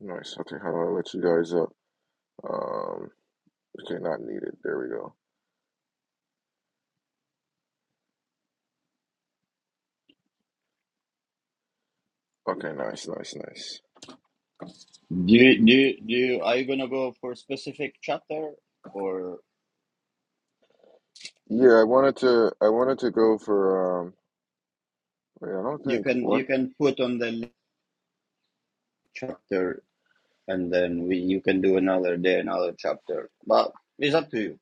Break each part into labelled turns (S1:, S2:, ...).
S1: Nice. Okay, How do i let you guys up. Um, okay, not needed. There we go. Okay, nice, nice, nice.
S2: Do you, do you, do you, are you gonna go for a specific chapter or
S1: Yeah, I wanted to. I wanted to go for. Um, wait, I don't
S2: you
S1: think
S2: can
S1: what.
S2: you can put on the li- chapter and then we you can do another day another chapter. But it's up to you.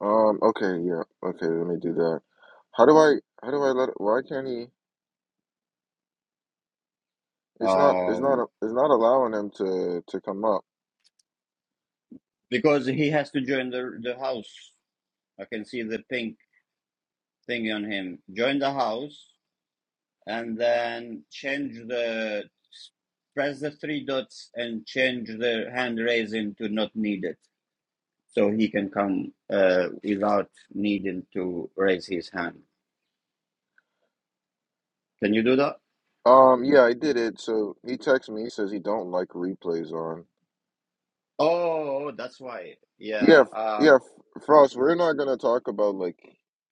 S1: Um. Okay. Yeah. Okay. Let me do that. How do I? How do I let? Why can't he? It's not. It's not.
S2: Um,
S1: It's not allowing him to to come up.
S2: because he has to join the the house. I can see the pink thing on him. Join the house and then change the press the three dots and change the hand raising to not needed. so he can come uh, without needing to raise his hand. Can you do that?
S1: Um. Yeah, I did it. So he texts me. He says he don't like replays on.
S2: Oh, that's why. Yeah,
S1: Yeah. f- Yeah.
S2: um,
S1: f- Frost. We're not gonna talk about like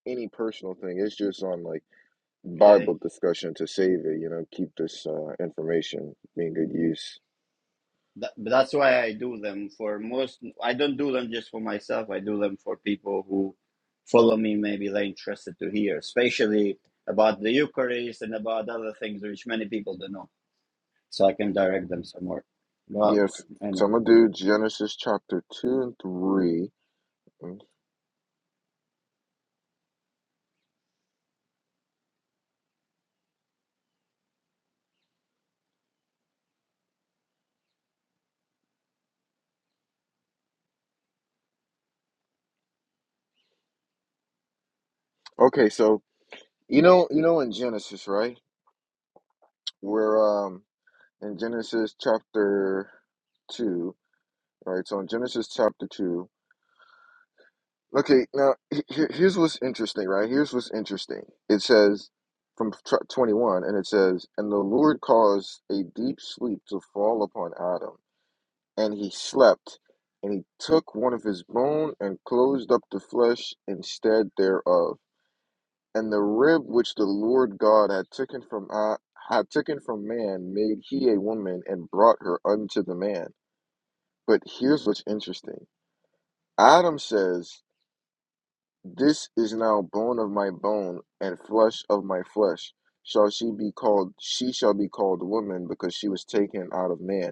S1: any personal thing. It's just on like.
S2: yeah.
S1: Bible discussion to save it, you know, keep this uh, information being good use.
S2: That, that's why I do them for most. I don't do them just for myself. I do them for people who follow me. Maybe they're interested to hear, especially about the Eucharist and about other things which many people don't know. So I can direct them somewhere. But
S1: Yes,
S2: I,
S1: so
S2: know.
S1: I'm gonna do Genesis chapter two and three. Mm. Okay, so you know, you know, in Genesis, right? We're um in Genesis chapter two, right? So in Genesis chapter two, okay. Now he- he- here's what's interesting, right? Here's what's interesting. It says from tra- 21, and it says, and the Lord caused a deep sleep to fall upon Adam. and he slept. And he took one of his bone and closed up the flesh instead thereof. And the rib which the Lord God had taken from uh, had taken from man made he a woman and brought her unto the man. But here's what's interesting. Adam says, This is now bone of my bone and flesh of my flesh. Shall she be called she shall be called woman because she was taken out of man.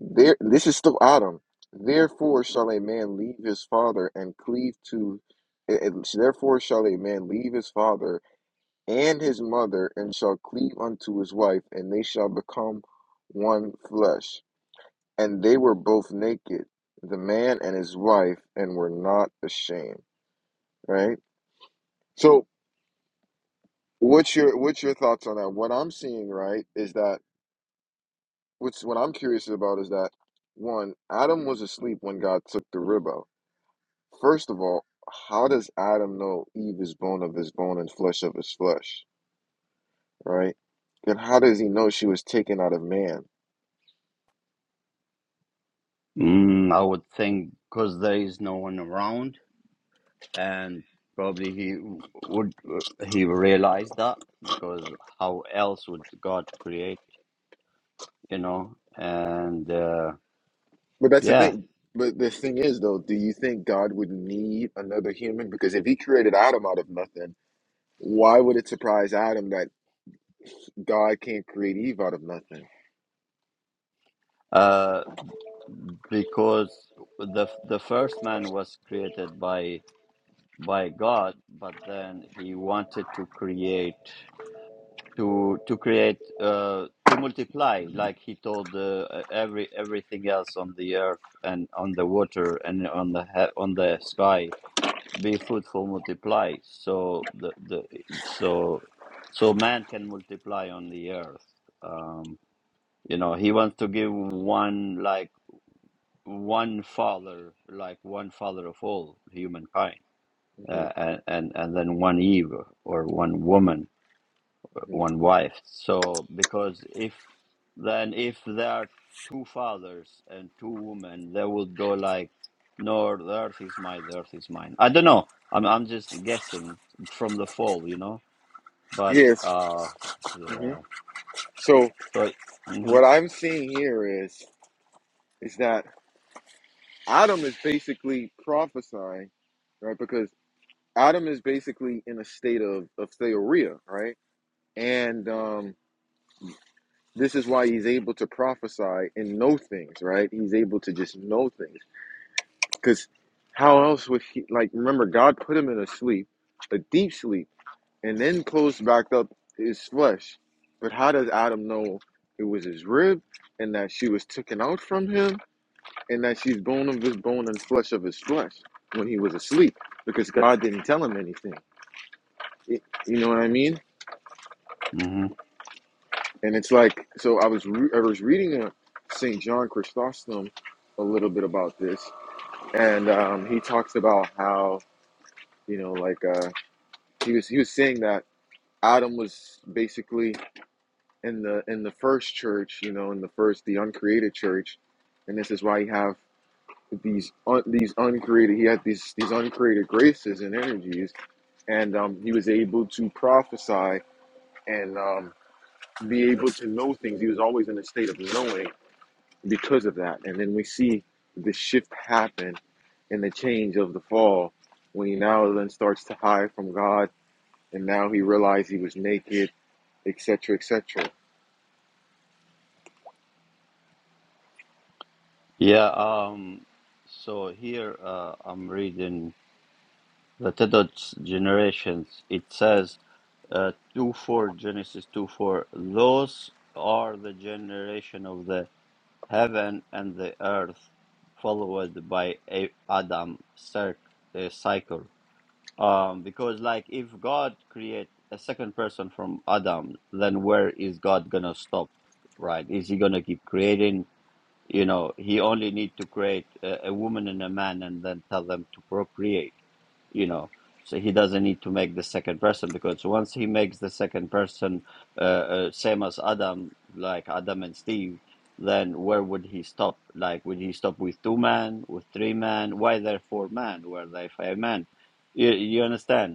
S1: There, this is still Adam. Therefore shall a man leave his father and cleave to, and- and therefore shall a man leave his father and his mother and shall cleave unto his wife, and they shall become one flesh. And they were both naked, the man and his wife, and were not ashamed. Right. So, what's your what's your thoughts on that? What I'm seeing, right, is that what's what I'm curious about is that one, Adam was asleep when God took the rib out First of all, how does Adam know Eve is bone of his bone and flesh of his flesh, right? Then how does he know she was taken out of man?
S2: Mm, I would think because there is no one around and probably he would he realized that because how else would god create you know and uh,
S1: But that's the
S2: yeah
S1: thing. But the thing is, though, do you think God would need another human? Because if he created Adam out of nothing, why would it surprise Adam that God can't create Eve out of nothing?
S2: uh because the the first man was created by by god but then he wanted to create to to create uh to multiply like he told uh, every everything else on the earth and on the water and on the he- on the sky be fruitful multiply so the the so so man can multiply on the earth um you know he wants to give one like one father like one father of all humankind
S1: hmm
S2: uh, and and and then one eve or one woman
S1: hmm
S2: one wife. So because if then if there are two fathers and two women, they would go like, "No, the earth is mine. The earth is mine." I don't know. I'm I'm just guessing from the fall, you know. But
S1: Yes.
S2: uh,
S1: hmm
S2: yeah.
S1: So
S2: So hmm
S1: what I'm seeing here is is that Adam is basically prophesying, right? Because Adam is basically in a state of of theoria, right? And um, this is why he's able to prophesy and know things, right? He's able to just know things because how else would he like? Remember, God put him in a sleep, a deep sleep, and then closed back up his flesh. But how does Adam know it was his rib and that she was taken out from him and that she's bone of his bone and flesh of his flesh when he was asleep? Because God didn't tell him anything. It, You know what I mean?
S2: hmm
S1: and it's like so. I was re- I was reading a Saint John Chrysostom a little bit about this, and um, he talks about how you know like uh, he was he was saying that Adam was basically in the in the first church, you know, in the first the uncreated church, and this is why you have these un, these uncreated he had these these uncreated graces and energies, and um, he was able to prophesy and um, be able to know things. He was always in a state of knowing because of that. And then we see the shift happen and the change of the fall when he now then starts to hide from God and now he realized he was naked, etc., etc.
S2: yeah. Um. So here uh, I'm reading the Tedot's generations. It says uh, two four Genesis two four. Those are the generation of the Heaven and the earth, followed by a Adam cir- uh, cycle. Um, because like if God create a second person from Adam, then where is God gonna stop? Right? Is he gonna keep creating? You know, he only need to create a, a woman and a man and then tell them to procreate. you know so he doesn't need to make the second person because once he makes the second person uh, uh, same as adam like adam and steve then where would he stop like would he stop with two men with three men why there four men were there five men you, you understand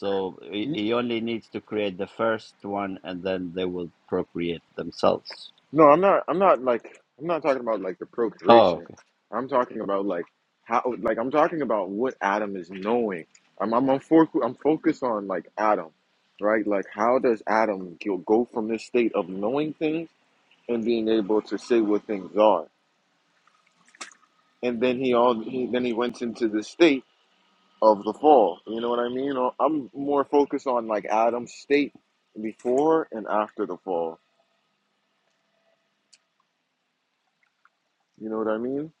S2: so he
S1: Y-
S2: he only needs to create the first one and then they will procreate themselves
S1: No, I'm not. I'm not like. I'm not talking about like the
S2: Oh. okay.
S1: procreation. I'm talking about like how. Like I'm talking about what Adam is knowing. I'm. I'm. I'm, for, I'm focused on like Adam, right? Like how does Adam go go from this state of knowing things and being able to say what things are? and then he all he then he went into the state of the fall. You know what I mean? Or I'm more focused on like Adam's state before and after the fall. You know what I mean?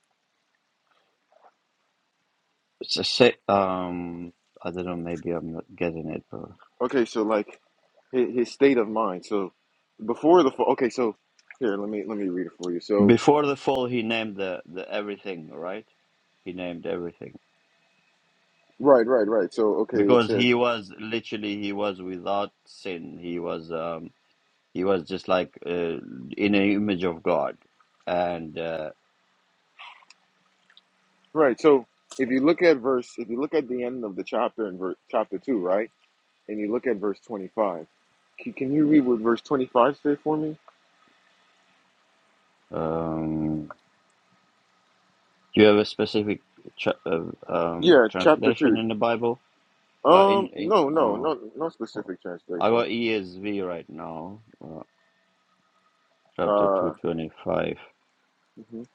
S2: It's a say, um, I don't know, maybe I'm not getting it, bro.
S1: Okay, so like his, his state of mind. So before the fall. Okay, so here let me let me read it for you. So
S2: Before the fall, he named the, the everything, right? He named everything
S1: right, right, right. So okay, it
S2: because
S1: says
S2: he was literally he was without sin. He was um he was just like uh, in an image of God. And uh,
S1: right. So if you look at verse, if you look at the end of the chapter in ver- chapter two, right, and you look at verse twenty five. Can can you read what verse 25 say for me?
S2: um, do you have a specific tra- uh, um
S1: Yeah, chapter
S2: translation
S1: 2.
S2: in the Bible? Uh, in
S1: Um,
S2: in
S1: no, no,
S2: oh,
S1: no, no
S2: oh.
S1: specific
S2: I
S1: translation.
S2: got ESV right now, uh, chapter two
S1: Uh,
S2: twenty five.
S1: mhm.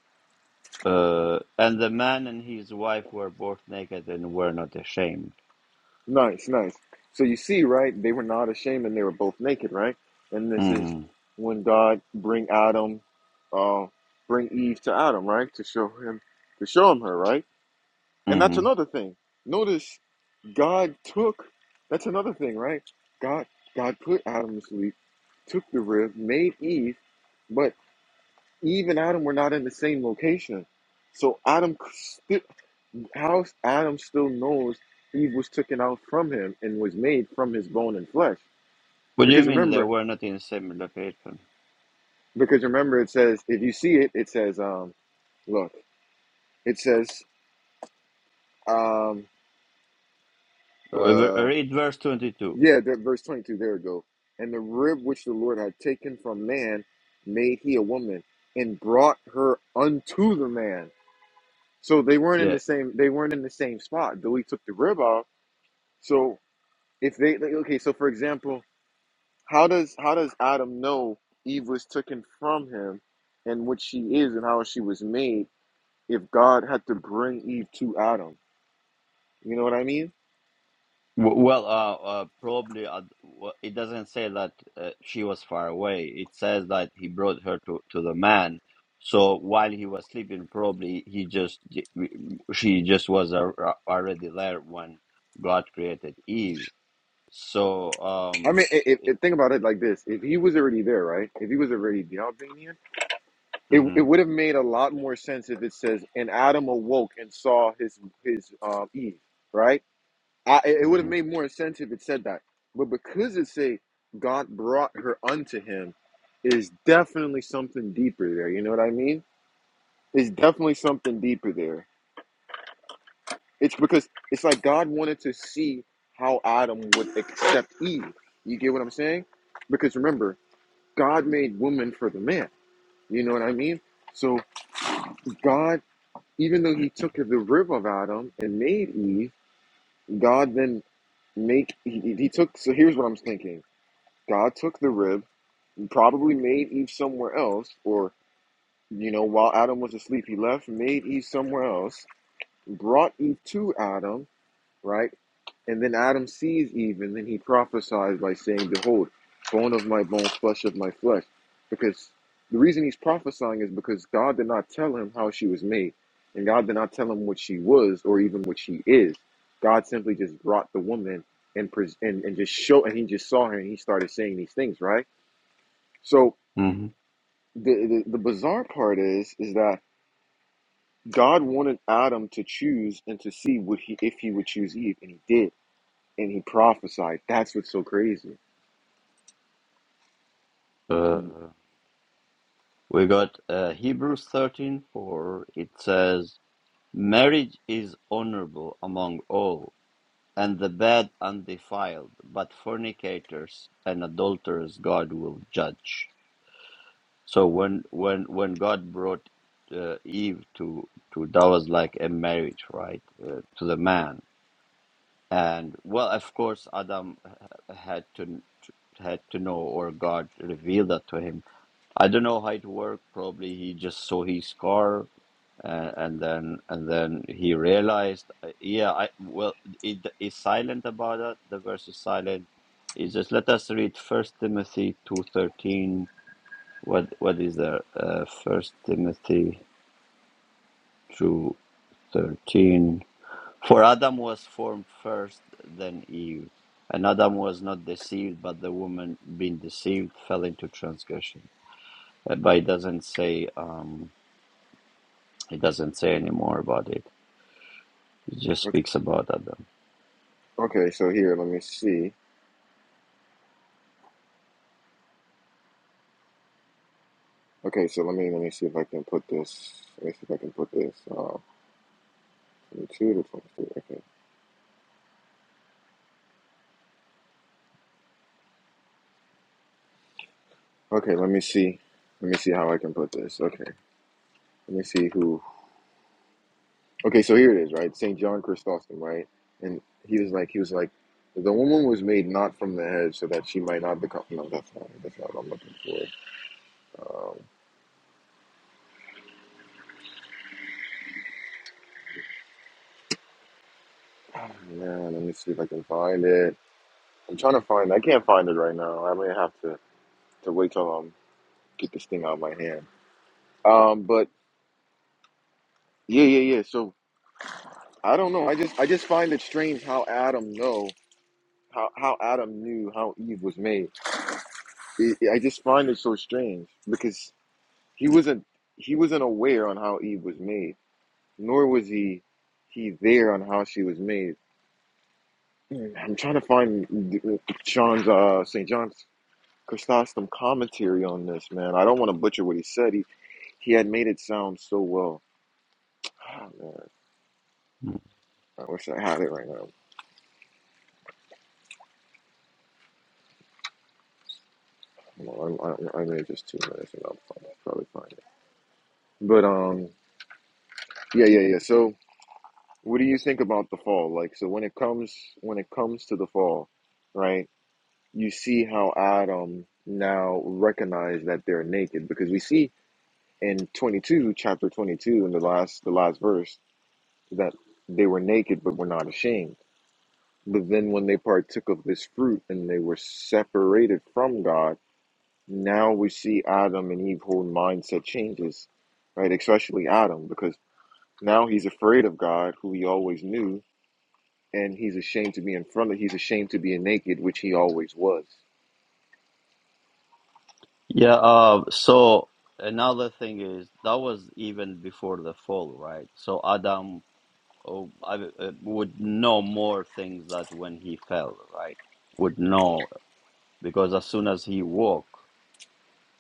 S2: Uh, and the man and his wife were both naked and were not ashamed.
S1: nice, nice. So you see, right? They were not ashamed, and they were both naked, right? And this is
S2: hmm
S1: when God bring Adam, uh, bring Eve to Adam, right, to show him, to show him her, right? And that's
S2: hmm
S1: another thing. Notice God took. That's another thing, right? God, God put Adam to sleep, took the rib, made Eve, but Eve and Adam were not in the same location. So Adam how Adam still knows Eve was taken out from him and was made from his bone and flesh.
S2: What do you
S1: Because
S2: mean they
S1: remember,
S2: were not in the same location?
S1: because remember, it says if you see it, it says, um, look, it says, um,
S2: Uh,
S1: uh,
S2: Read verse 22.
S1: yeah, that verse twenty-two. There we go. And the rib which the Lord had taken from man, made he a woman and brought her unto the man. So they weren't in the
S2: Yeah.
S1: same. They weren't in the same spot. Though he took the rib out. So if they like, okay, so for example, How does how does Adam know Eve was taken from him and what she is and how she was made if God had to bring Eve to Adam? You know what I mean?
S2: W- Well, uh, uh, probably uh, w- it doesn't say that uh, she was far away. It says that he brought her to, to the man. So while he was sleeping, probably he just she just was a, already there when God created Eve. So
S1: I
S2: um,
S1: mean, i if, if- think about it like this: if he was already there, right? If he was already the Albanian, it, it would have made a lot more sense if it says, "And Adam awoke and saw his his um, Eve," right? I, it would
S2: hmm
S1: have made more sense if it said that, but because it say God brought her unto him, is definitely something deeper there. You know what I mean? It's definitely something deeper there. It's because it's like God wanted to see how Adam would accept Eve. You get what I'm saying? Because remember, God made woman for the man. You know what I mean? So God, even though He took the rib of Adam and made Eve, God then make He, he he took. So here's what I'm thinking: God took the rib, and probably made Eve somewhere else, or you know, while Adam was asleep, He left, made Eve somewhere else, brought Eve to Adam, right? And then Adam sees Eve, and then he prophesies by saying, Behold, bone of my bone, flesh of my flesh. Because the reason he's prophesying is because God did not tell him how she was made, and God did not tell him what she was or even what she is. God simply just brought the woman and pres- and, and just show, and he just saw her, and he started saying these things, right? So
S2: hmm
S1: the, the the bizarre part is is that God wanted Adam to choose and to see would he if he would choose Eve, and he did, and he prophesied. That's what's so crazy Mm,
S2: Uh, we got uh, Hebrews thirteen four. it says, Marriage is honorable among all, and the bed undefiled, but fornicators and adulterers God will judge. So when when when God brought uh, Eve to to that was like a marriage, right, uh, to the man, and well, of course, Adam h- had to had to know, or God revealed that to him I don't know how it worked. Probably he just saw his car, uh, and then and then he realized. Uh, yeah, I well, it is silent about it. The verse is silent. It's just let us read First Timothy two thirteen. What what is there? Uh, First Timothy two thirteen. For Adam was formed first, then Eve, and Adam was not deceived, but the woman, being deceived, fell into transgression. Uh, But it doesn't say. Um, He doesn't say any more about it. He just
S1: Okay.
S2: speaks about Adam.
S1: Okay, so here, let me see. Okay, so let me let me see if I can put this. Let me see if I can put this. Uh, 22 to 23. Okay. Okay, let me see. Let me see how I can put this. Okay. Let me see who. Okay, so here it is, right? St. John Chrysostom, right? And he was like, he was like, the woman was made not from the head so that she might not become. No, that's not, that's not what I'm looking for. Um, man, let me see if I can find it. I'm trying to find I can't find it right now. I may have to, to wait till I um, get this thing out of my hand. Um, but yeah, yeah, yeah. So I don't know. I just I just find it strange how Adam know how how Adam knew how Eve was made. It, I just find it so strange because he wasn't he wasn't aware on how Eve was made, nor was he he there on how she was made. I'm trying to find John's uh, St. John's Chrysostom commentary on this, man. I don't want to butcher what he said. He he had made it sound so well. Ah, man,
S2: Mm.
S1: I wish I had it right now. Well, I, I, I made just two minutes and I'll probably find it. But um, yeah, yeah, yeah. So, what do you think about the fall? Like, so when it comes when it comes to the fall, right? You see how Adam now recognize that they're naked because we see in twenty two, chapter twenty two, in the last the last verse that they were naked but were not ashamed. But then when they partook of this fruit and they were separated from God Now we see Adam and Eve whole mindset changes, right? Especially Adam, because now he's afraid of God, who he always knew, and he's ashamed to be in front of he's ashamed to be naked, which he always was.
S2: Yeah. Uh, so another thing is that was even before the fall, right? So Adam oh, I, uh, would know more things that when he fell, right? Would know because as soon as he woke,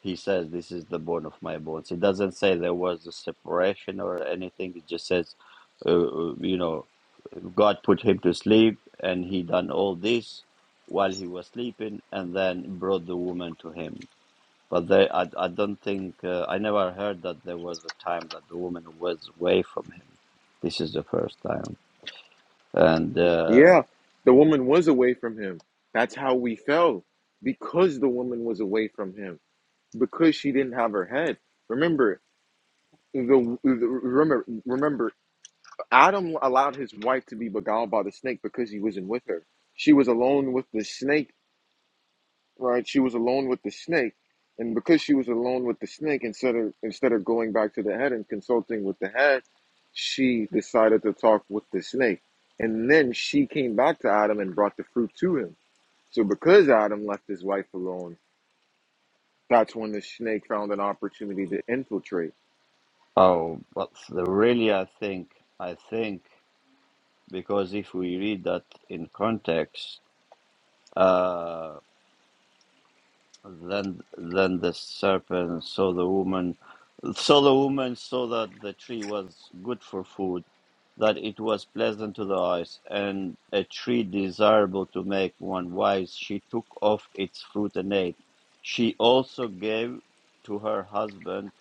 S2: he says, "This is the bone of my bones." He doesn't say there was a separation or anything. He just says, uh, uh, "You know." God put him to sleep, and he done all this while he was sleeping, and then brought the woman to him. But they, I, I don't think uh, I never heard that there was a time that the woman was away from him. This is the first time, and uh,
S1: Yeah, the woman was away from him. That's how we fell. Because the woman was away from him. Because she didn't have her head. Remember the, the remember remember Adam allowed his wife to be beguiled by the snake because he wasn't with her. She was alone with the snake right? She was alone with the snake, and because she was alone with the snake, instead of instead of going back to the head and consulting with the head, she decided to talk with the snake, and then she came back to Adam and brought the fruit to him. So because Adam left his wife alone, that's when the snake found an opportunity to infiltrate.
S2: oh, but the, really, I think, I think because if we read that in context. uh, Then, then the serpent saw the woman, saw the woman saw that the tree was good for food, that it was pleasant to the eyes, and a tree desirable to make one wise. She took off its fruit and ate. She also gave to her husband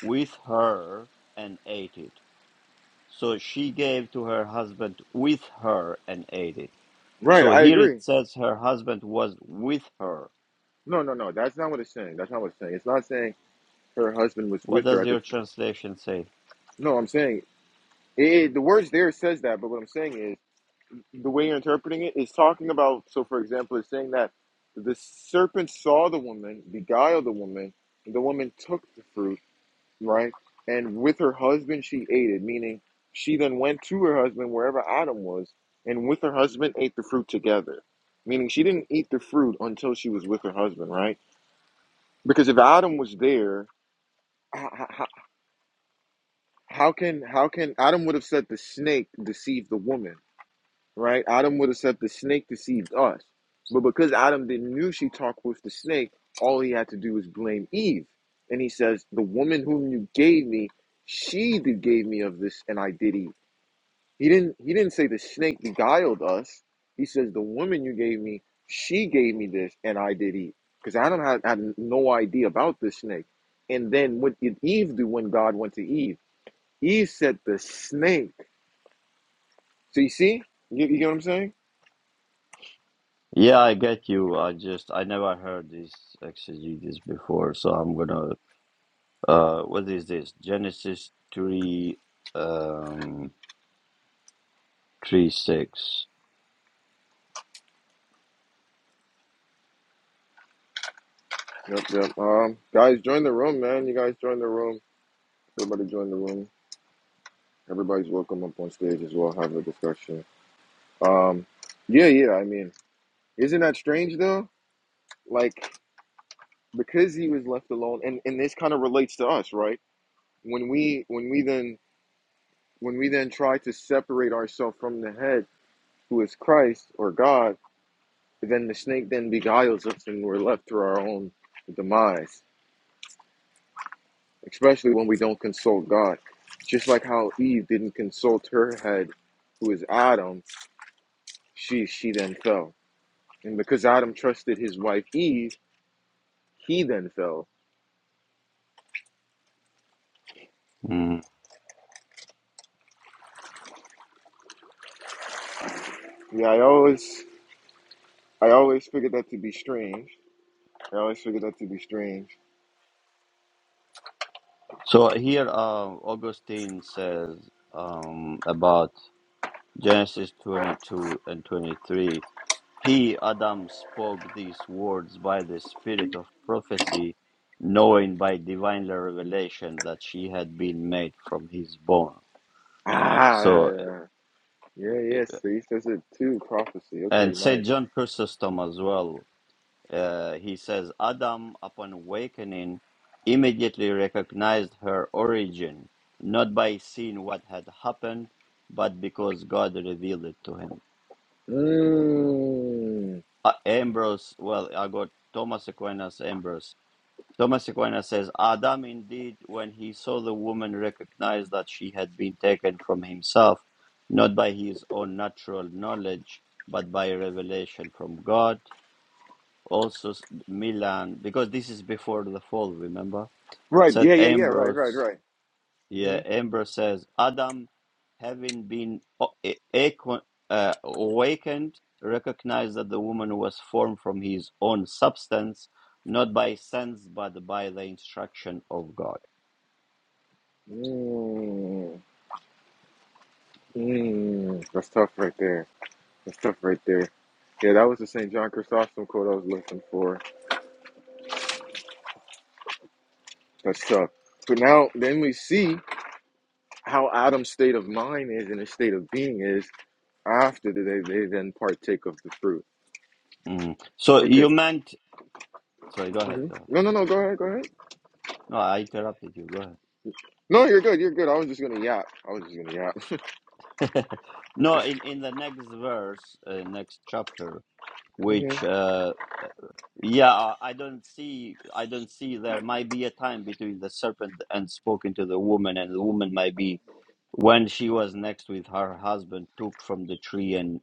S2: with her and ate it. So she gave to her husband with her and ate it.
S1: Right,
S2: So
S1: I
S2: here it
S1: agree.
S2: says her husband was with her.
S1: No, no, no. That's not what it's saying. That's not what it's saying. It's not saying her husband was
S2: What
S1: with her
S2: does
S1: at the.
S2: your translation say?
S1: no, I'm saying it, it- the words there says that, but what I'm saying is the way you're interpreting it is talking about so for example it's saying that the serpent saw the woman beguiled the woman and the woman took the fruit right and with her husband she ate it meaning she then went to her husband wherever adam was and with her husband ate the fruit together meaning she didn't eat the fruit until she was with her husband right because if adam was there how, how, how can how can adam would have said the snake deceived the woman right? Adam would have said the snake deceived us. But because Adam didn't knew she talked with the snake, all he had to do was blame Eve. And he says, The woman whom you gave me, she did gave me of this and I did eat. He didn't he didn't say the snake beguiled us. He says, The woman you gave me, she gave me this and I did eat. Because Adam had, had no idea about the snake. And then what did Eve do when God went to Eve? Eve said the snake. So you see? You, you get what I'm saying?
S2: Yeah, I get you. I just I never heard this exegesis before, so I'm gonna uh what is this? Genesis three um three six.
S1: Yep, yep. Um, guys, join the room, man. You guys join the room. Everybody join the room. Everybody's welcome up on stage as well. Have a discussion. Um, yeah, yeah. I mean, isn't that strange though? Like because he was left alone, and and this kind of relates to us, right? When we when we then when we then try to separate ourselves from the head, who is Christ or God, then the snake then beguiles us, and we're left to our own demise. especially when we don't consult God. Just like how Eve didn't consult her head, who is Adam, she she then fell. And because Adam trusted his wife Eve, he then fell.
S2: Mm.
S1: Yeah, I always I always figured that to be strange. I always figured that to be strange.
S2: So here um Augustine says um about Genesis twenty two and twenty three. He Adam spoke these words by the spirit of prophecy, knowing by divine revelation that she had been made from his bone.
S1: Ah, yeah,
S2: So
S1: yeah, yeah, yeah. So he says it too. Prophecy. Okay,
S2: And
S1: nice.
S2: St. John Chrysostom as well, uh, he says, Adam, upon awakening, immediately recognized her origin, not by seeing what had happened, but because God revealed it to him.
S1: Mm.
S2: Uh, Ambrose, well, I got Thomas Aquinas, Ambrose. Thomas Aquinas says, Adam indeed, when he saw the woman, recognized that she had been taken from himself, not by his own natural knowledge, but by revelation from God also s- Milan, because this is before the fall, remember?
S1: Right.
S2: Said
S1: Yeah, yeah, yeah. Right, right,
S2: Ambrose,
S1: right.
S2: yeah,
S1: Mm-hmm.
S2: Ambrose says, Adam, having been o- a- aqua- uh, awakened, recognized that the woman was formed from his own substance, not by sense, but by the instruction of God.
S1: Mm. Mm. That's tough, right there. That's tough right there. Yeah, that was the St. John Chrysostom quote I was looking for. That's tough. So now, then we see how Adam's state of mind is and his state of being is after they, they then partake of the fruit.
S2: Mm. So you
S1: Because,
S2: meant, sorry, go ahead,
S1: Mhm.
S2: go ahead.
S1: no, no, no, go ahead, go ahead.
S2: No, I interrupted you, go
S1: No, you're good, you're good. I was just going to yap. I was just going to yap.
S2: ahead. no, in, in the next verse, uh, next chapter,
S1: hmm
S2: which uh, Yeah, uh, I don't see. I don't see. There might be a time between the serpent and spoken to the woman, and the woman might be when she was next with her husband, took from the tree and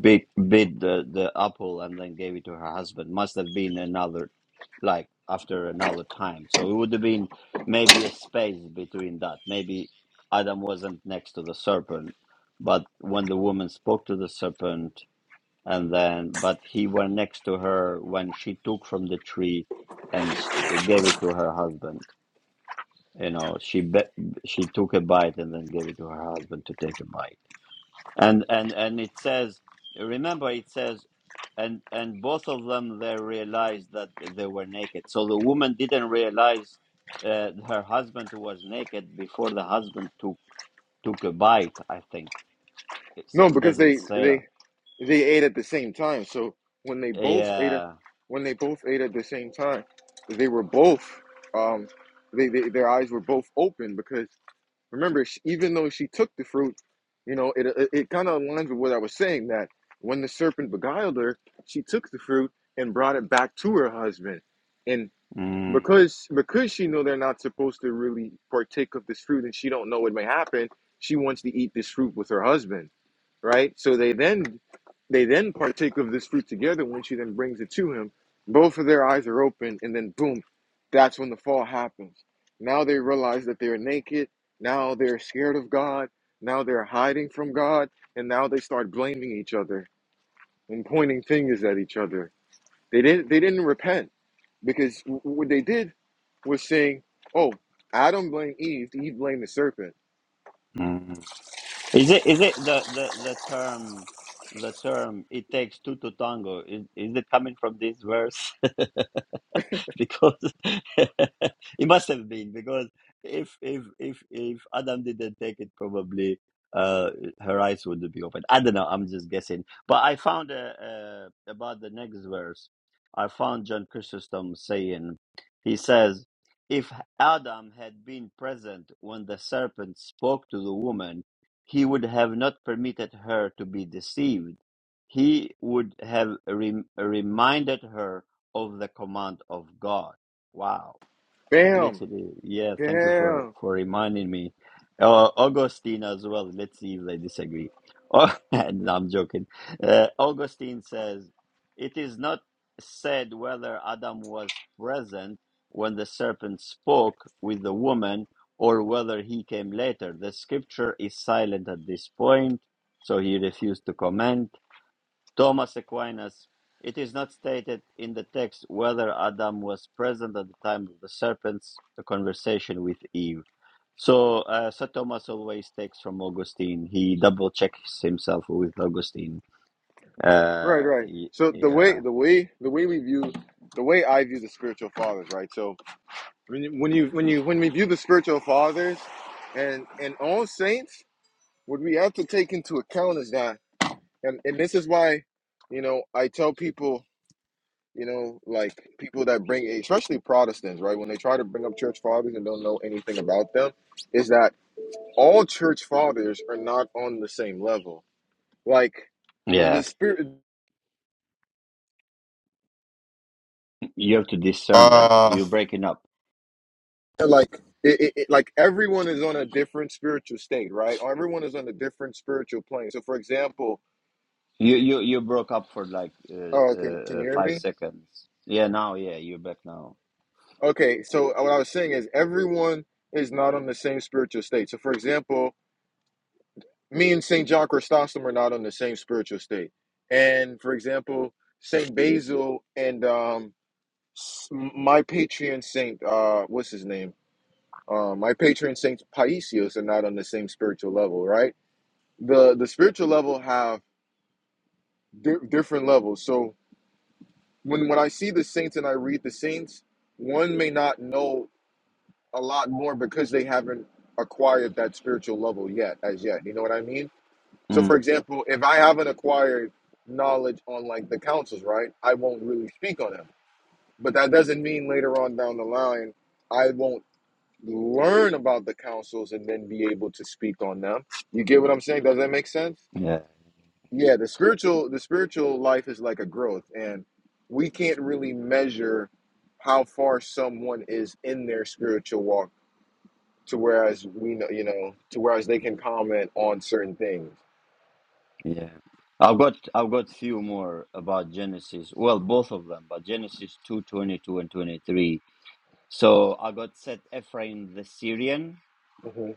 S2: bit bit the the apple, and then gave it to her husband. Must have been another, like after another time. So it would have been maybe a space between that. Maybe Adam wasn't next to the serpent, but when the woman spoke to the serpent and then but he went next to her when she took from the tree and s- gave it to her husband you know she be- she took a bite and then gave it to her husband to take a bite and and and it says remember it says and and both of them they realized that they were naked so the woman didn't realize uh, her husband was naked before the husband took took a bite i think so
S1: No,
S2: it
S1: because
S2: doesn't
S1: they,
S2: say that
S1: they, they ate at the same time. So when they both ate at,
S2: yeah
S1: when they both ate at the same time, they were both, um, they, they, their eyes were both open because Remember, sh even though she took the fruit, you know, it it, it kind of aligns with what I was saying that when the serpent beguiled her, she took the fruit and brought it back to her husband, and
S2: Mm,
S1: because because she know they're not supposed to really partake of this fruit, and she don't know what may happen, she wants to eat this fruit with her husband right? So they then they then partake of this fruit together when she then brings it to him. Both of their eyes are open, and then boom, that's when the fall happens. Now they realize that they're naked. Now they're scared of God. Now they're hiding from God, and now they start blaming each other and pointing fingers at each other. They didn't they didn't repent because w- what they did was saying, "Oh, Adam blamed Eve. Eve blamed the serpent."
S2: mm. Is it is it the the the term the term it takes two to tango? Is is it coming from this verse? because it must have been because if if if if Adam didn't take it, probably uh her eyes wouldn't be open. I don't know. I'm just guessing. But I found uh, uh about the next verse. I found John Chrysostom saying, he says, if Adam had been present when the serpent spoke to the woman, he would have not permitted her to be deceived. He would have rem- reminded her of the command of God. Wow.
S1: Bam,
S2: Literally, yeah, thank you
S1: bam.
S2: for for reminding me. Uh, Augustine as well. Let's see if they disagree. Oh, no, I'm joking. Uh, Augustine says it is not said whether Adam was present when the serpent spoke with the woman or whether he came later. The scripture is silent at this point, so he refused to comment Thomas Aquinas, it is not stated in the text whether Adam was present at the time of the serpent's conversation with Eve. So, uh, Sir Thomas always takes from Augustine. He double checks himself with Augustine.
S1: Right,
S2: Uh,
S1: right.
S2: y-
S1: So the way
S2: yeah,
S1: the way the way we view the way I view the spiritual fathers, right? So when you when you when you when we view the spiritual fathers and and all saints, what we have to take into account is that and, and this is why, you know, I tell people, you know, like people that bring especially Protestants, right, when they try to bring up church fathers and don't know anything about them, is that all church fathers are not on the same level. Like the,
S2: yeah.
S1: the spirit
S2: You have to discern them. You're breaking up.
S1: And, like it, it, it- like everyone is on a different spiritual state right Or everyone is on a different spiritual plane so for example
S2: You you you broke up for like
S1: oh
S2: uh,
S1: can, can
S2: uh, uh,
S1: you hear
S2: five
S1: me
S2: seconds. Yeah, now yeah, you're back now.
S1: okay so what i was saying is everyone is not on the same spiritual state so for example me and saint john chrysostom are not on the same spiritual state and for example saint basil and um s- my patron saint uh what's his name um my patron saint paisios are not on the same spiritual level right the the spiritual level have di- different levels. So when when I see the saints and I read the saints, one may not know a lot more because they haven't acquired that spiritual level yet, as yet. You know what I mean? So for
S2: Mm.
S1: example, if I haven't acquired knowledge on like the councils, right, I won't really speak on them. But that doesn't mean later on down the line I won't learn about the councils and then be able to speak on them. You get what I'm saying? Does that make sense?
S2: Yeah.
S1: yeah the spiritual the spiritual life is like a growth and we can't really measure how far someone is in their spiritual walk to whereas we know you know to whereas they can comment on certain things
S2: Yeah. I've got I've got few more about Genesis. Well, both of them, but Genesis two twenty two and 23. So I got set Ephraim the Syrian.
S1: hmm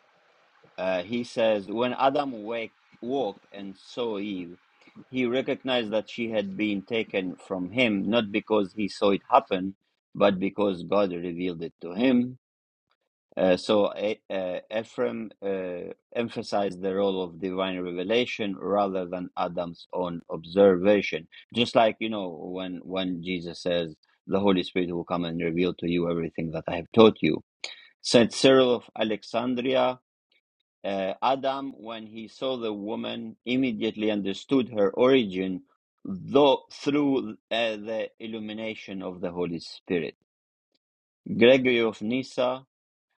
S2: Uh, he says, when Adam wake, woke and saw Eve, he recognized that she had been taken from him, not because he saw it happen, but because God revealed it to him. Uh, so E- uh, Ephraim uh, emphasized the role of divine revelation rather than Adam's own observation. Just like you know when when Jesus says, "The Holy Spirit will come and reveal to you everything that I have taught you." Saint Cyril of Alexandria, uh, Adam, when he saw the woman, immediately understood her origin, though through uh, the illumination of the Holy Spirit. Gregory of Nyssa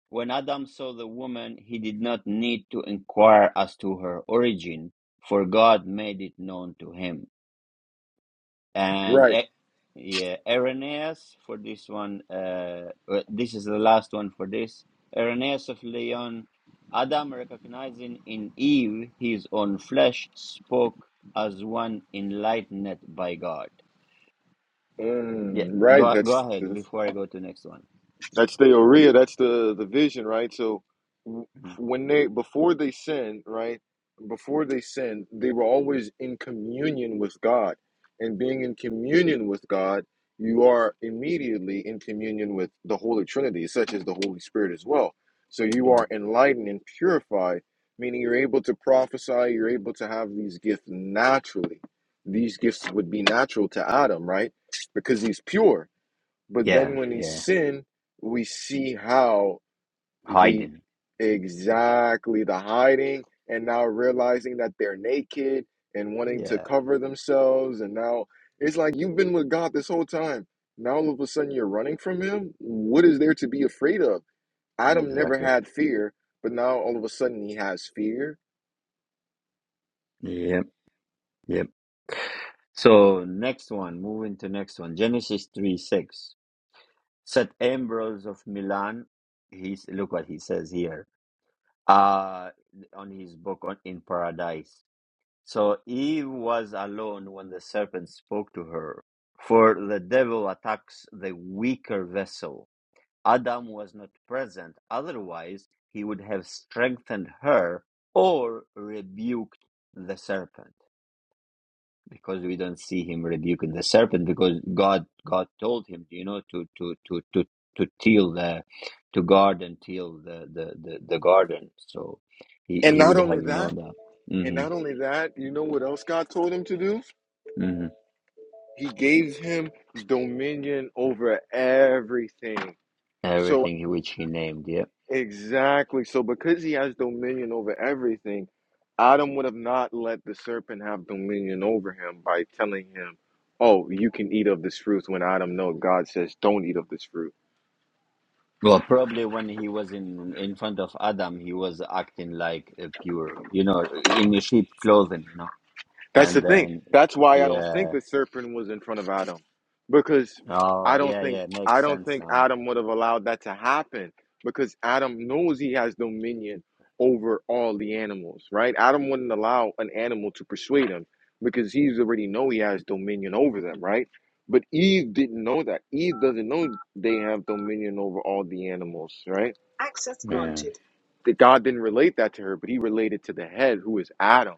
S2: when Adam saw the woman, he did not need to inquire as to her origin, for God made it known to him. And
S1: right
S2: eh, yeah, Irenaeus for this one. Uh, uh, this is the last one for this. Irenaeus of Leon. Adam, recognizing in Eve his own flesh, spoke as one enlightened by God. Yeah,
S1: mm, right
S2: go go
S1: that's,
S2: ahead
S1: that's
S2: before I go to next one.
S1: That's the Orea. That's the the vision, right? So w-
S2: Mhm.
S1: when they before they sin, right? Before they sin, they were always in communion with God, and being in communion with God, you are immediately in communion with the Holy Trinity, such as the Holy Spirit as well. So you
S2: Yeah,
S1: are enlightened and purified, meaning you're able to prophesy. You're able to have these gifts naturally. These gifts would be natural to Adam, right? Because he's pure but
S2: yeah,
S1: then when he
S2: yeah.
S1: sinned, we see how the
S2: Hiding.
S1: exactly the hiding and now realizing that they're naked and wanting to
S2: Yeah,
S1: cover themselves. And now it's like you've been with God this whole time. Now all of a sudden you're running from him. What is there to be afraid of? Adam never
S2: exactly.
S1: had fear, but now all of a sudden he has fear.
S2: Yep, yep. So next one, moving to next one, Genesis three six. Saint Ambrose of Milan, he's look what he says here, uh, on his book on in Paradise. So Eve was alone when the serpent spoke to her, for the devil attacks the weaker vessel. Adam was not present; otherwise, he would have strengthened her or rebuked the serpent. because we don't see him rebuking the serpent because god god told him you know to to to to to till the to guard and till the the the, the garden so he
S1: And
S2: he
S1: not
S2: would
S1: only
S2: have
S1: that,
S2: known that
S1: and not
S2: mm-hmm,
S1: only that, you know what else God told him to do?
S2: mm-hmm.
S1: He gave him dominion over everything. So
S2: everything which he named yeah
S1: exactly. So because he has dominion over everything, Adam would have not let the serpent have dominion over him by telling him, "Oh, you can eat of this fruit." When Adam knows God says, "Don't eat of this fruit."
S2: well probably when he was in in front of adam he was acting like a pure you know in sheep clothing you know
S1: That's the
S2: and
S1: thing.
S2: then
S1: That's why I don't think
S2: yeah
S1: the serpent was in front of Adam, because I
S2: oh
S1: don't
S2: yeah
S1: think
S2: yeah
S1: I
S2: makes
S1: don't
S2: sense
S1: think
S2: now
S1: Adam would have allowed that to happen because Adam knows he has dominion over all the animals, right? Adam wouldn't allow an animal to persuade him because he's already know he has dominion over them, right? But Eve didn't know that. Eve doesn't know they have dominion over all the animals, right?
S2: yeah
S1: that God didn't relate that to her, but he related to the head, who is Adam.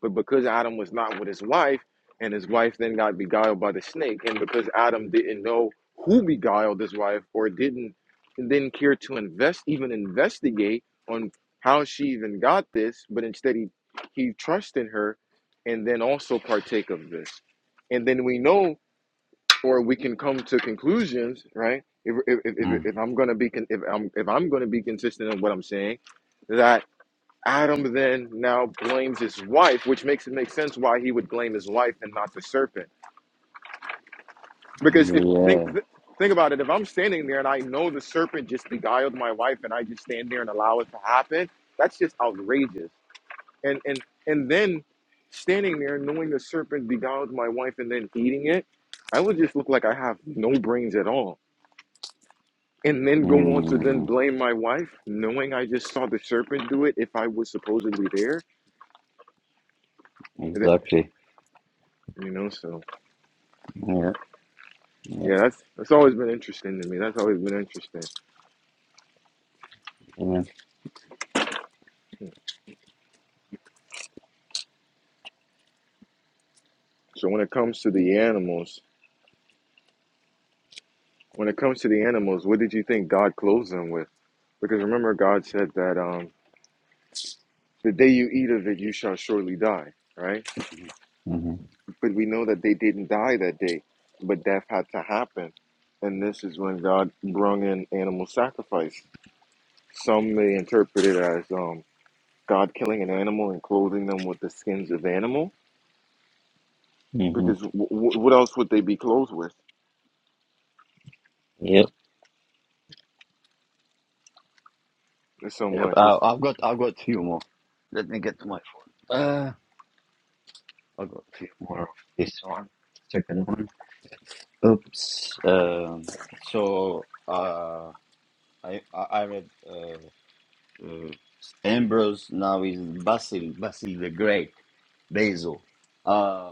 S1: But because Adam was not with his wife, and his wife then got beguiled by the snake, and because Adam didn't know who beguiled his wife or didn't and didn't care to invest even investigate on how she even got this, but instead he he trusted her and then also partake of this. And then we know or we can come to conclusions, right? If if if, if
S2: mm.
S1: I'm gonna be con- if I'm if I'm gonna be consistent in what I'm saying, that Adam then now blames his wife, which makes it make sense why he would blame his wife and not the serpent. Because if think
S2: yeah.
S1: th- think about it, if I'm standing there and I know the serpent just beguiled my wife, and I just stand there and allow it to happen, that's just outrageous. And and and then standing there knowing the serpent beguiled my wife and then eating it, I would just look like I have no brains at all and then go on to then
S2: Mm,
S1: blame my wife, knowing I just saw the serpent do it if I was supposedly there. And that,
S2: exactly.
S1: you know, so
S2: Yeah. Yeah.
S1: yeah, that's that's always been interesting to me. That's always been interesting.
S2: Yeah.
S1: Hmm. So when it comes to the animals, when it comes to the animals, what did you think God clothes them with? Because remember, God said that um, the day you eat of it, you shall surely die, right?
S2: hmm
S1: But we know that they didn't die that day, but death had to happen, and this is when God brung in animal sacrifice. Some may interpret it as um, God killing an animal and clothing them with the skins of animal?
S2: hmm
S1: Because w- w- what else would they be clothed with?
S2: Yep.
S1: There's so
S2: Yep.
S1: much.
S2: Uh,
S1: It's,
S2: I've got. I've got few more. Let me get to my phone. Uh, I've got a few more of this one. Second one. Oops. Um. So. Uh. I. I I read. Uh. uh Ambrose now is Basil. Basil the Great. Basil. Uh,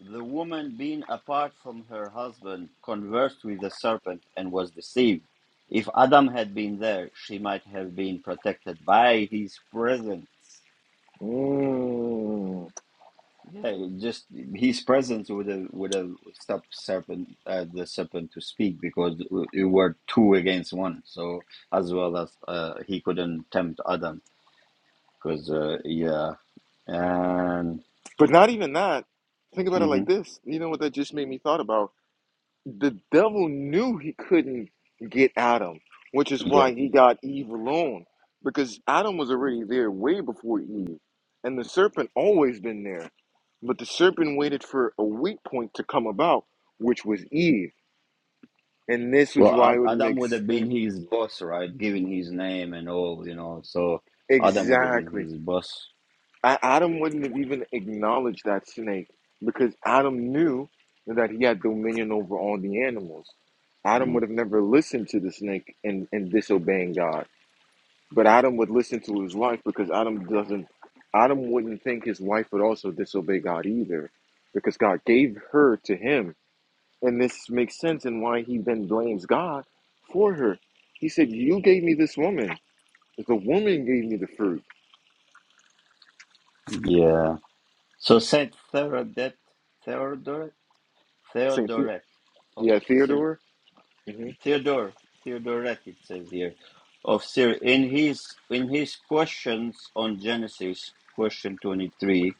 S2: The woman, being apart from her husband, conversed with the serpent and was deceived. If Adam had been there, she might have been protected by his presence.
S1: mm.
S2: Yeah, just his presence would have would have stopped serpent uh, the serpent to speak because it were two against one. So as well as uh, he couldn't tempt Adam because uh, yeah and
S1: But not even that. Think about it like
S2: mhm,
S1: this. You know what that just made me thought about? The devil knew he couldn't get Adam, which is why he got Eve alone. Because Adam was already there way before Eve. And the serpent always been there. But the serpent waited for a weak point to come about, which was Eve. And this is
S2: Well,
S1: why it
S2: Ad-
S1: would
S2: Adam
S1: make
S2: would have been
S1: sense.
S2: his boss, right? Given his name and all, you know. So Adam would have been
S1: Exactly.
S2: his boss.
S1: A- Adam wouldn't have even acknowledged that snake because Adam knew that he had dominion over all the animals. Adam would
S2: Mm.
S1: have never listened to the snake and, and disobeying God. But Adam would listen to his wife because Adam doesn't Adam wouldn't think his wife would also disobey God either. Because God gave her to him. And this makes sense in why he then blames God for her. He said, You gave me this woman. The woman gave me the fruit.
S2: Yeah. So Saint Theodoret, Theodoret,
S1: Saint the-
S2: Theodoret of
S1: yeah,
S2: Syr,
S1: Theodore. hmm
S2: Theodore, Theodoret. It says here of Syria. In his in his questions on Genesis, question twenty three.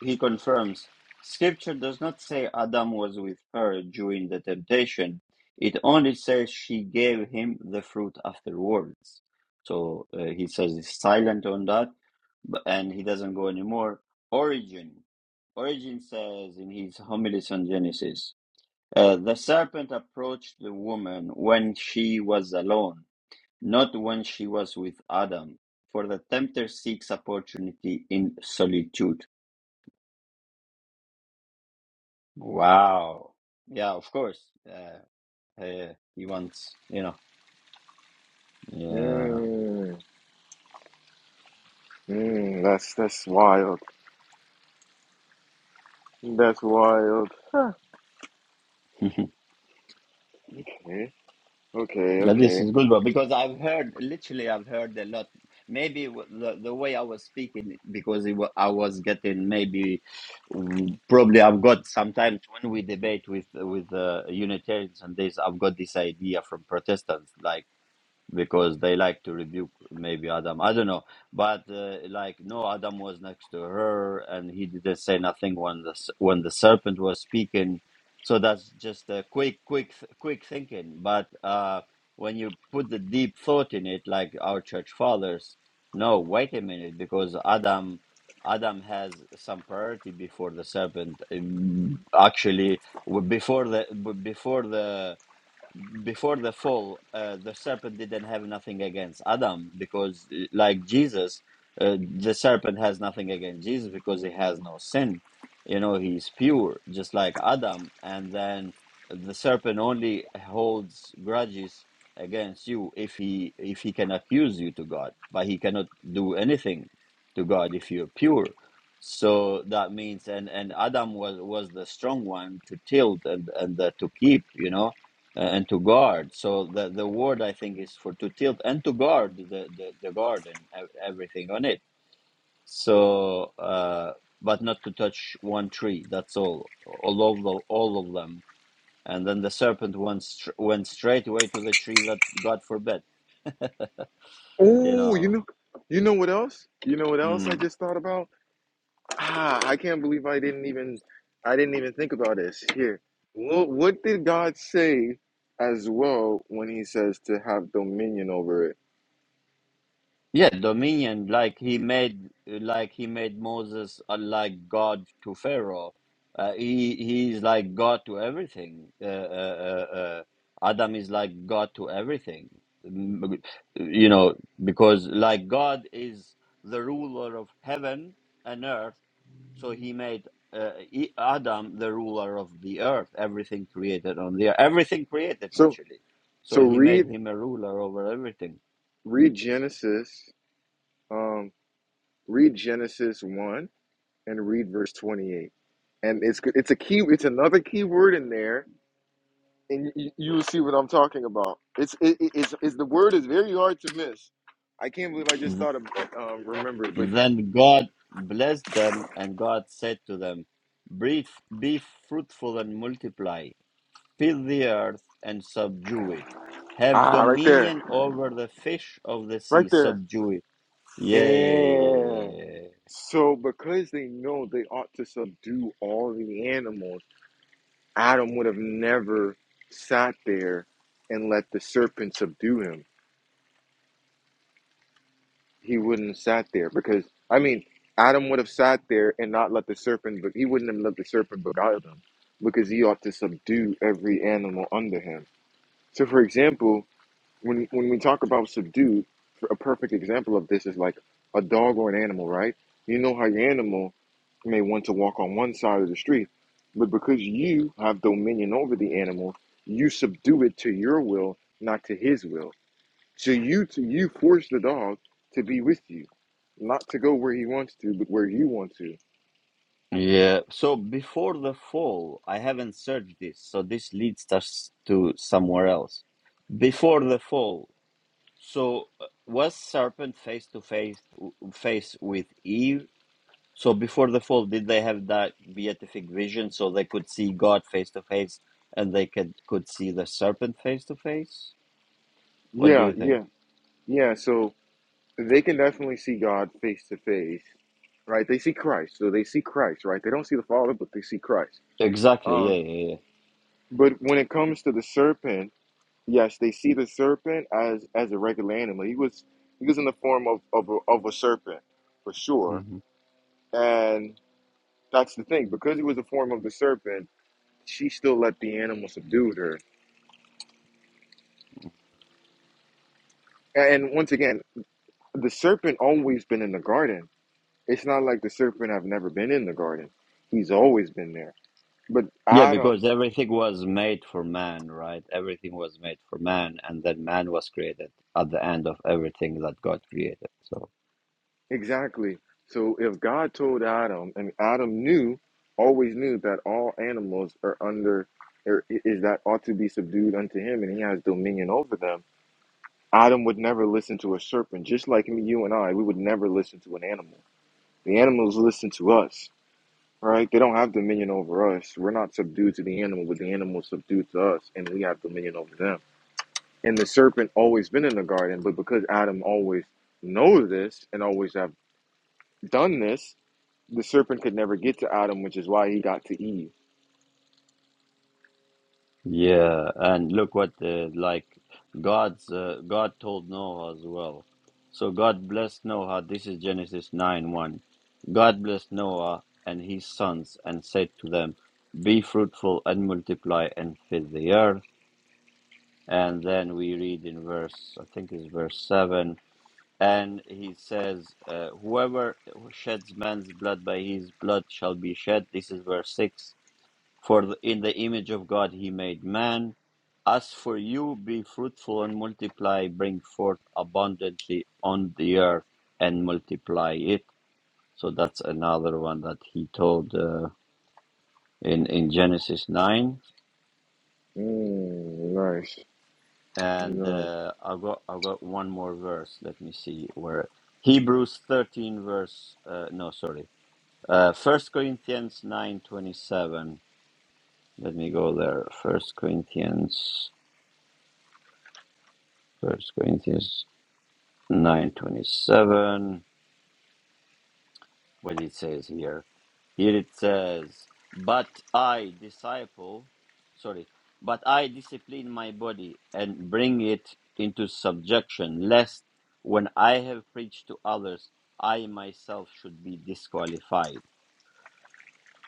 S2: He confirms, Scripture does not say Adam was with her during the temptation. It only says she gave him the fruit afterwards. So uh, he says he's silent on that, but, and he doesn't go anymore. Origin. Origin says in his homilies on Genesis, uh, the serpent approached the woman when she was alone, not when she was with Adam, for the tempter seeks opportunity in solitude. Wow. Yeah, of course. Uh, uh, he wants, you know. Yeah.
S1: Mm, mm, that's that's wild. That's wild. Huh. Okay, okay,
S2: that this
S1: okay.
S2: is good, but because I've heard, literally, I've heard a lot. Maybe w- the, the way I was speaking, because it wa- I was getting maybe, w- probably I've got sometimes when we debate with with uh, Unitarians and this, I've got this idea from Protestants, like. because they like to rebuke maybe Adam. I don't know, but uh, like no, Adam was next to her, and he didn't say nothing when the s- when the serpent was speaking. So that's just a quick, quick, th- quick thinking. But uh, when you put the deep thought in it, like our church fathers, no, wait a minute, because Adam. Adam has some priority before the serpent. Um, Actually, w- before the b- before the before the fall, uh, the serpent didn't have nothing against Adam because, uh, like Jesus, uh, the serpent has nothing against Jesus because he has no sin. You know, he's pure, just like Adam. And then the serpent only holds grudges against you if he if he can accuse you to God, but he cannot do anything to God if you're pure. So that means, and and Adam was was the strong one to tilt and and uh, to keep, you know uh, and to guard. So the the word I think is for to tilt and to guard the the, the garden, everything on it. So, uh, but not to touch one tree. That's all. All of the, all of them. And then the serpent went str- went straight away to the tree that God forbid. You
S1: Oh, you
S2: know.
S1: know, you know what else? You know what else
S2: Mm.
S1: I just thought about? Ah, I can't believe I didn't even, I didn't even think about this. Here, what what did God say as well when He says to have dominion over it?
S2: Yeah, dominion, like he made, like he made Moses uh, like God to Pharaoh. Uh, he he is like God to everything. Uh, uh, uh, uh, Adam is like God to everything. Mm, You know, because like God is the ruler of heaven and earth, so he made uh, E- Adam the ruler of the earth. Everything created on the earth, everything created
S1: So
S2: literally.
S1: so
S2: So he made
S1: read
S2: him a ruler over everything
S1: read Genesis. Um. Read Genesis 1 and read verse 28. And it's it's a key it's another key word in there and you, you'll see what I'm talking about. It's it, it- it's it's the word is very hard to miss. I can't believe I
S2: Mm-hmm.
S1: just thought of um, remember it, but
S2: Then God blessed them, and God said to them, Breathe, Be fruitful and multiply, fill the earth and subdue it, have
S1: ah right there.
S2: dominion over the fish of the
S1: Right
S2: sea,
S1: there.
S2: subdue it. Yeah,
S1: Yeah.
S2: yeah, yeah.
S1: So because they know they ought to subdue all the animals, Adam would have never sat there and let the serpent subdue him he wouldn't have sat there because I mean Adam would have sat there and not let the serpent but he wouldn't have let the serpent beguile him because he ought to subdue every animal under him. So for example, when when we talk about subdue, a perfect example of this is like a dog or an animal, right? You know how your animal may want to walk on one side of the street, but because you have dominion over the animal, you subdue it to your will, not to his will so you to you force the dog to be with you, not to go where he wants to, but where you want to.
S2: Yeah. So before the fall, I haven't searched this, so this leads us to somewhere else. Before the fall, so uh, was serpent face to face face with Eve? So before the fall, did they have that beatific vision so they could see God face to face and they could could see the serpent face to face? What do
S1: Yeah,
S2: you think?
S1: yeah, yeah. So they can definitely see God face to face, right? They see Christ, so they see Christ, right? They don't see the Father, but they see Christ.
S2: Exactly.
S1: Um,
S2: Yeah, yeah,
S1: but when it comes to the serpent, yes, they see the serpent as as a regular animal. He was he was in the form of of a, of a serpent for
S2: yeah.
S1: sure,
S2: hmm
S1: and that's the thing because he was the form of the serpent. She still let the animal subdue her And once again, the serpent always been in the garden. It's not like the serpent have never been in the garden. He's always been there. But
S2: Yeah,
S1: Adam,
S2: because everything was made for man, right? Everything was made for man, and then man was created at the end of everything that God created. So.
S1: exactly. So if God told Adam, and Adam knew, always knew that all animals are under, or is that ought to be subdued unto him, and he has dominion over them. Adam would never listen to a serpent, just like me, you and I. We would never listen to an animal. The animals listen to us. Right? They don't have dominion over us. We're not subdued to the animal, but the animal is subdued to us, and we have dominion over them. And the serpent always been in the garden, but because Adam always knows this and always have done this, the serpent could never get to Adam, which is why he got to Eve.
S2: Yeah, and look what uh, like God's uh, God told Noah as well. So God blessed Noah. This is Genesis nine one. God blessed Noah and his sons and said to them, "Be fruitful and multiply and fill the earth." And then we read in verse, I think it's verse seven, and he says, uh, "Whoever sheds man's blood by his blood shall be shed." This is verse six for th- in the image of God he made man. As for you, be fruitful and multiply, bring forth abundantly on the earth and multiply it. So that's another one that he told uh, in in Genesis nine.
S1: Mm, nice.
S2: And
S1: Nice.
S2: uh, I got I got one more verse. Let me see where Hebrews thirteen verse. Uh, no, sorry. Uh, First Corinthians nine twenty seven. Let me go there. First Corinthians. First Corinthians 927 what it says here here it says but i disciple sorry but i discipline my body and bring it into subjection lest when i have preached to others i myself should be disqualified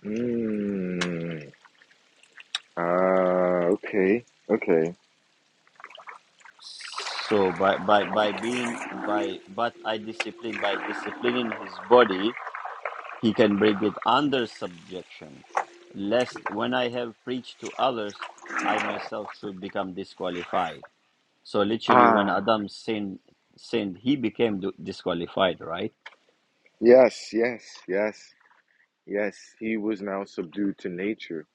S1: Mm, ah, okay. Okay.
S2: so by by by being by but i discipline by disciplining his body He can bring it under subjection, lest when I have preached to others, I myself should become disqualified. So literally, when
S1: Ah,
S2: Adam sinned, sinned, he became d- disqualified, right?
S1: yes, yes, yes, yes. He was now subdued to nature.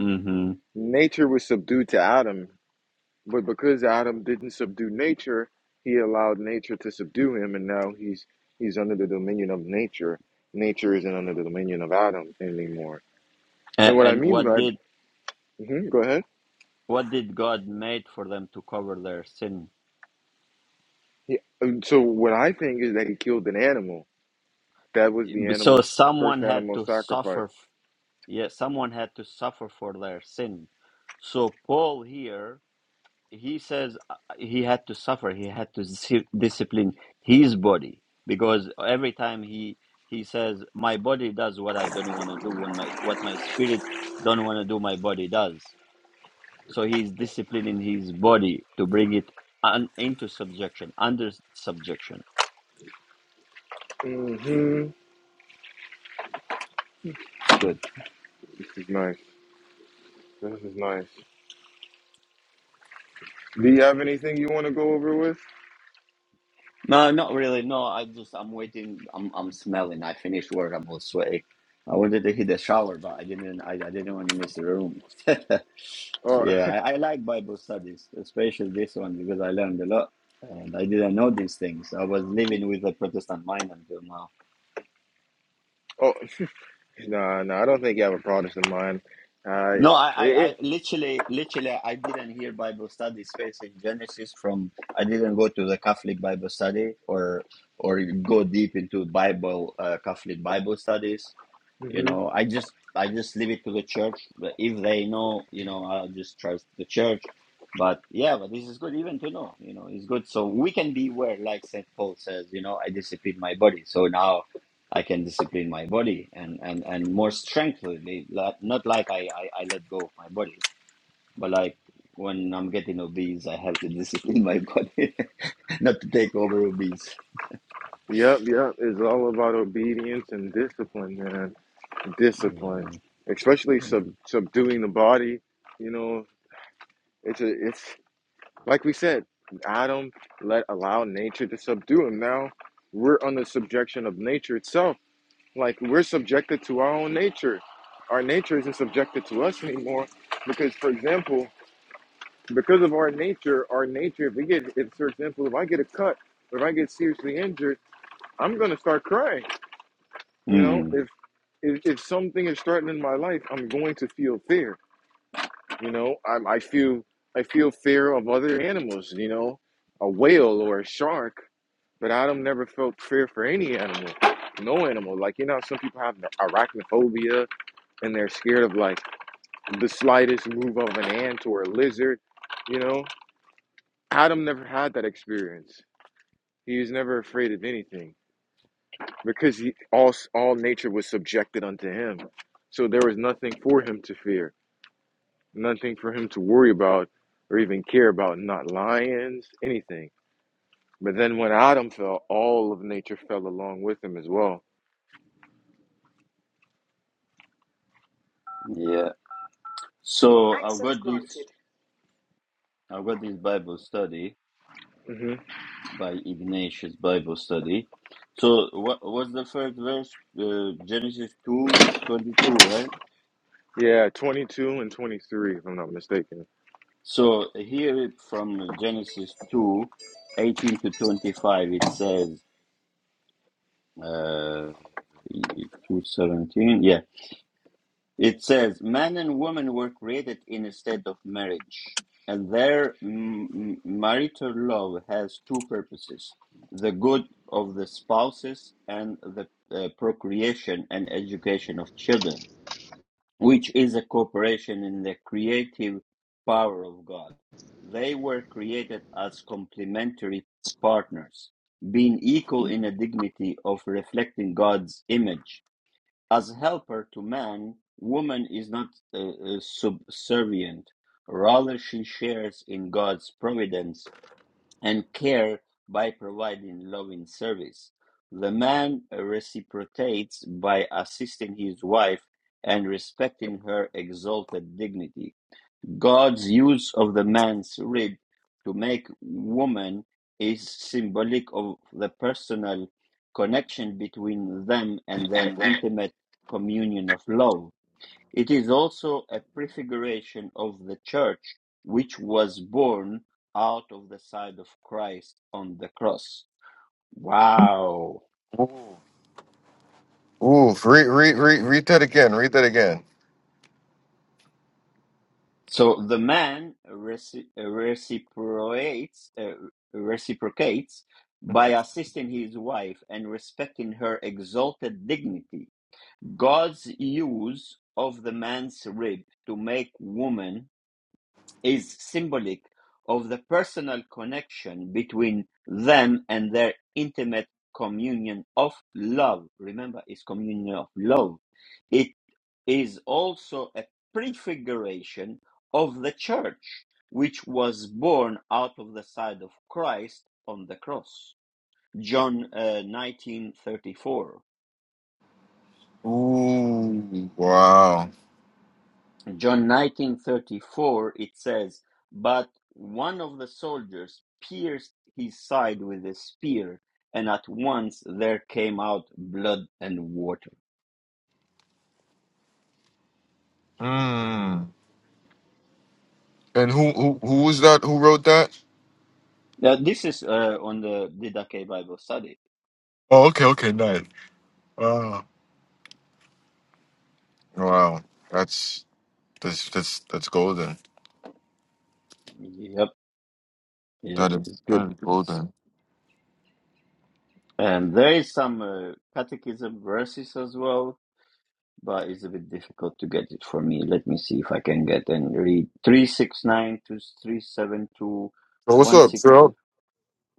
S2: mm hmm
S1: Nature was subdued to Adam But because Adam didn't subdue nature, he allowed nature to subdue him, and now he's he's under the dominion of nature. Nature isn't under the dominion of Adam anymore. And
S2: And,
S1: what I
S2: and
S1: mean
S2: what
S1: by
S2: did
S1: hmm go ahead.
S2: what did God made for them to cover their sin?
S1: He, um, so what I think is that he killed an animal. That was the
S2: So
S1: animal's first
S2: someone had
S1: animal
S2: to
S1: sacrifice.
S2: suffer. f- Yeah, someone had to suffer for their sin. So Paul here he says uh, he had to suffer he had to dis- discipline his body because every time he he says my body does what i don't want to do when my what my spirit don't want to do my body does so he's disciplining his body to bring it un, into subjection under subjection
S1: hmm
S2: good
S1: This is nice. This is nice. Do you have anything you want to go over with?
S2: No, not really. No, I just I'm waiting. I'm I'm smelling. I finished work. I'm all sweaty. I wanted to hit the shower, but I didn't. I, I didn't want to miss the room.
S1: Uh,
S2: yeah, I, I like Bible studies, especially this one because I learned a lot, and I didn't know these things. I was living with a Protestant mind until now.
S1: oh, no, no, I don't think you have a product in mind. Uh,
S2: No, I, I,
S1: it,
S2: I literally, literally, I didn't hear Bible study space in Genesis from. I didn't go to the Catholic Bible study or or go deep into Bible uh, Catholic Bible studies.
S1: mhm.
S2: You know, I just I just leave it to the church. But if they know, you know, I'll just trust the church. But yeah, but this is good even to know. You know, it's good so we can be aware, like Saint Paul says. You know, I discipline my body, so now I can discipline my body and and and more strengthfully. Not not like I I, I let go of my body, but like when I'm getting obese, I have to discipline my body not to take over obese.
S1: Yep, yep. It's all about obedience and discipline, man. Discipline,
S2: Yeah.
S1: especially sub,
S2: Mm.
S1: subduing the body. You know, it's a, it's like we said, Adam let allow nature to subdue him. Now we're under subjection of nature itself. Like we're subjected to our own nature. Our nature isn't subjected to us anymore because, for example, because of our nature, our nature. If we get, if for example, if I get a cut, if I get seriously injured, I'm gonna start crying. You know,
S2: Mm.
S1: if if, if something is threatening my life, I'm going to feel fear. You know, I, I feel I feel fear of other animals. You know, a whale or a shark, but Adam never felt fear for any animal, no animal. Like you know, some people have arachnophobia and they're scared of like the slightest move of an ant or a lizard. You know, Adam never had that experience. He was never afraid of anything. because he, all all nature was subjected unto him. So there was nothing for him to fear, nothing for him to worry about or even care about, not lions, anything. But then when Adam fell, all of nature fell along with him as well.
S2: Yeah. So I've got this. I got this Bible study
S1: hmm
S2: by Ignatius Bible study. So what was the first verse? Uh, Genesis two twenty two, right?
S1: Yeah, 22 and 23, if I'm not mistaken.
S2: So here from Genesis two eighteen to 25, it says uh, 2.17, It says, Man and woman were created in a state of marriage, and their m- marital love has two purposes the good of the spouses and the uh, procreation and education of children, which is a cooperation in the creative power of God. They were created as complementary partners, being equal in a dignity of reflecting God's image as helper to man, woman is not uh, uh, subservient. Rather, she shares in God's providence and care by providing loving service. The man reciprocates by assisting his wife and respecting her exalted dignity. God's use of the man's rib to make woman is symbolic of the personal connection between them and their intimate communion of love. It is also a prefiguration of the church, which was born out of the side of Christ on the cross. Wow!
S1: Ooh, read, read, read, read that again. Read that again.
S2: So the man reci- reciprocates, uh, reciprocates by assisting his wife and respecting her exalted dignity. God's use of the man's rib to make woman is symbolic of the personal connection between them and their intimate communion of love. Remember, it's communion of love is also a prefiguration of the church which was born out of the side of Christ on the cross. John uh, 1934.
S1: Ooh, wow.
S2: John 1934 it says, "But one of the soldiers pierced his side with a spear, and at once there came out blood and water."
S1: Mm. And who, who, who was that? Who wrote that?
S2: Now this is uh, on the Didache Bible study.
S1: Oh, okay, okay, nice. Wow, that's that's that's that's golden.
S2: Yep, yep,
S1: That is
S2: it's good.
S1: that is golden.
S2: And there is some uh, catechism verses as well, but it's a bit difficult to get it for me. Let me see if I can get and read 369 to 372
S1: Well, what's up,
S2: 160.
S1: Trill?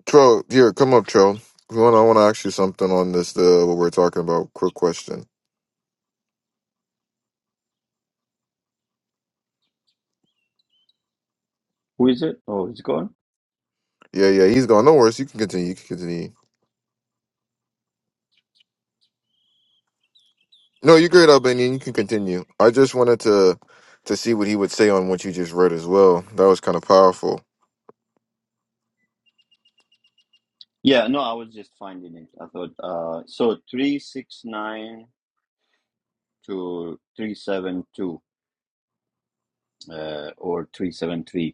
S1: Trill, here, come up, Trill. We want I want to ask you something on this. Uh, what we're talking about. Quick question.
S2: Who is it? Oh, it's gone?
S1: Yeah, yeah, he's gone. No worries. You can continue. You can continue. No, you're great, Albanian. You can continue. I just wanted to to see what he would say on what you just read as well. That was kind of powerful.
S2: Yeah, no, I was just finding it. I thought, uh, so 369 to 372 uh, or 373.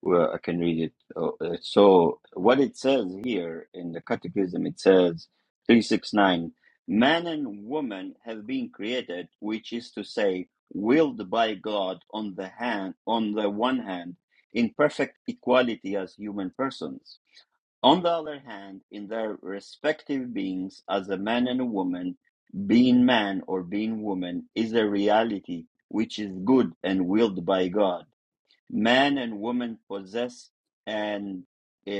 S2: Well, I can read it. Oh, uh, So, what it says here in the Catechism, it says 369 Man and woman have been created, which is to say, willed by God on the hand, on the one hand, in perfect equality as human persons. On the other hand, in their respective beings as a man and a woman, being man or being woman is a reality which is good and willed by God Man and woman possess an uh,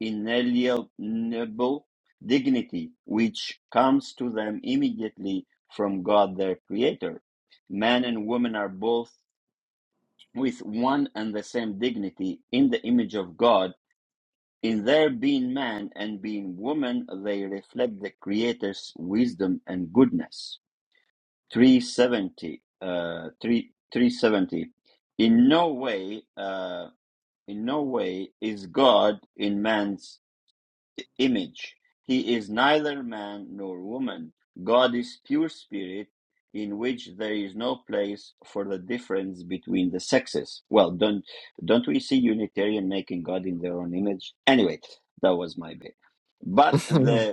S2: inalienable dignity which comes to them immediately from God their Creator. Man and woman are both with one and the same dignity in the image of God. In their being man and being woman, they reflect the Creator's wisdom and goodness. 370. Uh, 3, 370. In no way. Uh, in no way is God in man's image. He is neither man nor woman. God is pure spirit in which there is no place for the difference between the sexes. Well, don't don't we see Unitarian making God in their own image? Anyway, that was my bit. But the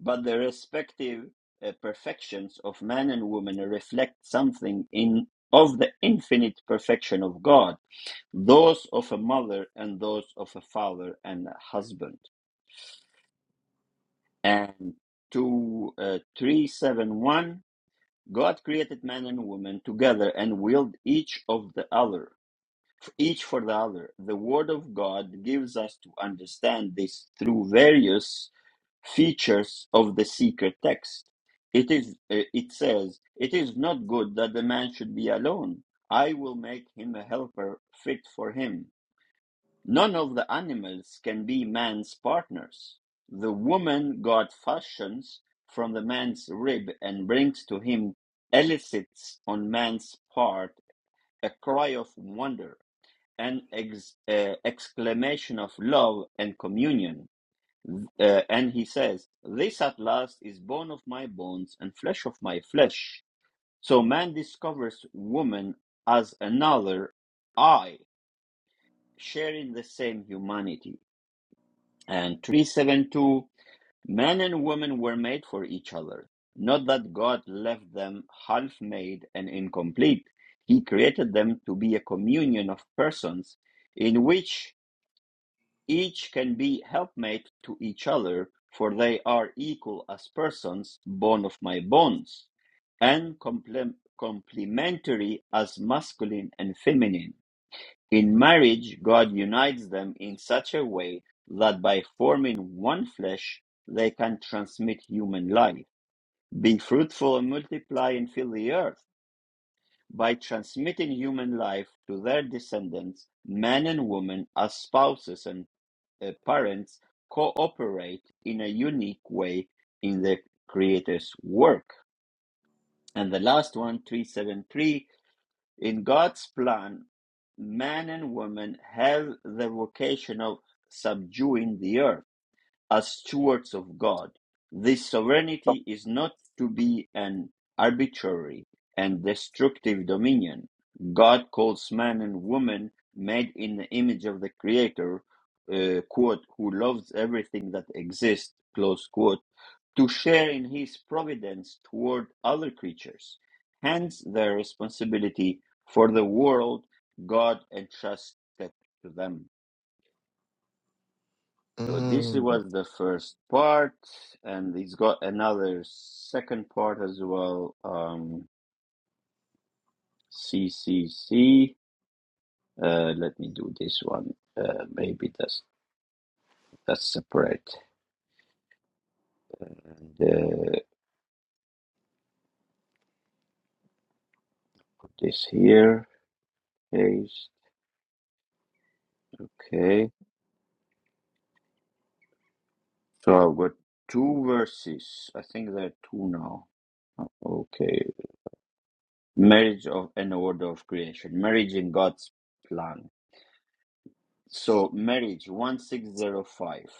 S2: but the respective uh, perfections of man and woman reflect something in of the infinite perfection of God, those of a mother and those of a father and a husband. And to uh, 371, God created man and woman together and willed each of the other, each for the other. The Word of God gives us to understand this through various features of the secret text. It is uh, it says, "It is not good that the man should be alone. I will make him a helper fit for him." None of the animals can be man's partners. The woman God fashions from the man's rib and brings to him elicits on man's part a cry of wonder, an ex- uh, exclamation of love and communion uh, and he says, This at last is bone of my bones and flesh of my flesh. So man discovers woman as another I, sharing the same humanity. And 372 Man and woman were made for each other. Not that God left them half made and incomplete. He created them to be a communion of persons in which Each can be helpmate to each other, for they are equal as persons, bone of my bones, and complem- complementary as masculine and feminine. In marriage, God unites them in such a way that by forming one flesh, they can transmit human life. Be fruitful and multiply and fill the earth by transmitting human life to their descendants, men and women as spouses and uh, parents cooperate in a unique way in the Creator's work. And the last one, 373, in God's plan, man and woman have the vocation of subduing the earth as stewards of God. This sovereignty is not to be an arbitrary and destructive dominion. God calls man and woman made in the image of the Creator, uh, quote, who loves everything that exists, close quote, to share in his providence toward other creatures. Hence, their responsibility for the world God entrusts to them. So this
S1: Mm,
S2: was the first part, and it's got another second part as well. Um, CCC. Uh, let me do this one. Uh, maybe that's that's separate. And uh, this here is okay. So I've got two verses. I think there are two now. Okay, marriage of an order of creation, marriage in God's plan. So marriage one six zero five.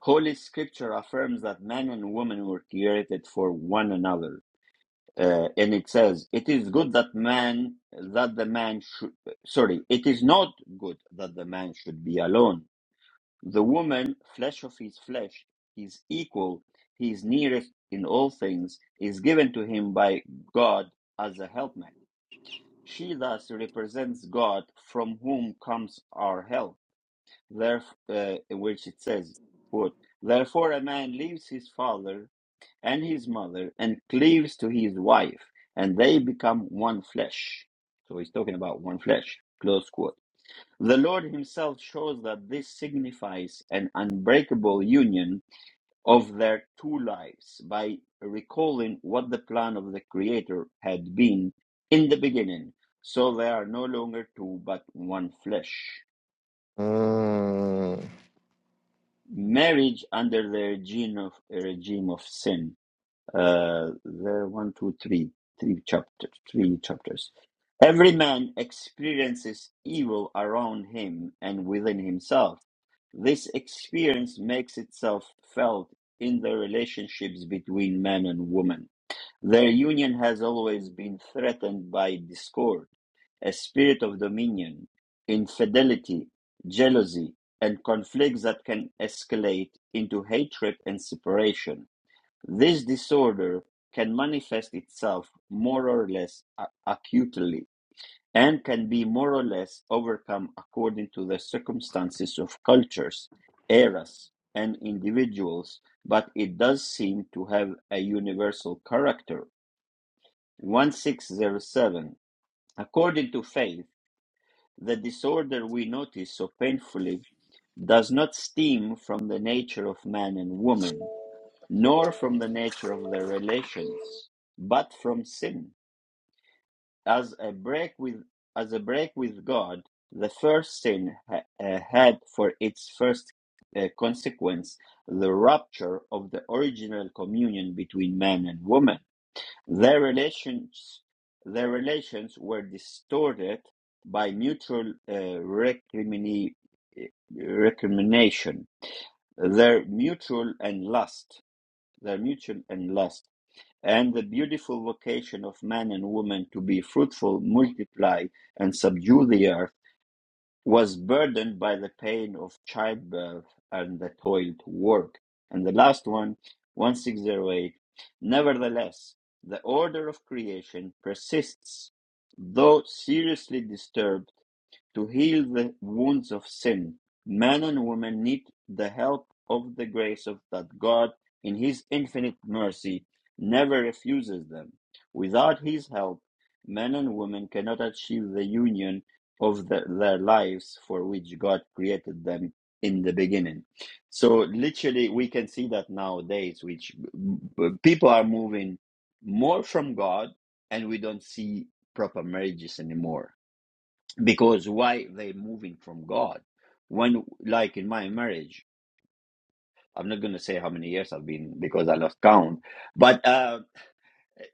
S2: Holy Scripture affirms that man and woman were created for one another, uh, and it says, "It is good that man that the man should sorry, it is not good that the man should be alone. The woman, flesh of his flesh, his equal, his nearest in all things, is given to him by God as a helpmate. She thus represents God, from whom comes our help." There, uh, which it says, quote, Therefore a man leaves his father and his mother and cleaves to his wife, and they become one flesh. So he's talking about one flesh, close quote. The Lord himself shows that this signifies an unbreakable union of their two lives by recalling what the plan of the Creator had been in the beginning. So they are no longer two but one flesh.
S1: mm.
S2: marriage under the regime of a regime of sin. Uh, there are one, two, three, three chapters, three chapters. Every man experiences evil around him and within himself. This experience makes itself felt in the relationships between man and woman. Their union has always been threatened by discord, a spirit of dominion, infidelity, jealousy, and conflicts that can escalate into hatred and separation. This disorder can manifest itself more or less a- acutely and can be more or less overcome according to the circumstances of cultures, eras, and individuals, but it does seem to have a universal character 1607. According to faith, the disorder we notice so painfully does not stem from the nature of man and woman, nor from the nature of their relations, but from sin. As a break with as a break with God, the first sin ha- uh, had for its first uh, consequence the rupture of the original communion between man and woman their relations, their relations were distorted by mutual uh, recrimini- uh, recrimination, their mutual and lust, their mutual and lust, and the beautiful vocation of man and woman to be fruitful, multiply, and subdue the earth was burdened by the pain of childbirth and the toil to work. And the last one, 1608. nevertheless, the order of creation persists, though seriously disturbed to heal the wounds of sin, man and woman need the help of the grace of that God in his infinite mercy never refuses them. Without his help, men and women cannot achieve the union of the, their lives for which God created them in the beginning. So literally we can see that nowadays which uh, people are moving more from God and we don't see proper marriages anymore because why they're moving from God. When, like in my marriage, I'm not going to say how many years I've been because I lost count, but uh,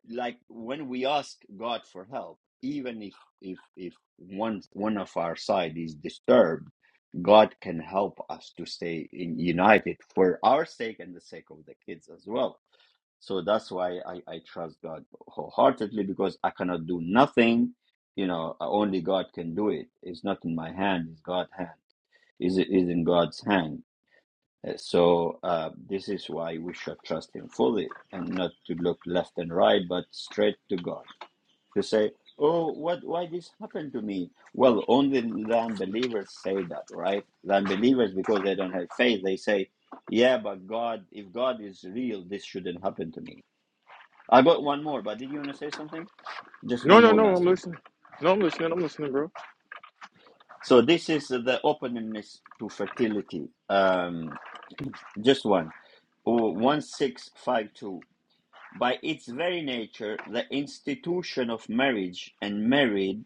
S2: like when we ask God for help, even if if if one one of our side is disturbed, God can help us to stay in, united for our sake and the sake of the kids as well so that's why I, I trust God wholeheartedly because I cannot do nothing. You know, uh, only God can do it. It's not in my hand. It's God's hand. Is is in God's hand. Uh, So uh, this is why we should trust Him fully and not to look left and right, but straight to God to say, "Oh, what? Why this happened to me?" Well, only the unbelievers say that, right? The unbelievers because they don't have faith. They say, "Yeah, but God, if God is real, this shouldn't happen to me." I got one more, but did you want to say something? Just
S1: No,
S2: one
S1: no,
S2: more
S1: no.
S2: last
S1: I'm
S2: one.
S1: listening. No, I'm listening. I'm listening, bro.
S2: So this is the openness to fertility. Um, just one. Oh, 1652. By its very nature, the institution of marriage and married,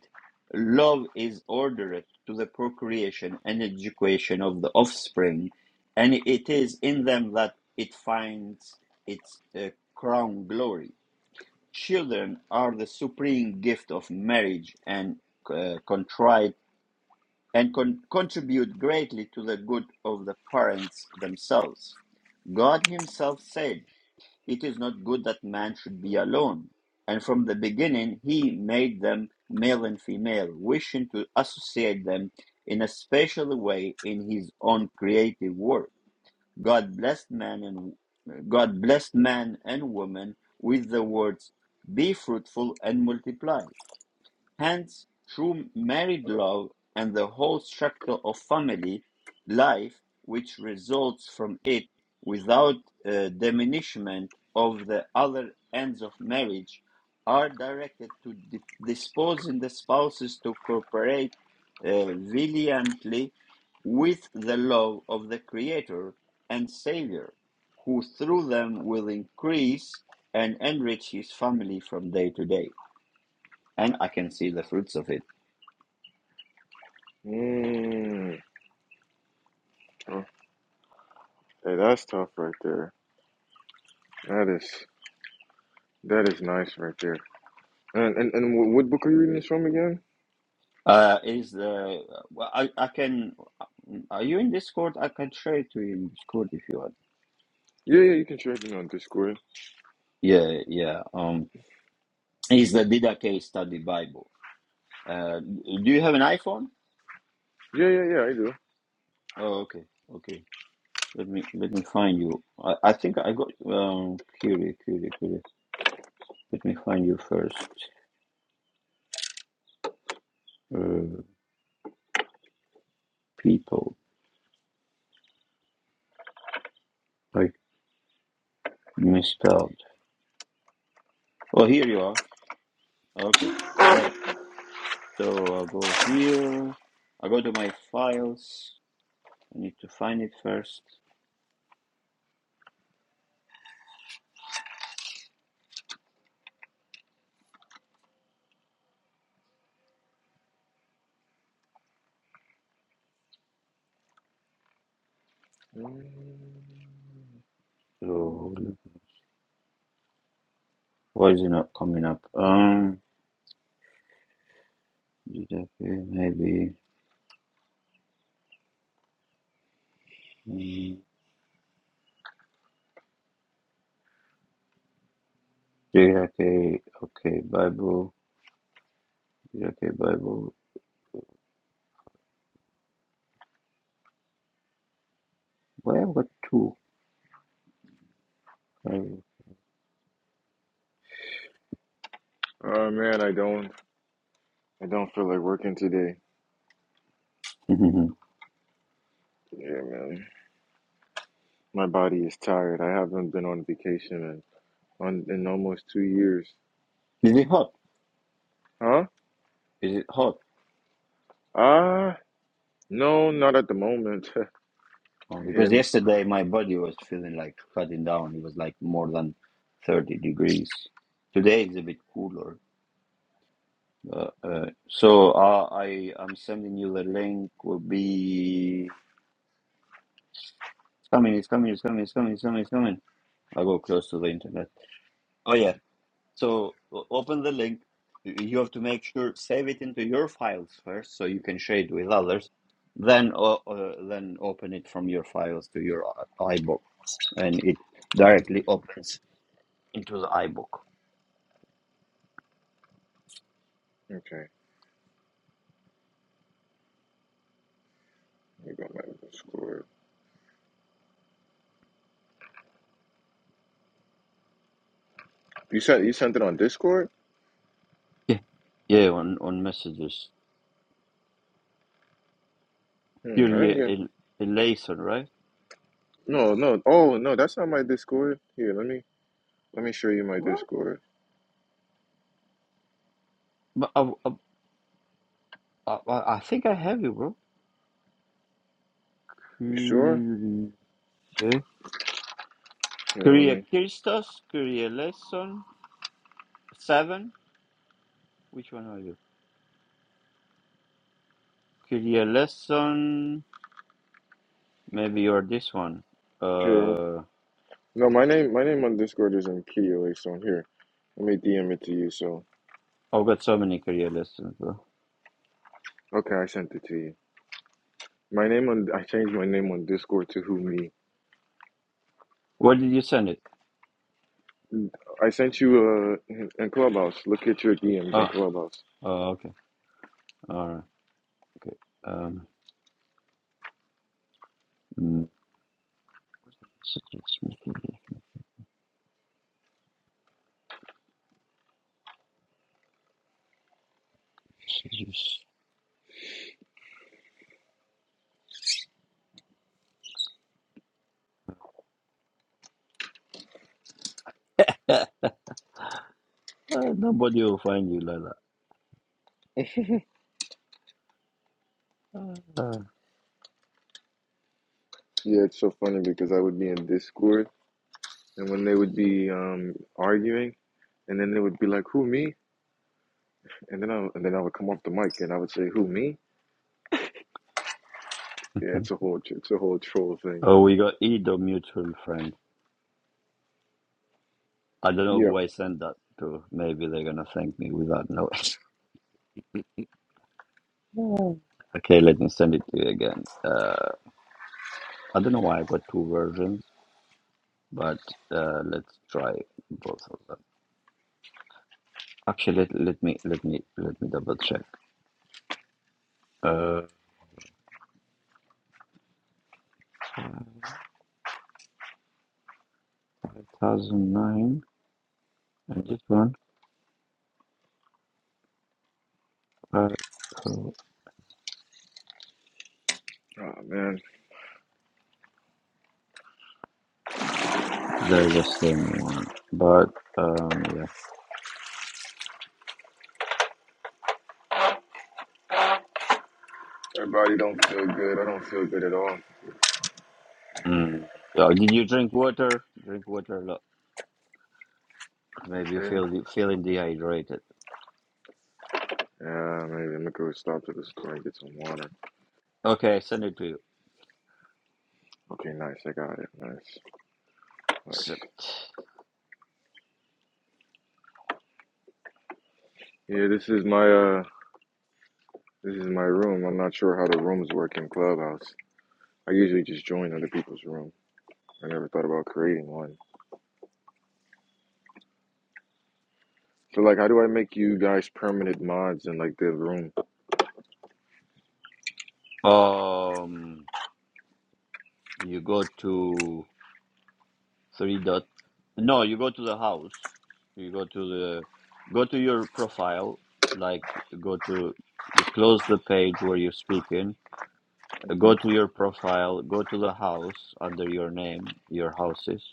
S2: love is ordered to the procreation and education of the offspring, and it is in them that it finds its uh, crown glory Children are the supreme gift of marriage and uh, contrite and con- contribute greatly to the good of the parents themselves. God himself said, "It is not good that man should be alone." And from the beginning he made them male and female, wishing to associate them in a special way in his own creative work. God blessed man and God blessed man and woman with the words, "Be fruitful and multiply." Hence, true married love and the whole structure of family life which results from it, without uh, diminishment of the other ends of marriage, are directed to di- disposing the spouses to cooperate uh, valiantly with the love of the Creator and Savior, who through them will increase and enrich his family from day to day and I can see the fruits of it.
S1: Mm. Hey, that's tough right there. That is that is nice right there. And and, and what, what book are you reading this from again?
S2: Uh, is the well, I I can. Are you in Discord? I can share it to you in Discord if you want.
S1: Yeah, yeah, you can check me on Discord.
S2: Yeah, yeah. Um, is the Dida case Study Bible? Uh, do you have an iPhone?
S1: Yeah, yeah, yeah, I do.
S2: Oh, okay, okay. Let me let me find you. I, I think I got um Curie Curie Curie. Let me find you first. Uh, people like misspelled. Oh, here you are. Okay. All right. So I'll go here. I'll go to my files. I need to find it first. So why is it not coming up? Um, J K. maybe. Um, JJK, okay, Bible. J K. Bible. Where were two? Oh.
S1: Uh, man, I don't I don't feel like working today.
S2: is
S1: Yeah, man, my body is tired. I haven't been on vacation in on in almost two years.
S2: it hot?
S1: Huh?
S2: Is it hot?
S1: Uh no, not at the moment.
S2: Oh, because
S1: Again.
S2: yesterday my body was feeling like shutting down. It was like more than 30 degrees. Today is a bit cooler. Uh, uh, so uh, I I'm sending you the link. Will be it's coming. It's coming. It's coming. It's coming. It's coming. It's coming. I go close to the internet. Oh yeah. So o- open the link. Y- You have to make sure save it into your files first, so you can share it with others. Then uh, uh, then open it from your files to your i- iBook, and it directly opens into the iBook.
S1: Okay, let me go back to Discord. You sent you sent it on Discord?
S2: Yeah. Yeah. On on messages.
S1: Hmm, I didn't
S2: Purely
S1: get.
S2: el- elation, right?
S1: No, no. Oh, no, that's not my Discord. Here, let me. Let me show you my
S2: What?
S1: Discord.
S2: I, I I think I have you, bro.
S1: You sure?
S2: Kyrie,
S1: Here, let me.
S2: Kyrie Christos, Kyrie Lesson, seven. Which one are you? Kyrie Lesson, maybe you're this one.
S1: Here, I'm,
S2: Uh,
S1: no, my name, my name on Discord isn't Kiyoe, so I'm here. Let me DM it to you. So,
S2: I've got so many Kyrie Lessons, bro.
S1: okay, I sent it to you. My name on, I changed my name on Discord to Who Me.
S2: Where did you send it?
S1: I sent you uh in in Clubhouse. Look at your DMs in
S2: Oh,
S1: Clubhouse.
S2: oh, okay, all right, okay. Um, mm, messages, messages, messages. uh, nobody will find you, Lala. Uh,
S1: Yeah, it's so funny because I would be in Discord and when they would be um arguing and then they would be like, "Who me?" and then I and then I would come off the mic and I would say, "Who me?" Yeah, it's a whole it's a whole troll thing.
S2: oh, we got Edo mutual friend. I don't know
S1: Yep.
S2: who I send that to. Maybe they're gonna thank me without knowing. Oh. okay, let me send it to you again. Uh, I don't know why I got two versions, but uh, let's try both of them. Actually, let, let me let me let me double check. Uh, five thousand nine and this one. Uh, oh,
S1: Oh man.
S2: they're the same one, but um, yeah.
S1: My body don't feel good. I don't feel good at all.
S2: Mm. Yeah, did you drink water? Drink water a lot. Maybe you
S1: Hmm?
S2: feel feeling dehydrated.
S1: Yeah, maybe I'm gonna go stop to the store and get some water.
S2: Okay, I send it to you.
S1: Okay, nice. I got it. Nice,
S2: So,
S1: nice. Yeah, this is my uh, this is my room. I'm not sure how the rooms work in Clubhouse. I usually just join other people's room. I never thought about creating one. So like, how do I make you guys permanent mods in like the room?
S2: um, you go to three dot. No, you go to the house. You go to the go to your profile. Like go to close the page where you're speaking.
S1: hmm
S2: Go to your profile. Go to the house under your name. Your houses.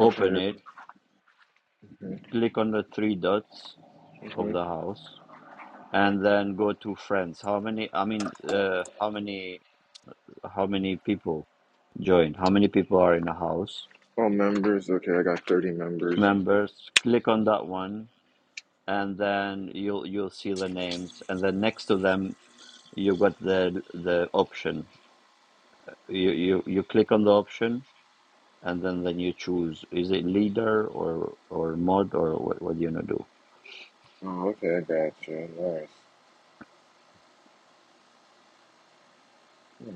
S1: Okay.
S2: it.
S1: Mm-hmm.
S2: Click on the three dots of
S1: Mm-hmm.
S2: the house, and then go to friends. How many? I mean, uh, how many? How many people join? How many people are in a house?
S1: Oh, members. Okay, I got 30 members.
S2: members, click on that one, and then you'll you'll see the names, and then next to them you got the the option. You you you click on the option, and then then you choose is it leader or or mod or what what do you gonna do.
S1: Oh, okay, I got you. Nice. hmm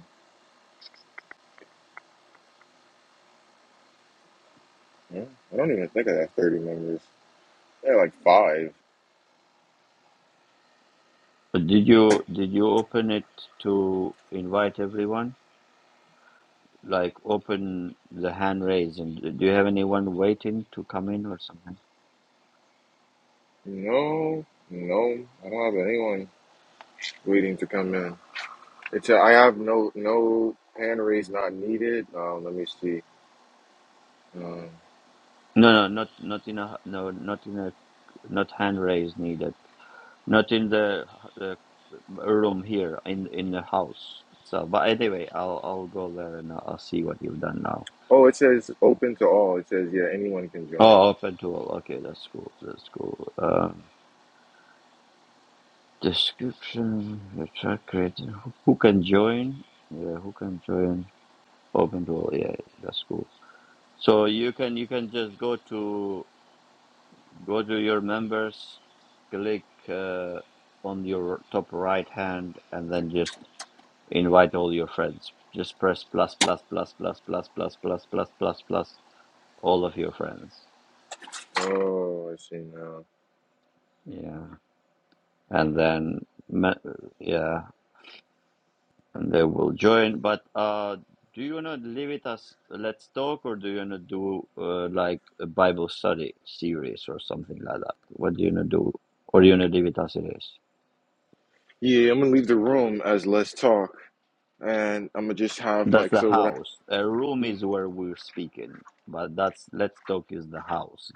S1: Well, I don't even think I got 30 members. Yeah, like five.
S2: But Did you did you open it to invite everyone? Like open the hand raise, and do you have anyone waiting to come in or something?
S1: No, no, I don't have anyone waiting to come in. It's a, I have no no hand raise not needed. Um, let me see. Um,
S2: No, no, not not in a no, not in a not hand raise needed Not in the the room here, in in the house itself. But anyway, I'll I'll go there and I'll see what you've done now.
S1: oh, it says open to all. It says yeah, anyone can join.
S2: Oh, open to all. Okay, that's cool. That's cool. Um, description. you try creating. Who who can join? Yeah, who can join? Open to all. Yeah, that's cool. So you can you can just go to go to your members, click uh, on your top right hand, and then just Invite all your friends. Just press plus plus plus plus plus plus plus plus plus plus all of your friends.
S1: Oh, I see now.
S2: Yeah, and then ma- yeah, and they will join. But uh, do you wanna leave it as let's talk, or do you wanna do uh, like a Bible study series or something like that? What do you wanna do, or do you wanna leave it as it is?
S1: Yeah, I'm gonna leave the room as let's talk, and I'm gonna just have
S2: That's
S1: like
S2: the
S1: so what I.
S2: house. A room is where we're speaking, but that's let's talk is the house.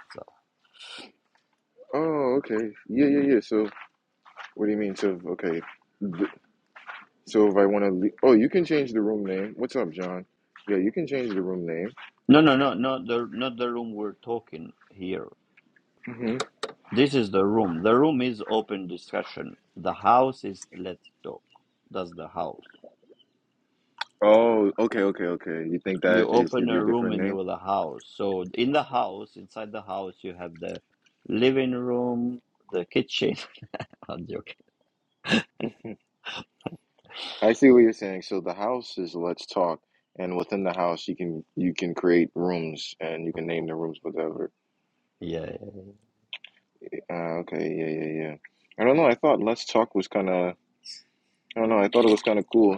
S1: Oh, okay. Yeah, yeah, yeah. So what do you mean? So okay. Th- So if I want to, le- oh, you can change the room name. What's up, John? Yeah, you can change the room name.
S2: No, no, no, not the not the room we're talking here.
S1: Mm-hmm.
S2: This is the room. The room is open discussion. The house is let's talk. That's the house.
S1: Oh, okay, okay, okay. You think
S2: You
S1: that it should
S2: open
S1: be a
S2: a room
S1: different
S2: in
S1: name?
S2: the, the house. So in the house, inside the house, you have the living room, the kitchen. I'm joking.
S1: Mhm. I see what you're saying. So the house is Let's Talk, and within the house, you can you can create rooms and you can name the rooms whatever.
S2: Yeah, yeah, yeah.
S1: Uh, okay, yeah, yeah, yeah. I don't know. I thought Let's Talk was kind of. I don't know. I thought it was kind of cool.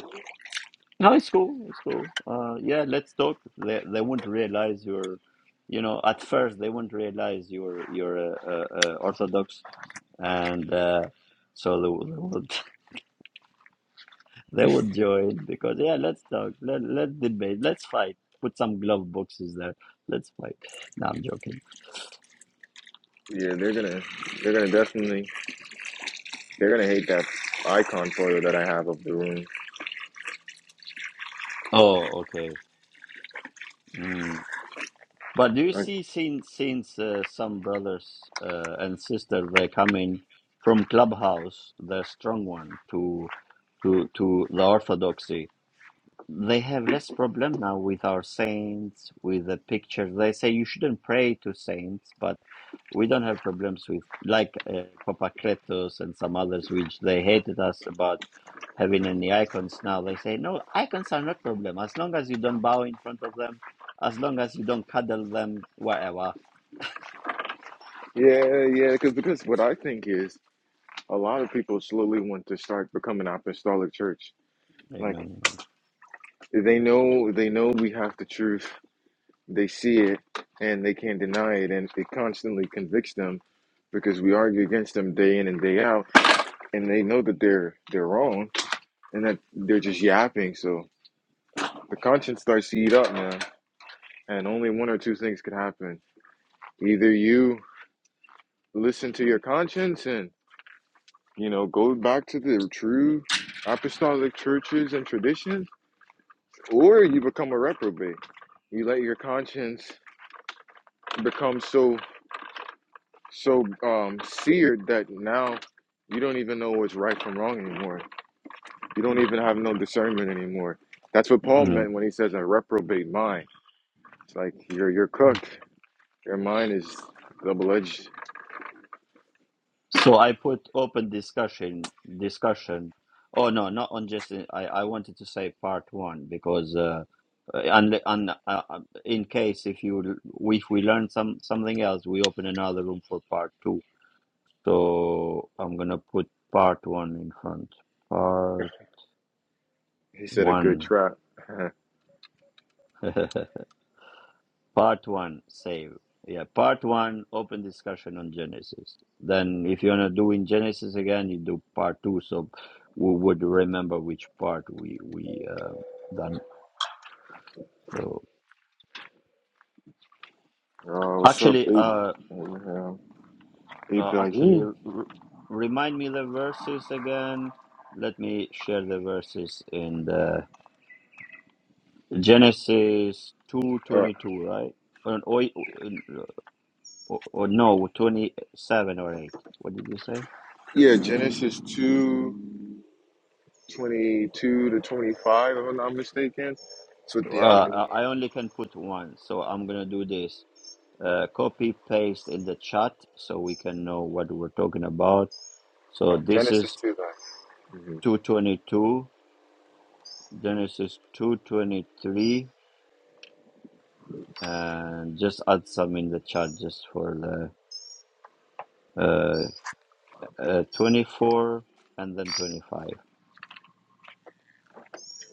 S2: No, it's cool. It's cool. Uh, yeah, let's talk. They they won't realize you're, you know, at first they won't realize you're you're a, a, a Orthodox and uh, so they would, they would they would join because yeah, let's talk, let let's debate, let's fight. Put some glove boxes there. Let's fight. No, I'm joking.
S1: Yeah, they're gonna they're gonna definitely they're gonna hate that icon photo that I have of the room.
S2: Oh, okay. Mm. But do you
S1: Like,
S2: see since since uh, some brothers uh, and sisters they come in from clubhouse, the strong one to to to the orthodoxy they have less problem now with our saints, with the pictures. They say you shouldn't pray to saints, but we don't have problems with like uh, Papakretos and some others, which they hated us about having any icons. Now they say no, icons are not problem as long as you don't bow in front of them, as long as you don't cuddle them, whatever.
S1: yeah, yeah. Because because what I think is a lot of people slowly want to start becoming apostolic church. Like.
S2: Amen.
S1: They know they know we have the truth. They see it and they can't deny it and it constantly convicts them because we argue against them day in and day out and they know that they're they're wrong and that they're just yapping. So the conscience starts to eat up, man. And only one or two things could happen. Either you listen to your conscience and you know go back to the true apostolic churches and traditions or you become a reprobate you let your conscience become so so um seared that now you don't even know what's right from wrong anymore. You don't even have no discernment anymore. That's what Paul
S2: Mm.
S1: meant when he says a reprobate mind. It's like you're you're cooked. Your mind is double edged.
S2: So I put open discussion discussion. Oh no, not on just. I I wanted to say part one because uh, and and uh, um, in case if you if we learn some something else, we open another room for part two. So I'm gonna put part one in front. Part
S1: He said a good
S2: one.
S1: trap.
S2: Part one, save. Yeah, part one, open discussion on Genesis. Then, if you wanna do in Genesis again, you do part two, so we would remember which part we we uh, done. So
S1: oh, what's up,
S2: actually,
S1: Abe?
S2: uh,
S1: Abraham.
S2: uh actually,
S1: Ibrahim.
S2: r- remind me the verses again. Let me share the verses in the Genesis two
S1: Uh,
S2: twenty two, right? Or, or, or, or no, twenty seven or eight. What did you say?
S1: yeah, Genesis two twenty two to 25, if I'm not mistaken. It's with
S2: Uh,
S1: the Adam and Eve.
S2: I I only can put one, so I'm gonna do this. Uh, copy paste in the chat so we can know what we're talking about. So
S1: Uh,
S2: this
S1: Genesis
S2: is
S1: 2, then.
S2: 222, Genesis 223, and just add some in the chat just for the uh, uh 24 and then 25.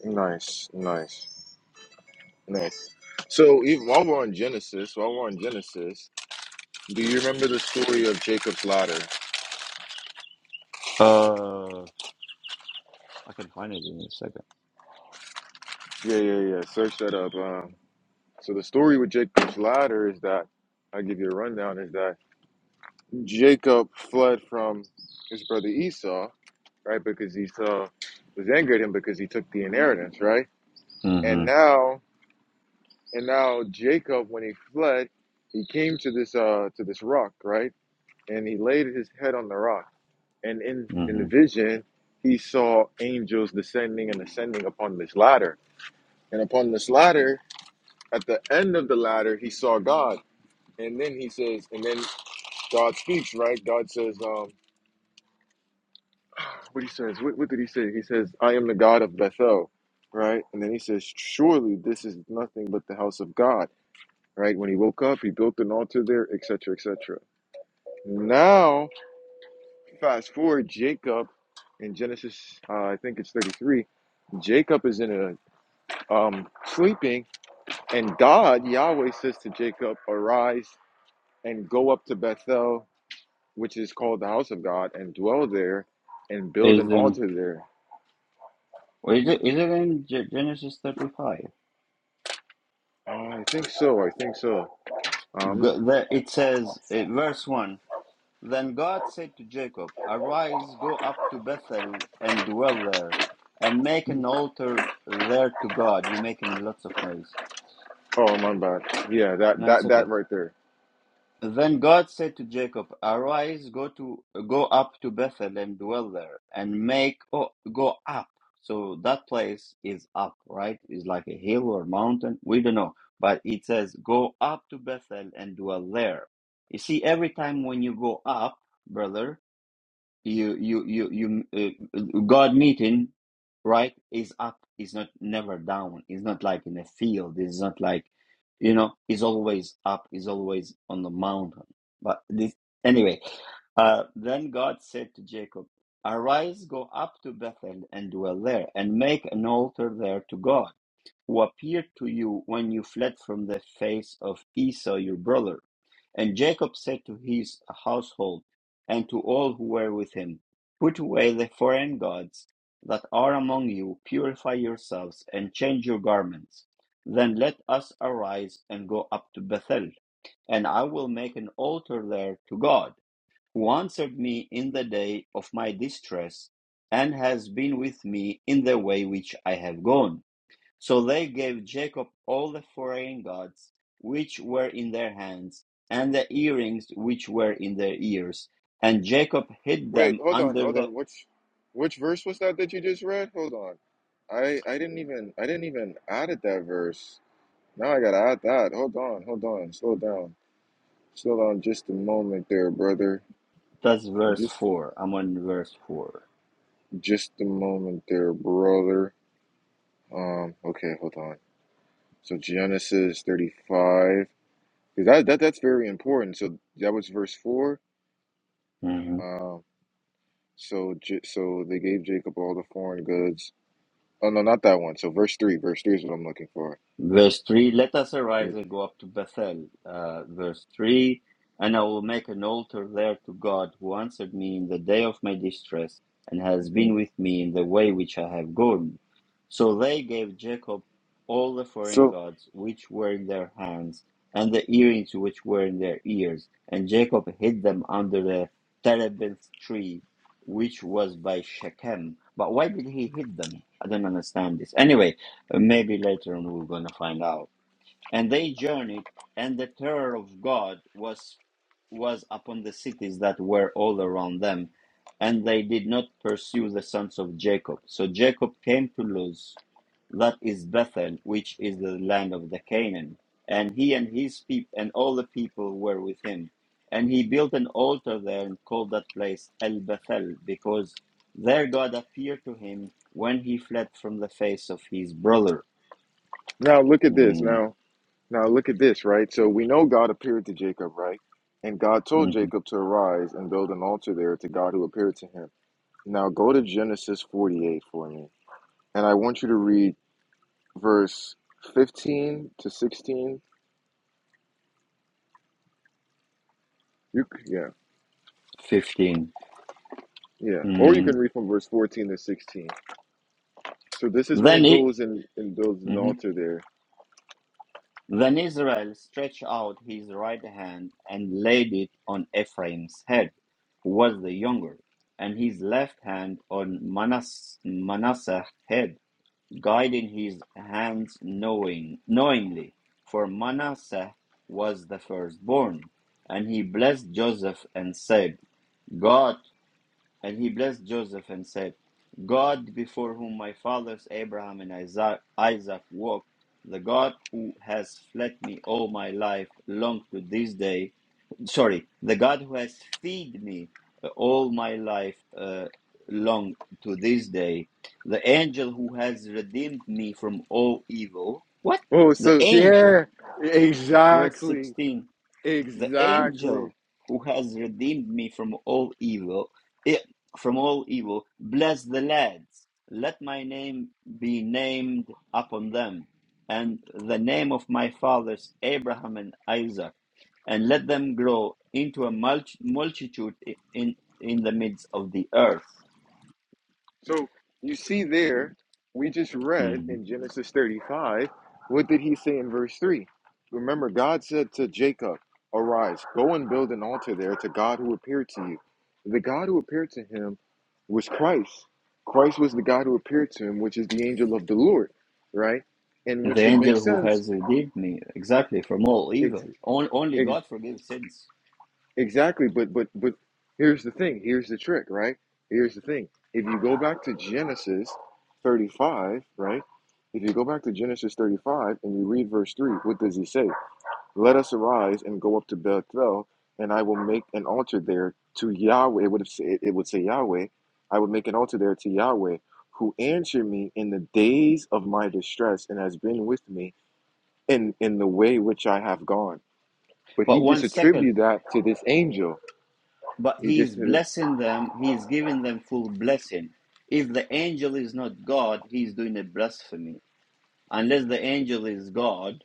S1: hmm Nice, nice. Nice. So if, while we're on Genesis, while we're on Genesis, do you remember the story of Jacob's ladder?
S2: Uh, I can find it in a second.
S1: Yeah, yeah, yeah. Search that up. Um, so the story with Jacob's ladder is that I'll give you a rundown. Is that Jacob fled from his brother Esau, right? Because Esau was angry at him because he took the inheritance, right? And
S2: Mm-hmm.
S1: now, and now Jacob, when he fled, he came to this uh to this rock, right? And he laid his head on the rock And in, in the
S2: Mm-hmm.
S1: vision, he saw angels descending and ascending upon this ladder. And upon this ladder, at the end of the ladder, he saw God. And then he says, and then God speaks, right? God says, um, what he says, what, what did he say? He says, I am the God of Bethel, right? And then he says, surely this is nothing but the house of God, right? When he woke up, he built an altar there, et cetera, et cetera. Now, fast forward, Jacob in Genesis, uh, I think it's 33, Jacob is in a um, sleeping. And God, Yahweh says to Jacob, Arise and go up to Bethel, which is called the house of God, and dwell there and build
S2: Is
S1: an
S2: in
S1: altar there.
S2: is it is it in Ge- Genesis 35?
S1: Uh, I think so. I think so. Um,
S2: Go- the- It says, uh, verse 1 Then God said to Jacob, Arise, go up to Bethel and dwell there, and make an altar there to God. You're making lots of noise.
S1: oh, my bad. Yeah, that,
S2: No, it's
S1: that,
S2: okay.
S1: that right there.
S2: Then God said to Jacob, Arise, go to go up to Bethel and dwell there, and make oh, go up. So that place is up, right? Is like a hill or mountain. We don't know, but it says go up to Bethel and dwell there. You see, every time when you go up, brother, you you you you uh, God meeting right is up is not never down it's not like in a field it's not like you know it's always up it's always on the mountain but this anyway uh then God said to Jacob arise go up to Bethel and dwell there and make an altar there to God who appeared to you when you fled from the face of Esau your brother. And Jacob said to his household and to all who were with him, Put away the foreign gods that are among you, purify yourselves, and change your garments. Then let us arise and go up to Bethel, and I will make an altar there to God, who answered me in the day of my distress, and has been with me in the way which I have gone. So they gave Jacob all the foreign gods which were in their hands, and the earrings which were in their ears. And Jacob hid
S1: Wait,
S2: them
S1: hold on,
S2: under
S1: hold
S2: the.
S1: on. Which, which verse was that that you just read? Hold on. I, I didn't even, I didn't even added that verse. Now I gotta add that. Hold on, hold on. Slow down. Slow down just a moment there, brother.
S2: That's verse
S1: Just
S2: 4. I'm on verse 4.
S1: Just a moment there, brother. Um, okay, hold on. So Genesis 35, because that, that that's very important. So that was verse four.
S2: Mm-hmm.
S1: Um, so J- so they gave Jacob all the foreign goods. Oh no, not that one. So verse three, verse three is what I'm looking for.
S2: Verse 3 Let us arise and go up to Bethel. Uh, verse 3 And I will make an altar there to God who answered me in the day of my distress and has
S1: hmm
S2: been with me in the way which I have gone. So they gave Jacob all the foreign
S1: So
S2: gods which were in their hands and the earrings which were in their ears. And Jacob hid them under the terebinth tree which was by Shechem. But why did he hid them? I don't understand this. Anyway, uh, Maybe later on we're going to find out. And they journeyed, and the terror of God was was upon the cities that were all around them, and they did not pursue the sons of Jacob. So Jacob came to Luz, that is Bethel, which is the land of the Canaan, and he and his people and all the people were with him. And he built an altar there and called that place El Bethel, because there God appeared to him when he fled from the face of his brother.
S1: now look at this.
S2: Mm,
S1: Now now look at this, right? So we know God appeared to Jacob, right? And God told
S2: mhm.
S1: Jacob to arise and build an altar there to God who appeared to him. Now go to Genesis 48 for me. and I want you to read verse 15 to 16. You yeah,
S2: 15.
S1: yeah. Or you can
S2: Mm.
S1: read from verse 14 to 16. So this is when he
S2: Then it,
S1: goes and, and builds an
S2: mhm.
S1: altar there.
S2: Then Israel stretched out his right hand and laid it on Ephraim's head, who was the younger, and his left hand on Manas, Manasseh's head, guiding his hands knowing, knowingly, for Manasseh was the firstborn. And he blessed Joseph and said, "God." And he blessed Joseph and said, God before whom my fathers Abraham and Isaac, walked, the God who has fed me all my life long to this day, sorry, the God who has fed me uh, all my life uh, long to this day, the angel who has redeemed me from all evil. What?
S1: Oh,
S2: The
S1: so
S2: angel,
S1: yeah,
S2: verse
S1: exactly.
S2: 16 the
S1: Exactly.
S2: angel who has redeemed me from all evil eh, from all evil bless the lads let my name be named upon them and the name of my fathers abraham and isaac and let them grow into a multi- multitude i- in in the midst of the earth
S1: So you see there, we just read
S2: Mhm.
S1: in Genesis 35, what did he say in verse 3? Remember, God said to Jacob, Arise, go and build an altar there to God who appeared to you. The God who appeared to him was Christ. Christ was the God who appeared to him, which is the angel of the Lord, right? And
S2: the
S1: which would make
S2: angel who
S1: sense
S2: has redeemed me exactly from all
S1: ex-
S2: evil On, only
S1: ex-
S2: god forgives sins
S1: Exactly, but but but here's the thing. Here's the trick, right? Here's the thing. If you go back to Genesis 35, right? If you go back to Genesis 35 and you read verse 3, what does he say? Let us arise and go up to Bethel, and I will make an altar there to Yahweh. It would have said, it would say Yahweh. I would make an altar there to Yahweh, who answered me in the days of my distress and has been with me in in the way which I have gone. But he
S2: but
S1: just
S2: one second
S1: attributed that to this angel
S2: but
S1: he
S2: he
S1: just
S2: is
S1: did it.
S2: blessing them he is giving them full blessing if the angel is not god he is doing a blasphemy unless the angel is god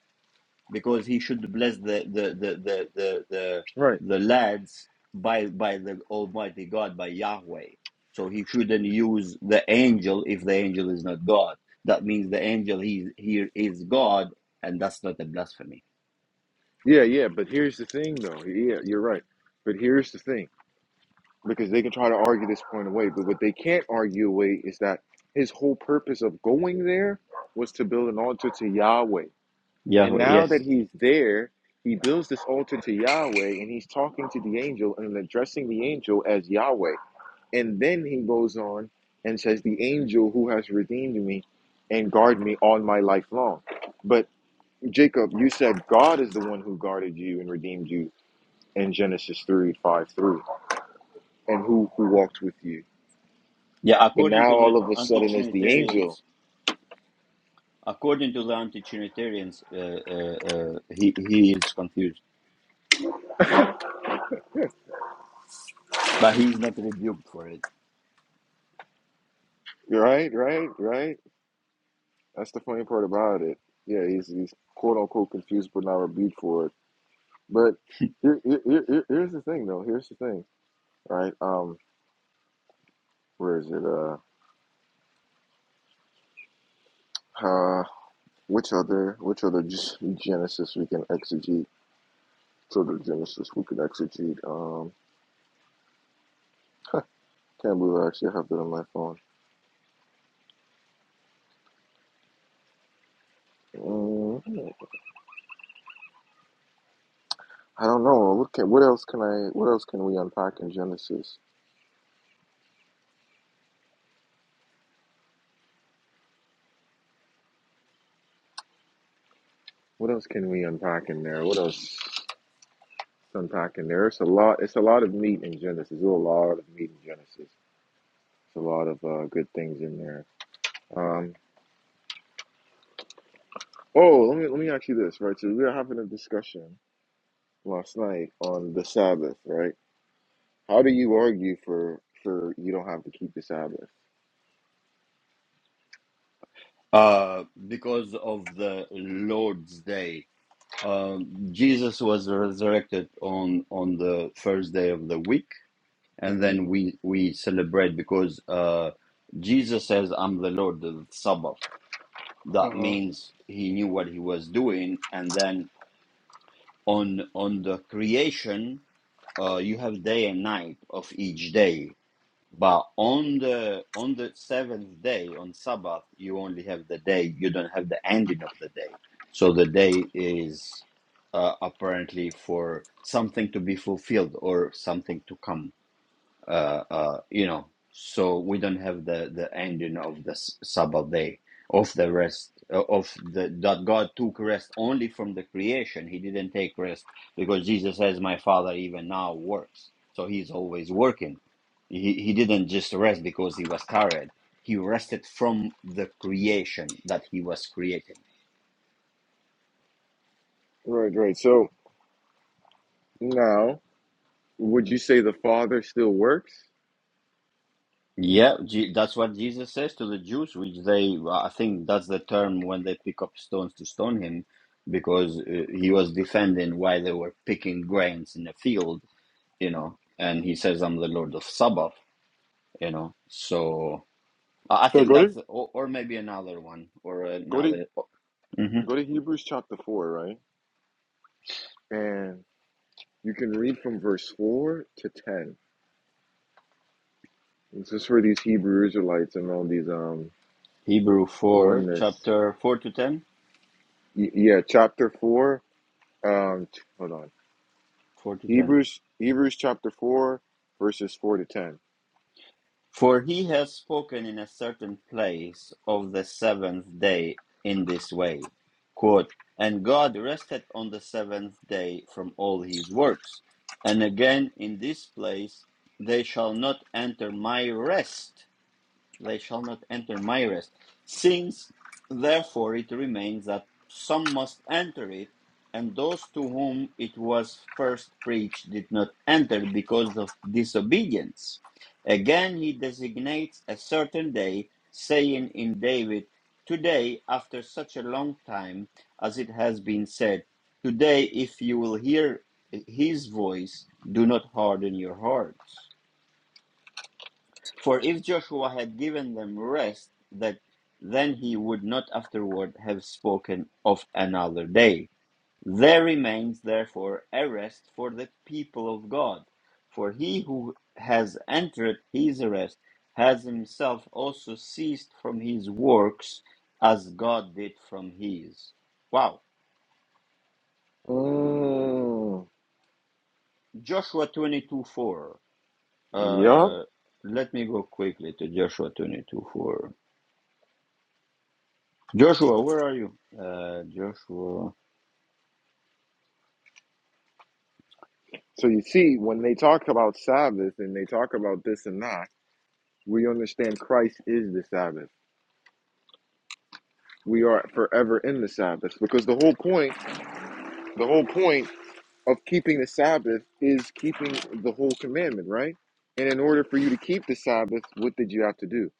S2: because he should bless the the the the the the,
S1: Right.
S2: the lads by by the almighty god by yahweh so he shouldn't use the angel if the angel is not god that means the angel he here is god and that's not a blasphemy
S1: Yeah, yeah. But here's the thing, though. Yeah, you're right. But here's the thing, because they can try to argue this point away, but what they can't argue away is that his whole purpose of going there was to build an altar to Yahweh. And
S2: yahweh
S1: now that
S2: yes
S1: he's there, he builds this altar to Yahweh, and he's talking to the angel and addressing the angel as Yahweh. And then he goes on and says, "The angel who has redeemed me and guard me all my life long." But Jacob, you said God is the one who guarded you and redeemed you in Genesis 3 5 through, and who, who walked with you.
S2: yeah
S1: But
S2: according
S1: now
S2: to the
S1: all of a sudden it's the
S2: anti-trinitarians
S1: angel.
S2: According to the anti-Trinitarians, uh, uh, uh, he he is confused, but he is not rebuked for it
S1: Right, right, right. That's the funny part about it. Yeah, he's, he's quote unquote confused but not rebuked for it. But here, here, here, here- here's the thing, though. Here's the thing, right? Um, where is it? Uh, uh, which other which other G- Genesis we can exegete? Which other Genesis we could exegete? Um, can't believe I actually have that on my phone. Mm, I don't know. What can what else can I what else can we unpack in Genesis? What else can we unpack in there? What else to unpack in there? It's a lot it's a lot of meat in Genesis. There's a lot of meat in Genesis. It's a lot of uh, good things in there. Um, oh, let me let me ask you this, right? So we were having a discussion last night on the Sabbath, right? How do you argue for for you don't have to keep the Sabbath?
S2: uh, because of the Lord's Day. Um, Jesus was resurrected on on the first day of the week, and
S1: hmm
S2: then we we celebrate because uh, Jesus says, "I'm the Lord of Sabbath." That
S1: Uh-huh.
S2: means he knew what he was doing, and then on on the creation, uh, you have day and night of each day But on the on the seventh day, on Sabbath, you only have the day. You don't have the ending of the day. So the day is uh, apparently for something to be fulfilled or something to come uh, uh, you know, so we don't have the the ending of the Sabbath day of the rest uh, of the that God took rest only from the creation. He didn't take rest because Jesus says, "My Father even now works," so He's always working. He He didn't just rest because He was tired. He rested from the creation that He was creating
S1: Right, right. So now, would you say the Father still works?
S2: Yeah, Je- that's what Jesus says to the Jews, which they, well, I think that's the term when they pick up stones to stone him, because uh, he was defending why they were picking grains in the field, you know, and he says, I'm the Lord of Sabbath, you know. So I I
S1: So
S2: think
S1: good.
S2: that's, or, or maybe another one, or
S1: Go to
S2: another. mhm.
S1: go to Hebrews chapter four, right? And you can read from verse four to ten. This is for these Hebrew Israelites and all these um
S2: Hebrew 4,
S1: oneness.
S2: chapter 4 to 10,
S1: Y- yeah, chapter four. Um, t- hold on.
S2: 4 to 10.
S1: Hebrews Hebrews chapter four, verses four to ten.
S2: For he has spoken in a certain place of the seventh day in this way, quote, And God rested on the seventh day from all his works. And again, in this place, they shall not enter my rest, they shall not enter my rest. Since therefore it remains that some must enter it, and those to whom it was first preached did not enter because of disobedience. Again, he designates a certain day, saying in David, Today, after such a long time, as it has been said, Today, if you will hear his voice, do not harden your hearts. For if Joshua had given them rest, that then he would not afterward have spoken of another day. There remains therefore a rest for the people of God. For he who has entered his rest has himself also ceased from his works as God did from his. Wow.
S1: Oh,
S2: Joshua 22 4.
S1: yup.
S2: Uh, let me go quickly to Joshua 22 4. Joshua, where are you? Uh, Joshua.
S1: So you see, when they talk about Sabbath and they talk about this and that, we understand Christ is the Sabbath. We are forever in the Sabbath because the whole point, the whole point of keeping the Sabbath is keeping the whole commandment, right? And in order for you to keep the Sabbath, what did you have to do?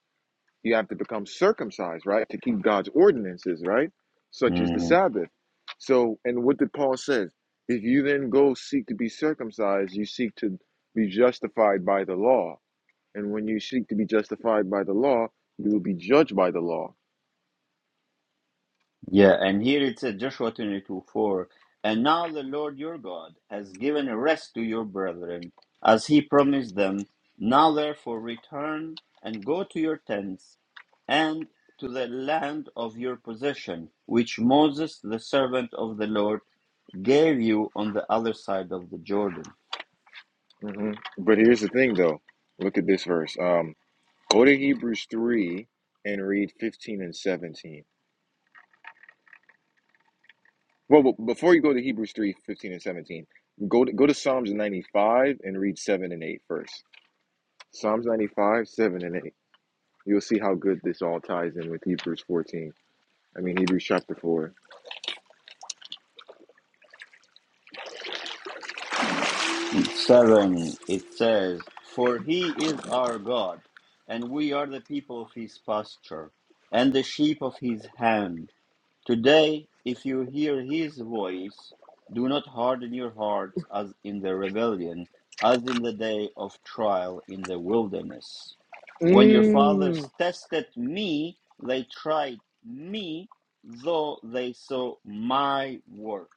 S1: You have to become circumcised, right? To keep God's ordinances, right? Such as the
S2: hmm
S1: Sabbath. So, and what did Paul says? If you then go seek to be circumcised, you seek to be justified by the law. And when you seek to be justified by the law, you will be judged by the law.
S2: Yeah, and here it says Joshua 22 4. And now the Lord your God has given a rest to your brethren as he promised them. Now therefore return and go to your tents and to the land of your possession, which Moses, the servant of the Lord, gave you on the other side of the Jordan.
S1: hmm But here's the thing, though. Look at this verse. Um, Go to Hebrews 3 and read 15 and 17. Well, b- before you go to Hebrews 3, 15 and 17, go to, go to Psalms 95 and read 7 and 8 first. Psalms 95, 7 and 8. You'll see how good this all ties in with Hebrews 14. I mean, Hebrews chapter 4.
S2: 7 it says for he is our god and we are the people of his pasture and the sheep of his hand today if you hear his voice do not harden your hearts as in the rebellion as in the day of trial in the wilderness when your
S1: Mmm.
S2: fathers tested me they tried me though they saw my work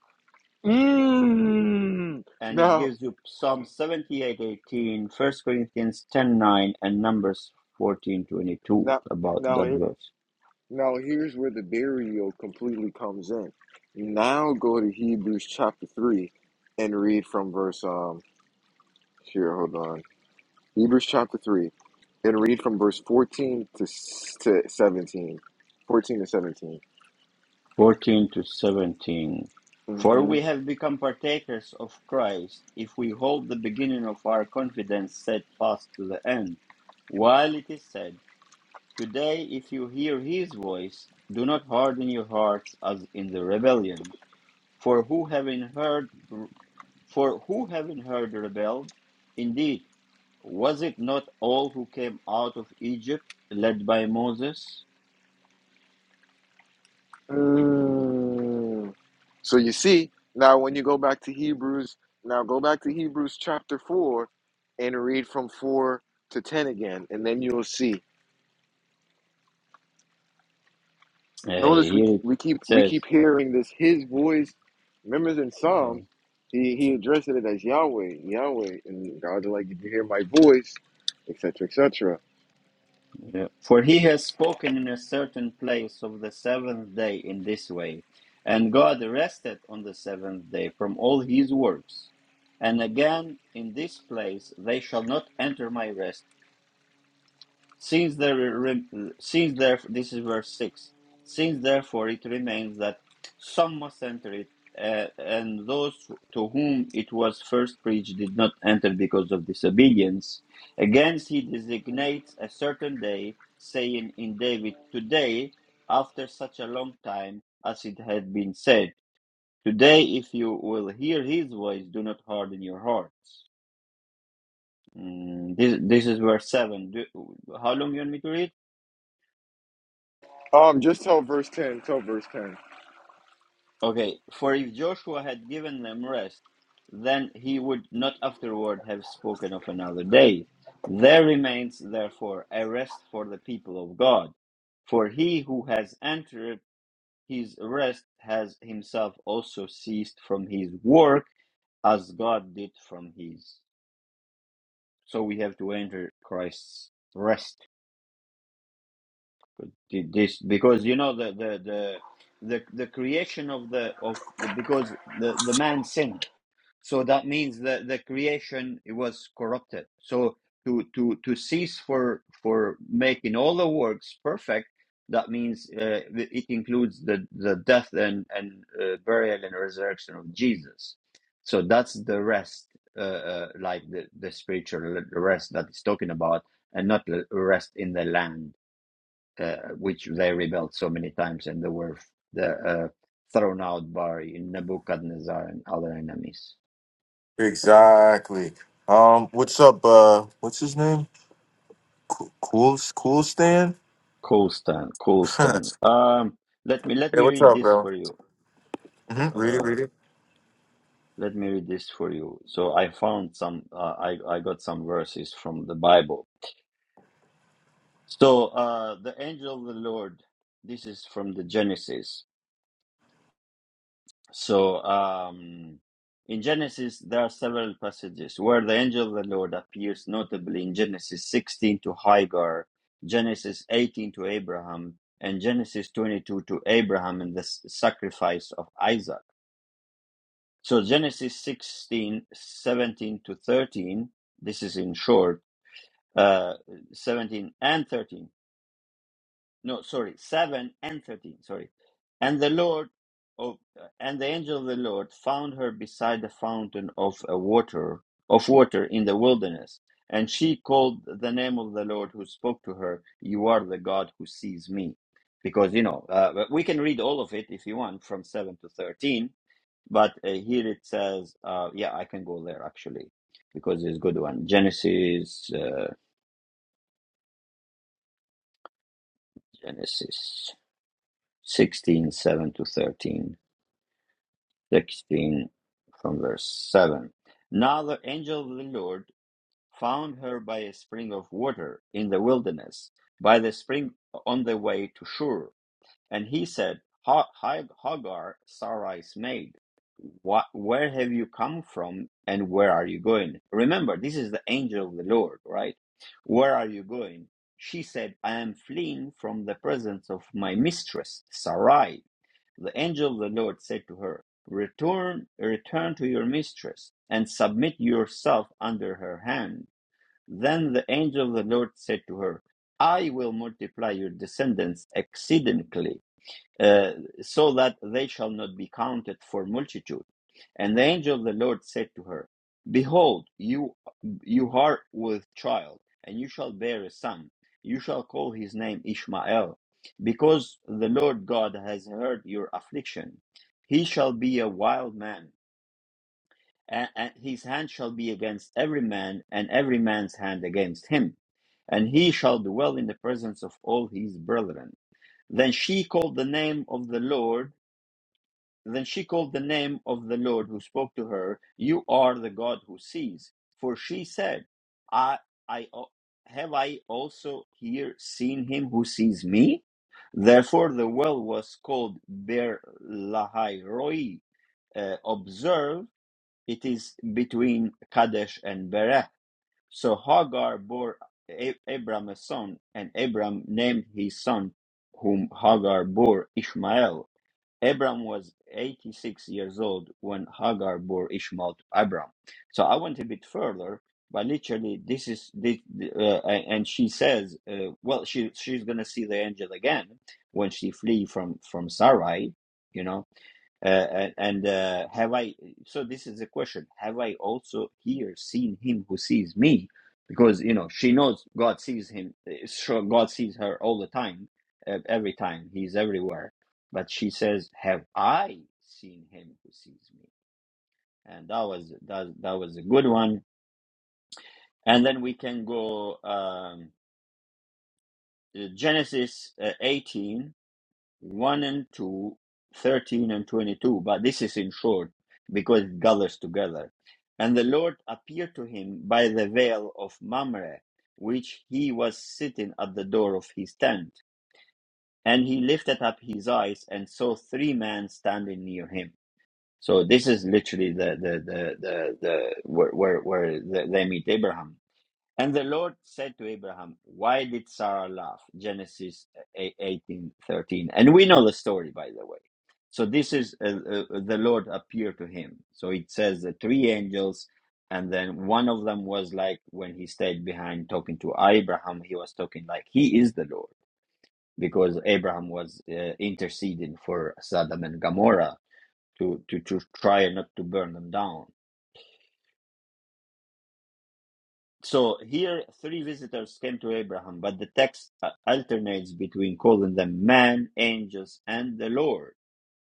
S1: mm.
S2: and it
S1: Now,
S2: gives you Psalm 78, 18, First Corinthians 10, 9, and Numbers 14, 22
S1: now,
S2: about
S1: now,
S2: that verse.
S1: now, here's where the burial completely comes in. Now go to Hebrews chapter 3 and read from verse um Here, hold on. Hebrews chapter 3. And read from verse 14 to, s- to 17. 14 to 17.
S2: 14 to 17. For
S1: hmm
S2: we have become partakers of Christ if we hold the beginning of our confidence set fast to the end. While it is said, Today, if you hear his voice, do not harden your hearts as in the rebellion. For who having heard, for who having heard rebelled? Indeed, Was it not all who came out of Egypt led by Moses?
S1: Mm. So you see, now when you go back to Hebrews, now go back to Hebrews chapter 4 and read from 4 to 10 again, and then you'll see.
S2: Uh,
S1: Notice we,
S2: here
S1: keep-
S2: it
S1: we keep we keep
S2: says,
S1: hearing this his voice. Remember in
S2: yeah,
S1: Psalms, he, he addressed it as Yahweh, Yahweh, and God's like, if you hear my voice, et cetera, et cetera.
S2: yeah. For he has spoken in a certain place of the seventh day in this way, and God rested on the seventh day from all his works. And again, in this place they shall not enter my rest Since there re- since there this is verse six. Since therefore it remains that some must enter it, uh, and those to whom it was first preached did not enter because of disobedience. Against he designates a certain day, saying in David, "Today, after such a long time, as it had been said, today, if you will hear his voice, do not harden your heart." Mm, this this is verse seven. Do, how long you want me to read?
S1: Um, just tell verse ten. Tell verse ten.
S2: Okay, for if Joshua had given them rest, then he would not afterward have spoken of another day. There remains, therefore, a rest for the people of God. For he who has entered his rest has himself also ceased from his work as God did from his. So we have to enter Christ's rest. Did This because you know the the the the, the creation of the of the because the, the man sinned So that means that the creation it was corrupted. So to to to cease for for making all the works perfect, that means uh, it includes the the death and and uh, burial and resurrection of Jesus. So that's the rest, uh, uh, like the the spiritual rest that it's talking about, and not the rest in the land, uh, which they rebelled so many times and they were the uh, thrown out by Nebuchadnezzar and other enemies.
S1: Exactly. Um, what's up? Uh, what's his name? Cool, cool, cool Stan.
S2: Cool, Stan. Cool,
S1: hey,
S2: Stan. Um, let me let me
S1: what's
S2: read
S1: up,
S2: this
S1: bro?
S2: for you.
S1: hmm Read it,
S2: Uh,
S1: read it.
S2: let me read this for you. So I found some. Uh, I I got some verses from the Bible. So uh, the angel of the Lord. This is from the Genesis. So um, in Genesis there are several passages where the angel of the Lord appears, notably in Genesis 16 to Hagar, Genesis 18 to Abraham, and Genesis 22 to Abraham and the s- sacrifice of Isaac. So Genesis 16 17 to 13, this is in short, uh, 17 and 13. No, sorry, 7 and 13, sorry. And the Lord of, uh, and the angel of the Lord found her beside the fountain of a water, of water in the wilderness. And she called the name of the Lord who spoke to her, You are the God who sees me. Because, you know, uh, we can read all of it if you want from 7 to 13 but uh, here it says, uh, yeah, I can go there actually, because it's a good one. Genesis, uh, Genesis 16, 7 to 13, 16, from verse 7. Now the angel of the Lord found her by a spring of water in the wilderness, by the spring on the way to Shur And he said, "Ha- Ha- Hagar, Sarai's maid, what, where have you come from and where are you going? Remember, this is the angel of the Lord, right? Where are you going? She said, I am fleeing from the presence of my mistress, Sarai. The angel of the Lord said to her, Return, return to your mistress and submit yourself under her hand. Then the angel of the Lord said to her, I will multiply your descendants exceedingly uh, so that they shall not be counted for multitude. And the angel of the Lord said to her, Behold, you you are with child, and you shall bear a son. You shall call his name Ishmael, because the Lord God has heard your affliction. He shall be a wild man, and, and his hand shall be against every man, and every man's hand against him. And he shall dwell in the presence of all his brethren. Then she called the name of the Lord then she called the name of the Lord who spoke to her, You are the God who sees. For she said, I, I have I also here seen him who sees me? Therefore the well was called Ber Lahai Roi. Uh, observe, it is between Kadesh and Bereh. So Hagar bore A- Abram a son, and Abram named his son, whom Hagar bore Ishmael Abram was 86 years old when Hagar bore Ishmael to Abram. So I went a bit further, but literally this is this, uh, and she says, uh, well, she she's gonna see the angel again when she flee from from Sarai, you know. Uh, and uh, have I, so this is the question, have I also here seen him who sees me? Because, you know, she knows God sees him, uh, sure, God sees her all the time, uh, every time, he's everywhere. But she says, have I seen him who sees me? And that was, that, that was a good one. And then we can go um, Genesis uh, 18. 1 and 2, 13 and 22, but this is in short because it gathers together. And the Lord appeared to him by the veil of Mamre, which he was sitting at the door of his tent. And he lifted up his eyes and saw three men standing near him. So this is literally the the the the, the where where, where the, they meet Abraham. And the Lord said to Abraham, Why did Sarah laugh? Genesis 18 13. And we know the story, by the way. So this is uh, uh, the Lord appeared to him. So it says the three angels, and then one of them was like when he stayed behind talking to Abraham, he was talking like he is the Lord because Abraham was uh, interceding for Sodom and Gomorrah to, to, to try not to burn them down. So here, three visitors came to Abraham, but the text uh, alternates between calling them man, angels, and the Lord.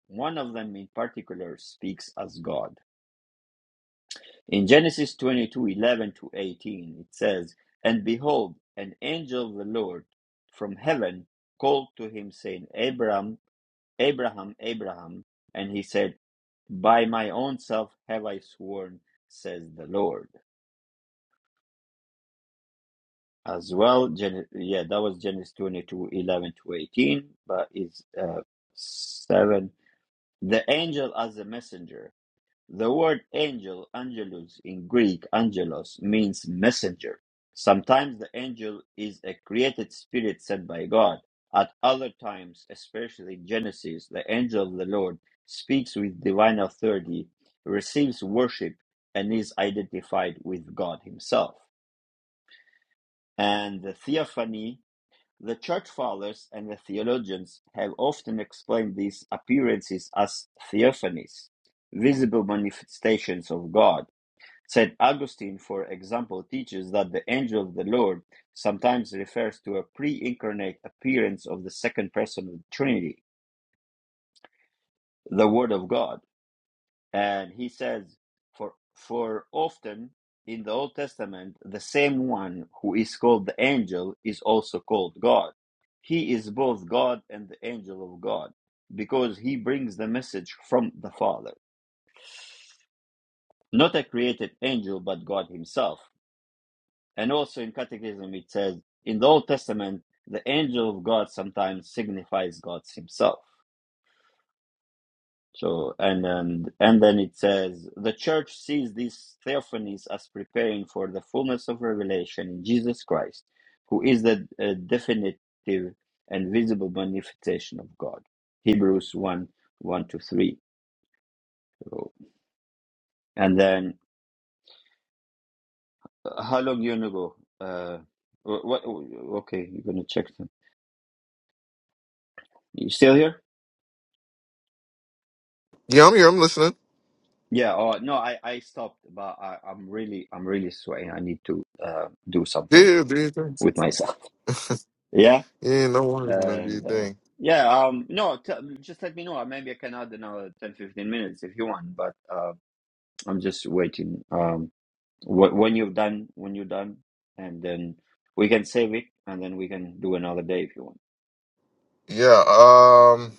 S2: One of them in particular speaks as God. In Genesis 22, 11 to 18, it says, And behold, an angel of the Lord from heaven called to him, saying, Abraham, Abraham, Abraham. And he said, By my own self have I sworn, says the Lord as well. Gen- yeah, that was Genesis 22, 11 to 18, but it's uh, 7. The angel as a messenger. The word angel, angelos in Greek, angelos, means messenger. Sometimes the angel is a created spirit sent by God. At other times, especially in Genesis, the angel of the Lord speaks with divine authority, receives worship, and is identified with God Himself. And the theophany, the Church Fathers and the theologians have often explained these appearances as theophanies, visible manifestations of God. St. Augustine, for example, teaches that the angel of the Lord sometimes refers to a pre incarnate appearance of the second person of the Trinity, the Word of God. And he says, for, for often in the Old Testament, the same one who is called the angel is also called God. He is both God and the angel of God because he brings the message from the Father. Not a created angel, but God himself. And also in Catechism, it says, in the Old Testament, the angel of God sometimes signifies God himself. So and and and then it says the church sees these theophanies as preparing for the fullness of revelation in Jesus Christ, who is the uh, definitive and visible manifestation of God. Hebrews one one to three. So, And then uh, how long you gonna go? Uh, wh- what? Okay, you're gonna check them. You still here?
S1: Yeah, I'm here. I'm listening.
S2: Yeah. Oh no, I I stopped, but I, I'm really I'm really sweating. I need to uh, do
S1: Yeah,
S2: something
S1: yeah, do your thing.
S2: with myself. Yeah.
S1: yeah, no worries, man. Do your
S2: And uh,
S1: thing.
S2: yeah, um, no, t- just let me know. Uh, Maybe I can add another 10, 15 minutes if you want, but uh, I'm just waiting. Um, wh- when you're done, when you're done, and then we can save it and then we can do another day if you want.
S1: Yeah. Um,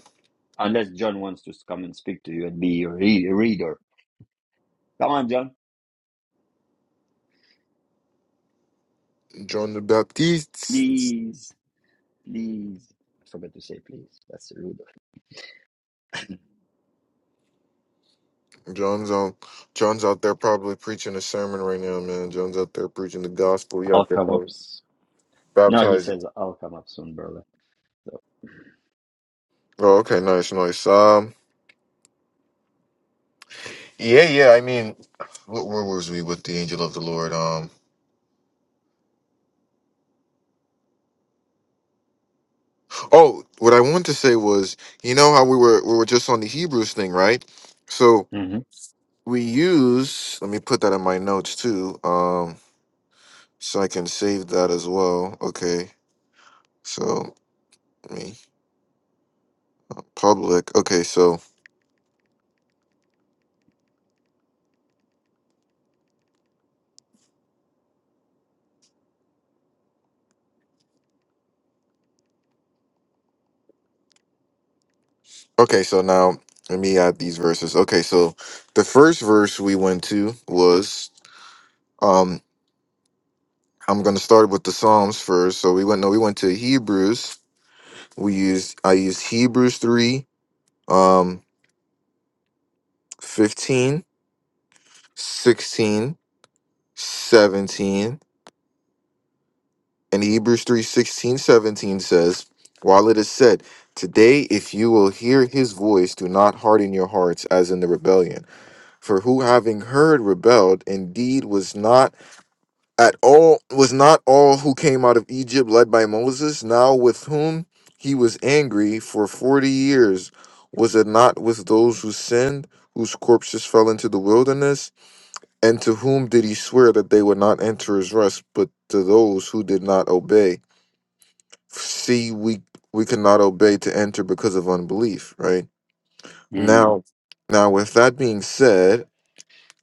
S2: Unless John wants to come and speak to you and be your re- reader. Come on, John.
S1: John the Baptist.
S2: Please, please. I forgot to say please. That's rude.
S1: John's out. John's out there probably preaching a sermon right now, man. John's out there preaching the gospel. He
S2: I'll
S1: out there
S2: come up.
S1: probably
S2: s- No, he
S1: baptizing.
S2: says I'll come up soon, brother. So,
S1: Oh, okay, nice, nice. Um. Yeah, yeah. I mean, what, where was we with the angel of the Lord? Um. Oh, what I wanted to say was, you know how we were we were just on the Hebrews thing, right? So we use. Let me put that in my notes too, um, so I can save that as well. Okay. So let me public. Okay. So okay. So now let me add these verses. Okay. So the first verse we went to was um. I'm gonna start with the Psalms first. So we went no, we went to Hebrews we use i use hebrews 3 um 15, 16, 17, and hebrews three sixteen seventeen says while it is said today if you will hear his voice do not harden your hearts as in the rebellion for who having heard rebelled indeed was not at all was not all who came out of Egypt led by Moses, now with whom he was angry for forty years, was it not with those who sinned, whose corpses fell into the wilderness? And to whom did he swear that they would not enter his rest, but to those who did not obey? See, we we could not obey to enter because of unbelief, right? Now now with that being said,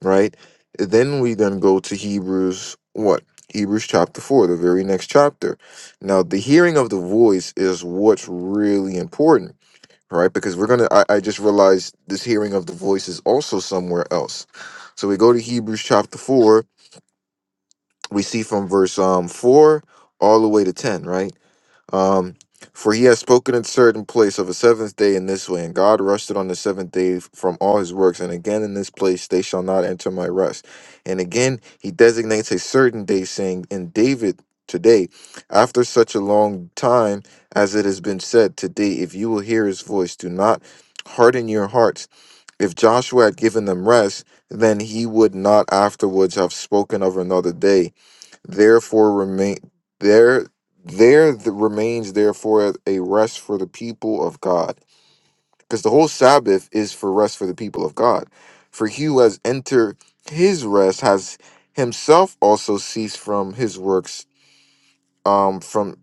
S1: right? Then we then go to Hebrews what? Hebrews chapter 4, the very next chapter. Now, the hearing of the voice is what's really important, right? Because we're going to, I I just realized this hearing of the voice is also somewhere else. So we go to Hebrews chapter 4, we see from verse um 4 all the way to 10, right? Um, for he has spoken in certain place of a seventh day in this way, and God rested on the seventh day f- from all his works, and again in this place they shall not enter my rest. And again he designates a certain day, saying, In David today, after such a long time as it has been said, Today, if you will hear his voice, do not harden your hearts. If Joshua had given them rest, then he would not afterwards have spoken of another day Therefore remain there there th- remains therefore a rest for the people of God. Because the whole Sabbath is for rest for the people of God. For he who has entered his rest has himself also ceased from his works, um, from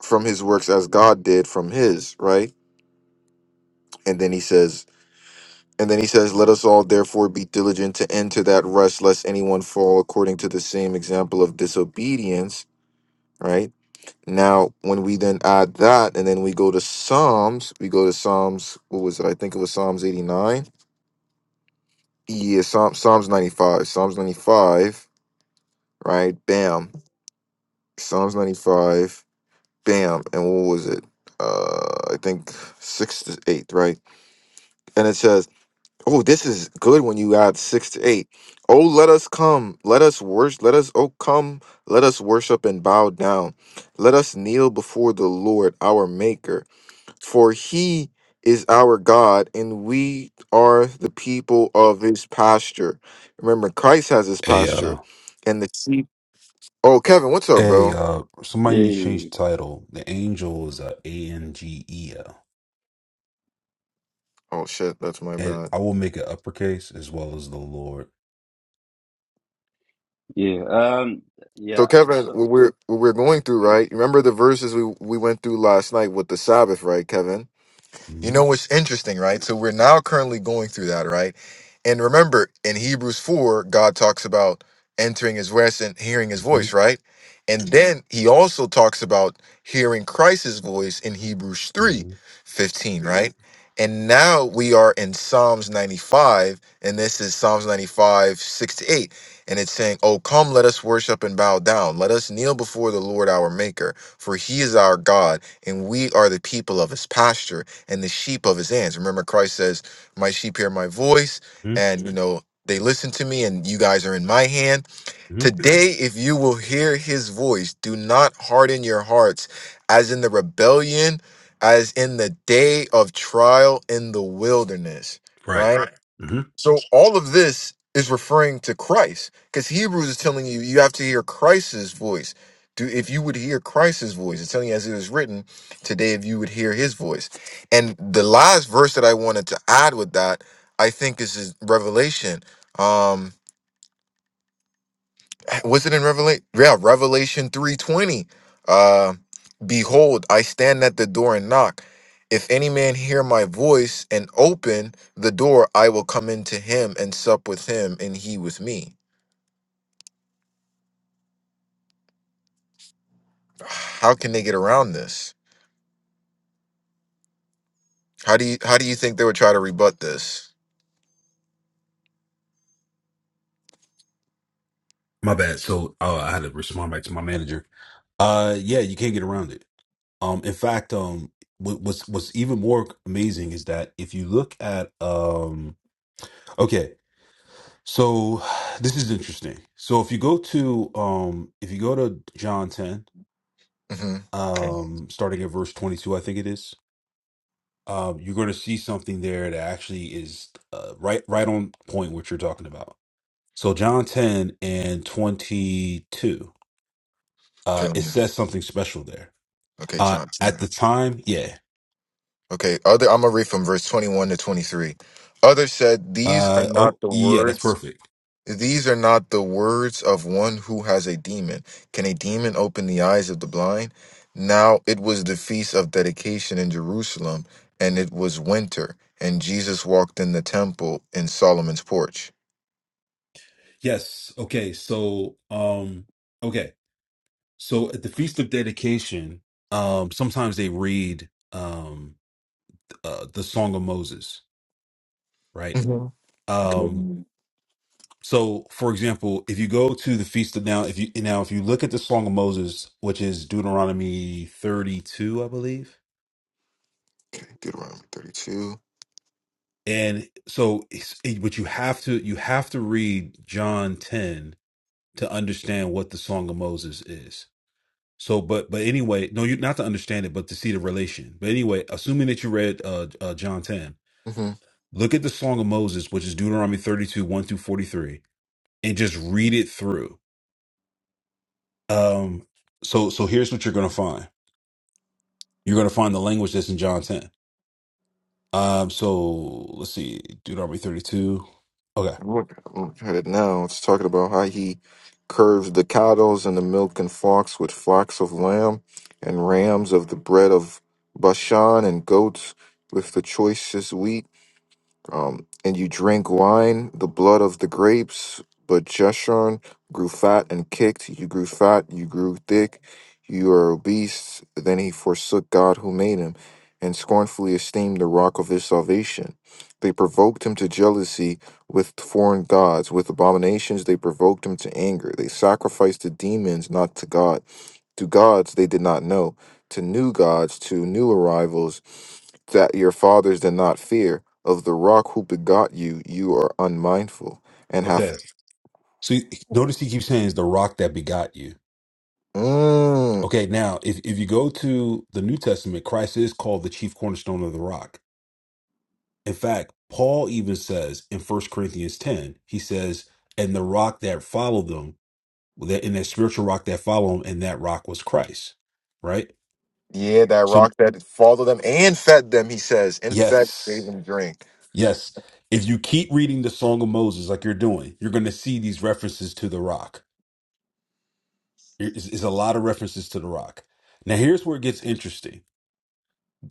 S1: from his works as God did from his, right? And then he says, and then he says, Let us all therefore be diligent to enter that rest, lest anyone fall according to the same example of disobedience, right? Now, when we then add that, and then we go to Psalms, we go to Psalms, what was it? I think it was Psalms 89. Yeah, Psalm, Psalms 95. Psalms 95, right? Bam. Psalms 95, bam. And what was it? Uh, I think six to eight, right? And it says, Oh, this is good when you add six to eight. Oh, let us come, let us worship, let us, oh, come, let us worship and bow down. Let us kneel before the Lord, our Maker For he is our God, and we are the people of his pasture. Remember, Christ has his
S3: Hey, uh,
S1: pasture, and the sheep. Oh, Kevin, what's up,
S3: hey,
S1: bro?
S3: uh, somebody
S2: mm-hmm.
S3: changed title. The angel is a A N G E L,
S1: Oh shit, that's my
S3: and
S1: bad.
S3: I will make it uppercase as well as the Lord.
S2: Yeah. Um.
S1: So,
S2: Yeah.
S1: Kevin,
S2: So,
S1: what we're what we're
S2: yeah.
S1: going through, right? Remember the verses we we went through last night with the Sabbath, right, Kevin? You
S3: hmm
S1: know what's interesting, right? So we're now currently going through that, right? And remember, in Hebrews 4, God talks about entering his rest and hearing his
S3: hmm
S1: voice, right? And Mhm. then he also talks about hearing Christ's voice in Hebrews three,
S3: hmm
S1: 15, Mhm. right? And now we are in Psalms 95, and this is Psalms 95, 6 to 8. And it's saying, Oh, come, let us worship and bow down. Let us kneel before the Lord our Maker, for he is our God, and we are the people of his pasture and the sheep of his hands. Remember, Christ says, My sheep hear my voice
S3: hmm
S1: and you know they listen to me and you guys are in my hand
S3: hmm
S1: today if you will hear his voice do not harden your hearts as in the rebellion as in the day of trial in the wilderness
S3: Right.
S1: right
S3: Right. hmm
S1: so all of this is referring to christ because hebrews is telling you you have to hear christ's voice do if you would hear christ's voice it's telling you as it is written today of you voice and the lies to add that i um what yeah revelation 20. Uh, behold, I knock. If it's in the up with me, how can they get around this? How do you how do you think they would try to rebut this?
S3: My bad. So uh, I had to respond back to my manager. Uh, yeah, you can't get around it. Um, in fact, um, what, what's what's even more amazing is that if you look at um, okay, so this is interesting. So if you go to um, if you go to John ten.
S1: hmm Okay.
S3: um starting at verse 22 i think it is um you're going to see something there that actually is uh, right right on point what you're talking about so john 10 and 22
S1: Okay.
S3: uh
S1: let
S3: it
S1: me-
S3: says something special there
S1: Okay,
S3: uh at
S1: Johnson.
S3: the time yeah
S1: Okay. Other. I'm gonna read from verse 21 to 23. Others said, "These are
S3: uh
S1: not
S3: oh
S1: the
S3: yeah that's
S1: words."
S3: perfect
S1: These are not the words of one who has a demon. Can a demon open the eyes of the blind? Now it was the feast of dedication in Jerusalem, and it was winter, and Jesus walked in the temple in Solomon's porch.
S3: yes okay so um okay so at the feast of dedication um sometimes they read um uh, the song of moses right
S1: Mhm.
S3: Um,
S1: Okay.
S3: So, for example, if you go to the feast of now, if you now if you look at the Song of Moses, which is Deuteronomy thirty-two, I believe,
S1: Okay, Deuteronomy 32.
S3: and so, it's- it- but you have to you have to read John ten to understand what the Song of Moses is. So, but but anyway, no, you not to understand it, but to see the relation. But anyway, assuming that you read uh, uh John ten,
S1: Mhm.
S3: look at the Song of Moses, which is Deuteronomy thirty-two one through forty-three, and just read it through. Um, so so here's what you're gonna find. You're going to find the language that's in John 10. Um, so let's see, Deuteronomy 32. Okay.
S1: I'm looking look at it now. It's talking about how he curves the cows and the milk and flocks with flocks of lamb and rams of the bread of Bashan and goats with the choicest wheat. Um, and you drank wine, the blood of the grapes. But Jeshurun grew fat and kicked. You grew fat. You grew thick. You are obese. Then he forsook God who made him, and scornfully esteemed the rock of his salvation. They provoked him to jealousy with foreign gods. With abominations, they provoked him to anger. They sacrificed to demons, not to God. To gods they did not know. To new gods, to new arrivals that your fathers did not fear of the rock who begot you, you are unmindful and have.
S3: Okay. So you- notice he keeps saying is the rock that begot you.
S1: Mm,
S3: Okay. Now, if, if you go to the New Testament, Christ is called the chief cornerstone of the rock. In fact, Paul even says in First Corinthians 10, he says, and the rock that followed them that in that spiritual rock that followed him, and that rock was Christ, right?
S1: yeah, that rock
S3: So
S1: that followed them and fed them, he says, and fed, gave
S3: yes,
S1: them drink.
S3: yes. If you keep reading the Song of Moses like you're doing, you're going to see these references to the rock. It's, it's a lot of references to the rock. Now here's where it gets interesting.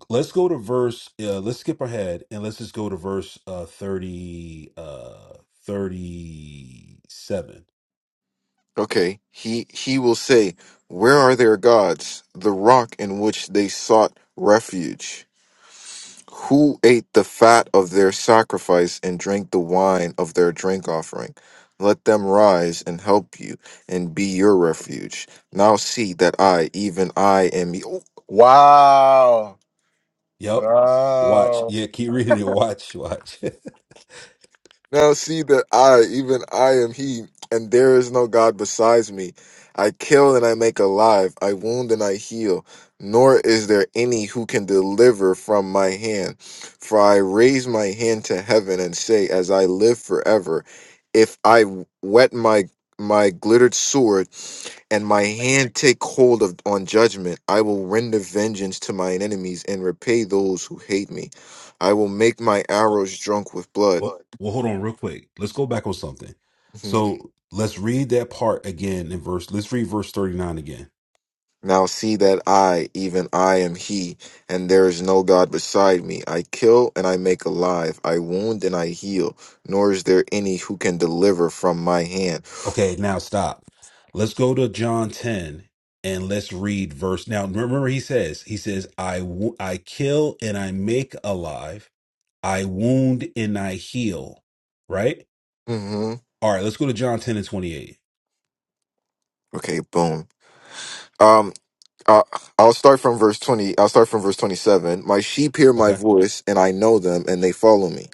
S3: Let's go to verse. Uh, let's skip ahead and let's just go to verse uh, thirty, uh, thirty-seven.
S1: Okay, he, he will say, Where are their gods, the rock in which they sought refuge? Who ate the fat of their sacrifice and drank the wine of their drink offering? Let them rise and help you and be your refuge. Now see that I, even I, am. e-, Ooh, Wow.
S3: Yep. Watch.
S1: Wow.
S3: Yeah. Keep reading it. Watch. Watch.
S1: Now see that I, even I am he, and there is no God besides me. I kill and I make alive, I wound and I heal, nor is there any who can deliver from my hand. For I raise my hand to heaven and say, As I live forever, if I wet my my glittered sword and my hand take hold of on judgment i will render vengeance to mine enemies and repay those who hate me i will make my arrows drunk with blood
S3: Well, But well, hold on real quick. Let's go back on something. So let's read that part again in verse. Let's read verse 39 again.
S1: Now see that I, even I, am He, and there is no God beside me. I kill and I make alive. I wound and I heal. Nor is there any who can deliver from my hand.
S3: Okay, now stop. Let's go to John 10 and let's read verse. Now, remember he says, he says, I, wo- I kill and I make alive. I wound and I heal. Right.
S1: hmm
S3: All right. Let's go to John 10 and 28.
S1: Okay, boom. Um, uh, I'll start from verse twenty. I'll start from verse twenty-seven. My sheep hear my
S3: Okay.
S1: voice, and I know them, and they follow me.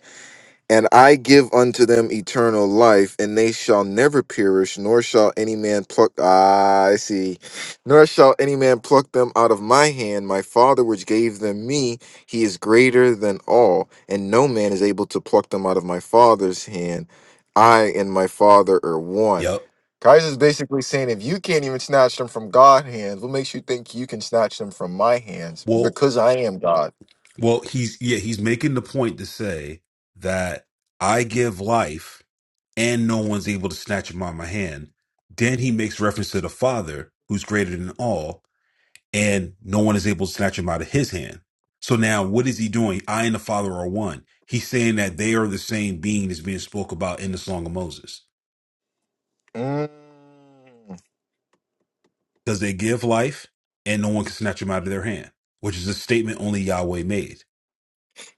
S1: And I give unto them eternal life, and they shall never perish, nor shall any man pluck. Ah, I see. Nor shall any man pluck them out of my hand. My Father, which gave them me, he is greater than all, and no man is able to pluck them out of my Father's hand. I and my Father are one.
S3: Yep.
S1: Kaiser is basically saying, if you can't even snatch them from God's hands, what makes you think you can snatch them from my hands?
S3: Well,
S1: Because I am God.
S3: well, he's, yeah, he's making the point to say that I give life and no one's able to snatch him out of my hand. Then he makes reference to the Father, who's greater than all, and no one is able to snatch him out of his hand. So now, what is he doing? I and the Father are one. He's saying that they are the same being that's being spoke about in the Song of Moses,
S1: Mm.
S3: because they give life, and no one can snatch them out of their hand, which is a statement only Yahweh made.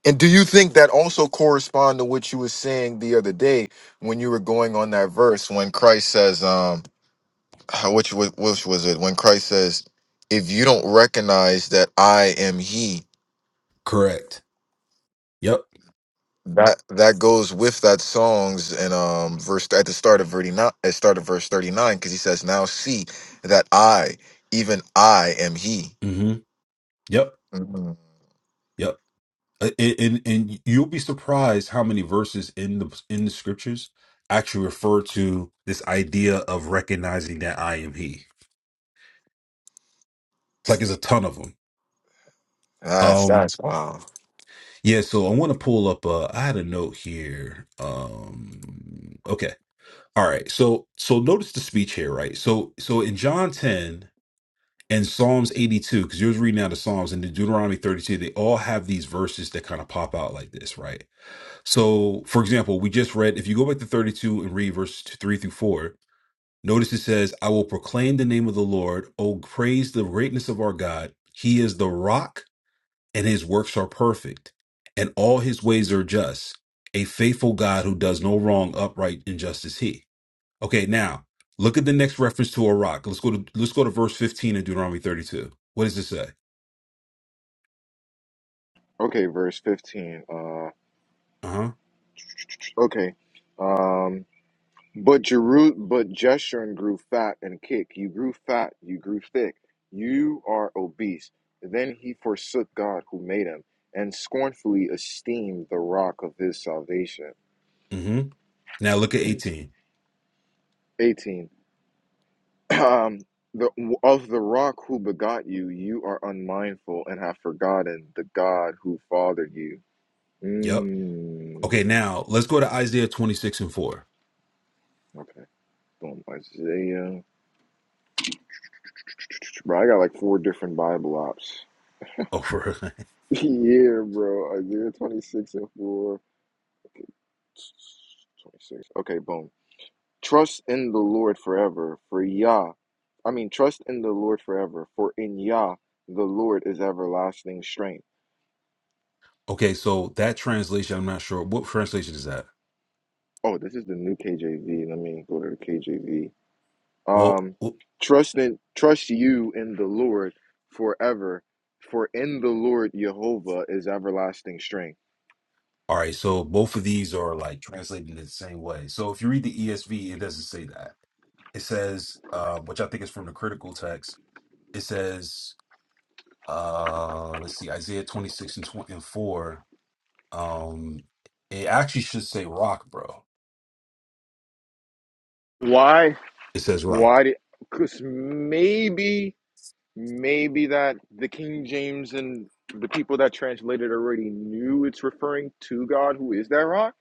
S1: And do you think that also correspond to what you were saying the other day when you were going on that verse when Christ says, um, how- which was, which was it? When Christ says, if you don't recognize that I am he,
S3: Correct. Yep.
S1: that that goes with that songs and um verse at the start of verse 39 at start of verse 39 because he says now see that i even i am he
S3: hmm Yep.
S1: Mhm.
S3: Yep. Uh, a- and and you'll be surprised how many verses in the in the scriptures actually refer to this idea of recognizing that I am He. Like, there's a ton of them.
S1: that's
S3: Um,
S1: that's wow
S3: yeah. So I want to pull up. Uh, I had a note here. Um, okay. All right. So so notice the speech here, right? So so in John 10 and Psalms 82, because you're reading out the Psalms and the Deuteronomy 32, they all have these verses that kind of pop out like this, right? So, for example, we just read, if you go back to 32 and read verse 3 through 4, notice it says, I will proclaim the name of the Lord. Oh, praise the greatness of our God. He is the rock, and his works are perfect, and all his ways are just. A faithful God who does no wrong, upright, and just is he. Okay, now look at the next reference to a rock. Let's go to let's go to verse 15 in Deuteronomy 32. What does it say?
S1: Okay, verse 15. Uh,
S3: Uh-huh.
S1: okay. um. But Jeru but Jeshurun grew fat and kick. You grew fat, you grew thick. You are obese. Then he forsook God who made him and scornfully esteemed the rock of his salvation.
S3: Mm-hmm. Now look at 18.
S1: 18. Um, the, of the rock who begot you, you are unmindful and have forgotten the God who fathered you.
S3: Yep.
S1: Mm,
S3: Okay, now let's go to Isaiah 26 and 4.
S1: okay. Boom. Isaiah. Bro, I got like four different Bible apps.
S3: Oh, really?
S1: Yeah, bro. Isaiah 26 and 4. 26. Okay, boom. Trust in the Lord forever, for Yah. I mean, trust in the Lord forever, for in Yah the Lord is everlasting strength.
S3: Okay, so that translation, I'm not sure. What translation is that?
S1: Oh, this is the new KJV. Let me go to the KJV.
S3: Well,
S1: Um,
S3: w-
S1: trust in trust you in the Lord forever, for in the Lord Jehovah is everlasting strength.
S3: all right, so both of these are like translated in the same way. So if you read the ESV, it doesn't say that. It says, uh, which I think is from the critical text, it says, uh, let's see, Isaiah 26 and 20 and 4. Um, it actually should say rock, bro.
S1: Why?
S3: It says rock.
S1: Why did? Because maybe. Maybe that the King James and the people that translated already knew it's referring to God, who is that rock?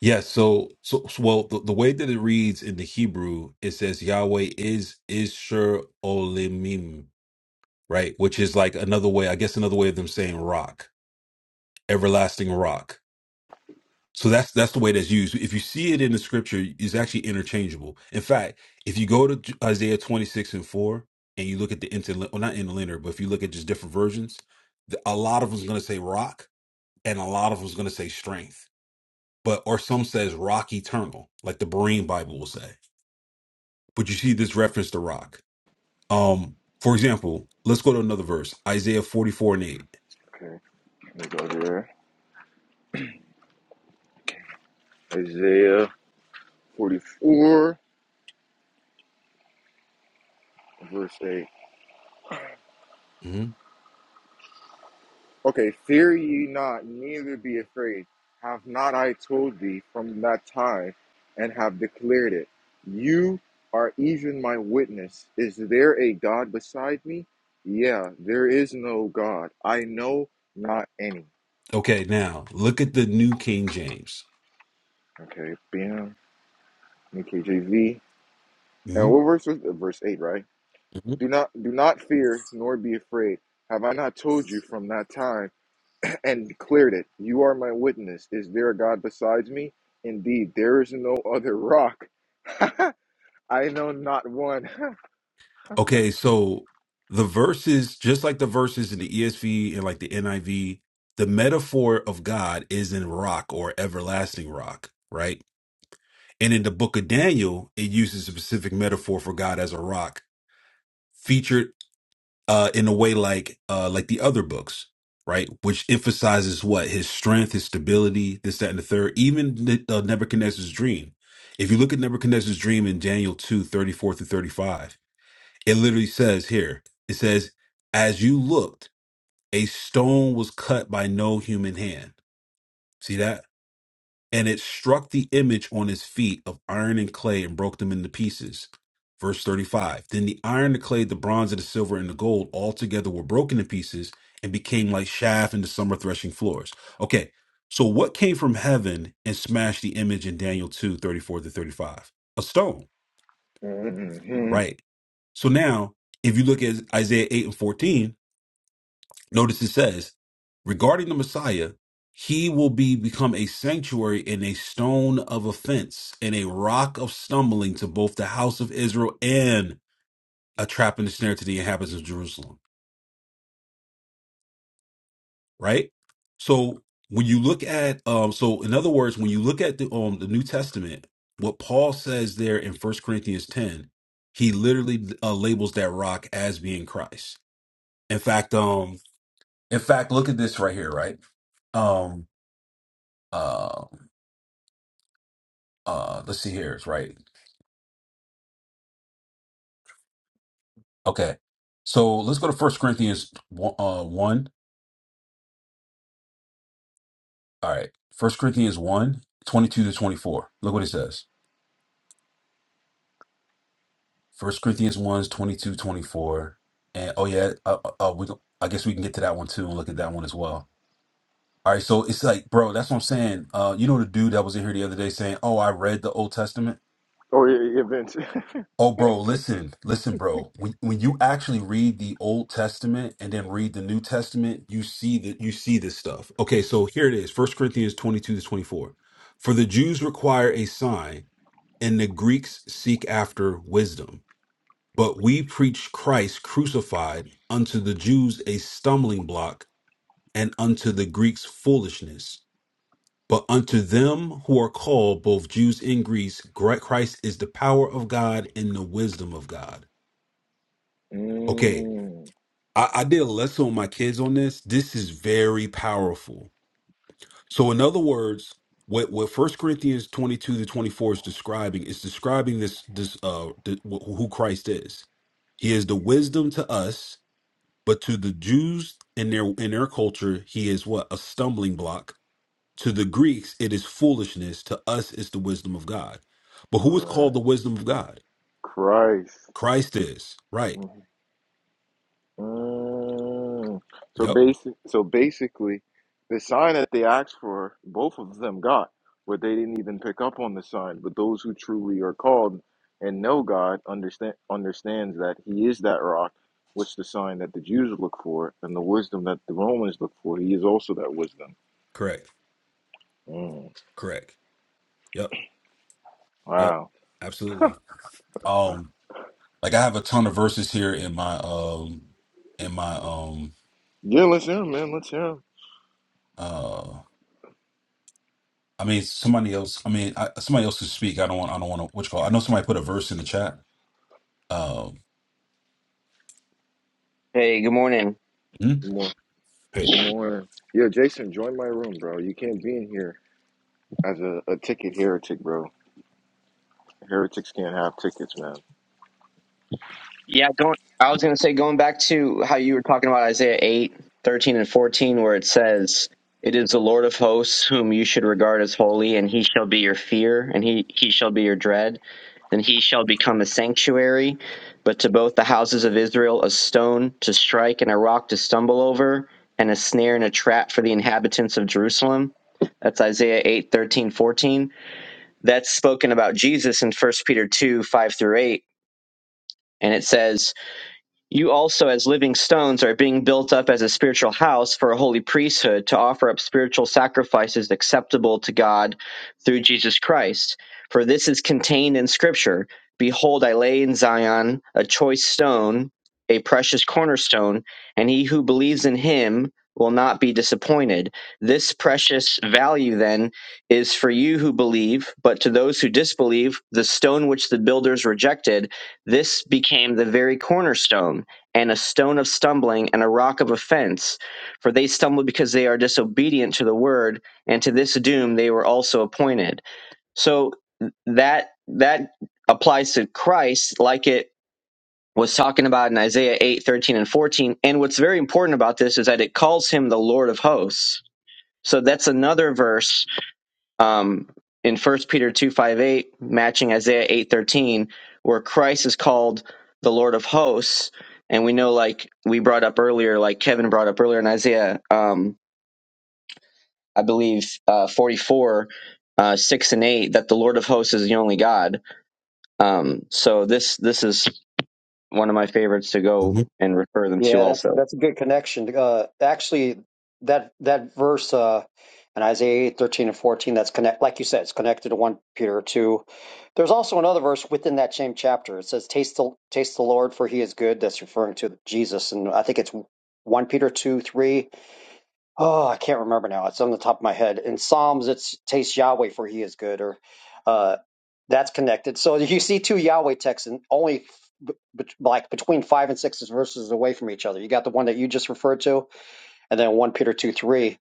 S3: Yeah, so so, so well the, the way that it reads in the Hebrew, it says Yahweh is is Olimim right? Which is like another way, I guess, another way of them saying rock, everlasting rock. So that's that's the way that's used. If you see it in the scripture, it's actually interchangeable. In fact, if you go to J- Isaiah 26 and 4 and you look at the interlinear, well, not interlinear, but if you look at just different versions, the, a lot of them's going to say rock and a lot of them's going to say strength. But or some says rock eternal, like the Berean Bible will say. But you see this reference to rock. Um, for example, let's go to another verse, Isaiah 44 and 8.
S1: Okay, let me go there. Isaiah 44, verse 8. Okay, fear ye not, neither be afraid. Have not I told thee from that time, and have declared it? You are even my witness. Is there a God beside me? Yeah, there is no God. I know not any.
S3: Okay, now look at the New King James.
S1: Okay, bam. KJV.
S3: hmm
S1: And what verse was it? verse eight, right?
S3: hmm
S1: Do not do not fear nor be afraid. Have I not told you from that time and declared it? You are my witness. Is there a God besides me? Indeed, there is no other rock. I know not one.
S3: Okay, so the verses, just like the verses in the ESV and like the NIV, the metaphor of God is in rock or everlasting rock, right? And in the book of Daniel, it uses a specific metaphor for God as a rock featured uh, in a way like uh, like the other books, right? Which emphasizes what his strength, his stability, this, that, and the third. Even the, uh, Nebuchadnezzar's dream. If you look at Nebuchadnezzar's dream in Daniel 2 34 through 35, it literally says here, it says, As you looked, a stone was cut by no human hand. See that? And it struck the image on his feet of iron and clay and broke them into pieces. Verse 35 Then the iron, the clay, the bronze, and the silver, and the gold all together were broken to pieces and became like chaff in the summer threshing floors. Okay, so what came from heaven and smashed the image in Daniel 2 34 to 35? A stone,
S1: Mhm.
S3: right? So now, if you look at Isaiah 8 and 14, Notice it says, regarding the Messiah, he will be become a sanctuary and a stone of offense and a rock of stumbling to both the house of Israel and a trap and a snare to the inhabitants of Jerusalem. Right. So when you look at, um, so in other words, when you look at the um the New Testament, what Paul says there in First Corinthians ten, he literally uh, labels that rock as being Christ. In fact, um, in fact, look at this right here. Right. Um. uh, uh let's see here it's right okay so let's go to first corinthians 1 uh 1 all right first corinthians one, 22 to 24 look what it says first corinthians 1 's 22 twenty-four. and oh yeah uh, uh, uh, we don't- i guess we can get to that one too and look at that one as well all right so it's like bro that's what i'm saying uh you know the dude that was in here the other day saying oh i read the old testament
S1: Oh yeah, yeah, Vince.
S3: Oh, bro, listen, listen, bro. When when you actually read the Old Testament and then read the New Testament, you see that you see this stuff. Okay, so here it is: First Corinthians twenty-two to twenty-four. For the Jews require a sign, and the Greeks seek after wisdom. But we preach Christ crucified unto the Jews a stumbling block, and unto the Greeks foolishness. But unto them who are called, both Jews and Greeks, Christ is the power of God and the wisdom of God.
S1: Mhm.
S3: Okay, I, I did a lesson with my kids on this. This is very powerful. So, in other words, what what First Corinthians twenty two to twenty four is describing is describing this this uh the, wh- who Christ is. He is the wisdom to us, but to the Jews in their in their culture, he is what a stumbling block. To the Greeks, it is foolishness. To us, it's the wisdom of God. But who is called the
S1: Right.
S3: wisdom of God?
S1: Christ.
S3: Christ is right.
S1: Mm. So
S3: Yep.
S1: basic, so basically, the sign that they asked for, both of them got, but they didn't even pick up on the sign. But those who truly are called and know God understand understands that He is that rock, which the sign that the Jews look for, and the wisdom that the Romans look for. He is also that wisdom.
S3: Correct.
S1: Mm.
S3: Correct. Yep. Yep,
S1: Wow.
S3: absolutely. Um, like I have a ton of verses here in my um in my um
S1: Yeah, let's hear him, man. Let's hear him.
S3: uh I mean somebody else I mean I, somebody else to speak. I don't want I don't want to what you call it? I know somebody put a verse in the chat. Um
S4: Hey, good morning.
S3: mm
S1: Good morning.
S3: hey.
S1: Good morning. Yeah, Jason, join my room, bro. You can't be in here as a, a ticket heretic, bro. Heretics can't have tickets, man.
S4: Yeah, going. I was going to say going back to how you were talking about Isaiah 8, 13, and 14 where it says, "It is the Lord of hosts whom you should regard as holy, and he shall be your fear, and he he shall be your dread, and he shall become a sanctuary, but to both the houses of Israel a stone to strike and a rock to stumble over, and a snare and a trap for the inhabitants of Jerusalem." That's Isaiah 8, 13, 14. That's spoken about Jesus in First Peter 2, 5 through 8. And it says, You also, as living stones, are being built up as a spiritual house for a holy priesthood to offer up spiritual sacrifices acceptable to God through Jesus Christ. For this is contained in Scripture Behold, I lay in Zion a choice stone, a precious cornerstone, and he who believes in him will not be disappointed. This precious value, then, is for you who believe, but to those who disbelieve, the stone which the builders rejected this became the very cornerstone, and a stone of stumbling and a rock of offense. For they stumbled because they are disobedient to the word, and to this doom they were also appointed. So that that applies to Christ, like it was talking about in Isaiah eight thirteen and 14. And what's very important about this is that it calls him the Lord of hosts. So that's another verse um, in First Peter 2.5.8, matching Isaiah 8.13, where Christ is called the Lord of hosts. And we know, like we brought up earlier, like Kevin brought up earlier in Isaiah, um, I believe, uh, 44, uh, 6 and 8, that the Lord of hosts is the only God. Um, so this this is one of my favorites to go
S3: hmm
S4: and refer them to
S5: Yeah, that's
S4: also.
S5: that's a good connection. Uh, actually, that that verse uh, in Isaiah 8, 13 and fourteen, that's connect, like you said, it's connected to one Peter two. There's also another verse within that same chapter. It says, "Taste the taste the Lord, for He is good." That's referring to Jesus, and I think it's one Peter two three. Oh, I can't remember now. It's on the top of my head. In Psalms, it's taste Yahweh for he is good, or uh, that's connected. So you see two Yahweh texts, and only b- b- like between five and six verses away from each other. You got the one that you just referred to, and then 1 Peter 2 3.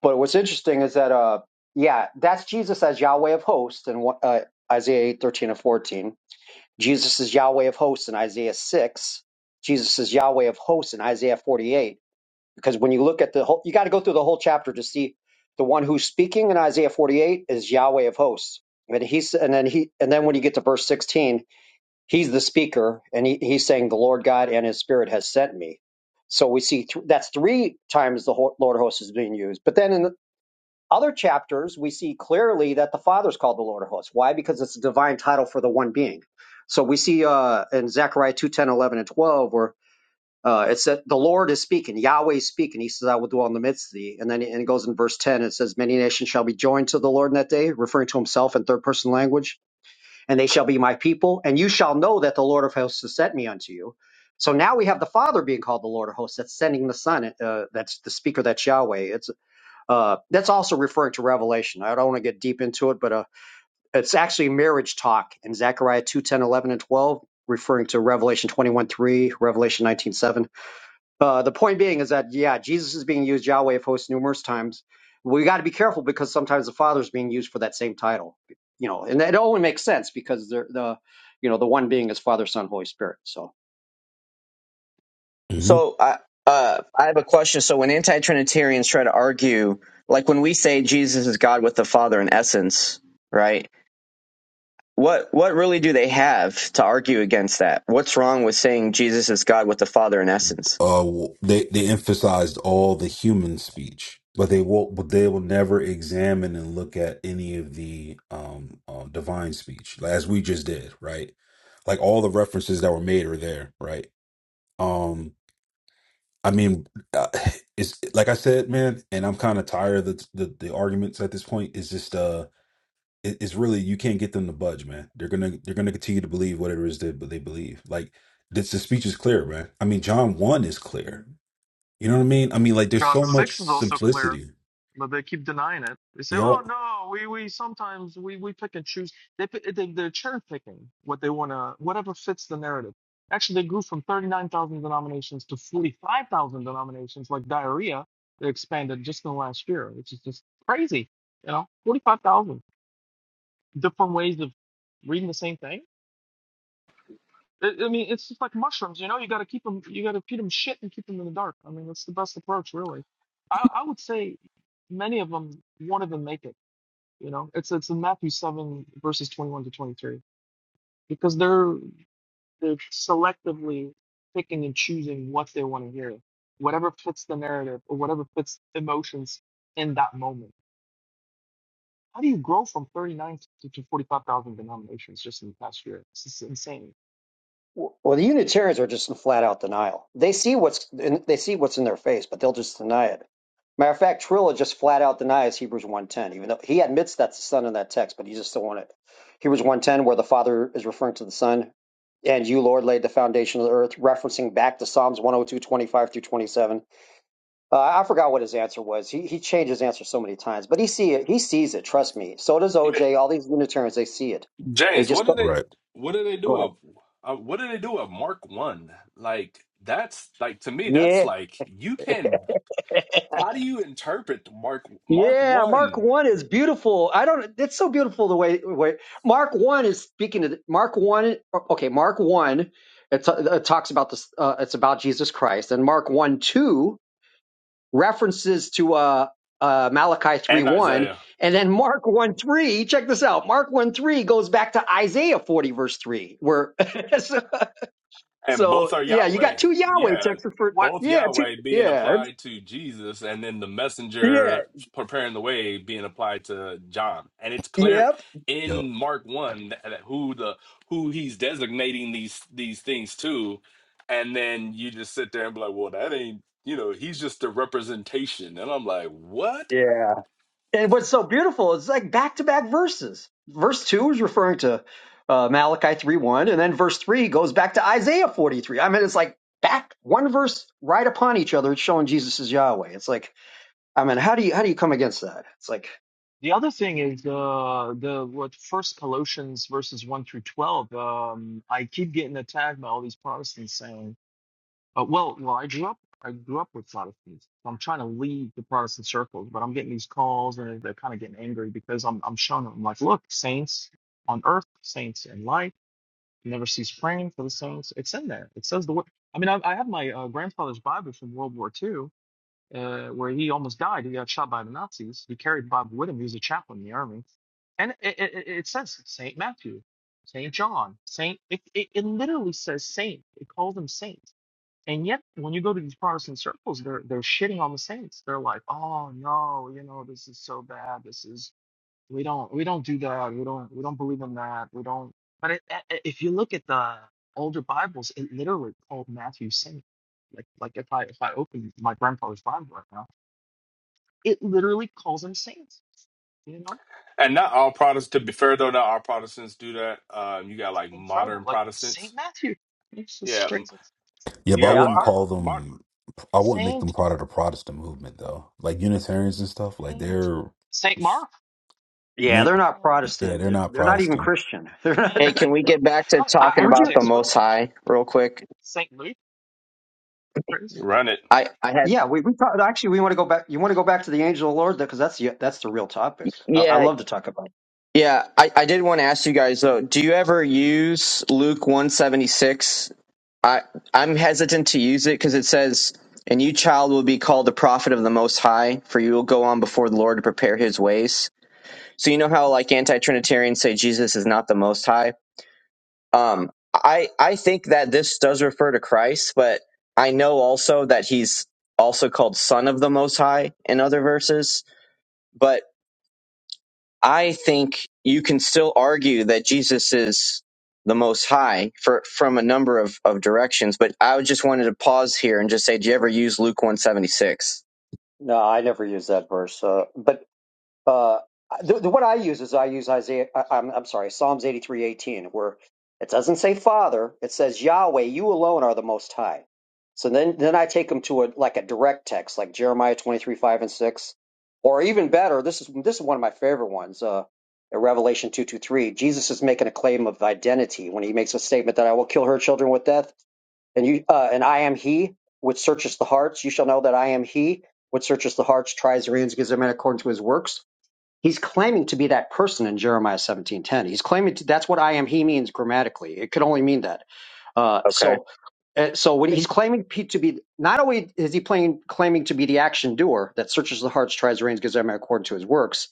S5: But what's interesting is that, uh, yeah, that's Jesus as Yahweh of hosts in one- uh, Isaiah eight thirteen and 14. Jesus is Yahweh of hosts in Isaiah 6. Jesus is Yahweh of hosts in Isaiah 48 because when you look at the whole, you got to go through the whole chapter to see the one who's speaking in Isaiah 48 is Yahweh of hosts. And he's, and then he, and then when you get to verse 16, he's the speaker and he, he's saying the Lord God and his spirit has sent me. So we see th- that's three times the ho- Lord of hosts is being used. But then in the other chapters, we see clearly that the Father's called the Lord of hosts. Why? Because it's a divine title for the one being. So we see uh, in Zechariah 2, 10, 11, and 12, where. Uh, it's that the Lord is speaking, Yahweh is speaking. He says, I will dwell in the midst of thee. And then and it goes in verse 10, it says, Many nations shall be joined to the Lord in that day, referring to himself in third person language, and they shall be my people. And you shall know that the Lord of hosts has sent me unto you. So now we have the Father being called the Lord of hosts. That's sending the Son. Uh, that's the speaker. That's Yahweh. It's uh, that's also referring to Revelation. I don't want to get deep into it, but uh, it's actually marriage talk in Zechariah 2, 10, 11, and 12, referring to Revelation 21, 3, Revelation 19, 7. Uh, the point being is that yeah, Jesus is being used Yahweh of hosts numerous times. We got to be careful because sometimes the Father is being used for that same title, you know, and it only makes sense because they're the, you know, the one being is Father, Son, Holy Spirit. So
S3: hmm
S4: So I uh, I have a question. So when anti-Trinitarians try to argue, like when we say Jesus is God with the Father in essence, right? What what really do they have to argue against that? What's wrong with saying Jesus is God with the Father in essence?
S3: Uh, w- they they emphasized all the human speech, but they will but they will never examine and look at any of the um uh, divine speech, like, as we just did, right? Like all the references that were made are there, right? I mean, uh, it's like I said, man, and I'm kind of tired of the, the the arguments at this point. It's just uh, it, it's really you can't get them to budge, man. They're gonna they're gonna continue to believe whatever it is that they believe. Like this, the speech is clear, man. I mean, John one is clear. You know what I mean? I mean, like there's
S6: John
S3: so much
S6: 6 is also clear,
S3: simplicity.
S6: but they keep denying it. They say, "Oh
S3: Yep.
S6: no, we we sometimes we we pick and choose." They pi- they they're cherry picking what they want to whatever fits the narrative. Actually, they grew from 39,000 denominations to 45,000 denominations like diarrhea. They expanded just in the last year, which is just crazy. You know, 45,000 different ways of reading the same thing. I I mean, it's just like mushrooms, you know. You got to keep them. You got to feed them shit and keep them in the dark. I mean, that's the best approach, really. I, I would say many of them won't even make it. You know, it's it's in Matthew seven verses twenty one to twenty three because they're they're selectively picking and choosing what they want to hear, whatever fits the narrative or whatever fits emotions in that moment. How do you grow from thirty nine to, to forty five thousand denominations just in the past year? This is insane.
S5: Well, the Unitarians are just in flat out denial. They see what's they see what's in their face, but they'll just deny it. Matter of fact, Trilla just flat out denies Hebrews one ten, even though he admits that's the son in that text, but he just don't want it. Hebrews one ten, where the father is referring to the son, and you, Lord, laid the foundation of the earth, referencing back to Psalms 102 25 through 27. Uh, I forgot what his answer was. He, he changed his answer so many times, but he see it. He sees it. Trust me. So does
S7: Man,
S5: OJ. All these Unitarians, they see it. They
S7: James,
S5: just
S7: what do they
S3: Right.
S7: what do they do
S5: Go
S7: of uh, what do they do of Mark One? Like that's like to me that's
S5: ahead.
S7: like you can
S5: Yeah.
S7: how do you interpret Mark Mark
S5: Yeah, Mark
S7: One
S5: one is beautiful. I don't. It's so beautiful the way, way Mark one is speaking to the, Mark one. Okay, Mark one. It, t- it talks about this. Uh, it's about Jesus Christ, and Mark one two references to uh, uh, Malachi three
S7: and
S5: one,
S7: Isaiah?
S5: and then Mark one three. Check this out. Mark one three goes back to Isaiah forty verse three, where so,
S7: And
S5: so
S7: both are
S5: yeah, you
S7: Yahweh.
S5: got two Yahweh
S7: Yeah.
S5: texts for
S6: What
S7: Both
S5: yeah, two,
S7: Yahweh being
S5: yeah, it's-
S7: applied to Jesus and then the
S5: yeah,
S7: messenger preparing the way being applied to John. And it's clear
S5: yep,
S3: Yep.
S7: in Mark 1 that, that who the who he's designating these these things to and then you just sit there and be like, "Well, that ain't, you know, he's just a representation." And I'm like, "What?"
S5: yeah. And what's so beautiful is like back to back verses. Verse 2 is referring to uh, Malachi 3 1, and then verse 3 goes back to Isaiah 43. I mean, it's like back one verse right upon each other. It's showing Jesus is Yahweh. It's like, I mean, how do you how do you come against that? It's like,
S6: The other thing is uh, the what First Colossians verses one through twelve. Um, I keep getting attacked by all these Protestants saying, uh, "Well, well, I grew up, I grew up with Protestants. So I'm trying to leave the Protestant circles, but I'm getting these calls, and they're kind of getting angry because I'm, I'm showing them, like, look, saints on earth, saints in light, never cease praying for the saints. It's in there. It says the word. I mean, I, I have my uh, grandfather's Bible from World War II, uh, where he almost died. He got shot by the Nazis. He carried Bob with him. He was a chaplain in the army. And it, it, it says Saint Matthew, Saint John, Saint. It, it, it literally says saint. It calls them saints. And yet, when you go to these Protestant circles, they're they're shitting on the saints. They're like, oh no, you know, this is so bad. This is we don't we don't do that. We don't we don't believe in that. We don't. But it, it, if you look at the older Bibles, it literally called Matthew saint like like if I if I open my grandfather's Bible right now it literally calls them saints. You know,
S7: And not all Protestants to be fair though, not all Protestants do that. Um you got
S6: it's
S7: like
S6: incredible.
S7: modern
S6: Like Saint
S7: Protestants.
S6: Matthew, it's just
S7: Yeah, m-
S6: crazy.
S3: Yeah,
S7: you
S3: but I
S7: got
S5: yeah,
S3: wouldn't
S5: I-
S7: modern
S3: call
S7: modern
S3: them. I wouldn't make
S6: Saint,
S3: them part of the Protestant movement, though. Like Unitarians and stuff, like
S6: Saint,
S3: they're
S6: Saint Mark,
S5: yeah,
S3: no,
S5: they're
S6: yeah,
S5: not
S3: yeah,
S5: Protestant.
S3: they're
S5: They're
S3: not
S5: they're not even
S3: Protestant.
S5: Christian. They're not. They're
S4: Hey,
S6: man,
S5: not
S4: can we get back to
S6: kind of he-
S5: I,
S4: talking
S5: would
S4: about
S5: you?
S4: the
S6: heretics,
S4: Most
S6: really.
S4: High real quick?
S6: Saint Luke, crazy.
S7: run it
S4: I I had
S5: Yeah, we, we talk, actually we want to go back. You want to go back to the angel of the Lord because that's the that's the real topic. I, I
S4: yeah
S5: love to talk about.
S4: yeah I I did want to ask you guys though. Do you ever use Luke one seventy six I I'm hesitant to use it because it says, "And you, child, will be called the prophet of the Most High, for you will go on before the Lord to prepare His ways." So you know how like anti-Trinitarians say Jesus is not the Most High. Um, I I think that this does refer to Christ, but I know also that He's also called Son of the Most High in other verses. But I think you can still argue that Jesus is the most high for from a number of, of directions, but I just wanted to pause here and just say, do you ever use Luke one seventy six?
S5: No, I never use that verse. Uh, but Uh, the, the what I use is I use Isaiah. I, I'm, I'm sorry, Psalms eighty three eighteen, where it doesn't say Father, it says Yahweh. You alone are the Most High. So then, then I take them to a like a direct text, like Jeremiah twenty three five and six, or even better. This is this is one of my favorite ones. Uh, in Revelation two two three, Jesus is making a claim of identity when he makes a statement that I will kill her children with death, and you uh, and I am He which searches the hearts. You shall know that I am He which searches the hearts, tries the reins, gives a man according to his works. He's claiming to be that person in Jeremiah 17:10. He's claiming to, that's what I am he means grammatically. It could only mean that. Uh,
S4: Okay.
S5: so uh, so when
S6: Yeah,
S5: he's claiming pe- to be not only is he playing, claiming to be the action doer that searches the hearts, tries the reins, gives every man according to his works,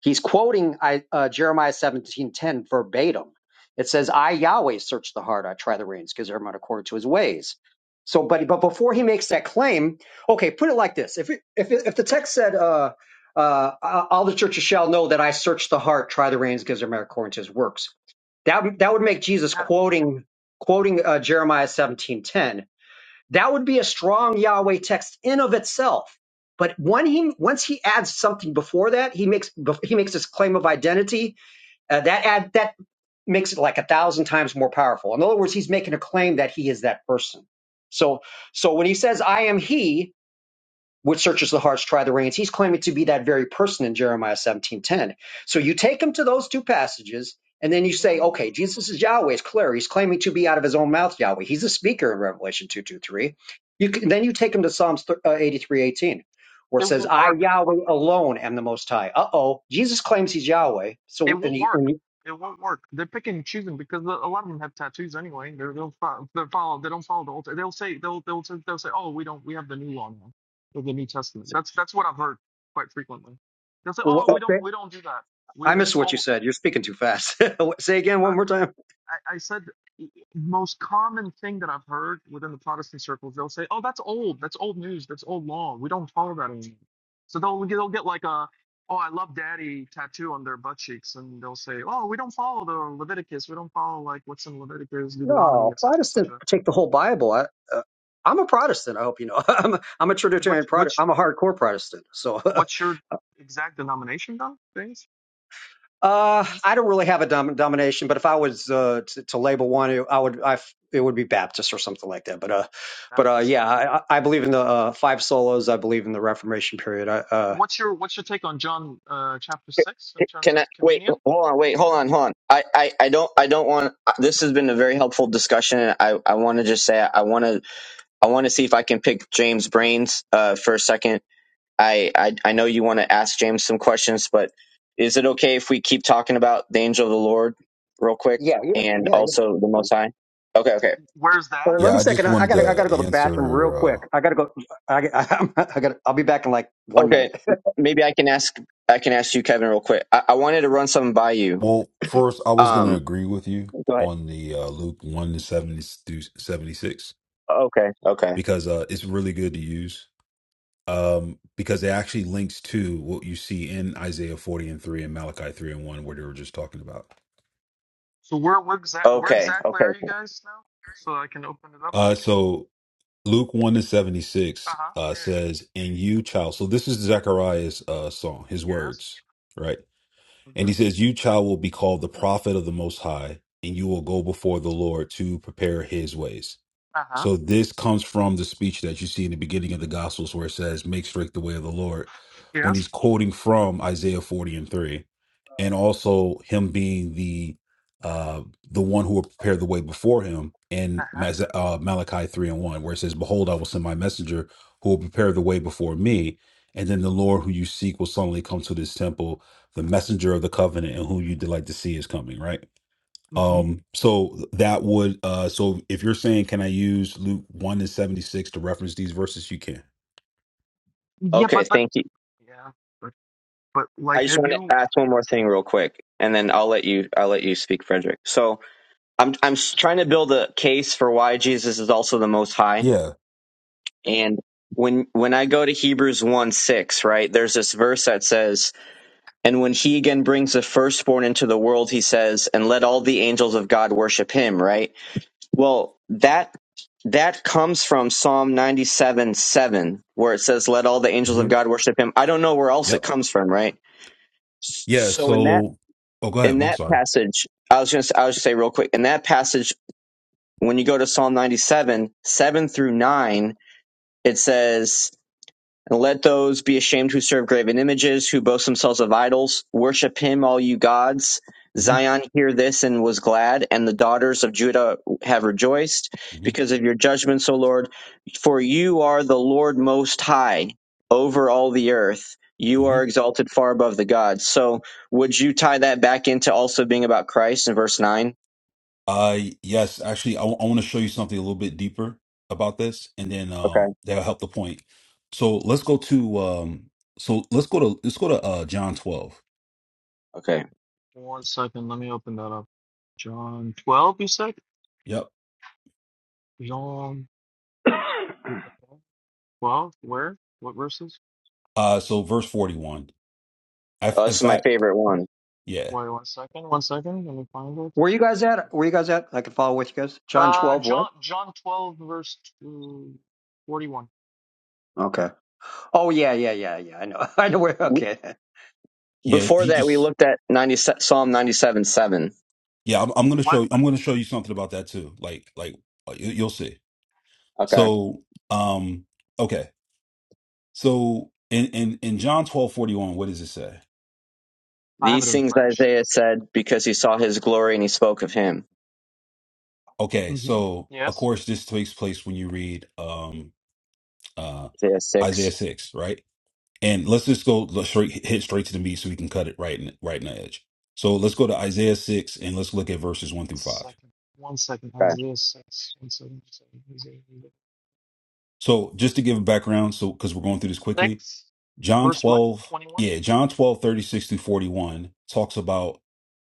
S5: He's quoting I, uh, Jeremiah seventeen ten verbatim. It says, "I Yahweh search the heart; I try the reins, because everyone according to his ways." So, but but before he makes that claim, okay, put it like this: if it, if it- if the text said, uh, uh, uh, "All the churches shall know that I search the heart, try the reins, gives everyone according to his works," that that would make Jesus
S6: that
S5: quoting quoting uh, Jeremiah seventeen ten. That would be a strong Yahweh text in of itself. But when he once he adds something before that, he makes he makes this claim of identity. Uh, that add that makes it like a thousand times more powerful. In other words, he's making a claim that he is that person. So so when he says I am he, which searches the hearts, try the reins. He's claiming to be that very person in Jeremiah 17:10. So you take him to those two passages, and then you say,
S6: mm,
S5: okay, Jesus is Yahweh, it's clear. He's claiming to be out of his own mouth Yahweh. He's a speaker in Revelation 2 2 3. You can, then you take him to Psalms 83 18, where it
S6: it
S5: says,
S6: won't
S5: I,
S6: work.
S5: Yahweh, alone am the Most High. Uh-oh, Jesus claims he's Yahweh.
S6: It
S5: So, and,
S6: won't
S5: he,
S6: work.
S5: and he,
S6: It won't work. They're picking and choosing because a lot of them have tattoos anyway. They're, they'll follow. They follow. They don't follow the old. They'll say they'll they'll say- they'll say, oh, we don't. We have the new law now, or the New Testament. That's that's what I've heard quite frequently. They'll say,
S5: wh-
S6: oh,
S4: Oh,
S6: we
S5: wh-
S6: don't we don't do that.
S5: I
S6: We,
S5: missed
S6: it's
S5: what you
S6: old.
S5: said. You're speaking too fast. say again one more time.
S6: I, I said the most common thing that I've heard within the Protestant circles, they'll say, "Oh, that's old. That's old news. That's old law. We don't follow that anymore." So they'll they'll get like a, "Oh, I love Daddy" tattoo on their butt cheeks, and they'll say, "Oh, we don't follow the Leviticus. We don't follow like what's in Leviticus, Deuteronomy,
S5: No,
S6: et etc.,
S5: Protestants
S6: etc."
S5: take the whole Bible. I, uh, I'm a Protestant. I hope you know. I'm a, I'm a Trinitarian
S6: Which which
S5: Protestant.
S6: what's
S5: I'm a hardcore Protestant. So uh,
S6: what's your exact denomination though? Things
S5: I don't really have a dom- domination. But if I was uh, to, to label one, it, I would. I f- it would be Baptist or something like that. But uh, but uh,
S6: Baptist.
S5: yeah, I, I I believe in the uh, five solas. I believe in the Reformation period. I, uh,
S6: What's your what's your take on John uh, chapter six in terms
S4: can
S6: of
S4: I wait?
S6: communion?
S4: Hold on, wait, hold on, hold on. I, I, I don't I don't want. This has been a very helpful discussion. I, I want to just say I want to I want to see if I can pick James' brains uh, for a second I, I I know you want to ask James some questions, but is it okay if we keep talking about the angel of the Lord real quick
S5: yeah, yeah,
S4: and
S5: yeah, yeah.
S4: also
S5: That's
S4: the
S5: fine.
S4: Most High? Okay, okay,
S6: Where's that?
S5: But let
S3: Yeah,
S5: me
S3: I just
S5: second. I I
S3: wanted
S5: gotta I
S3: to
S5: gotta go to the bathroom real
S3: answer. Uh,
S5: quick. I gotta go. I, I, I gotta. I'll be back in like one
S4: okay.
S5: minute.
S4: Maybe I can ask I can ask you, Kevin, real quick. I, I wanted to run something by you.
S3: well, first, I was going to
S4: Um,
S3: agree with you
S4: go ahead.
S3: on the uh, Luke 1 to 70 through 76
S4: Okay, okay,
S3: because uh, it's really good to use um, because it actually links to what you see in Isaiah 40 and 3 and Malachi 3 and 1, where they were just talking about.
S6: So where where, exa- where
S4: okay,
S6: exactly
S4: okay,
S6: are you guys now? So I can open it up.
S3: Uh, so, Luke 1 to
S6: Uh
S3: 76
S6: huh.
S3: uh,
S6: Yeah.
S3: says, And you, child. So, this is Zechariah's uh, song, his
S6: yeah. Yes.
S3: words, right? And
S6: Uh
S3: he says, You, child, will be called the prophet of the Most High, and you will go before the Lord to prepare his ways.
S6: huh.
S3: So this comes from the speech that you see in the beginning of the Gospels where it says, Make straight the way of the Lord, when
S6: Yes.
S3: he's quoting from Isaiah 40 and 3, and also him being the uh the one who will prepare the way before him in
S6: Uh huh.
S3: Mas- uh, Malachi 3 and 1, where it says, Behold, I will send my messenger who will prepare the way before me, and then the Lord who you seek will suddenly come to this temple, the messenger of the covenant, and who you delight to see is coming, right?
S6: hmm
S3: Um, so that would uh so if you're saying can I use Luke 1 and 76 to reference these verses, you can.
S6: Yeah,
S4: okay.
S6: but but
S4: Thank you.
S6: yeah, but but
S4: I
S6: like,
S4: just
S6: have
S4: want to
S6: you?
S4: ask one more thing real quick, and then I'll let you I'll let you speak, Frederick. So I'm I'm s- trying to build a case for why Jesus is also the Most High
S3: Yeah.
S4: And when when I go to Hebrews 1 6, right, there's this verse that says, And when he again brings the firstborn into the world, he says, And let all the angels of God worship him, right? Well, that that comes from Psalm 97 7, seven, where it says, Let all the angels of
S3: hmm
S4: God worship him. I don't know where else it
S3: Yep.
S4: comes from, right? S-
S3: Yeah,
S4: So in that
S3: so oh go
S4: in
S3: ahead. I'm
S4: that
S3: sorry.
S4: passage, I was gonna s- I was just say real quick, in that passage, when you go to Psalm 97, 7 seven through 9, it says And let those be ashamed who serve graven images, who boast themselves of idols. Worship him, all you gods.
S3: hmm
S4: Zion, hear this and was glad, and the daughters of Judah have rejoiced
S3: hmm
S4: because of your judgments, O Lord. For you are the Lord most high over all the earth. You
S3: hmm
S4: are exalted far above the gods. So, would you tie that back into also being about Christ in verse 9?
S3: Uh yes, actually I want to show you something a little bit deeper about this and then
S4: Okay.
S3: um that'll help the point. So let's go to um so let's go to let's go to uh John 12.
S4: Okay.
S6: One second. Let me open that up. John twelve. You said
S3: Yep.
S6: John twelve. Where? What verses?
S3: Uh so verse 41. I,
S4: Oh,
S3: in
S4: this is my
S3: fact,
S4: favorite one.
S3: yeah.
S6: Wait, one second. One second. Let me find it.
S5: Where you guys at? Where you guys at? I can follow with you guys. John
S6: Uh,
S5: twelve. What?
S6: John John twelve verse two, 41.
S5: Okay. Oh yeah, yeah, yeah, yeah. I know. I know where. Okay.
S3: Yeah,
S4: Before
S3: he
S4: that, we
S3: just
S4: looked at 90, Psalm 97 7.
S3: Yeah, I'm, I'm gonna
S6: What?
S3: show I'm gonna show you something about that too. Like like uh, you, you'll see.
S4: Okay.
S3: So um okay. So in in in John twelve forty one, what does it say?
S6: I have it
S4: These
S6: in
S4: things
S6: French.
S4: Isaiah said because he saw his glory and he spoke of him.
S3: Okay,
S6: Mm-hmm.
S3: so of
S6: Yes.
S3: course this takes place when you read um uh
S4: Isaiah
S3: Isaiah
S4: 6.
S3: six, right? And let's just go let's straight hit straight to the meat so we can cut it right in right in the edge. So let's go to
S6: Mm-hmm.
S3: Isaiah six and let's look at verses one through five.
S6: second, one second,
S4: Okay.
S6: Isaiah 6, one second, Isaiah
S3: So just to give a background, so because we're going through this quickly,
S6: 6,
S3: John
S6: verse what,
S3: 12,
S6: 21?
S3: yeah, John twelve thirty six 36 through 41 talks about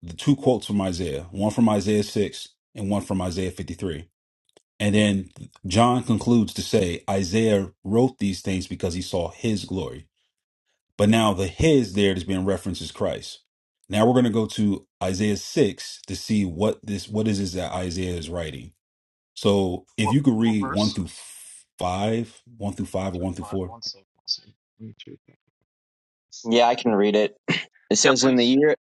S3: the two quotes from Isaiah, one from Isaiah 6 and one from Isaiah 53. And then John concludes to say Isaiah wrote these things because he saw his glory. But now the his there that's being referenced is Christ. Now we're going to go to Isaiah 6 to see what this what is this that Isaiah is writing. So if
S6: What,
S3: you could
S6: what
S3: read 1
S6: verse?
S3: through 5, 1 through
S6: 1
S3: 5 or
S6: through
S3: 1 through
S6: 5,
S3: 4.
S6: one second, one second, one through five.
S4: Yeah, I can read it. It
S6: Yeah,
S4: says in the
S6: please.
S4: year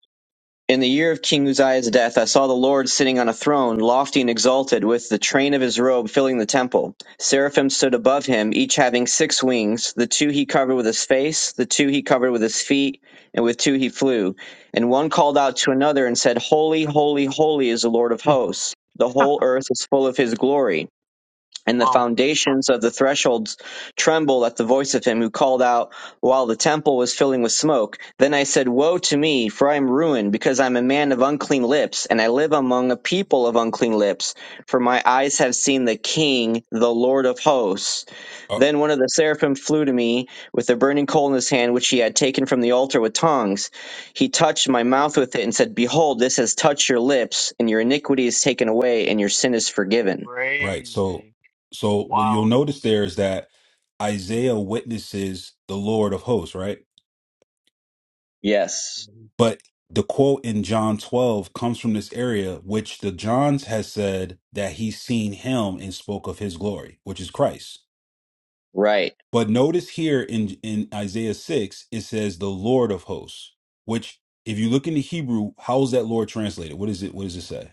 S4: in the year of King Uzziah's death I saw the Lord sitting on a throne lofty and exalted with the train of his robe filling the temple. Seraphim stood above him each having six wings, the two he covered with his face, the two he covered with his feet, and with two he flew. And one called out to another and said, "Holy, holy, holy is the Lord of hosts. The whole earth is full of his glory." and the
S6: wow,
S4: foundations of the thresholds trembled at the voice of him who called out while the temple was filling with smoke. Then I said, Woe to me, for I am ruined, because I am a man of unclean lips, and I live among a people of unclean lips, for my eyes have seen the King, the Lord of hosts.
S3: uh,
S4: Then one of the seraphim flew to me with a burning coal in his hand, which he had taken from the altar with tongs. He touched my mouth with it and said, Behold, this has touched your lips, and your iniquity is taken away, and your sin is forgiven.
S3: Right. So,
S6: crazy,
S3: so what you'll
S6: wild.
S3: notice there is that Isaiah witnesses the Lord of hosts, right?
S4: Yes.
S3: But the quote in John 12 comes from this area, which the Johns has said that he's seen him and spoke of his glory, which is Christ.
S4: Right.
S3: But notice here in, in Isaiah 6, it says the Lord of hosts, which if you look into Hebrew, how is that Lord translated? What is it? What does it say?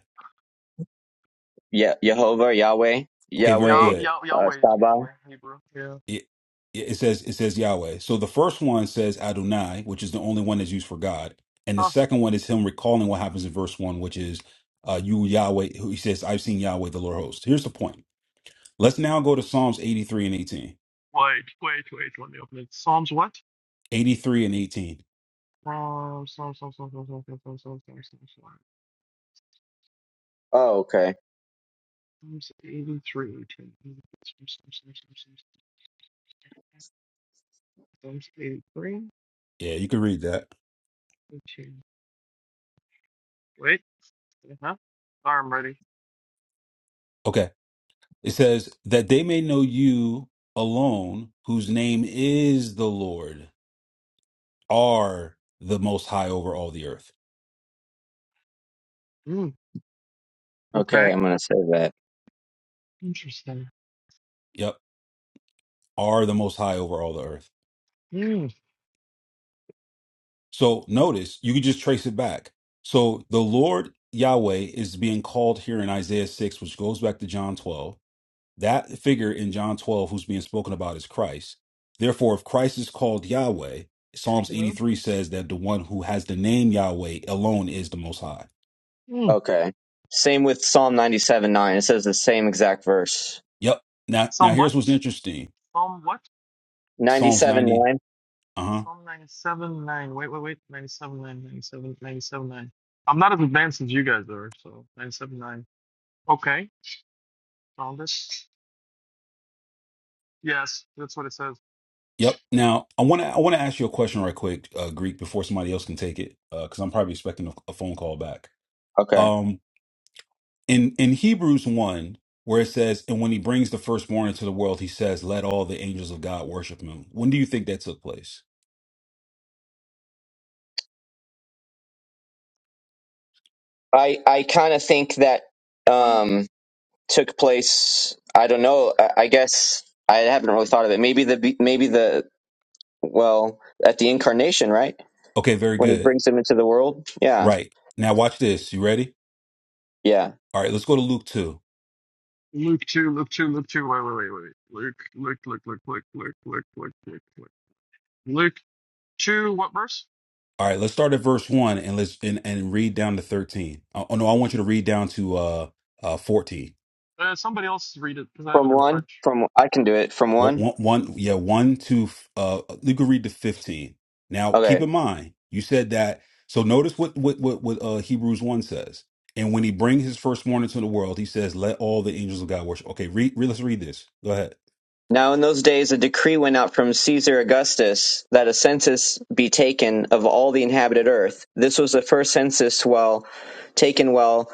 S4: Yeah. Jehovah, Yahweh,
S3: Okay, very
S6: Yah,
S4: Yahweh,
S3: good.
S6: Yah,
S4: uh,
S6: Yahweh is
S4: Saba.
S6: usually Hebrew. Yeah.
S3: it, it says it says Yahweh. So the first one says Adonai, which is the only one that's used for God, and the
S6: Huh.
S3: second one is him recalling what happens in verse one, which is uh, you Yahweh. Who he says, "I've seen Yahweh, the Lord host." Here's the point. Let's now go to Psalms 83 and 18.
S6: Wait, wait, wait, let me open it. Psalms what?
S3: 83 and 18.
S6: Psalms, Psalms, Psalms, Psalms, Psalms, Psalms, Psalms, Psalms, Psalms, Psalms, Psalms.
S4: Oh, okay.
S6: Psalms 83, Psalms, Psalms, Psalms, Psalms, Psalms, Psalms 83.
S3: Yeah, you can read that.
S6: Okay. Wait. Uh-huh. Arm ready.
S3: Okay. It says that they may know you alone, whose name is the Lord, are the most high over all the earth.
S6: Mm.
S4: Okay.
S6: Okay.
S4: I'm going to say that.
S6: Interesting.
S3: Yep. Are the most high over all the earth.
S6: Mm.
S3: So notice you can just trace it back. So the Lord Yahweh is being called here in Isaiah 6, which goes back to John 12. That figure in John 12 who's being spoken about is Christ. Therefore, if Christ is called Yahweh, Psalms
S6: Yeah.
S3: 83 says that the one who has the name Yahweh alone is the most high.
S6: Mm.
S4: Okay. Same with Psalm 97 9. It says the same exact verse.
S3: Yep. Now now
S6: Psalm what?
S3: here's what's interesting.
S6: Psalm what?
S3: Psalms
S4: 97
S3: 90.
S4: 9.
S3: Uh-huh.
S6: Psalm 97 9. Wait, wait, wait. 97 9. 97, 97 9. I'm not as advanced as you guys are, so 97 9. Okay. Found it. Yes, that's what it says.
S3: Yep. Now I wanna I wanna ask you a question right quick, uh, Greek, before somebody else can take it. Uh, because I'm probably expecting a, a phone call back.
S4: Okay.
S3: Um in in Hebrews 1 where it says and when he brings the firstborn into the world he says, 'Let all the angels of God worship him. When do you think that took place?
S4: I, I kind of think that um, took place. I don't know. I, I guess I haven't really thought of it. Maybe the, be- maybe the, well, at the incarnation, right?
S3: Okay, very
S4: When he
S3: good.
S4: brings him into the world. Yeah.
S3: Right. Now watch this. You ready?
S4: Yeah.
S3: All right, let's go to Luke 2.
S6: Luke 2, Luke 2, Luke 2. Wait, wait, wait, wait. Luke, Luke, Luke, Luke, Luke, Luke, Luke, Luke, Luke, Luke. Luke 2, what verse?
S3: All right, let's start at verse 1 and let's and, and read down to 13. Uh, Oh no, I want you to read down to uh uh 14.
S6: Uh, somebody else read it because I have it
S4: From
S6: in
S4: one,
S6: French.
S4: from, I can do it. From
S3: One,
S4: one.
S3: one, one, yeah, one to uh, you can read to fifteen. Now,
S4: Okay.
S3: keep in mind, you said that. So notice what what what, what uh, Hebrews one says. And when he brings his firstborn into the world, he says, "Let all the angels of God worship." Okay, read. read let's read this. Go ahead.
S4: Now in those days a decree went out from Caesar Augustus that a census be taken of all the inhabited earth. This was the first census while taken while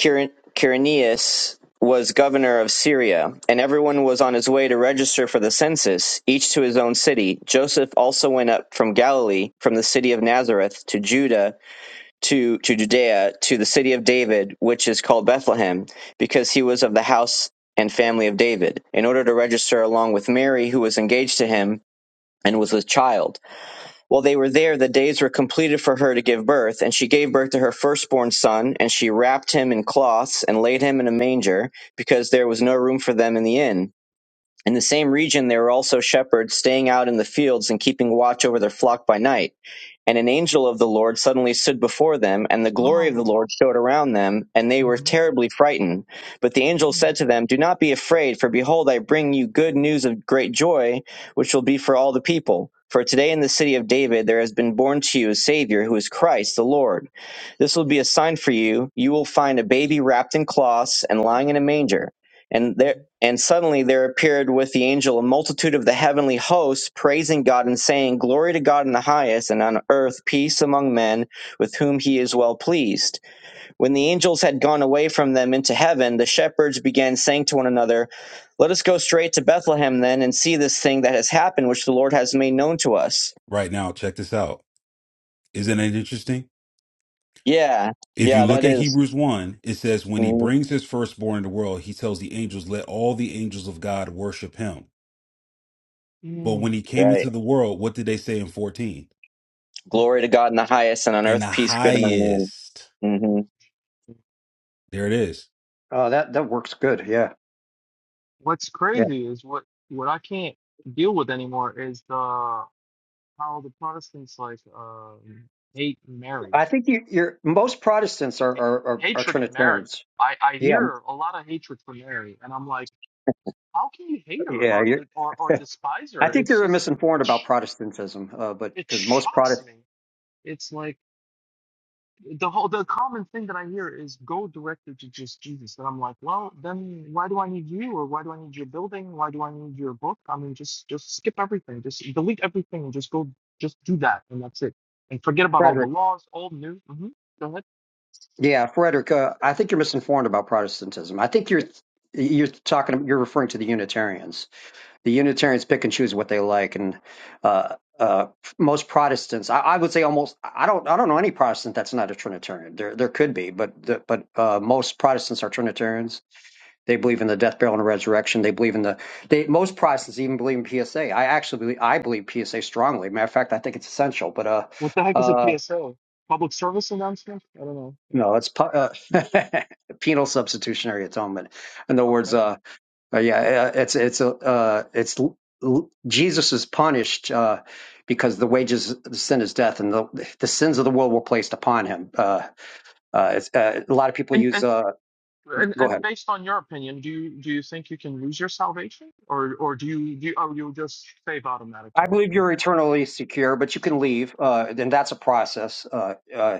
S4: Quir- Quirinius was governor of Syria, and everyone was on his way to register for the census, each to his own city. Joseph also went up from Galilee, from the city of Nazareth to Judah to, to Judea, to the city of David, which is called Bethlehem, because he was of the house and family of David, in order to register along with Mary, who was engaged to him and was with child. While they were there, the days were completed for her to give birth, and she gave birth to her firstborn son, and she wrapped him in cloths and laid him in a manger, because there was no room for them in the inn. In the same region, there were also shepherds staying out in the fields and keeping watch over their flock by night. And an angel of the Lord suddenly stood before them, and the glory of
S6: Oh.
S4: the Lord showed around them, and they were
S6: Mhm.
S4: terribly frightened. But the angel said
S6: Mm,
S4: to them, Do not be afraid, for behold, I bring you good news of great joy, which will be for all the people. For today in the city of David there has been born to you a Savior, who is Christ the Lord. This will be a sign for you. You will find a baby wrapped in cloths and lying in a
S6: mhm,
S4: manger. And there,
S6: mhm.
S4: and suddenly there appeared with the angel a multitude of the heavenly hosts, praising God and saying, Glory to God in the highest, and on earth peace among men with whom he is well pleased. When the angels had gone away from them into heaven, the shepherds began saying to one another, Let us go straight to Bethlehem then and see this thing that has happened, which the Lord has made known to us.
S3: Right now, check this out. Isn't it interesting?
S4: Yeah,
S3: If
S4: yeah,
S3: you look
S4: that
S3: at
S4: is-
S3: Hebrews one, it says, "When he
S4: mhm,
S3: brings his firstborn into the world, he tells the angels, let all the angels of God worship him." But when
S6: mm,
S3: he came
S4: right.
S3: into the world, what did they say in fourteen?
S6: mhm.
S4: Glory to God in the highest, and on
S3: In the
S4: earth peace, good among
S3: highest.
S4: men. hmm
S3: There it is
S5: Oh, that that works good. Yeah,
S6: What's
S5: yeah.
S6: crazy is what what I can't deal with anymore is the how the Protestants like um hate Mary,
S5: I think you, you're most Protestants are
S6: hate,
S5: are, are, are
S6: hatred of Mary.
S5: Trinitarians.
S6: I I
S5: Yeah, m-
S6: hear a lot of hatred for Mary, and I'm like, how can you hate her
S5: yeah.
S6: or
S5: You're,
S6: de- or or despise
S5: I
S6: her?
S5: think
S6: It's
S5: you're
S6: just
S5: misinformed
S6: it
S5: about
S6: sh-
S5: Protestantism, uh, but
S6: it
S5: because most
S6: shocks
S5: Protest
S6: me. It's like the whole the common thing that I hear is go directly to just Jesus. And I'm like, well, then why do I need you, or why do I need your building? Why do I need your book? I mean, just just skip everything, just delete everything, and just go, just do that, and that's it, and forget about all the
S5: Frederick,
S6: laws, all new. hmm Go ahead.
S5: yeah, Frederick, uh, I think you're misinformed about Protestantism. I think you're
S6: Okay.
S5: you're talking you're referring to the Unitarians. the Unitarians pick and choose what they like, and uh, uh, most Protestants, I, I would say almost, I don't, I don't know any Protestant that's not a Trinitarian. There, there could be, but the, but uh, most Protestants are Trinitarians. They believe in the death, burial, and resurrection. They believe in the. They, most Protestants even believe in PSA. I actually, believe, I believe PSA strongly. Matter of fact, I think it's essential. But uh,
S6: What the heck is a
S5: uh,
S6: PSO? Public service announcement? I don't know.
S5: no, it's pu- uh, penal substitutionary atonement. In other words,
S6: Okay.
S5: uh. Uh, yeah, uh, it's it's a uh, it's Jesus is punished uh, because the wages of the sin is death, and the the sins of the world were placed upon him. Uh, uh, it's, uh, a lot of people
S6: And
S5: use.
S6: and.
S5: Uh,
S6: And,
S5: go
S6: and
S5: ahead.
S6: based on your opinion, do you do you think you can lose your salvation, or or do you do you, or you just save
S5: I
S6: automatically
S5: believe
S6: no
S5: you're
S6: matter
S5: eternally secure, but you can leave, uh, and that's a process. Uh, uh,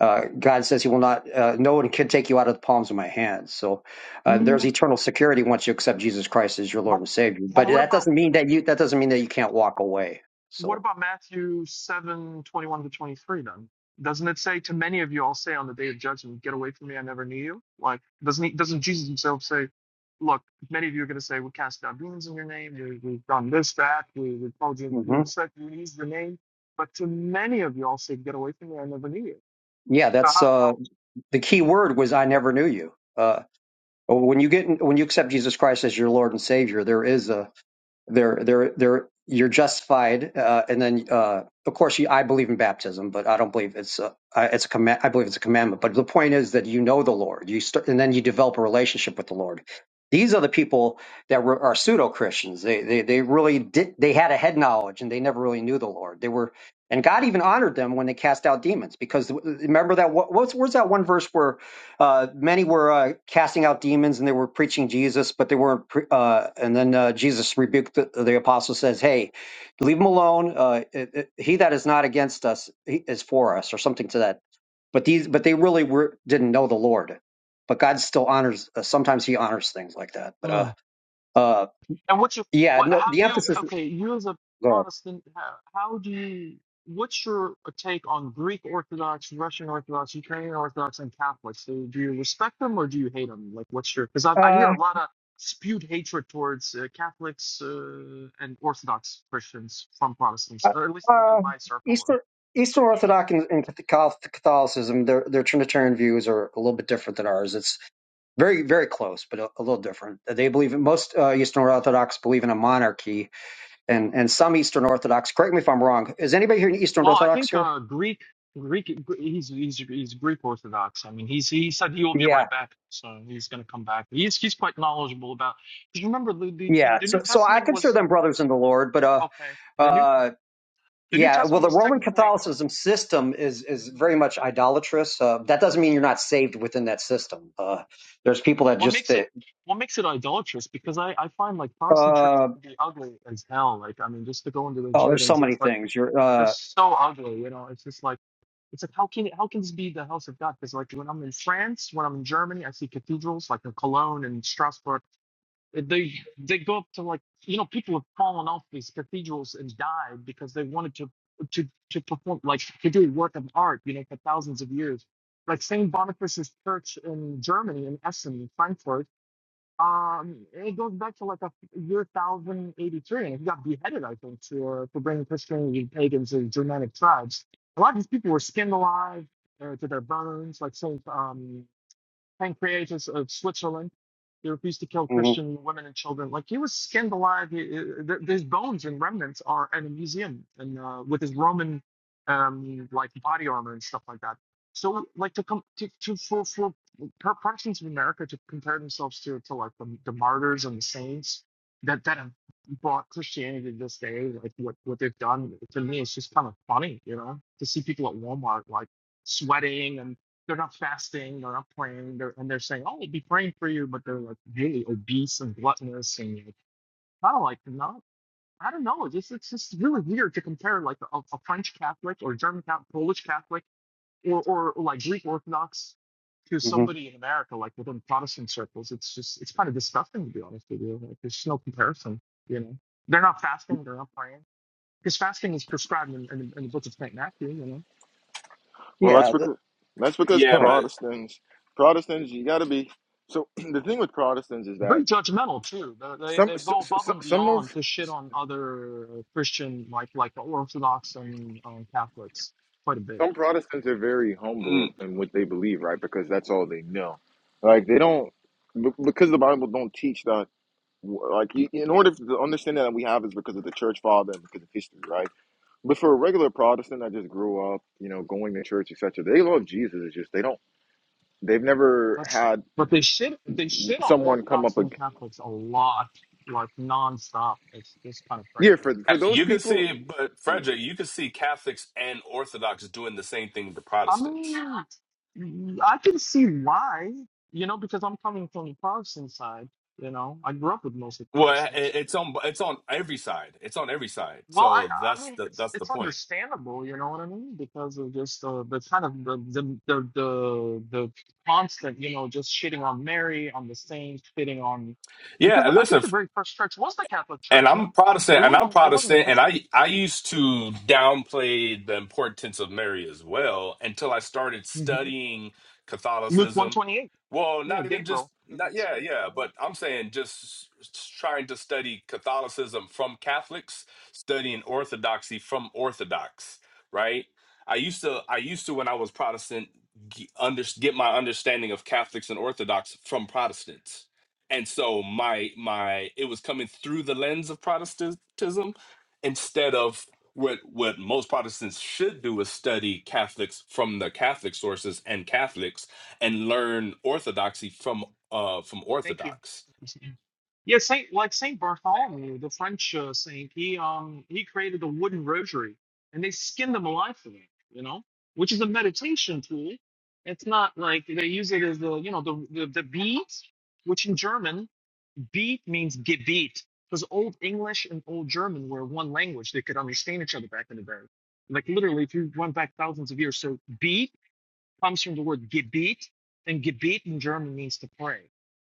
S5: uh, God says He will not. Uh, no one can take you out of the palms of my hands. So uh,
S6: what?
S5: there's eternal security once you accept Jesus Christ as your Lord
S6: But
S5: and Savior.
S6: but
S5: But
S6: what
S5: that
S6: about
S5: doesn't mean that you. That doesn't mean that you can't walk away.
S6: what
S5: So.
S6: about Matthew seven twenty one to twenty three then? Doesn't it say to many of you I'll say on the day of judgment, get away from me, I never knew you? Like doesn't he doesn't Jesus himself say, Look, many of you are gonna say, We cast out demons in your name, we we've done this, that, we we told you we
S5: hmm
S6: said we used your name. But to many of you I'll say, Get away from me, I never knew you.
S5: yeah,
S6: So
S5: that's uh,
S6: how,
S5: the key word was I never knew you. Uh, when you get in, when you accept Jesus Christ as your Lord and Savior, there is a there there there you're justified, uh, and then uh, of course you, I believe in baptism, but I don't believe it's a, I- it's a command. I believe it's a commandment. But the point is that you know the Lord, you start, and then you develop a relationship with the Lord. These are the people that were, are pseudo Christians. They, they they really did. They had a head knowledge, and they never really knew the Lord. They were, and God even honored them when they cast out demons. Because remember that what, what's where's that one verse where uh, many were uh, casting out demons and they were preaching Jesus, but they weren't. Pre- uh, and then uh, Jesus rebuked the, the apostle, says, "Hey, leave them alone. Uh, it, it- he that is not against us he is for us," or something to that. But these, but they really were didn't know the Lord. But God still honors. Uh, sometimes He honors things like that. But
S6: how
S5: uh, uh,
S6: And what you,
S5: yeah,
S6: what,
S5: no.
S6: how
S5: The
S6: you,
S5: emphasis.
S6: okay, you as a
S5: Go
S6: Protestant, how, how do you, what's your take on Greek Orthodox, Russian Orthodox, Ukrainian Orthodox, and Catholics? Do, do you respect them or do you hate them? Like, what's your, because I, I hear
S5: ahead.
S6: a lot of spewed hatred towards uh, Catholics uh, and Orthodox Christians from Protestants,
S5: Uh,
S6: or at least within
S5: uh,
S6: my circle.
S5: Eastern Eastern Orthodox and, and Catholic- Catholicism, their their Trinitarian views are a little bit different than ours. It's very very close but a, a little different they believe in, most uh, eastern orthodox believe in a monarchy and and some eastern orthodox correct me if i'm wrong is anybody here in eastern
S6: Well, I
S5: orthodox
S6: think
S5: here
S6: uh, Greek, Greek, he's he's he's Greek Orthodox. I mean, he's he said he will be
S5: yeah
S6: right back, so he's going to come back. He's he's quite knowledgeable about. Because remember, the, the the
S5: yeah
S6: the
S5: so
S6: New
S5: so i
S6: Testament
S5: consider
S6: was
S5: them brothers in the lord but uh
S6: okay. The new
S5: uh
S6: the New
S5: yeah, well,
S6: Testament
S5: the
S6: was
S5: Roman
S6: technically.
S5: Catholicism system is is very
S6: mm-hmm,
S5: much idolatrous. Uh, that doesn't mean you're not saved within that system. Uh, there's people that
S6: what
S5: just
S6: makes it
S5: that,
S6: what makes it idolatrous because I, I find like Protestant
S5: uh,
S6: churches to be ugly as hell. Like I mean, just to go into the
S5: oh, there's so
S6: buildings,
S5: many
S6: it's like
S5: things.
S6: it's
S5: You're
S6: they're
S5: uh,
S6: so ugly. You know, it's just like it's like how can how can this be the house of God? Because like when I'm in France, when I'm in Germany, I see cathedrals like in Cologne and Strasbourg. They they go up to like you know people have fallen off these cathedrals and died because they wanted to to to perform like to do work of art you know for thousands of years. Like Saint Boniface's Church in Germany in Essen, in Frankfurt. Um, it goes back to like a year 1083, and he got beheaded, I think, for for bringing Christianity and pagans and Germanic tribes. A lot of these people were skinned alive uh, to their bones, like Saint um Pancreatus of Switzerland. He refused to kill
S5: mhm,
S6: Christian women and children. Like he was skinned alive. He, his bones and remnants are at a museum, and uh, with his Roman um, like body armor and stuff like that. So like to come to, to for for Protestants in America to compare themselves to to like the, the martyrs and the saints that that have brought Christianity to this day, like what what they've done to me, it's just kind of funny, you know, to see people at Walmart like sweating and they're not fasting, they're not praying, they're, and they're saying, "Oh, we'll be praying for you," but they're like really obese and gluttonous, and like are kind of like, Not I don't know. It's just, it's just really weird to compare like a, a French Catholic or German Catholic, Polish Catholic, or or like Greek Orthodox to
S5: mhm.
S6: somebody in America, like within Protestant circles. It's just it's kind of disgusting to be honest with you. Like, there's no comparison. You know, they're not fasting, they're not praying, because fasting is prescribed in, in, in the book of Saint Matthew. You know
S1: Well, that's
S5: yeah. th-
S1: because that's because
S5: Go
S7: Yeah,
S5: ahead.
S7: but
S1: Protestants, Protestants, you got to be. So the thing with Protestants is that
S6: very judgmental too. They, they
S1: some
S6: they
S1: s-
S6: go above
S1: s- s-
S6: and
S1: some
S6: beyond
S1: of
S6: to shit on other Christian like like the Orthodox and um, Catholics quite a bit.
S1: some Protestants are very
S7: mm,
S1: humble in what they believe, right? Because that's all they know. Like they don't be- because the Bible don't teach that. Like you- in order for the understanding that we have is because of the church father and because of history, right? But for a regular Protestant that just grew up, you know, going to church, etc., they love Jesus. It's just they don't. They've never
S6: That's
S1: had
S6: but they shit they shit on
S1: someone come
S6: Orthodox
S1: up.
S6: and Catholics a lot, like nonstop. It's just kind of
S1: Yeah, for
S6: crazy.
S7: uh,
S1: for those
S7: you can
S1: people,
S7: see, but
S1: yeah.
S7: Frederick, you can see Catholics and Orthodox doing the same thing with the
S6: I
S7: Protestants.
S6: mean, I can see why, you know, because I'm coming from the Protestant side. You know, I grew up with mostly
S7: Well,
S6: Protestants
S7: it- it's on it's on every side. It's on every side.
S6: Well, I
S7: So
S6: I
S7: that's
S6: mean
S7: the
S6: it's
S7: that's the
S6: it's
S7: point.
S6: understandable, you know what I mean, because of just the the kind of the the the the, the constant, you know, just shitting on Mary, on the saints, shitting on, because
S7: Yeah,
S6: I think
S7: listen,
S6: the very first church was the Catholic
S7: and
S6: Church, you know,
S7: I'm Protestant,
S6: it
S7: and I'm
S6: wasn't it wasn't a
S7: Protestant, and
S6: Episcopal.
S7: I I used to downplay the importance of Mary as well until I started
S6: hmm
S7: studying
S6: Luke one
S7: Catholicism.
S6: twenty eight,
S7: Well,
S6: yeah,
S7: not even just
S6: Gabriel.
S7: not yeah yeah, but I'm saying just s- trying to study Catholicism from Catholics, studying Orthodoxy from Orthodox, right? I used to I used to when I was Protestant g- under, get my understanding of Catholics and Orthodox from Protestants and so my my it was coming through the lens of protestantism instead of what what most protestants should do is study catholics from the catholic sources and catholics and learn orthodoxy from uh from
S6: Thank you.
S7: orthodox
S6: Yeah, Saint like Saint Bartholomew, the French uh, saint, he um he created a wooden rosary, and they skinned them alive for that, you know, which is a meditation tool. It's not like they use it as the you know the the, the beat, which in German beat means Gebet, because Old English and Old German were one language; they could understand each other back in the day. Like literally, if you went back thousands of years, so beat comes from the word gebet, and gebet in German means to pray.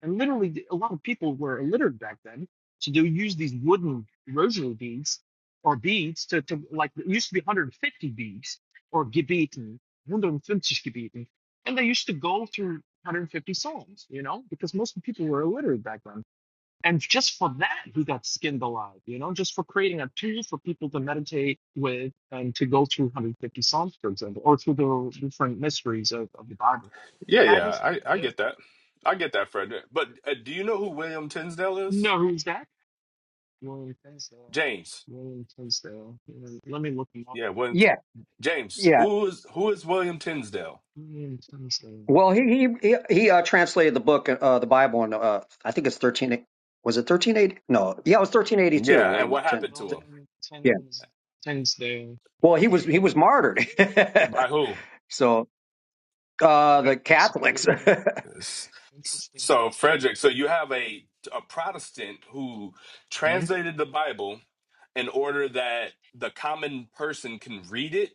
S6: And literally, a lot of people were illiterate back then, so they would use these wooden rosary beads or beads to, to like it used to be 150 beads or gebeten, 150 gebeten, and they used to go through 150 psalms, you know, because most people were illiterate back then. And just for that, he got skinned alive, you know, just for creating a tool for people to meditate with and to go through 150 Psalms, for example, or through the different mysteries of, of the Bible.
S7: Yeah,
S6: I
S7: yeah,
S6: just
S7: I, I
S6: yeah.
S7: get that. I get that, Frederick. But uh, do you know who William Tinsdale is?
S6: know who's that? William Tinsdale.
S7: James.
S6: William Tinsdale. Yeah, Let me look him up.
S7: Yeah, when
S5: Yeah,
S6: Who's
S7: James.
S5: yeah
S6: that?
S7: Who is who is William Tinsdale?
S6: William Tinsdale.
S5: Well, he he he, he uh, translated the book, uh, the Bible, and uh, I think it's thirteen. Was it thirteen eighty? No, yeah, it was thirteen eighty two.
S7: Yeah, and
S5: William
S7: what
S5: Ten.
S7: happened to him?
S6: William
S5: Yeah.
S6: Tins, Tinsdale.
S5: Well, he
S6: Yeah,
S5: was he was martyred.
S7: By who?
S5: so uh,
S6: that
S5: the Catholics.
S6: Executed. yeah.
S5: yeah,
S7: S- s-
S6: Interesting.
S7: So, Frederick, so you have a, a Protestant who
S6: Yes.
S7: translated the Bible in order that the common person can read it,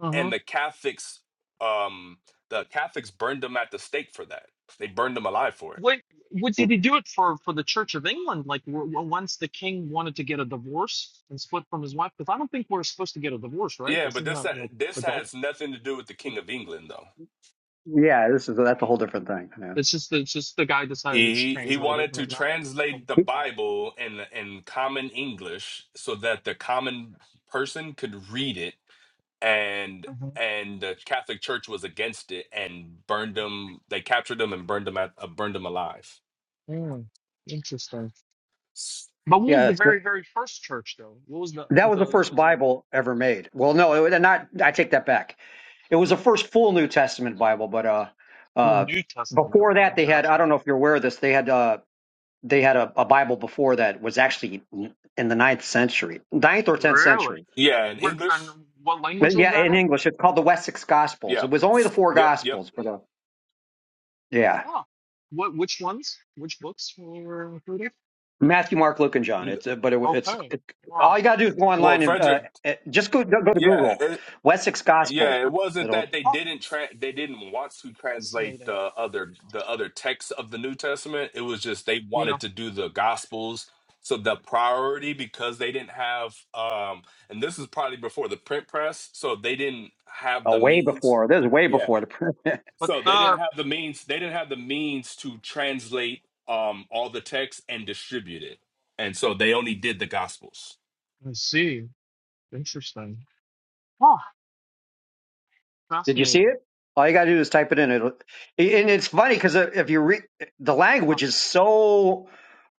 S6: Uh huh.
S7: and the Catholics, um, the Catholics burned them at the stake for that. They burned them alive for it.
S6: What, what did he do it for? For the Church of England, like w- w- once the king wanted to get a divorce and split from his wife, because I don't think we're supposed to get a divorce, right?
S7: Yeah,
S6: This
S7: but
S6: Isn't
S7: this
S6: like
S7: this
S6: adult?
S7: has nothing to do with the King of England, though.
S6: Mhm.
S5: this is that's a whole different thing. Yeah.
S6: It's just it's just the guy decided to just
S7: He he
S6: translate it
S7: wanted
S6: and
S7: to
S6: whatnot.
S7: translate the Bible in in common English so that the common person could read it and
S6: Mhm.
S7: and the Catholic Church was against it and burned them. They captured them and burned them at, uh, burned them alive.
S6: Mm, interesting. But what was
S5: Yeah,
S6: the
S5: it's the,
S6: very very first church though? What was the
S5: that was the
S6: the
S5: first
S6: was it
S5: Bible ever made. Well, no, it, was not. I take that back. It was the first full New Testament Bible, but uh,
S6: the
S5: uh,
S6: New Testament?
S5: before
S6: Okay,
S5: that they had. I
S6: gotcha.
S5: don't know if you're aware of this. They had uh they had a, a Bible before that was actually in the ninth century, ninth or tenth
S6: Really?
S5: century.
S7: Yeah, in
S6: Where
S7: English.
S6: and what language
S5: But
S6: was
S5: yeah,
S6: that
S5: in
S6: in?
S5: English, it's called the Wessex Gospels.
S7: Yeah.
S5: It was only the four
S7: Yep. Yep.
S5: Gospels, but uh, yeah,
S6: Oh, what? Which ones? Which books were included?
S5: Matthew, Mark, Luke, and John.
S7: N-
S5: It's uh, but it, it's
S6: Okay.
S5: it, all
S6: Wow,
S5: you gotta do is go
S7: Well,
S5: online
S6: interesting.
S5: and uh,
S7: Frederick.
S5: uh, just go go to
S7: Yeah.
S5: Google
S7: It,
S5: Wessex Gospels.
S7: yeah. It wasn't
S5: It'll
S7: that they
S6: Oh,
S7: didn't tra- they didn't want to translate
S6: fascinating.
S7: the other the other texts of the New Testament. It was just they
S6: Yeah,
S7: wanted to do the Gospels. So the priority because they didn't have um and this is probably before the print press, so they didn't have
S5: uh,
S7: the
S5: way
S7: means.
S5: before. This is way
S7: yeah,
S5: before the
S6: but
S7: So
S6: the
S7: they didn't
S6: I
S7: have the means. They didn't have the means to translate um, all the text and distribute it, and so they only did the Gospels.
S6: see. Interesting. Oh,
S5: Did you see
S6: fascinating.
S5: it? All you got to do is type it in. It'll, and it's funny because if you read the
S6: Uh
S5: language is so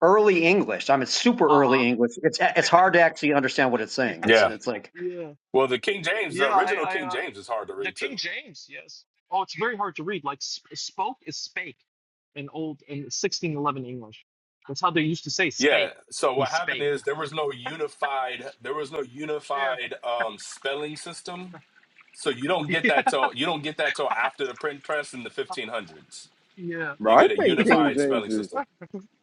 S5: early English. I mean, it's super early
S6: huh.
S5: English. It's it's hard to actually understand what it's
S6: yeah,
S5: saying. It's
S7: Yeah.
S5: it's like
S6: yeah,
S7: Well, the King James, the
S6: yeah. I,
S7: original
S6: I,
S7: King
S6: uh,
S7: James, is hard to
S6: the
S7: read
S6: King
S7: too.
S6: James. Yes. Oh, it's very hard to read. Like sp- spoke is spake in old in 1611 English. That's how they used to say
S7: Yeah.
S6: spake.
S7: So
S6: He
S7: what happened
S6: spake.
S7: is there was no unified. There was no
S6: Yeah.
S7: unified um, spelling system. So you don't get that
S6: yeah.
S7: till you don't get that till after the print press in the 1500s.
S6: Yeah.
S7: You
S1: bro, I
S7: get a
S1: think King
S7: unified
S1: James
S7: spelling
S1: is.
S7: system.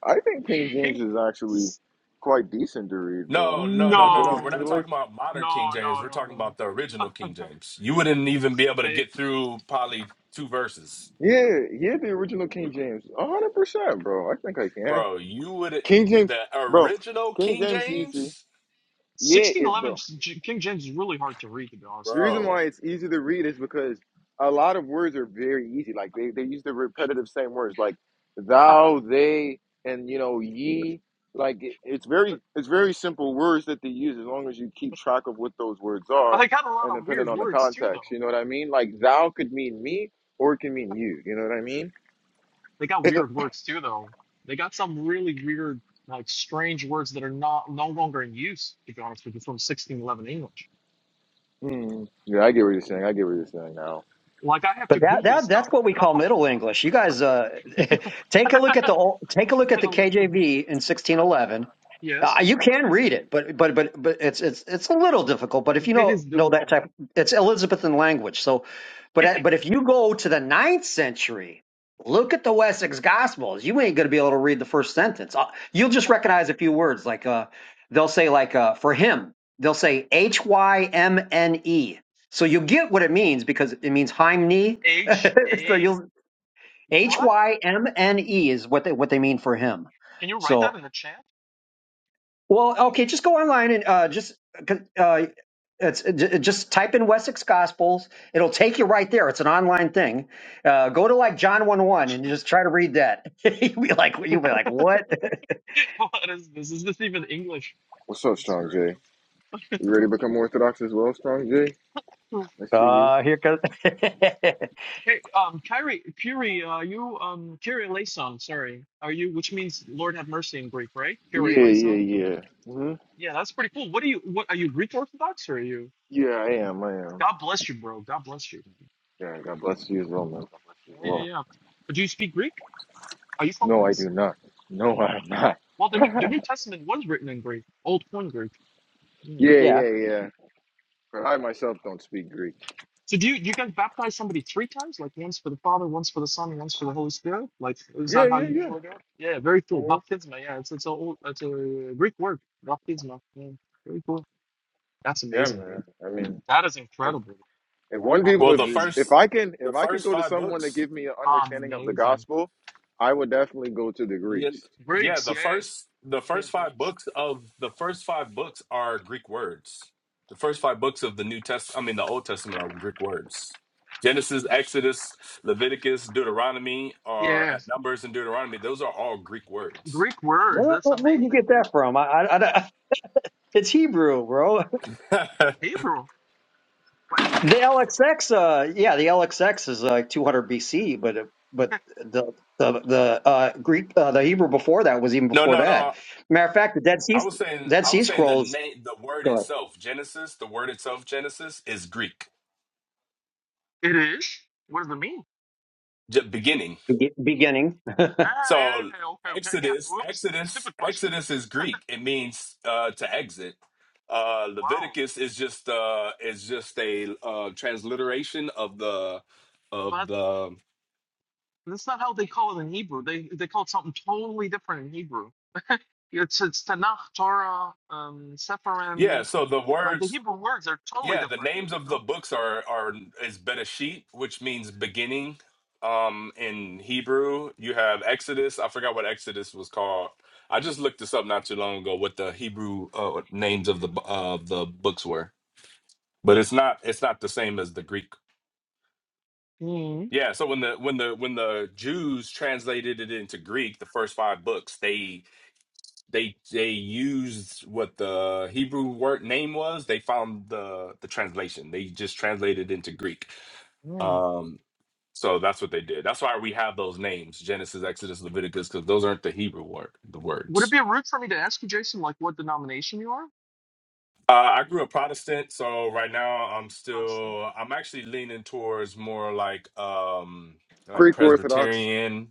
S1: I think King James
S6: King.
S1: is actually quite decent to read,
S7: No,
S1: bro. The
S7: no, no,
S1: King
S7: no, no.
S1: James
S7: We're not
S6: No,
S1: English.
S7: talking about modern King
S6: no,
S7: James.
S6: no,
S7: We're talking
S6: no,
S7: about the
S6: no.
S7: original King James. You wouldn't even be able to
S6: they
S7: get through probably two verses,
S1: Yeah, yeah, the original King James, a hundred percent, bro. I think I can.
S7: bro. You would
S1: King James,
S7: the
S1: bro.
S7: original
S1: King
S7: King
S1: James easy.
S7: James,
S1: Yeah, if
S6: 1611
S1: bro.
S6: J- King James is really hard to read, to be honest
S1: The
S6: with
S1: reason
S6: you.
S7: bro.
S1: why it's easy to read is because a lot of words are very easy. Like they, they use the repetitive same words like
S6: but
S1: thou, they, and you know, ye. Like it, it's very it's very simple words that they use as long as you keep track of what those words are
S6: they got a lot
S1: and
S6: of
S1: depending
S6: weird
S1: on the
S6: words too,
S1: context.
S6: though.
S1: You know what I mean? Like thou could mean me or it can mean you. You know what I mean?
S6: They got weird words too, though. They got some really weird, like strange words that are not no longer in use, to be honest with you, from 1611 English.
S1: Mm. Yeah, I get what you're saying. I get what you're saying now.
S6: Like I have
S5: But
S6: to
S5: that
S6: Google
S5: that that's
S6: stuff,
S5: what
S6: you
S5: we call
S6: know.
S5: Middle English. You guys, uh, take a look at the old, take a look
S6: Yeah,
S5: at the
S6: like-
S5: KJV in sixteen eleven. Uh,
S6: yes,
S5: you can read it, but but but but it's it's it's a little difficult. But if you
S6: it
S5: know
S6: is
S5: know that
S6: difficult.
S5: type, it's Elizabethan language. So, but uh, but if you go to the ninth century, look at the Wessex Gospels. You ain't gonna be able to read the first sentence. Uh, You'll just recognize a few words. Like uh, they'll say like uh, for him, they'll say H Y M N E. So you get what it means because it means hymne
S6: H
S5: so
S6: A
S5: you'll H
S6: what?
S5: Y M N E is what they what they mean for him.
S6: Can you write that
S5: So
S6: in the chat?
S5: well, okay, just go online and uh, just uh, it's uh, j- just type in Wessex Gospels. It'll take you right there. It's an online thing. Uh, go to like John one one and just try to read that. you'll be like you'll be like what?
S6: what is this? Is this even English?
S1: What's up,
S6: It's
S1: Strong
S6: crazy.
S1: J? You ready to become Orthodox as well, Strong J? I see you.
S5: Uh, here comes
S6: hey, um, Kyrie, Kyrie, uh, you, um, Kyrie eleison, sorry. Are you, which means Lord have mercy in Greek, right? Kyrie
S1: Yeah,
S6: eleison?
S1: yeah, yeah. hmm
S6: Yeah, that's pretty cool. What are you, what, are you Greek Orthodox or are you?
S1: Yeah, I am. I am.
S6: God bless you, bro. God bless you.
S1: Yeah, God bless you as well, man. God bless you as
S6: Yeah, yeah,
S1: well.
S6: yeah. But do you speak Greek? Are you from
S1: No, I
S6: Greece?
S1: do not. No,
S6: Yeah.
S1: I am not.
S6: Well, the New, the New Testament was written in Greek, Old Coin Greek. Yeah.
S1: Yeah,
S5: yeah.
S1: yeah, yeah. But I myself don't speak Greek.
S6: So do you, do you guys baptize somebody three times? Like once for the Father, once for the Son, and once for the Holy Spirit? Like is
S1: Yeah,
S6: that how
S1: yeah,
S6: you
S1: yeah.
S6: usually do it? Yeah, very cool.
S1: hmm
S6: Baptisma, yeah, it's it's a old- it's a Greek word, baptisma. Yeah, very cool. That's
S1: Yeah,
S6: amazing, dude.
S1: man. I mean,
S6: That is
S1: if,
S6: incredible.
S1: if one people,
S7: Well, the
S1: if,
S6: Amazing,
S1: if
S7: first,
S1: I can, if
S7: the
S1: I can
S7: first
S1: go to
S7: five
S1: someone that
S7: books.
S1: give me an understanding of the
S6: amazing.
S1: gospel, I would definitely go to the
S7: Yeah,
S1: Greeks,
S7: yeah.
S6: Greeks,
S7: The
S6: yes,
S7: first, the
S6: yeah, yeah,
S7: first five
S6: Greeks,
S7: books of the first five books are Greek words. The first five books of the New Test, I mean, the Old Testament are Greek words. Genesis, Exodus, Leviticus, Deuteronomy, or
S6: yeah,
S7: uh, Numbers and Deuteronomy. Those are all Greek words.
S6: Greek words.
S5: Where,
S6: That's
S5: where'd you
S6: amazing,
S5: get
S6: dude.
S5: that from? I, I, I- it's Hebrew, bro.
S7: no,
S6: Hebrew, what?
S5: The LXX, uh, yeah, the LXX is like 200 BC, but it- but the the the uh, Greek, uh, the Hebrew before that was even before
S7: no,
S5: that.
S7: no.
S5: Matter of fact, the Dead Sea
S7: I was saying,
S5: Dead
S7: I
S5: Sea
S7: was saying the
S5: Scrolls
S7: name, the word
S5: go
S7: itself, Genesis. The word itself, Genesis, is Greek.
S6: It is. What does it mean?
S7: Ge- beginning.
S5: be- beginning.
S6: Ah, yeah,
S7: So
S6: yeah, yeah, okay, okay, yeah.
S7: Exodus,
S6: Whoops,
S7: Exodus,
S6: stupid question.
S7: Exodus is Greek. It means uh, to exit. Uh,
S6: Wow.
S7: Leviticus is just uh, is just a uh, transliteration of the of the
S6: And That's not how they call it in Hebrew. They they call it something totally different in Hebrew. It's it's Tanakh, Torah, um,
S7: yeah.
S6: Sepharim.
S7: So the
S6: Like the
S7: words
S6: Hebrew words are totally
S7: yeah, the
S6: different.
S7: names
S6: You
S7: of the
S6: know.
S7: books are are is Bereshit, which means beginning. Um, in Hebrew, you have Exodus. I forgot what Exodus was called. I just looked this up not too long ago. What the Hebrew uh, names of the bu- of the books were. but it's not it's not the same as the greek
S6: mm
S7: yeah so when the when the when the jews translated it into greek the first five books they they they used what the hebrew word name was they found the the translation they just translated it into greek
S6: mm.
S7: um so that's what they did that's why we have those names genesis exodus leviticus because those aren't the hebrew word the
S6: Would it
S7: words
S6: be rude for me to ask you, Jason, like what denomination you are?
S7: uh, I grew up Protestant, so right now I'm
S6: Honestly,
S7: still I'm actually leaning towards more like um like
S1: Greek Orthodox.
S7: Presbyterian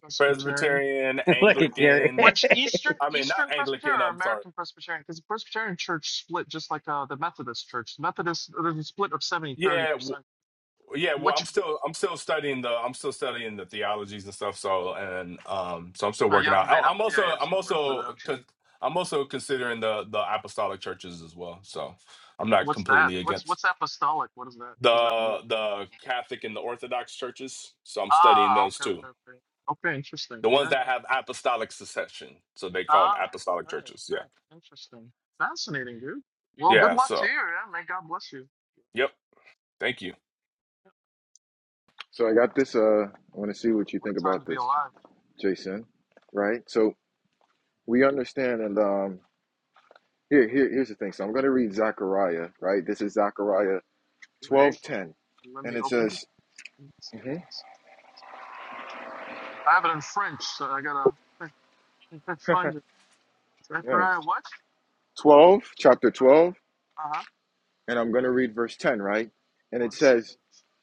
S6: Presbyterian.
S7: Presbyterian,
S5: Look at Gary.
S7: Anglican.
S6: Which Eastern
S7: I mean, not
S6: Eastern Presbyterian
S7: Anglican.
S6: or
S7: I'm sorry.
S6: American Presbyterian? Because the Presbyterian Church split just like uh, the Methodist Church. The Methodist there's a split of 70 30
S7: Yeah, w-
S6: percent.
S7: yeah. Well, I'm
S6: Which
S7: still I'm still studying the I'm still studying the theologies and stuff. So and um, so I'm still
S6: no, you
S7: working
S6: haven't
S7: out. I,
S6: made up.
S7: I'm
S6: Yeah,
S7: also
S6: you're
S7: I'm
S6: still working it
S7: also
S6: out. Yeah.
S7: con- I'm also considering the the apostolic churches as well. So I'm not
S6: What's that?
S7: completely
S6: What's
S7: against
S6: what's apostolic? What is that? What does that mean?
S7: the the Catholic and the Orthodox churches. So I'm studying
S6: Ah,
S7: those
S6: okay,
S7: too.
S6: okay, okay. Okay, interesting.
S7: The ones
S6: Yeah,
S7: that
S6: yeah.
S7: have apostolic succession. So they call it
S6: Ah,
S7: apostolic
S6: okay,
S7: churches.
S6: okay.
S7: Yeah.
S6: Interesting. Fascinating, dude. Well, good
S7: Yeah.
S6: luck to
S7: So
S6: you, yeah. May God bless you.
S7: yep. Thank you.
S6: Yep.
S1: So I
S6: yeah.
S1: got this. Uh, I want to see what you
S6: What
S1: think
S6: a time
S1: about
S6: to be
S1: this,
S6: alive.
S1: Jason. Right. So we understand, and um, here, here, here's the thing. So I'm going to read Zechariah. Right. This is Zechariah
S6: Wait,
S1: twelve ten,
S6: let
S1: and
S6: me
S1: it
S6: open
S1: says,
S6: it.
S1: hmm
S6: I have it in French, so I gotta I can't find it.
S1: yes,
S6: Zechariah what?
S1: twelve, chapter
S6: Uh
S1: twelve,
S6: huh.
S1: and I'm going to read verse ten, right? And it
S6: One second.
S1: says,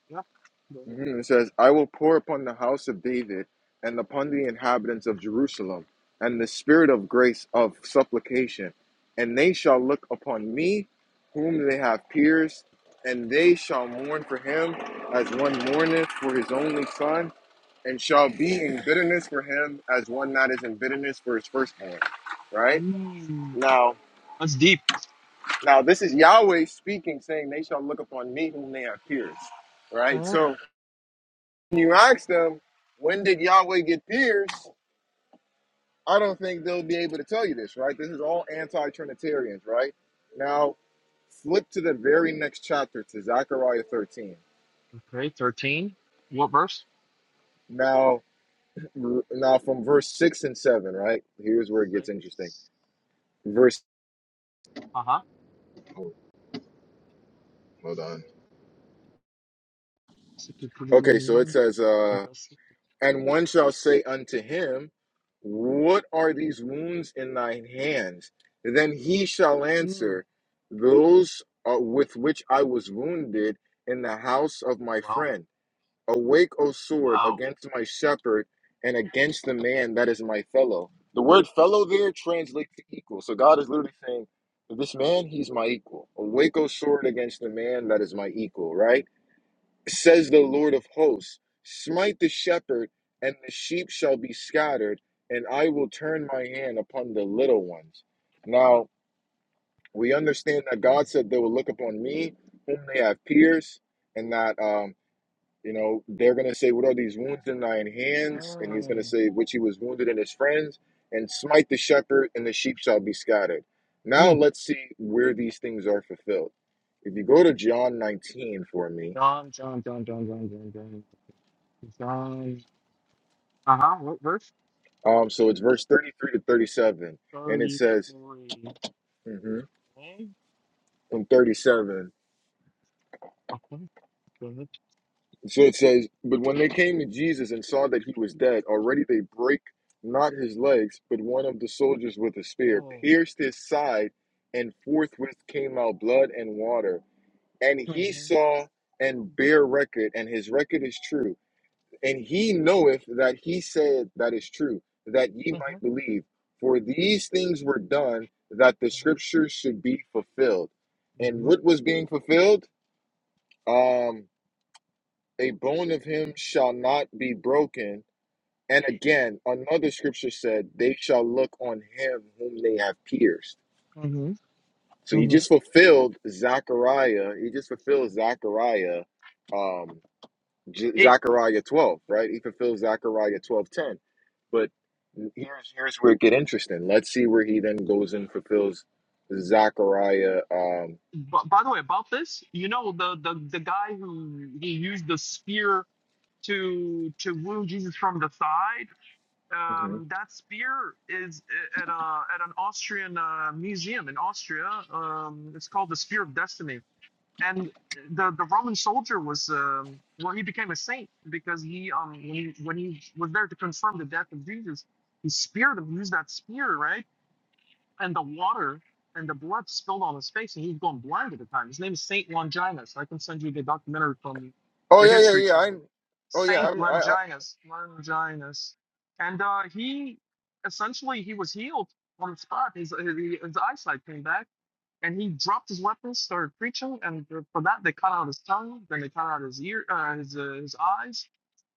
S6: Yep. Go ahead.
S1: mhm, it says, I will pour upon the house of David and upon the inhabitants of Jerusalem, and the spirit of grace of supplication, and they shall look upon me, whom they have pierced, and they shall mourn for him as one mourneth for his only son. And shall be in bitterness for him as one that is in bitterness for his firstborn, right?
S6: Mm,
S1: Now,
S6: that's deep.
S1: now this is Yahweh speaking, saying, "They shall look upon me whom they have pierced." Right.
S6: Oh.
S1: So when you ask them, when did Yahweh get pierced? I don't think they'll be able to tell you this. Right. This is all anti-Trinitarians. Right. Now, flip to the very next chapter to Zechariah 13.
S6: Okay, 13. What verse?
S1: Now, now from verse six and seven. Right. Here's where it gets interesting.
S6: Six.
S1: Verse.
S6: Aha.
S1: Hold on.
S6: C'est pour les
S1: Okay, so it
S6: Minions,
S1: says. uh,
S6: c'est passé
S1: And
S6: pour
S1: one shall say unto him, What are these wounds in thine hands? Then he shall answer, Those are with which I was wounded in the house of my
S6: Wow.
S1: friend. Awake, O sword,
S6: Wow.
S1: against my shepherd and against the man that is my fellow. The word fellow there translates to equal. So God is literally saying, This man, he's my equal. Awake, O sword, against the man that is my equal, right? says the Lord of hosts, smite the shepherd, and the sheep shall be scattered, and I will turn my hand upon the little ones.
S6: Mm,
S1: Now, we understand that God
S6: Yes.
S1: said they will look upon me, whom they have pierced, and that, um, you know, they're going to say, What are these wounds in thine hands? And he's going to
S6: mm,
S1: say, Which he was wounded in his friends, and smite the shepherd, and the sheep shall be scattered. Now,
S6: mm.
S1: let's see where these things are fulfilled. If you go to John 19 for me,
S6: John, John, John, John, John, John, John. John. Aha, what verse?
S1: Um, so it's verse 33 to 37, and it says,
S6: 33.
S1: Mhm.
S6: Okay.
S1: from 37.
S6: Okay, good.
S1: So it says, But when they came to Jesus and saw that he was dead, already they break not his legs, but one of the soldiers with a spear
S6: Oh.
S1: pierced his side, and forthwith came out blood and water. And he
S6: Mm-hmm.
S1: saw and bare record, and his record is true And he knoweth that he said that is true, that ye
S6: Mm-hmm.
S1: might believe. For these things were done that the scriptures should be fulfilled. And
S6: Mm-hmm.
S1: what was being fulfilled? Um, a bone of him shall not be broken. And again, another scripture said, They shall look on him whom they have pierced.
S6: Mm-hmm.
S1: So he
S6: Mm-hmm.
S1: just fulfilled Zechariah. He just fulfilled Zechariah, um, J-
S6: Hey,
S1: Zechariah 12, right? He fulfilled Zechariah 12:10. but. here's here's where it get interesting. Let's see where he then goes and fulfills Zachariah. Um,
S6: b- by the way, about this, you know the the the guy who he used the spear to to woo Jesus from the side.
S1: mhm.
S6: Um, that spear is at a at an Austrian uh, museum in Austria. Um, it's called the Spear of Destiny, and the the Roman soldier was um, well, he became a saint because he um when he, when he was there to confirm the death of Jesus, he speared him, used that spear, right? and the water and the blood spilled on his face, and he was going blind at the time. His name is Saint Longinus. I can send you the documentary from
S1: Oh
S6: the
S1: yeah, yeah,
S6: History
S1: yeah. I.
S6: Channel.
S1: Oh yeah,
S6: Saint
S1: I'm. I. I
S6: Longinus, Longinus, and uh, he essentially he was healed on the spot. His, his his eyesight came back, and he dropped his weapons, started preaching, and for that they cut out his tongue, then they cut out his ear, uh, his uh, his eyes,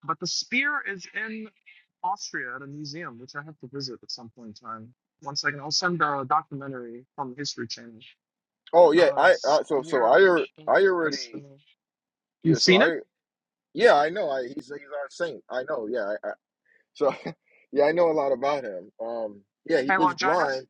S6: but the spear is in Austria at a museum, which I have to visit at some point in time. One second, I'll send a documentary from the History Channel.
S1: oh yeah,
S6: The
S1: I. Uh, so so
S6: Spear
S1: I. al-
S6: of
S1: I already.
S6: Destiny.
S1: Yeah.
S6: You've
S1: So
S6: seen it?
S1: I. Yeah, I know. I. He's he's our saint. I know. Yeah. I, I, so yeah, I know a lot about him. Um. Yeah, he
S6: And
S1: was blind
S6: Longinus?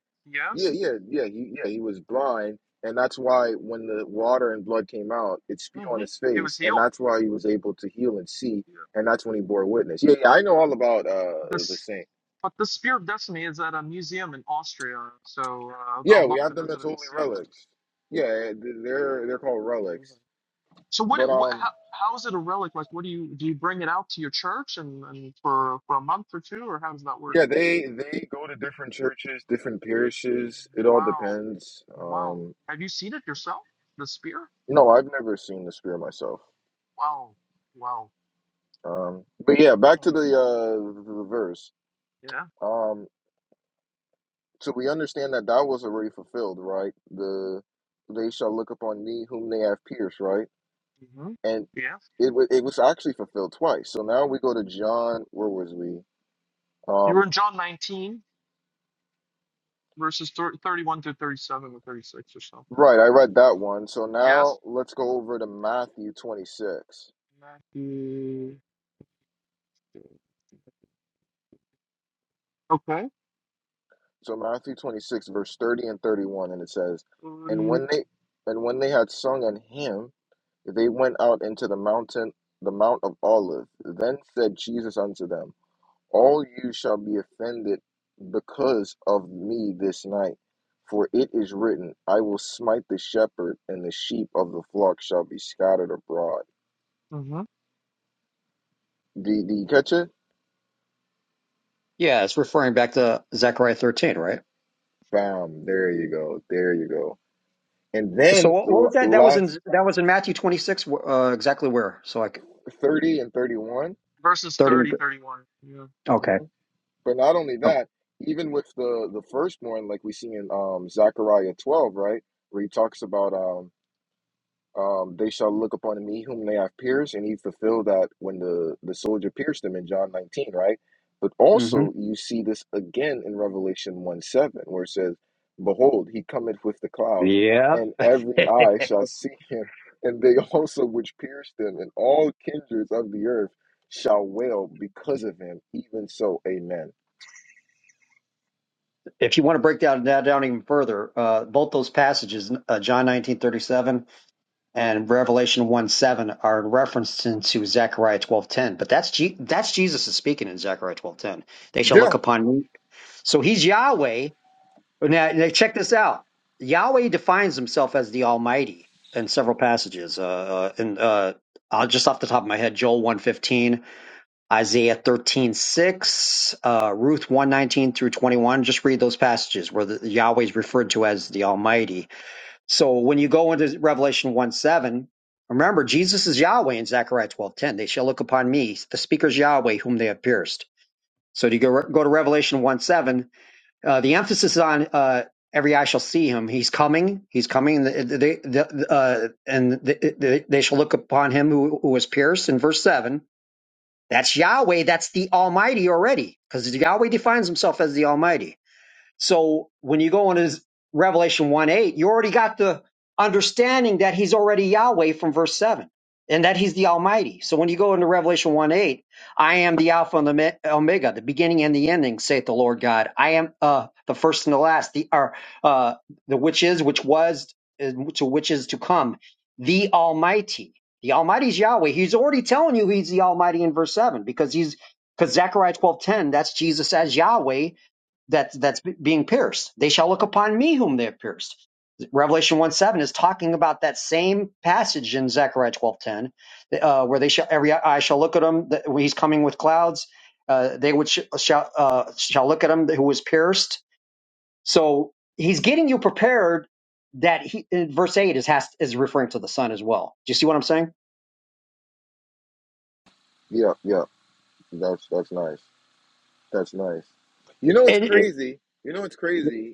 S1: Yeah,
S6: Yes.
S1: yeah, yeah. He yeah, he was blind, and that's why when the water and blood came out, it spewed on
S6: Mm-hmm.
S1: his
S6: He was
S1: face, and
S6: healed.
S1: that's why he was able to heal and see,
S6: Yeah.
S1: and that's when he bore witness. Yeah, yeah, I know all about uh the
S6: This,
S1: saint.
S6: but the Spear of Destiny is at a museum in Austria, so uh, I
S1: Yeah,
S6: would
S1: we
S6: love
S1: have
S6: to
S1: them
S6: visit
S1: as
S6: it
S1: holy
S6: and see it.
S1: relics. Yeah, they're they're called
S6: Amazing.
S1: relics.
S6: So what?
S1: But
S6: It, what
S1: um
S6: how, how is it a relic? Like, what do you do? You bring it out to your church and, and for for a month or two, or how does that work?
S1: yeah, they they go to different churches, different parishes. It all
S6: Wow.
S1: depends.
S6: Wow.
S1: Um
S6: Have you seen it yourself? The spear?
S1: no, I've never seen the spear myself.
S6: Wow. Wow.
S1: Um but yeah, back to the
S6: Crazy.
S1: uh the verse.
S6: Yeah.
S1: Um So we understand that that was already fulfilled, right? The they shall look upon me whom they have pierced, right?
S6: hmm
S1: And
S6: Yeah.
S1: it wa- it was actually fulfilled twice. So now we go to John. Where was we?
S6: You were
S1: Um,
S6: in John 19, verses thir- 31 to 37 or 36 or so.
S1: right. I read that one. So now
S6: Yes.
S1: let's go over to Matthew twenty six.
S6: Matthew. Okay.
S1: So Matthew twenty six, verse thirty and thirty one, and it says, "And when
S6: 30.
S1: they and when they had sung an hymn, they went out into the mountain, the Mount of Olives. Then said Jesus unto them." all you shall be offended because of me this night. For it is written, I will smite the shepherd, and the sheep of the flock shall be scattered abroad.
S6: hmm
S1: Do, do you catch it?
S5: yeah, it's referring back to Zechariah 13, right?
S1: Bam. There you go. There you go. And
S5: So
S1: then
S5: what, what
S1: l-
S5: was that? That was in
S1: last
S5: that was in Matthew 26. Uh, exactly where? So like
S1: 30 and 31.
S6: Verses
S1: But
S5: 30.
S6: 30, 31. Yeah.
S5: Okay.
S1: mhm. but not only
S5: oh,
S1: that, even with the, the firstborn, like we see in um, Zechariah 12, right? Where he talks about um, um, they shall look upon me whom they have pierced, and he fulfilled that when the, the soldier pierced him in John 19, right? But
S5: Mm-hmm.
S1: also, you see this again in Revelation 1 7, where it says, Behold, he cometh with the clouds,
S5: Yeah.
S1: and every eye shall see him, and they also which pierced him, and all kindreds of the earth shall wail because of him. Even so, amen.
S5: if you want to break down that down even further, uh, both those passages, uh, John 19:37. and Revelation 1 7 are in reference to Zechariah twelve ten. But that's Je- that's Jesus is speaking in Zechariah twelve ten. They shall
S1: Yeah.
S5: look upon me. So he's Yahweh. Now, now check this out. Yahweh defines himself as the Almighty in several passages. Uh, uh, and uh, i just off the top of my head, Joel one fifteen, Isaiah thirteen six, uh, Ruth one nineteen through 21. Just read those passages where the, Yahweh is referred to as the Almighty so when you go into Revelation 1 7, remember Jesus is Yahweh in Zechariah twelve ten. They shall look upon me, the speaker is Yahweh, whom they have pierced. So to go, go to Revelation 1 7, uh, the emphasis is on uh, every eye shall see him. He's coming, he's coming, the, the, the, uh, and the, they shall look upon him who, who was pierced in verse 7. That's Yahweh, that's the Almighty already, because Yahweh defines himself as the Almighty. So when you go into Revelation 1 8, you already got the understanding that he's already Yahweh from verse 7 and that he's the Almighty. So when you go into Revelation 1 8, I am the Alpha and the Me- Omega, the beginning and the ending, saith the Lord God. I am uh, the first and the last, the, or, uh, the which is, which was, and to which is to come, the Almighty. The Almighty is Yahweh. He's already telling you he's the Almighty in verse 7 because he's because Zechariah twelve ten, that's Jesus as Yahweh that's that's being pierced. They shall look upon me whom they have pierced. Revelation 1 7 is talking about that same passage in Zechariah twelve ten, uh, where they shall every eye shall look at him that, when he's coming with clouds. Uh, they which shall uh, shall look at him who was pierced. So he's getting you prepared. That he in verse eight is has is referring to the sun as well. Do you see what I'm saying?
S1: Yeah, yeah, that's that's nice. That's nice. You know what's
S5: And, and
S1: crazy? You know what's crazy?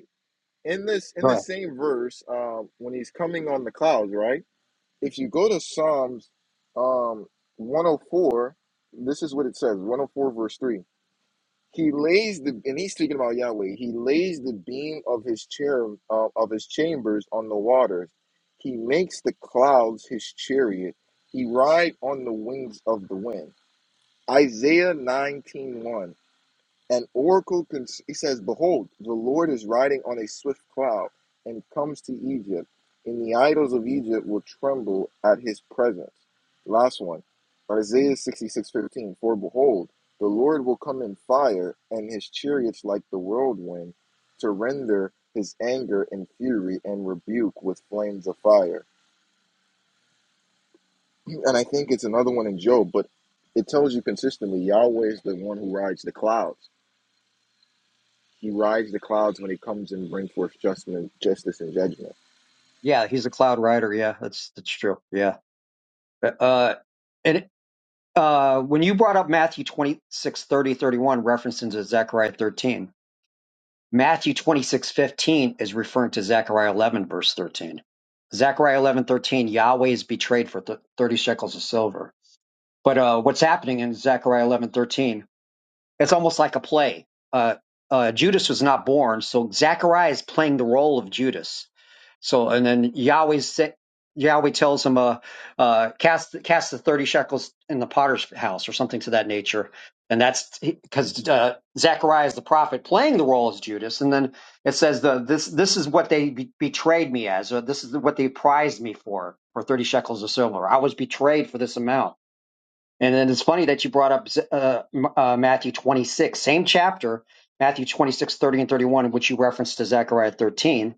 S1: in this in the
S5: Right.
S1: same verse um, when he's coming on the clouds right if you go to psalms um, 104 this is what it says 104 verse 3 he lays the and he's speaking about yahweh he lays the beam of his chair uh, of his chambers on the waters he makes the clouds his chariot he ride on the wings of the wind isaiah nineteen one. An oracle, con- he says, Behold, the Lord is riding on a swift cloud and comes to Egypt, and the idols of Egypt will tremble at his presence. Last one, Isaiah sixty-six fifteen. For behold, the Lord will come in fire, and his chariots like the whirlwind, to render his anger and fury and rebuke with flames of fire. And I think it's another one in Job, but it tells you consistently Yahweh is the one who rides the clouds He rides the clouds when he comes and brings forth justice, justice and judgment.
S5: Yeah, he's a cloud rider. Yeah, that's that's true. Yeah. Uh, and uh, when you brought up Matthew twenty six thirty thirty one 30, referencing to Zechariah 13, Matthew 26 15 is referring to Zechariah 11, verse 13. Zechariah 11 13, Yahweh is betrayed for th- 30 shekels of silver. But uh, what's happening in Zechariah 11 13? It's almost like a play. Uh, uh, Judas was not born, so Zechariah is playing the role of Judas. So, and then Yahweh sa- Yahweh tells him, uh, uh, cast cast the thirty shekels in the potter's house, or something to that nature. And that's because uh, Zechariah is the prophet playing the role as Judas. And then it says the this this is what they be- betrayed me as. Or this is what they prized me for for thirty shekels of silver. I was betrayed for this amount. And then it's funny that you brought up uh, uh, Matthew 26, same chapter, Matthew 26 30 and 31, which you referenced to Zechariah 13.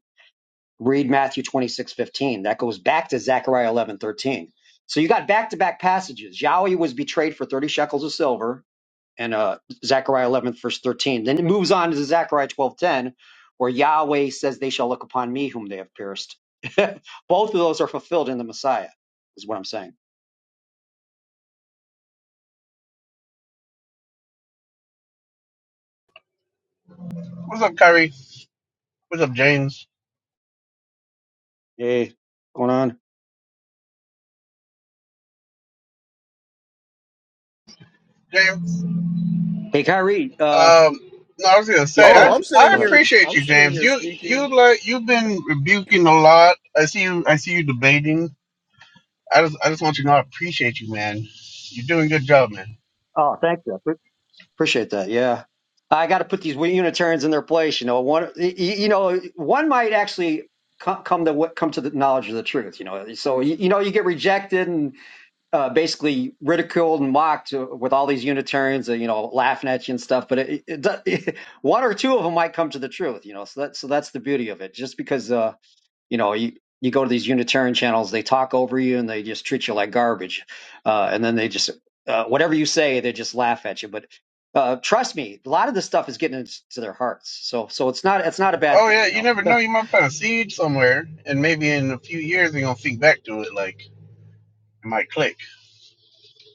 S5: Read Matthew 26 15, That goes back to Zechariah 11 13. So you got back to back passages. Yahweh was betrayed for 30 shekels of silver and uh, Zechariah 11, verse 13. Then it moves on to Zechariah 12 10, where Yahweh says, They shall look upon me whom they have pierced. Both of those are fulfilled in the Messiah, is what I'm saying.
S8: What's up, Kyrie? What's up, James?
S5: Hey, what's going on?
S8: James. Um,
S5: Hey, Kyrie, uh,
S8: no, I was gonna
S5: Yeah,
S8: say
S5: go
S8: I
S1: Oh,
S5: ahead.
S1: I'm sitting
S8: I
S5: Go ahead.
S1: here.
S8: appreciate
S1: I'm
S8: you,
S1: sitting
S8: James.
S1: here
S8: You
S1: speaking.
S8: you like you've been rebuking a lot. I see you. I see you debating. I just I just want you to know I appreciate you, man. You're doing a good job, man.
S5: Oh, thank you. But- Appreciate that. Yeah. I got to put these Unitarians in their place. You know, one, y- y- you know, one might actually co- come to what come to the knowledge of the truth. You know, so y- you know, you get rejected and uh, basically ridiculed and mocked uh, with all these Unitarians, uh, you know, laughing at you and stuff. But it, it, do- one or two of them might come to the truth. You know, so that so that's the beauty of it. Just because. Uh, you know you you go to these unitarian channels they talk over you and they just treat you like garbage uh and then they just uh, whatever you say they just laugh at you but uh trust me a lot of this stuff is getting into their hearts so so it's not it's not a bad
S8: Oh
S5: thing
S8: yeah,
S5: you
S8: you
S5: know
S8: never know. You might plant a seed somewhere, and maybe in a few years you're gonna think back to it. Like it might click.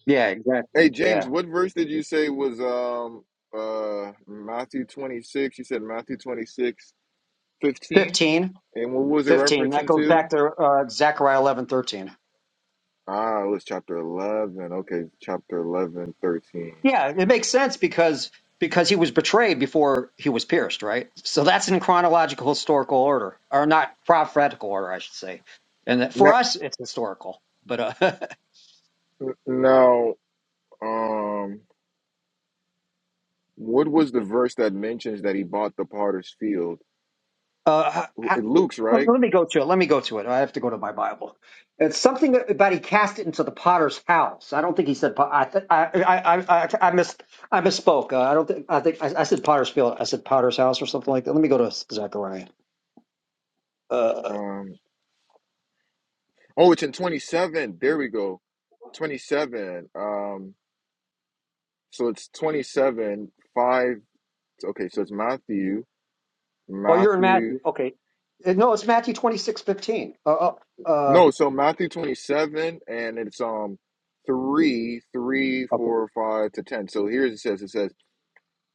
S5: yeah exactly
S1: Hey, James,
S5: yeah
S1: what verse did you say was um uh Matthew 26? You said Matthew 26 15.
S5: 15
S1: And what was it
S5: 15 that
S1: referencing
S5: goes
S1: to?
S5: back to uh zechariah eleven thirteen.
S1: Ah, it was chapter 11. Okay, chapter eleven thirteen.
S5: Yeah, it makes sense because because he was betrayed before he was pierced, right? So that's in chronological historical order, or not prophetical order, I should say. And that, for us, it's historical. But uh,
S1: Now, now um, what was the verse that mentions that he bought the potter's field?
S5: uh, I,
S1: Luke's,
S5: let
S1: right?
S5: let me go to it. Let me go to it. I have to go to my Bible. It's something about he cast it into the potter's house. I don't think he said. po- I th- I, I I I I mis I misspoke. Uh, I don't think I think I, I said potter's field. I said potter's house or something like that. Let me go to Zechariah. Uh,
S1: Um, oh, it's in 27. There we go. 27. Um, so it's 27, 5. Okay, so it's Matthew,
S5: Oh, you're in
S1: Matthew.
S5: Matthew. Okay. Uh, No, it's Matthew twenty six fifteen. Uh, uh, uh,
S1: No, so Matthew 27, and it's um 3, 3,
S5: okay.
S1: four, 5 to 10. So here's it says, it says,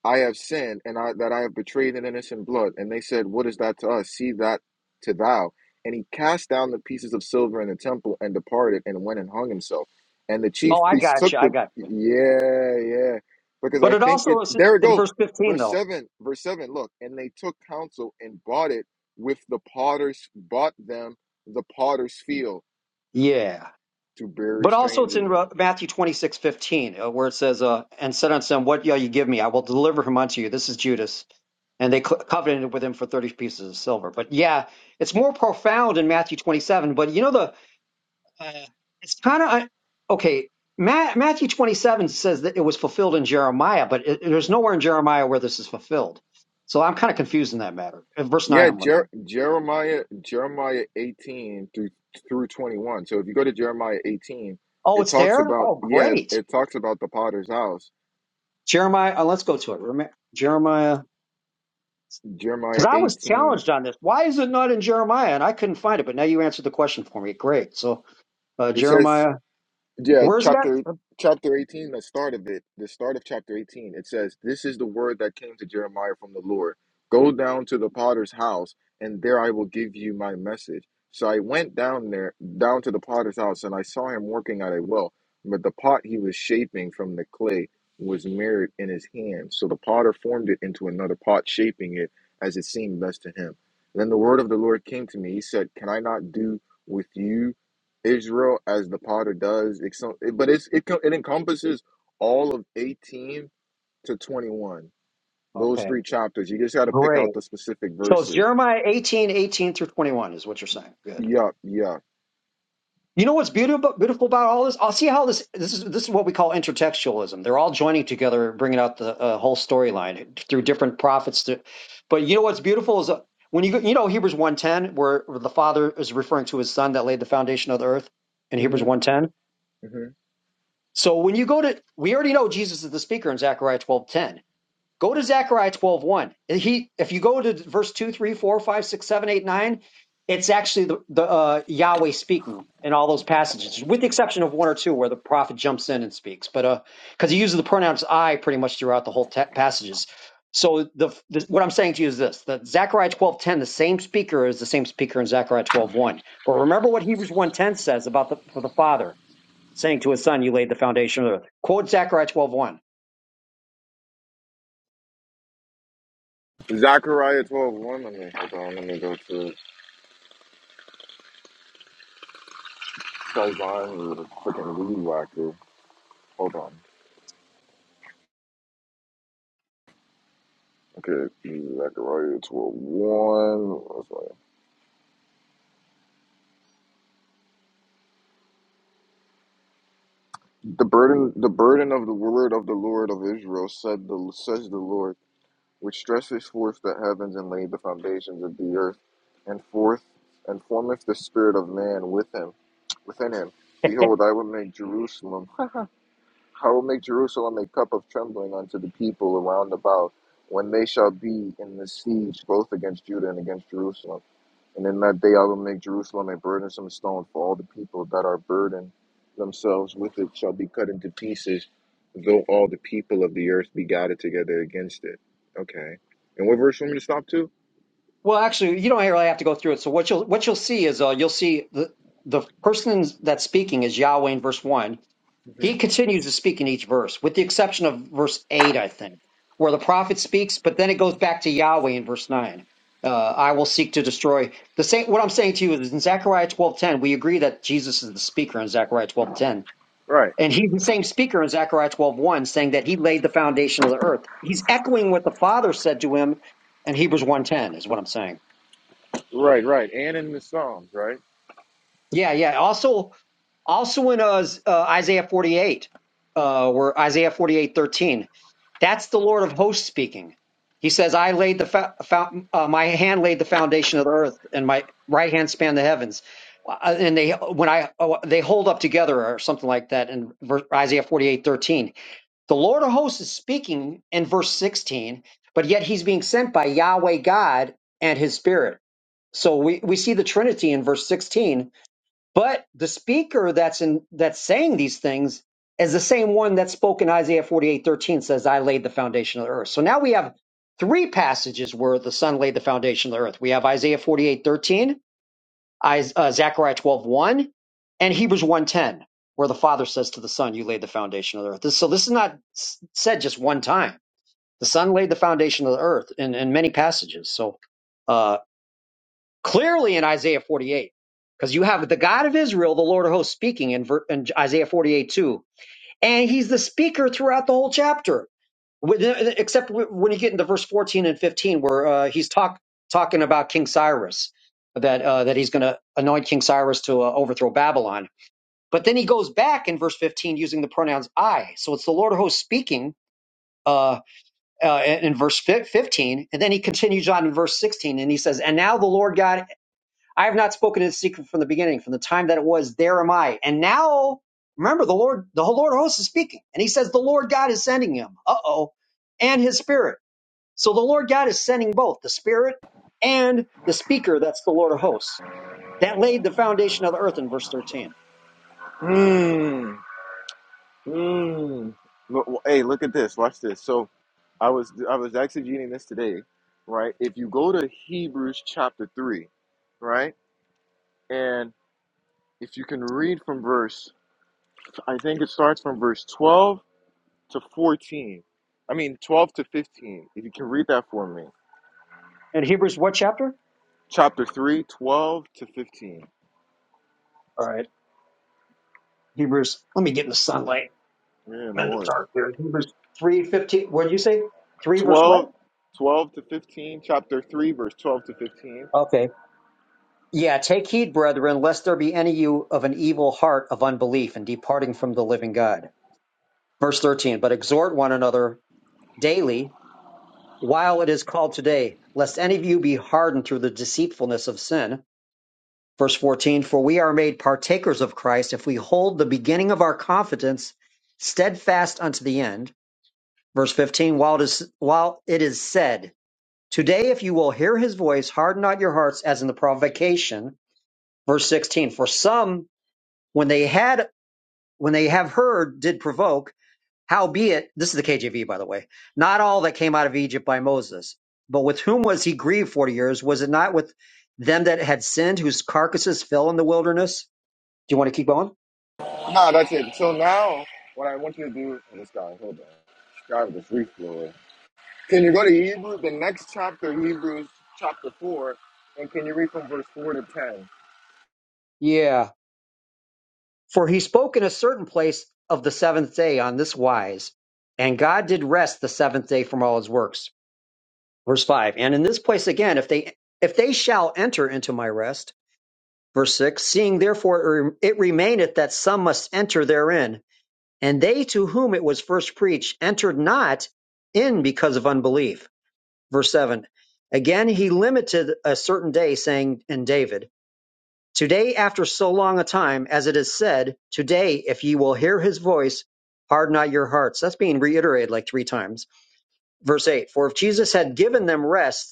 S1: I have sinned, and I that I have betrayed an innocent blood. And they said, What is that to us? See that to thou. And he cast down the pieces of silver in the temple and departed and went and hung himself. And the
S5: Oh,
S1: chief
S5: I
S1: priests
S5: got
S1: took
S5: you. I
S1: the
S5: got you.
S1: yeah, yeah. Because
S5: But
S1: I
S5: it
S1: think
S5: also
S1: it
S5: is
S1: there we
S5: in
S1: go.
S5: verse 15,
S1: Verse
S5: though.
S1: seven, verse seven, look, and they took counsel and bought it with the potters bought them the potter's field
S5: Yeah.
S1: to bury
S5: But also it's
S1: strangers
S5: in
S1: in.
S5: Re- Matthew twenty six fifteen, uh, where it says, uh, And said unto them, What shall you give me? I will deliver him unto you. This is Judas. And they co- covenanted with him for 30 pieces of silver. But yeah, it's more profound in Matthew 27. But you know, the Uh, it's kind of okay. Ma- Matthew 27 says that it was fulfilled in Jeremiah, but it, there's nowhere in Jeremiah where this is fulfilled. So I'm kind of confused in that matter. Uh, Verse 9,
S1: Yeah,
S5: I'm looking at.
S1: Jer- Jeremiah Jeremiah 18 through through 21. So if you go to Jeremiah 18,
S5: Oh,
S1: it
S5: it's
S1: talks
S5: there?
S1: about
S5: Oh,
S1: yeah,
S5: great.
S1: it talks about the potter's house.
S5: Jeremiah, uh, let's go to it. Rema- Jeremiah. Because
S1: Jeremiah
S5: I was
S1: 18.
S5: challenged on this. Why is it not in Jeremiah? And I couldn't find it, but now you answered the question for me. Great. So, uh,
S1: It says
S5: Jeremiah,
S1: Yeah,
S5: where is it at?
S1: chapter
S5: Uh,
S1: chapter 18, the start of it, the start of chapter 18, it says, This is the word that came to Jeremiah from the Lord. Go down to the potter's house, and there I will give you my message. So I went down there, down to the potter's house, and I saw him working at a well. But the pot he was shaping from the clay was mirrored in his hand. So the potter formed it into another pot, shaping it as it seemed best to him. Then the word of the Lord came to me. He said, Can I not do with you? Israel as the potter does, ex- but it's it, co- it encompasses all of 18 to 21. Those
S5: Okay,
S1: three chapters. You just got to pick
S5: great.
S1: out the specific
S5: So it's
S1: verses.
S5: Jeremiah 18, 18 through 21 is what you're saying. Good.
S1: Yup, yup.
S5: You know what's beautiful beautiful about all this? I'll see how this this is this is what we call intertextualism. They're all joining together, bringing out the uh, whole storyline through different prophets. To, but you know what's beautiful is uh, when you go- you know Hebrews one ten, where the Father is referring to His Son that laid the foundation of the earth in Hebrews
S1: hmm
S5: one ten.
S1: hmm
S5: So when you go to, we already know Jesus is the speaker in Zechariah twelve ten. Go to Zechariah twelve one. He, if you go to verse 2 3 4 5 6 7 8 9, it's actually the, the uh, Yahweh speaking in all those passages, with the exception of one or two where the prophet jumps in and speaks. But because uh, he uses the pronouns I pretty much throughout the whole te- passages. So the, the what I'm saying to you is this: that Zechariah 12:10, the same speaker is the same speaker in Zechariah twelve one. But remember what Hebrews one ten says about the for the Father saying to his Son, "You laid the foundation of the earth." Quote Zechariah twelve one.
S1: Zechariah 12, one. Let me hold on. Let me go to Sazan with a freaking weed whacker. Hold on. Okay, Zechariah twelve one. The burden, the burden of the word of the Lord of Israel said the says the Lord. which stretcheth forth the heavens and laid the foundations of the earth, and forth and formeth the spirit of man with him within him. Behold, I will make Jerusalem I will make Jerusalem a cup of trembling unto the people around about, when they shall be in the siege both against Judah and against Jerusalem. And in that day I will make Jerusalem a burdensome stone for all the people that are burdened themselves with it shall be cut into pieces though all the people of the earth be gathered together against it. Okay. And what verse you want me to stop to?
S5: Well, actually, you don't really have to go through it. So what you'll what you'll see is uh, you'll see the the person that's speaking is Yahweh in verse one.
S1: hmm
S5: He continues to speak in each verse, with the exception of verse eight, I think, where the prophet speaks, but then it goes back to Yahweh in verse nine. Uh, I will seek to destroy the same. What I'm saying to you is in Zechariah twelve ten, we agree that Jesus is the speaker in Zechariah twelve ten.
S1: Right,
S5: And he's the same speaker in Zechariah 12:1 saying that he laid the foundation of the earth. He's echoing what the Father said to him in Hebrews 1:10 is what I'm saying.
S1: right, right. And in the Psalms, right?
S5: Yeah, yeah. Also, also in uh, uh, Isaiah 48, uh, where Isaiah 48 13, that's the Lord of hosts speaking. He says, I laid the, fa- fou- uh, my hand laid the foundation of the earth and my right hand spanned the heavens. Uh, and they, when I, oh, they hold up together or something like that in verse, Isaiah 48 13, The Lord of hosts is speaking in verse 16, but yet he's being sent by Yahweh God and his spirit. So we, we see the Trinity in verse 16 but the speaker that's in that's saying these things is the same one that spoke in Isaiah 48 13 says, I laid the foundation of the earth. So now we have three passages where the son laid the foundation of the earth. We have Isaiah 48 13, Is- uh, Zechariah twelve one, and Hebrews one 10, where the father says to the son, you laid the foundation of the earth. This- so this is not s- said just one time. The son laid the foundation of the earth in, in many passages. So, uh, clearly in Isaiah 48, because you have the God of Israel, the Lord of hosts, speaking in, ver- in Isaiah 48 too, and he's the speaker throughout the whole chapter, with, except when you get into verse 14 and 15, where uh, he's talk talking about King Cyrus, that uh, that he's going to anoint King Cyrus to uh, overthrow Babylon. But then he goes back in verse 15 using the pronouns I, so it's the Lord of hosts speaking. Uh, uh, in verse 15, and then he continues on in verse 16, and he says, "And now the Lord God I have not spoken in secret from the beginning, from the time that it was, there am I. And now, remember, the Lord, the whole Lord of hosts is speaking. And he says, the Lord God is sending him. Uh oh. And his spirit. So the Lord God is sending both the spirit and the speaker. That's the Lord of hosts. That laid the foundation of the earth in verse 13.
S1: Hmm. Hmm. Look, well, hey, look at this. Watch this. So I was I was exegeting this today, right? If you go to Hebrews chapter three, right? And if you can read from verse I think it starts from verse twelve to fourteen. I mean twelve to fifteen. If you can read that for me.
S5: And Hebrews, what chapter?
S1: chapter 3, 12 to 15.
S5: All right. Hebrews, let me get in the sunlight.
S1: Yeah,
S5: I'm
S1: no
S5: in the
S1: worries.
S5: dark here. Hebrews 3 15. What did you say? 3 verse what?
S1: 12, 12 to 15, chapter 3, verse 12 to 15.
S5: Okay. Yeah, take heed, brethren, lest there be any of you of an evil heart of unbelief and departing from the living God. Verse 13, but exhort one another daily while it is called today, lest any of you be hardened through the deceitfulness of sin. Verse 14, for we are made partakers of Christ if we hold the beginning of our confidence steadfast unto the end. Verse 15, while it is, while it is said, today if you will hear his voice, harden not your hearts as in the provocation. Verse 16, for some when they had when they have heard did provoke howbeit this is the kjv by the way not all that came out of egypt by moses but with whom was he grieved 40 years was it not with them that had sinned whose carcasses fell in the wilderness do you want to keep going
S1: Nah, that's it. So now, what I want you to do, oh, this guy, hold on. This guy with the free floor. Can you go to Hebrews, the next chapter, Hebrews chapter 4, and can you read from verse 4 to 10?
S5: yeah for he spoke in a certain place of the seventh day on this wise and god did rest the seventh day from all his works verse 5 and in this place again if they if they shall enter into my rest Verse 6 Seeing therefore it remaineth that some must enter therein, and they to whom it was first preached entered not in because of unbelief. Verse 7 Again he limited a certain day, saying in David, Today, after so long a time, as it is said, Today, if ye will hear his voice, harden not your hearts. That's being reiterated like three times. Verse 8 For if Jesus had given them rest,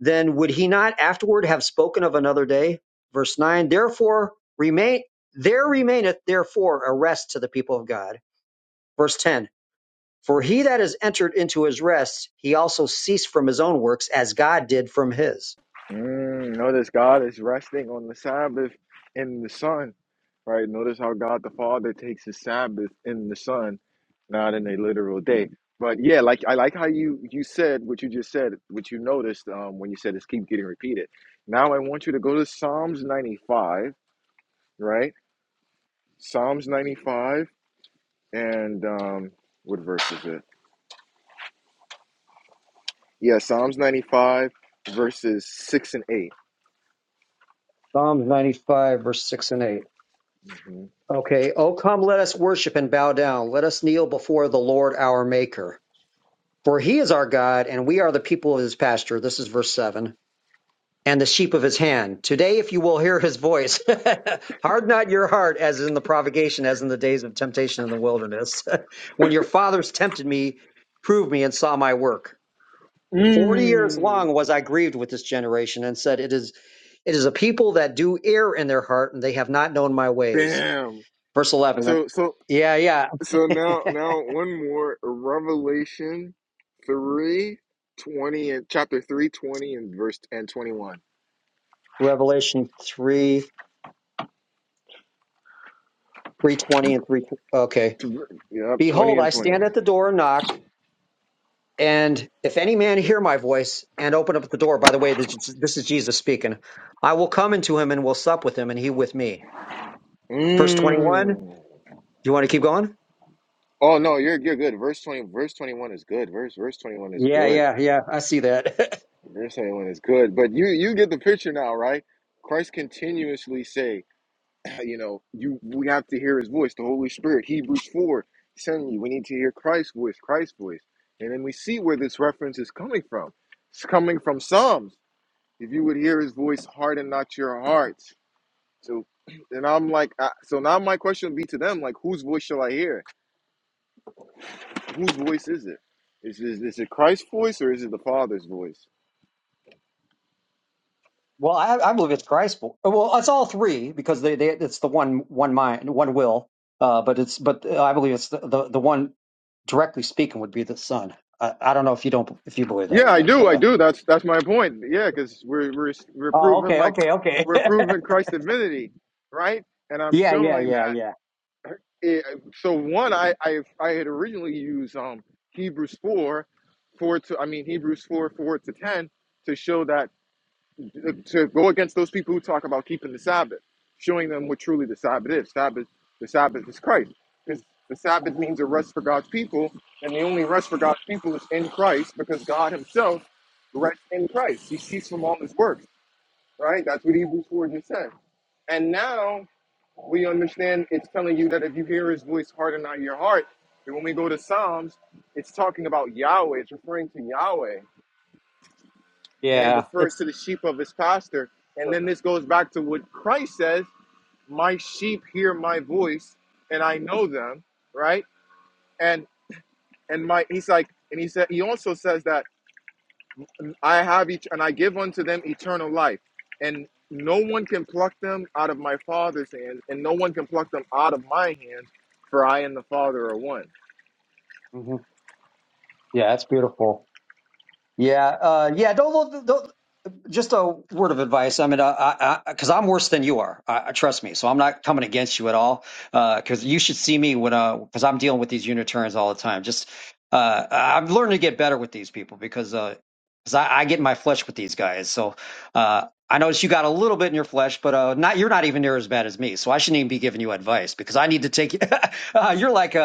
S5: then would he not afterward have spoken of another day? Verse 9, therefore remain, there remaineth therefore a rest to the people of God. Verse 10, for he that is entered into his rest, he also ceased from his own works as God did from his.
S1: Mm, notice God is resting on the Sabbath in the sun, right? Notice how God the Father takes his Sabbath in the sun, not in a literal day. But yeah, like I like how you you said what you just said, what you noticed um, when you said this keep getting repeated. Now I want you to go to Psalms 95, right? Psalms 95 and um, what verse is it? Yeah, Psalms 95 verses six and 8
S5: Psalms 95, verse 6 and 8.
S1: Mhm.
S5: Okay, oh come, let us worship and bow down. Let us kneel before the Lord our Maker. For he is our God, and we are the people of his pasture. This is verse 7 and the sheep of his hand. Today, if you will hear his voice, hard not your heart as in the provocation, as in the days of temptation in the wilderness, when your fathers tempted me, proved me, and saw my work. Forty years
S1: Mm,
S5: long was I grieved with this generation, and said, It is it is a people that do err in their heart, and they have not known my ways.
S1: bam.
S5: Verse eleven.
S1: So so
S5: Yeah, yeah.
S1: So now, now one more Revelation three twenty and chapter three twenty and verse and twenty one.
S5: Revelation 3, 320 and 3. Okay.
S1: Yep, twenty
S5: Behold,
S1: and
S5: I
S1: twenty
S5: stand
S1: one.
S5: at the door and knock. And if any man hear my voice and open up the door, by the way, this, this is Jesus speaking, I will come into him and will sup with him and he with me. Verse 21. Do
S1: Mm.
S5: You want to keep going?
S1: Oh no, you're you're good. Verse twenty, verse twenty one is good. Verse verse twenty one is
S5: Yeah,
S1: good.
S5: yeah, yeah. I see that.
S1: Verse twenty one is good. But you you get the picture now, right? Christ continuously saves. you know, you we have to hear his voice, the Holy Spirit. Hebrews 4, suddenly we need to hear Christ's voice, Christ's voice. And then we see where this reference is coming from. It's coming from Psalms. If you would hear his voice, harden not your hearts. So and I'm like, I, so now my question would be to them, like, whose voice shall I hear? Whose voice is it? Is, is, is it Christ's voice or is it the Father's voice?
S5: well, I, I believe it's Christ. Well, it's all three because they, they it's the one one mind, one will. Uh, but it's but I believe it's the, the, the one directly speaking would be the son. I, I don't know if you don't if you believe that or
S1: Yeah, I
S5: not, but
S1: do. I
S5: uh.
S1: do. That's that's my point. Yeah, because we're we're we're
S5: Oh,
S1: proving
S5: okay,
S1: like
S5: okay, okay.
S1: we're proving Christ's divinity, right? And I'm
S5: yeah, yeah,
S1: showing
S5: yeah,
S1: that.
S5: yeah,
S1: It, so one, I I I had originally used um Hebrews four, four to I mean Hebrews four four to ten to show that to go against those people who talk about keeping the Sabbath, showing them what truly the Sabbath is. Sabbath, the Sabbath is Christ, because the Sabbath means a rest for God's people, and the only rest for God's people is in Christ, because God Himself rests in Christ. He ceased from all His works. Right? That's what Hebrews four just said. And now we understand it's telling you that if you hear His voice, harden not your heart. And when we go to Psalms, it's talking about Yahweh. It's referring to Yahweh and it
S5: yeah.
S1: refers
S5: It's.
S1: to the sheep of his pastor. And then this goes back to what Christ says, my sheep hear my voice and I know them, right? And and my he's like and he said he also says that I have each and I give unto them eternal life. And no one can pluck them out of my father's hands, and no one can pluck them out of my hands, for I and the Father are one.
S5: mhm. Yeah, that's beautiful. Yeah, uh, yeah. Don't, don't, don't. Just a word of advice. I mean, because I, I, because I'm worse than you are. I, I trust me. So I'm not coming against you at all. Because you should see me when, because I'm dealing with these Unitarians all the time. Just, uh, I'm learning to get better with these people because, uh, because I, I get in my flesh with these guys. So, uh, I noticed you got a little bit in your flesh, but uh, not you're not even near as bad as me. So I shouldn't even be giving you advice because I need to take you. you're like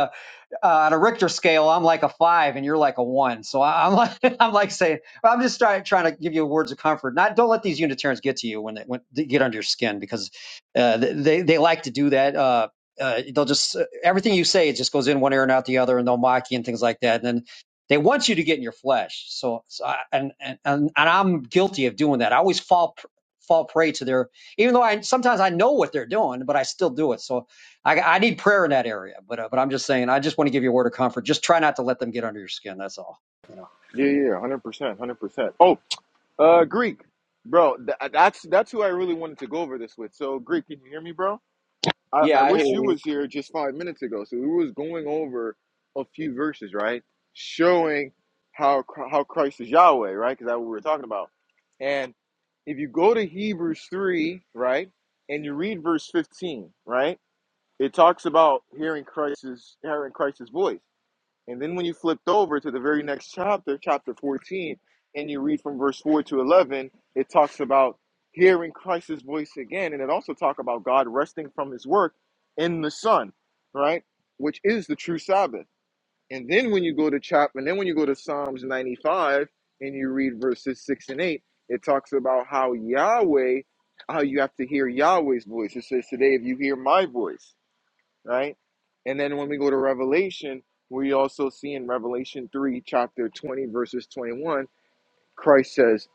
S5: uh, on a Richter scale, I'm like a five and you're like a one. So I, I'm like, I'm like saying, but I'm just trying, trying to give you words of comfort. Not, don't let these Unitarians get to you when they, when they get under your skin because uh, they, they like to do that. Uh, uh, they'll just, uh, everything you say, it just goes in one ear and out the other and they'll mock you and things like that. And then they want you to get in your flesh. So, so I, and, and, and and I'm guilty of doing that. I always fall, pr- fall prey to their, even though I, sometimes I know what they're doing, but I still do it. So I, I need prayer in that area, but uh, but I'm just saying, I just want to give you a word of comfort. Just try not to let them get under your skin. That's all. You know,
S1: Yeah, yeah, hundred percent, hundred percent. Oh, uh, Greek, bro, th- that's that's who I really wanted to go over this with. So, Greek, can you hear me, bro? I, I
S4: Yeah, I hear
S1: wish you
S4: you.
S1: was here just five minutes ago. So we was going over a few verses, right? Showing how how Christ is Yahweh, right? Because that's what we were talking about. And if you go to Hebrews three, right, and you read verse fifteen, right, it talks about hearing Christ's hearing Christ's voice. And then when you flipped over to the very next chapter, chapter 14, and you read from verse 4 to 11, it talks about hearing Christ's voice again. And it also talks about God resting from his work in the sun, right? Which is the true Sabbath. And then when you go to chapter, and then when you go to Psalms 95 and you read verses 6 and 8, it talks about how Yahweh, how you have to hear Yahweh's voice. It says, Today, if you hear my voice, right? And then when we go to Revelation, we also see in Revelation 3, chapter 20, verses 21, Christ says,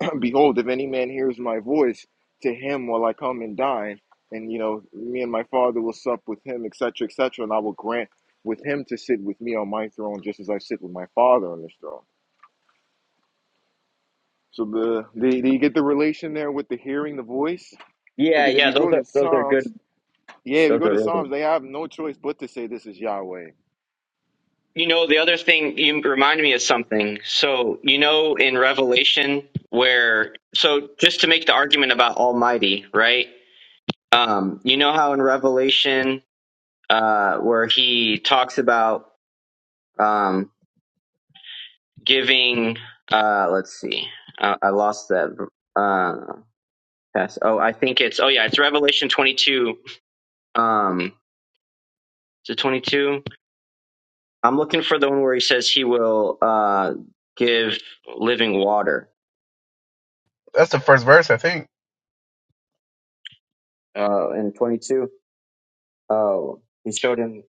S1: Behold, if any man hears my voice, to him will I come and dine. And, you know, me and my father will sup with him, etc., etc., and I will grant with him to sit with me on my throne, just as I sit with my father on his throne. So the, the do you get the relation there with the hearing the voice?
S4: Yeah,
S1: Because if
S4: yeah,
S1: you
S4: those
S1: go
S4: are
S1: to
S4: those are good
S1: Psalms, yeah, if you
S4: Those
S1: go
S4: are
S1: to
S4: really
S1: Psalms, they have no choice but to say this is Yahweh
S4: You know, the other thing you reminded me of something. So, you know, in Revelation, where, so just to make the argument about Almighty, right? Um, you know how in Revelation, uh, where he talks about um, giving, uh, let's see, uh, I lost that. Uh, pass. Oh, I think it's, oh yeah, it's Revelation 22. Um, is it 22? I'm looking for the one where he says he will uh, give living water
S8: That's the first verse, I think.
S4: uh, in 22. Oh, he showed him.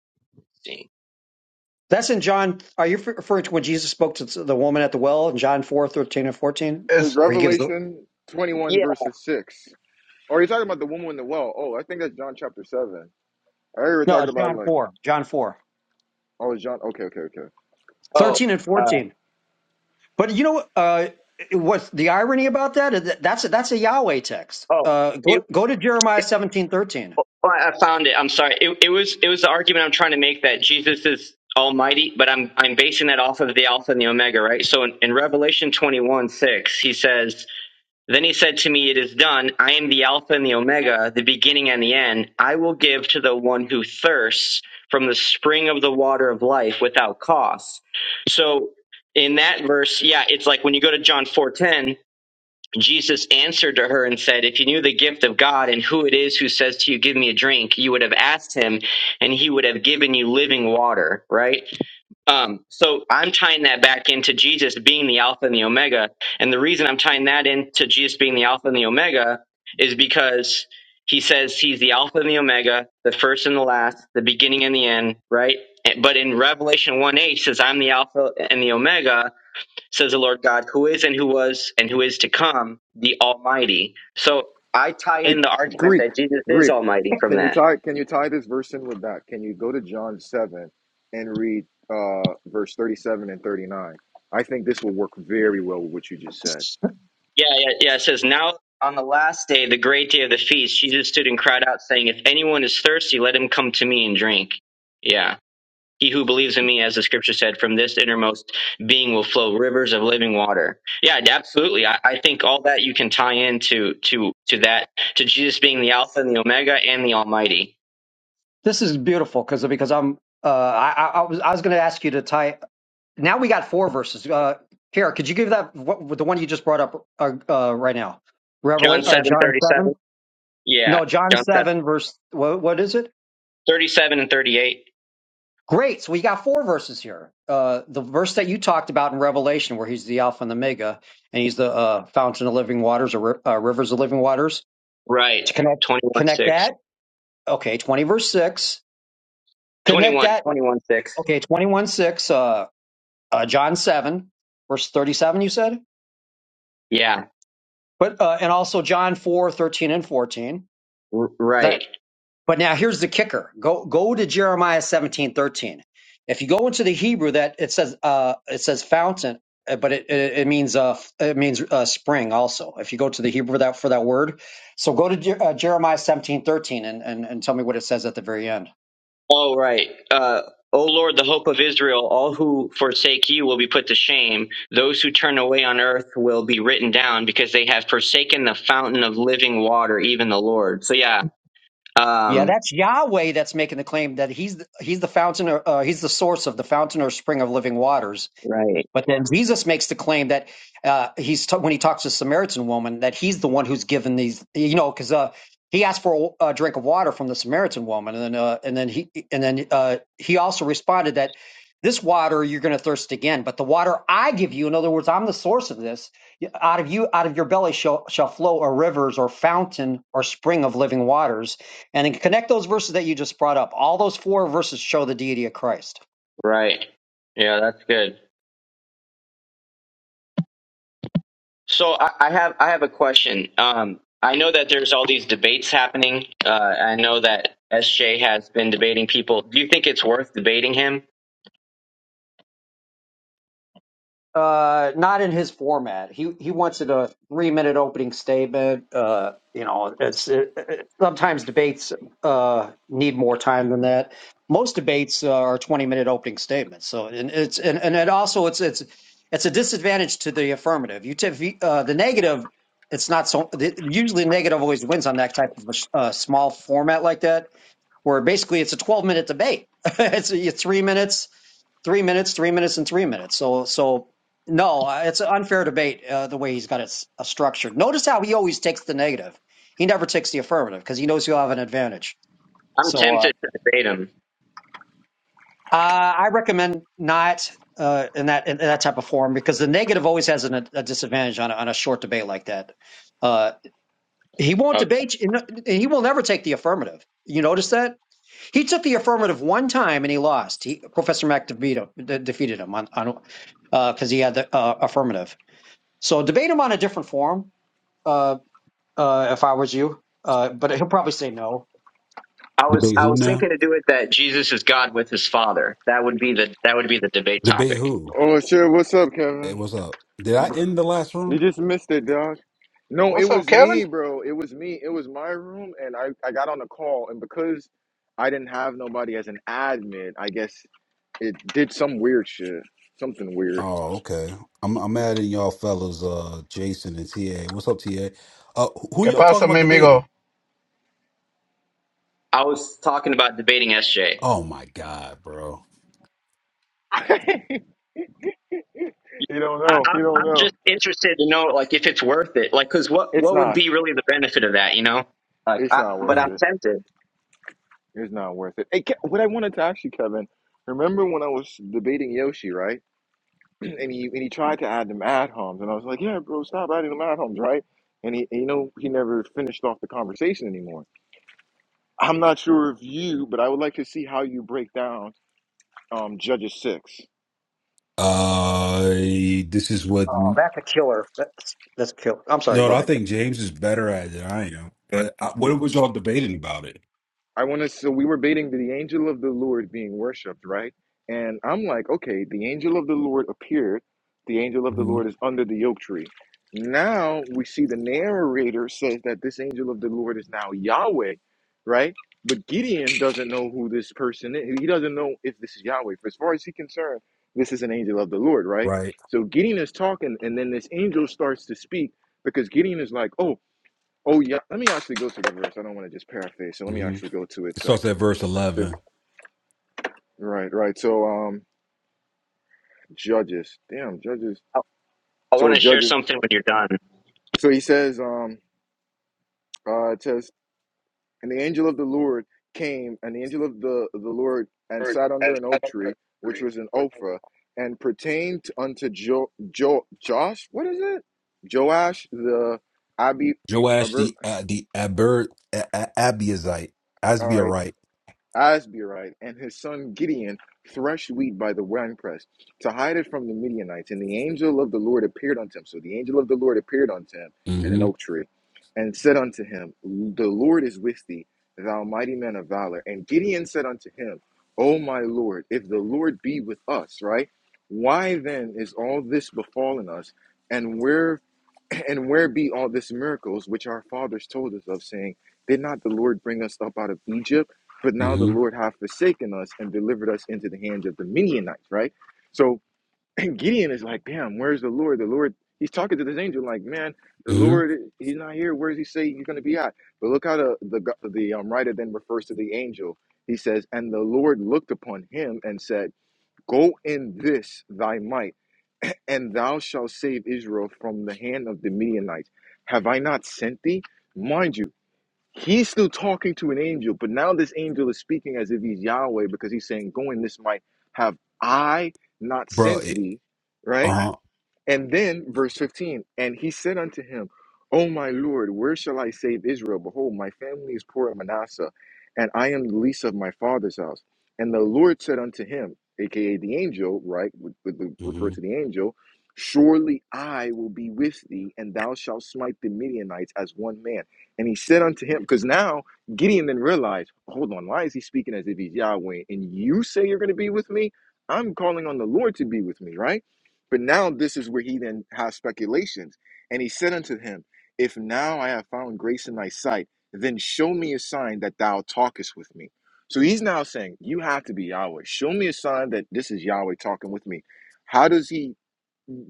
S5: that's in John. Are you referring to when Jesus spoke to the woman at the well in John four thirteen and fourteen,
S1: It's
S8: It's
S5: where he gives the?
S1: Revelation 21,
S4: Yeah.
S1: verses 6. Or you're talking about the woman in the well. Oh, I think that's John chapter 7. I heard you were
S5: No,
S1: talking
S5: it's
S1: about
S5: John
S1: like,
S5: four. John four
S1: oh, it's John. Okay, okay, okay.
S4: Oh,
S5: thirteen and
S4: uh,
S5: fourteen. But you know uh, what? The irony about that is that that's a, that's a Yahweh text.
S4: oh,
S5: Uh,
S4: it,
S5: go go to Jeremiah
S4: it,
S5: seventeen thirteen.
S4: oh, I found it. I'm sorry. It, it was it was the argument I'm trying to make that Jesus is Almighty, but I'm I'm basing that off of the Alpha and the Omega, right? So in, in Revelation 21 6, he says. Then he said to me, It is done. I am the Alpha and the Omega, the beginning and the end. I will give to the one who thirsts from the spring of the water of life without cost. So in that verse, yeah, it's like when you go to John 4:10, Jesus answered to her and said, If you knew the gift of God and who it is who says to you, Give me a drink, you would have asked him, and he would have given you living water, right? Um, so I'm tying that back into Jesus being the Alpha and the Omega. And the reason I'm tying that into Jesus being the Alpha and the Omega is because he says he's the Alpha and the Omega, the first and the last, the beginning and the end, right? And- But in Revelation 1 8 says, I'm the Alpha and the Omega, says the Lord God, who is and who was and who is to come, the Almighty. So I tie in the
S1: Hey,
S4: argument
S1: Greek,
S4: that Jesus is
S1: Greek.
S4: Almighty from
S1: Can you
S4: that
S1: tie Can you tie this verse in with that? Can you go to John 7 and read uh, verse 37 and 39? I think this will work very well with what you just said.
S4: Yeah, yeah, yeah. It says, Now on the last day, the great day of the feast, Jesus stood and cried out, saying, If anyone is thirsty, let him come to me and drink. Yeah. He who believes in me, as the scripture said, from this innermost being will flow rivers of living water. Yeah, absolutely. I, I think all that you can tie into to to that to Jesus being the Alpha and the Omega and the Almighty.
S5: This is beautiful because because I'm uh, I, I I was I was going to ask you to tie. Now we got four verses. Uh, Kara, could you give that what, the one you just brought up uh, uh, right now?
S4: John
S5: Revelation or
S4: seven
S5: John
S4: thirty
S5: seven?
S4: seven. Yeah,
S5: No, John
S4: John seven
S5: seven verse. What, what is it?
S4: thirty seven and thirty eight.
S5: Great. So we got four verses here. Uh, the verse that you talked about in Revelation, where he's the Alpha and the Omega, and he's the uh, fountain of living waters or ri- uh, rivers of living waters.
S4: Right.
S5: To connect
S4: Twenty one
S5: connect
S4: six.
S5: that, okay, twenty verse six.
S4: Twenty
S5: Connect
S4: one.
S5: that,
S4: Twenty one six.
S5: okay, twenty one six. Uh, uh, John seven, verse thirty seven. You said.
S4: Yeah.
S5: But uh, and also John 4 13 and 14.
S4: R- right.
S5: That but now here's the kicker. Go go to Jeremiah 17 13. If you go into the Hebrew that it says uh it says fountain, uh, but it it, it means uh it means uh, spring also. If you go to the Hebrew that for that word. So go to Je- uh, Jeremiah 17 13 and, and and tell me what it says at the very end.
S4: All right. Uh, o Lord, the hope of Israel, all who forsake you will be put to shame. Those who turn away on earth will be written down because they have forsaken the fountain of living water, even the Lord. So, yeah.
S5: Yeah,
S4: Um,
S5: that's Yahweh that's making the claim that he's the, he's the fountain or uh, he's the source of the fountain or spring of living waters
S4: right.
S5: But then Jesus makes the claim that uh, he's t- when he talks to the Samaritan woman that he's the one who's given these, you know, because uh, he asked for a, a drink of water from the Samaritan woman, and then uh, and then he and then uh, he also responded that this water you're going to thirst again, but the water I give you, in other words, I'm the source of this. Out of you, out of your belly shall shall flow a rivers or fountain or spring of living waters. And then connect those verses that you just brought up. All those four verses show the deity of Christ.
S4: Right. Yeah, that's good. So I, I have I have a question. Um, I know that there's all these debates happening. Uh, I know that SJ has been debating people. Do you think it's worth debating him?
S5: Uh, not in his format. He he wants it a three minute opening statement. Uh, you know, it's it, it- sometimes debates uh need more time than that. Most debates uh, are twenty minute opening statements. So and it's and and it also it's it's it's a disadvantage to the affirmative. You t- uh, the negative. It's not so. the- Usually, the negative always wins on that type of a sh- uh, small format like that, where basically it's a twelve minute debate. it's, it's three minutes three minutes, three minutes, and three minutes. So, so no, uh, it's an unfair debate uh, the way he's got it s- uh, structured. Notice how he always takes the negative. He never takes the affirmative because he knows he'll have an advantage.
S4: I'm
S5: So, uh,
S4: tempted to debate him.
S5: uh, I recommend not uh, in that in that type of form because the negative always has an, a disadvantage on a, on a short debate like that. Uh, he won't
S4: Okay.
S5: debate. you- and He will never take the affirmative. You notice that? He took the affirmative one time and he lost. He, Professor Mack DeVito, de- defeated him on on because uh, he had the uh, affirmative. So debate him on a different form. Uh, uh, if I was you, uh, but he'll probably say no.
S4: I was
S3: Debate
S4: I
S3: who
S4: was
S3: now?
S4: thinking to do it that Jesus is God with his Father. That would be the that would be the debate
S3: Debate
S4: topic.
S3: who?
S1: Oh, shit. What's up,
S3: Hey,
S1: Kevin?
S3: what's up? Did I end the last
S1: You
S3: room?
S1: just missed it, dog. No, it
S8: what's up,
S1: was
S8: Kevin?
S1: me, bro. It was me. It was my room, and I, I got on a call, and because I didn't have nobody as an admin, I guess it did some weird shit, something weird.
S3: Oh, okay. I'm I'm adding y'all fellas, uh, Jason and TA. What's up, TA? Uh, who
S8: Que
S3: y'all talking
S8: pasa,
S3: about
S8: mi
S3: debating?
S8: amigo?
S4: I was talking about debating SJ.
S3: Oh my God, bro.
S1: you don't
S4: I,
S1: know.
S4: am
S1: You don't
S4: I'm
S1: know.
S4: just interested to know like if it's worth it. Like, cause what
S1: It's
S4: what would
S1: not.
S4: be really the benefit of that? You know. Like,
S1: It's
S4: I,
S1: not
S4: but
S1: worth
S4: I'm
S3: Mm.
S1: it.
S4: tempted.
S1: It's not worth it. Hey, Ke- what I wanted to ask you, Kevin. Remember when I was debating Yoshi, right? and he and he tried to add them ad homs, and I was like, "Yeah, bro, stop adding them ad homs, right?" And he, you know, he never finished off the conversation anymore. I'm not sure of you, but I would like to see how you break down um, Judges six.
S3: Uh, this is what.
S5: Oh, that's a killer. That's that's a killer. I'm sorry. Go
S3: No, I
S5: ahead. Ken.
S3: think James is better at it than I am. But I, what was y'all debating about it?
S1: I want to. So we were baiting the angel of the Lord being worshipped, right? And I'm like, okay, the angel of the Lord appeared. The angel of the
S3: hmm
S1: Lord is under the oak tree. Now we see the narrator says that this angel of the Lord is now Yahweh, right? But Gideon doesn't know who this person is. He doesn't know if this is Yahweh. For as far as he's concerned, this is an angel of the Lord, right?
S3: Right.
S1: So Gideon is talking, and then this angel starts to speak because Gideon is like, oh, Oh yeah, let me actually go to the verse. I don't want to just paraphrase, so let me
S3: hmm
S1: actually go to it
S3: It
S1: so I
S3: starts
S1: can.
S3: at verse
S1: So,
S3: eleven.
S1: right, right. So um, Judges. Damn, Judges.
S4: I, I
S1: So
S4: want to share
S1: Judges.
S4: something when you're done.
S1: So he says um, uh, it says, and the angel of the Lord came, and the angel of the the Lord and sat under an oak tree, which was in Ophrah, and pertained unto Jo Jo Josh. What is it? Joash the Abi.
S3: Joash
S1: Aber,
S3: the uh, the Aber, a, a, Abiezite,
S1: all right.
S3: Asbiarite.
S1: Asbirite and his son Gideon threshed wheat by the winepress to hide it from the Midianites. And the angel of the Lord appeared unto him. So the angel of the Lord appeared unto him in an
S3: Mm-hmm.
S1: oak tree and said unto him, The Lord is with thee, thou mighty man of valor. And Gideon said unto him, O my Lord, if the Lord be with us, right? Why then is all this befallen us? And where? And where be all these miracles which our fathers told us of, saying, Did not the Lord bring us up out of Egypt? But now the
S3: Mm-hmm.
S1: Lord hath forsaken us and delivered us into the hands of the Midianites, right? So Gideon is like, Damn, where's the Lord? The Lord, he's talking to this angel, like, Man, the
S3: Mm-hmm.
S1: Lord, he's not here. Where does he say he's going to be at? But look how the, the, the um, writer then refers to the angel. He says, And the Lord looked upon him and said, Go in this thy might and thou shalt save Israel from the hand of the Midianites. Have I not sent thee? Mind you, he's still talking to an angel, but now this angel is speaking as if he's Yahweh because he's saying, Go in this might have I not
S3: bro.
S1: sent
S3: It,
S1: thee, right?
S3: uh-huh.
S1: And then verse 15, and he said unto him, O my Lord, where shall I save Israel? Behold, my family is poor in Manasseh, and I am the least of my father's house. And the Lord said unto him, aka the angel, right? Would, would would refer
S3: hmm
S1: to the angel, surely I will be with thee, and thou shalt smite the Midianites as one man. And he said unto him, because now Gideon then realized, hold on, why is he speaking as if he's Yahweh? And you say you're going to be with me? I'm calling on the Lord to be with me, right? But now this is where he then has speculations. And he said unto him, If now I have found grace in thy sight, then show me a sign that thou talkest with me. So he's now saying, You have to be Yahweh. Show me a sign that this is Yahweh talking with me. How does he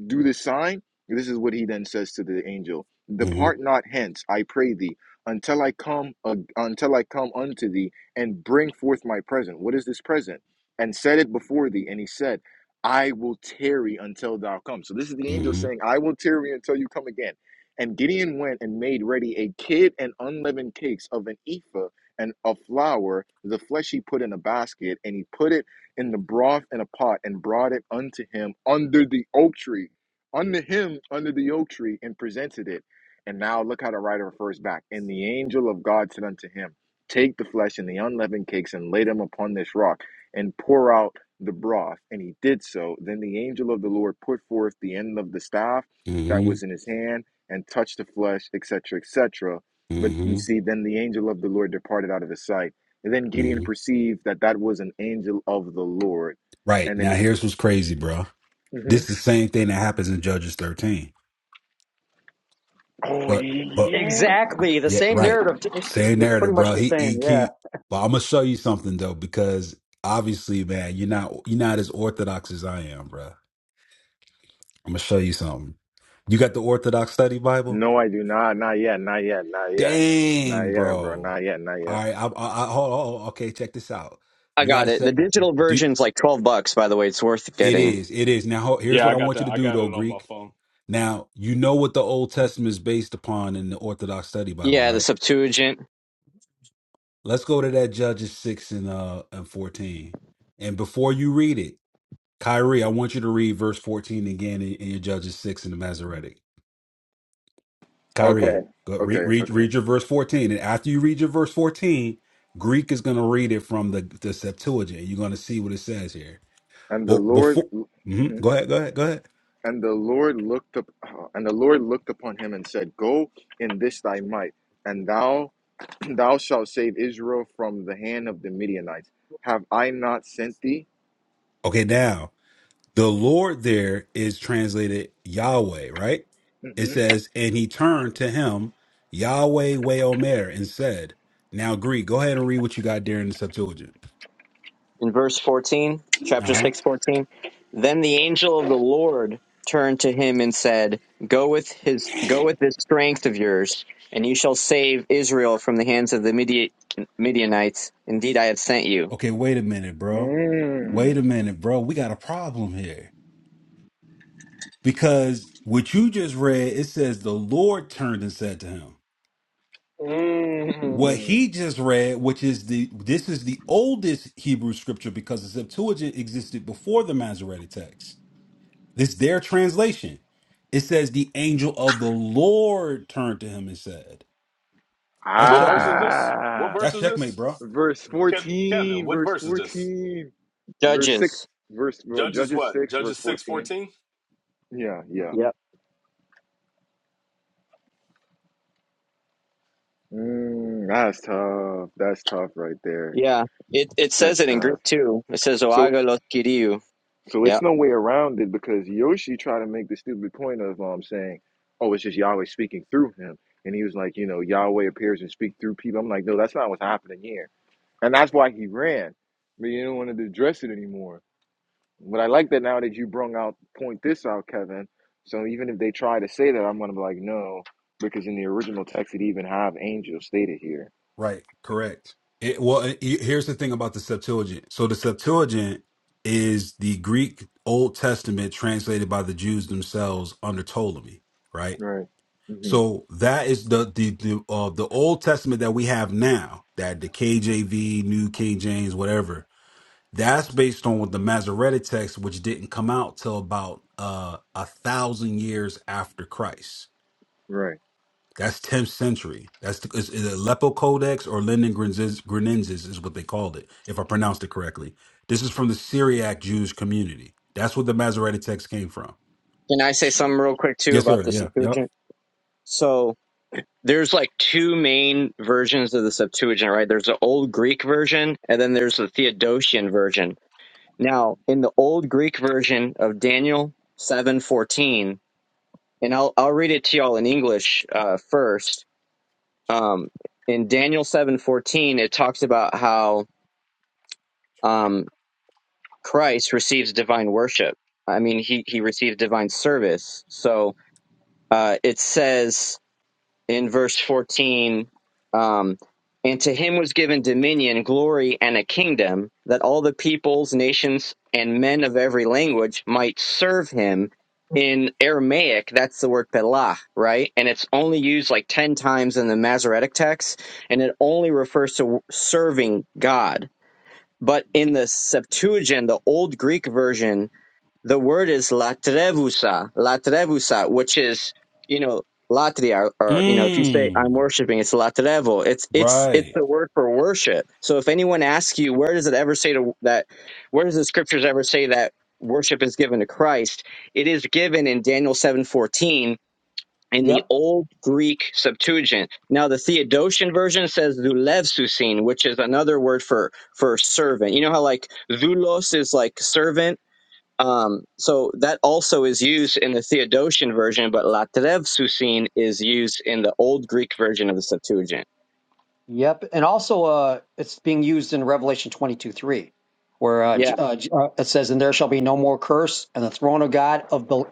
S1: do this sign. This is what he then says to the angel:
S3: hmm
S1: Depart not hence, I pray thee, until I come uh, until I come unto thee and bring forth my present. What is this present? And set it before thee. And he said, I will tarry until thou come. So this is the angel
S3: hmm
S1: saying, I will tarry until you come again. And Gideon went and made ready a kid and unleavened cakes of an ephah and of flour. The flesh he put in a basket, and he put it in the broth in a pot and brought it unto him under the oak tree unto him under the oak tree and presented it. And now look how the writer refers back. And the angel of God said unto him, Take the flesh and the unleavened cakes and lay them upon this rock and pour out the broth. And he did so. Then the angel of the Lord put forth the end of the staff that
S3: hmm
S1: was in his hand and touched the flesh, etc., etc. But we
S3: hmm
S1: see then the angel of the Lord departed out of his sight. And then Gideon
S3: hmm
S1: perceived that that was an angel of the Lord.
S3: Right
S1: And then
S3: now, here's what's crazy, bro.
S1: he,
S3: This
S1: Mhm.
S3: is the same thing that happens in Judges 13.
S1: oh,
S3: But, but
S1: yeah.
S5: Exactly the
S3: yeah,
S5: same
S3: right.
S5: narrative. t- It's
S3: Same
S5: it's pretty
S3: narrative,
S5: much
S3: bro.
S5: the
S3: He he
S5: same. Yeah.
S3: keep. But I'm gonna show you something though, because obviously, man, you're not you're not as orthodox as I am, bro. I'm gonna show you something. You got the Orthodox Study Bible?
S1: No, I do not. Not yet. Not yet. Not yet. Not
S3: Dang,
S1: yet, bro.
S3: bro.
S1: Not yet. Not
S3: All
S1: yet.
S3: right, I, I, I hold on. Okay, check this out.
S4: I
S3: You got
S4: got
S3: to
S4: it. The
S3: set.
S4: digital version's like twelve bucks, by the way. It's worth
S3: It
S4: getting.
S3: is. It is. Now, ho- here's
S7: Yeah,
S3: what
S7: I
S3: I
S7: got
S3: want you
S7: that.
S3: to
S7: I
S3: do,
S7: got
S3: though,
S7: it on my
S3: Greek.
S7: phone.
S3: Now, you know what the Old Testament is based upon in the Orthodox Study Bible,
S4: Yeah, the
S3: right?
S4: Septuagint.
S3: Let's go to that Judges 6 and, uh, and 14. And before you read it, Kyrie, I want you to read verse 14 again in, in your Judges 6 in the Masoretic.
S4: Okay.
S1: Okay.
S3: Kyrie, go read,
S1: Okay.
S3: read,
S1: Okay.
S3: read your verse 14. And after you read your verse 14, Greek is going to read it from the, the Septuagint. You're going to see what it says here.
S1: And the
S3: But
S1: Lord,
S3: before, Mhm.
S1: mhm.
S3: go ahead, go ahead, go ahead.
S1: and the Lord looked up, oh, and the Lord looked upon him and said, "Go in this thy might, and thou, thou shalt save Israel from the hand of the Midianites. Have I not sent thee?"
S3: Okay, now. The Lord there is translated Yahweh, right? It
S1: hmm
S3: says, and he turned to him, Yahweh Weomer, and said, Now, Greek, go ahead and read what you got there in the Septuagint.
S4: In verse 14,
S3: Uh
S4: chapter
S3: huh.
S4: 6, 14. Then the angel of the Lord turned to him and said, Go with his go with this strength of yours, and you shall save Israel from the hands of the Midi- Midianites. Indeed I have sent you.
S3: Okay, wait a minute, bro. Wait a
S1: Mm.
S3: minute, bro. We got a problem here. Because what you just read, it says the Lord turned and said to him. What
S1: Mm.
S3: he just read, which is the this is the oldest Hebrew scripture because the Septuagint existed before the Masoretic text It's their translation. It says the angel of the Lord turned to him and said, "That's
S7: What verse is
S3: checkmate.
S7: this? What
S1: Ah.
S7: verse
S3: That's
S7: is
S3: checkmate,
S7: this?
S3: bro."
S1: verse
S7: Kev- Kevin,
S1: 14
S7: what
S1: verse
S7: verse is this?
S1: 14 verse 6
S4: Judges.
S1: verse well,
S7: Judges
S1: judges
S7: what?
S1: 6 verse
S7: Judges six
S1: 14
S7: fourteen.
S1: yeah yeah
S4: Yep.
S1: mm, that's tough that's tough right there
S4: Yeah. It it
S1: that's
S4: says it in
S1: tough
S4: Greek too. It says
S1: so
S4: Oagalos kiriou.'
S1: so
S4: Yeah.
S1: it's no way around it because yoshi tried to make the stupid point of um saying oh it's just yahweh speaking through him and he was like you know yahweh appears and speak through people i'm like no that's not what's happening here and that's why he ran but you don't want to address it anymore But I like that now that you brung out point this out, Kevin. So even if they try to say that, I'm gonna be like, no, because in the original text it even have angels stated here.
S3: Right. Correct. It, well, it, it- here's the thing about the Septuagint. So the Septuagint is the Greek Old Testament translated by the Jews themselves under Ptolemy, right?
S1: Right. hmm
S3: So that is the the the, uh, the Old Testament that we have now, that the KJV, New King James, whatever That's based on what the Masoretic text, which didn't come out till about uh, a thousand years after Christ.
S1: Right.
S3: That's 10th century. That's the, is, is it Aleppo Codex or Linden Grenensis Grenensis is what they called it, if I pronounced it correctly. This is from the Syriac Jewish community. That's what the Masoretic text came from.
S4: Can I say something real quick too
S3: Yes,
S4: about
S3: sir.
S4: the
S3: Yeah. Yep.
S4: Septuagint? So there's like two main versions of the Septuagint, right? There's the old Greek version and then there's the Theodotian version. Now, in the old Greek version of Daniel 7:14, and I'll I'll read it to y'all in English uh, first. Um, in Daniel 7:14, it talks about how um, Christ receives divine worship. I mean, he he receives divine service. So uh, it says in verse 14 um, and to him was given dominion glory and a kingdom that all the peoples nations and men of every language might serve him in aramaic that's the word pelah right and it's only used like 10 times in the masoretic text and it only refers to serving god but in the septuagint the old greek version the word is latrevusa, latrevusa, which is, you know, latria, or, you know, if you say I'm
S3: Mm,
S4: worshiping, it's latrevo. It's, it's, it's
S3: right.
S4: the word for worship. So if anyone asks you, where does it ever say to, that, where does the scriptures ever say that worship is given to Christ? It is given in Daniel 7:14 in the
S5: Yep.
S4: old Greek Septuagint. Now the Theodosian version says "zulevsusin," which is another word for for servant. You know how like "zulos" is like servant um, so that also is used in the Theodosian version, but latrev susin is used in the Old Greek version of the Septuagint.
S5: Yep. And also, uh, it's being used in Revelation 22, 3, where uh, J-
S4: Yeah,
S5: uh, J- uh, it says, "And there shall be no more curse, and the throne of God of the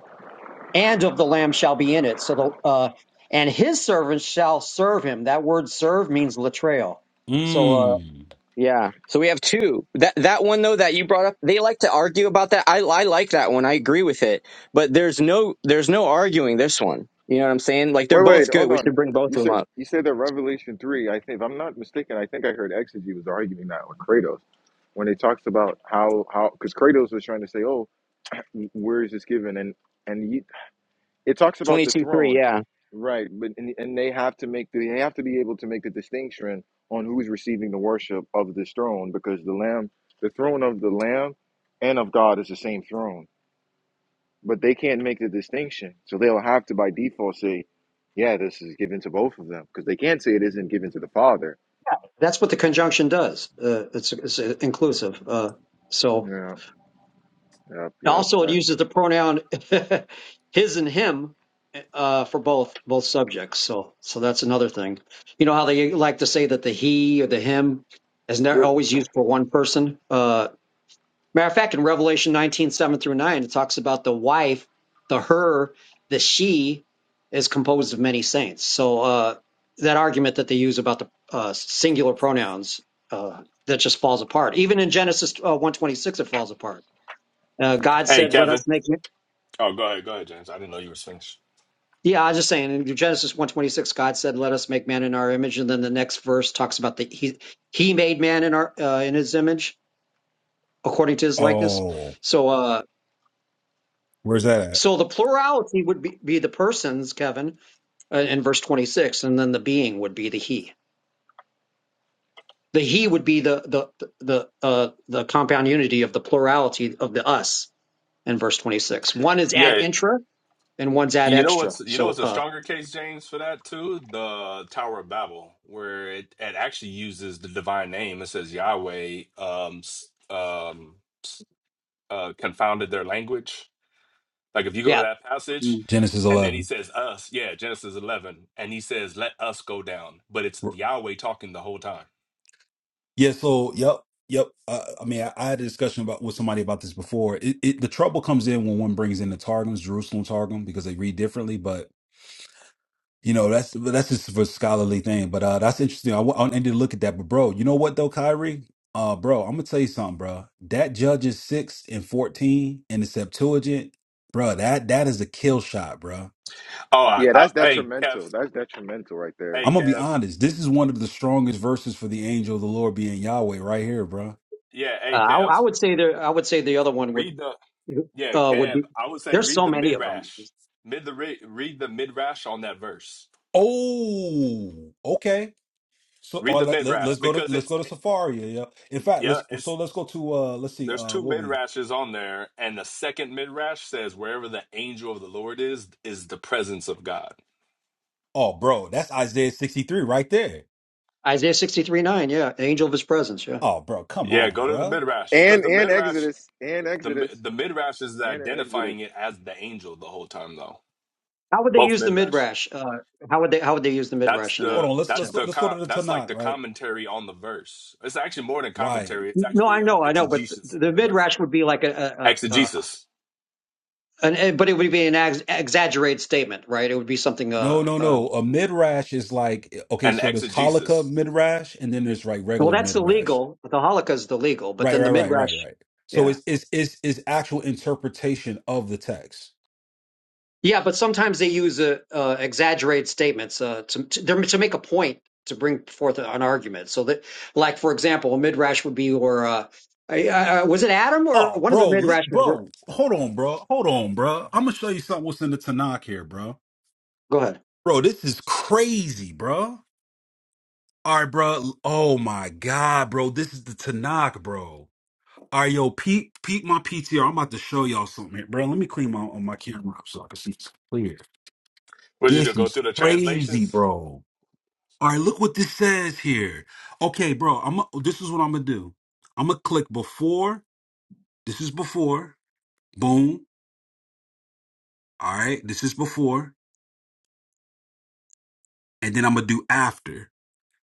S5: and of the lamb shall be in it. So the uh, and his servants shall serve him. That word "serve" means latreo. So uh,
S3: Mm.
S4: yeah. So we have two. That that one though that you brought up, they like to argue about that. I I like that one. I agree with it. But there's no there's no arguing this one. You know what I'm saying? Like they're
S1: Wait, wait,
S4: both good.
S1: hold
S4: We
S1: on.
S4: should bring both
S1: You
S4: of them
S1: said
S4: up.
S1: you said that Revelation three. I think if I'm not mistaken, I think I heard Exegy was arguing that with Kratos when it talks about how how because Kratos was trying to say, oh, where is this given? And and he, it talks about
S4: Twenty
S1: the
S4: two three.
S1: throne.
S4: Yeah.
S1: Right, but and, and they have to make the, they have to be able to make the distinction on who's receiving the worship of this throne because the lamb, the throne of the lamb and of God is the same throne, but they can't make the distinction. So they'll have to by default say, yeah, this is given to both of them because they can't say it isn't given to the Father.
S5: that's what the conjunction does. Uh, it's, it's uh, inclusive. Uh, so
S1: Yeah, yep, yep.
S5: also it
S1: That's,
S5: uses the pronoun his and him uh, for both both subjects. So so that's another thing. You know how they like to say that the he or the him is never always used for one person. Uh, Matter of fact, in Revelation 19 7 through 9, it talks about the wife, the her, the she is composed of many saints. So uh, that argument that they use about the uh, singular pronouns, uh, that just falls apart. Even in Genesis uh, 126, it falls apart. Uh, God
S7: Hey,
S5: said, let
S7: Kevin.
S5: us make man.
S7: Oh, go ahead, go ahead, James. I didn't know you were finished.
S5: Yeah, I was just saying in Genesis 126, God said, let us make man in our image. And then the next verse talks about the he, he made man in our uh, in his image according to his likeness.
S3: Oh,
S5: So uh,
S3: where's that at?
S5: So the plurality would be, be the persons, Kevin, uh, in verse 26, and then the being would be the he. The he would be the the the uh, the compound unity of the plurality of the us in verse 26. One is ad
S7: Yeah,
S5: intra and one's ad
S7: you know what's
S5: extra.
S7: you know
S5: So
S7: what's a
S5: uh
S7: stronger case, James, for that too? The Tower of Babel, where it, it actually uses the divine name. It says Yahweh um s- um uh confounded their language Like if you go to
S5: yeah,
S7: that passage
S5: Mm.
S3: Genesis
S7: and then he
S3: 11.
S7: says us, yeah, Genesis 11, and he says let us go down, but it's Yahweh talking the whole time.
S3: Yeah, so yep, yep. Uh, I mean, I, I had a discussion about with somebody about this before. It, it the trouble comes in when one brings in the Targums, Jerusalem Targum, because they read differently. But you know, that's that's just for scholarly thing. But uh, that's interesting. I, wa- I need to look at that. But bro, you know what though, Kyrie? Uh, bro, I'm gonna tell you something, bro. That Judges six and fourteen in the Septuagint, bro. That that is a kill shot, bro.
S7: Oh, I,
S1: yeah,
S7: I,
S1: that's
S7: hey
S1: detrimental.
S7: Kev,
S1: That's detrimental right there.
S7: hey
S3: I'm gonna be
S7: Kev,
S3: honest. This is one of the strongest verses for the angel of the Lord being Yahweh right here, bro.
S7: yeah,
S5: uh,
S7: hey
S5: I, I
S7: Kev,
S5: would say the I would say the other one would
S7: read the yeah
S5: uh would
S7: Kev.
S5: be
S7: I would say
S5: there's
S7: read
S5: so
S7: the
S5: many of them.
S7: midrash, mid the re, read the midrash on that verse.
S3: Oh, okay. So
S7: Read
S3: or
S7: the
S3: let, let
S7: midrash
S3: us go to
S7: because
S3: let's
S7: it's
S3: go to
S7: eh,
S3: Safari. Yeah. yeah. In fact,
S7: yeah
S3: let's so
S7: it's
S3: let's go to uh let's see
S7: there's
S3: uh
S7: two
S3: what we
S7: midrashes on there, and the second midrash says wherever the angel of the Lord is is the presence of God.
S3: oh bro that's Isaiah sixty three right there.
S5: Isaiah 63 9, yeah, the angel of his presence, yeah.
S3: Oh bro, come
S7: Yeah,
S3: on,
S7: go to the
S3: bro.
S7: midrash because
S1: And
S7: the
S1: and
S7: midrash
S1: Exodus, and
S7: The
S1: Exodus,
S7: the midrash is
S1: and in Exodus.
S7: identifying it as the angel the whole time though.
S5: How would they
S7: Both
S5: use the
S7: midrash.
S5: midrash? Uh, how would they how would they use the
S7: That's
S5: midrash in
S3: Hold
S5: that
S7: the
S3: on. Let's
S5: uh,
S3: let's
S7: that's
S3: go
S7: the
S3: let's go to
S7: co-
S3: the
S7: that's like
S3: Tanakh.
S7: the
S3: Right.
S7: commentary on the verse. It's actually more than
S3: Right.
S7: commentary. It's
S5: No, I
S7: actually uh,
S5: know, I know, but th-
S7: exegesis
S5: the
S7: of the verse.
S5: midrash would be like a, a, a, a
S7: Exegesis
S5: an, eh, but it would be an ex- exaggerated statement, right? It would be something.
S3: No,
S5: Uh,
S3: no,
S5: uh,
S3: no. A midrash is like okay.
S7: and
S3: So there's halakha
S7: exegesis.
S3: midrash, and then there's like
S5: well,
S3: regular
S5: that's
S3: midrash.
S5: illegal. The halakha is illegal, but
S3: Right.
S5: then the
S3: Right. Right. Right.
S5: midrash,
S3: Right. So
S5: yeah,
S3: it's it's it's, it's actual interpretation of the text.
S5: yeah. But sometimes they use uh, uh, exaggerated statements uh, to, to they're- to make a point to bring forth an argument. So that, like for example, a midrash would be, or uh, I, I, I- was it Adam or
S3: Oh,
S5: one of the
S3: bro, li-
S5: midrash? Were,
S3: bro, hold on, bro, hold on, bro. I'm gonna show you something what's in the Tanakh here, bro.
S5: go ahead.
S3: Bro, this is crazy, bro. All right, bro. Oh my God, bro. This is the Tanakh, bro. All right, yo, peep, peep my PTR. I'm about to show y'all something here, bro. Let me clean my on my camera up so I can see it's clear.
S7: What you do?
S3: This
S7: Go
S3: is
S7: through the
S3: crazy,
S7: translations?
S3: bro. All right, look what this says here. Okay, bro. I'm. This is what I'm gonna do. I'm gonna click before. This is before. Boom. All right. This is before, and then I'm gonna do after.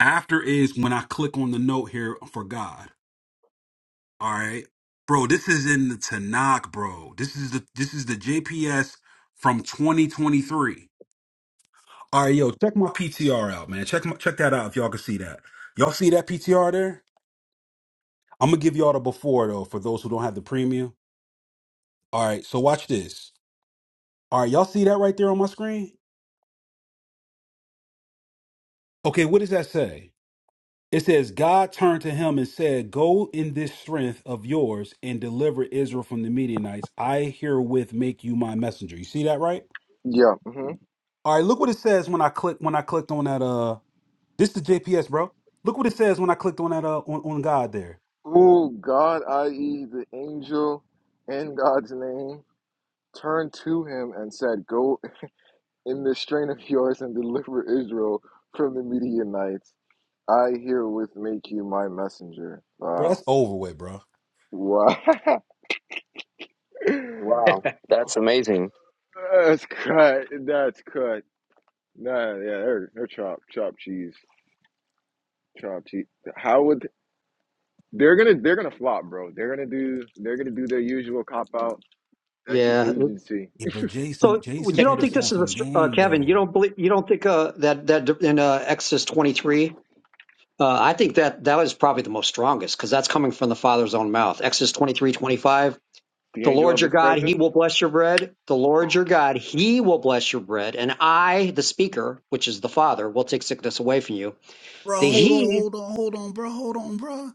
S3: After is when I click on the note here for God. All right. Bro, this is in the Tanakh, bro. This is the this is the JPS from 2023. All right, yo, check my PTR out, man. Check my, check that out if y'all can see that. Y'all see that PTR there? I'm gonna give y'all the before though for those who don't have the premium. All right, so watch this. All right, y'all see that right there on my screen? Okay, what does that say? It says God turned to him and said, "Go in this strength of yours and deliver Israel from the Midianites. I herewith make you my messenger." You see that right?
S1: Yeah. mhm.
S3: All right, look what it says when I click when I clicked on that uh this is JPS, bro. Look what it says when I clicked on that uh on, on God there.
S1: who God, i.e., the angel in God's name, turned to him and said, Go in the strain of yours and deliver Israel from the Midianites. I herewith make you my messenger.
S3: Bro,
S1: Wow.
S3: that's over with, bro.
S1: Wow.
S4: Wow, that's amazing.
S1: That's cut. That's cut. Nah, yeah, they're they're chopped, chopped cheese, chopped cheese. How would they're gonna they're gonna flop, bro? They're gonna do they're gonna do their usual cop out. That's just
S5: Yeah,
S1: agency.
S3: Yeah, but Jason
S5: So
S3: Jason
S5: you don't
S3: put
S5: think
S3: us on
S5: this is a
S3: some
S5: str- uh,
S3: game
S5: Kevin? You
S3: though.
S5: don't believe? You don't think uh, that that in uh, Exodus twenty three? Uh, I think that that was probably the most strongest because that's coming from the Father's own mouth. Exodus twenty three twenty five.
S1: The
S5: The
S1: angel
S5: Lord
S1: of
S5: your
S1: his
S5: God, He
S1: presence.
S5: will bless your bread. The Lord your God, He will bless your bread, and I, the speaker, which is the Father, will take sickness away from you.
S3: Bro,
S5: The
S3: hold on,
S5: He.
S3: hold on, hold on, bro. Hold on, bro.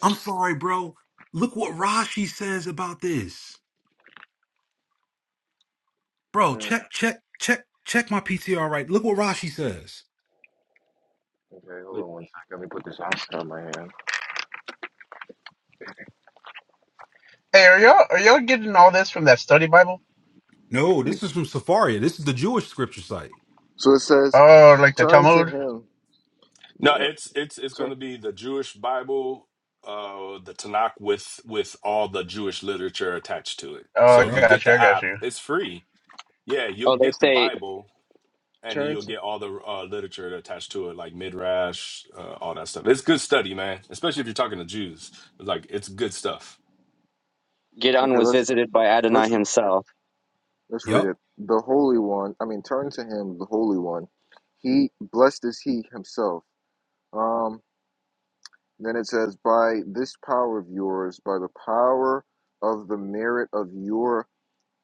S3: I'm sorry, bro. Look what Rashi says about this. Bro, check check check check my PTR right. Look what Rashi says.
S1: Okay, hold on one second. Let me put this oxygen on my hand.
S8: Hey, are y'all are y'all getting all this from that study Bible?
S3: No, this is from Safaria. This is the Jewish scripture site.
S1: So it says,
S8: Oh, like the
S1: "Turn to
S8: Talmud?
S1: Him."
S7: No,
S1: Yeah,
S7: it's it's it's going
S1: turn,
S7: to be the Jewish Bible, uh, the Tanakh with with all the Jewish literature attached to it.
S8: Oh, I
S7: So if you
S3: Yup.
S7: get
S8: got you. I
S7: the
S8: got
S7: app,
S8: you.
S7: it's free. Yeah,
S4: Oh,
S7: you'll
S4: they
S7: get the
S4: say
S7: Bible, and
S1: turn
S7: you'll
S1: to.
S7: get all the uh, literature attached to it, like Midrash, uh, all that stuff. It's good study, man. Especially if you're talking to Jews, like it's good stuff.
S4: Gidon
S1: Okay,
S4: was
S1: let's
S4: visited by Adonai
S1: let's
S4: himself.
S1: let's
S3: Yup.
S1: read it. The Holy One. I mean, turn to Him, the Holy One. He blessed is He Himself. Um. Then it says, "By this power of yours, by the power of the merit of your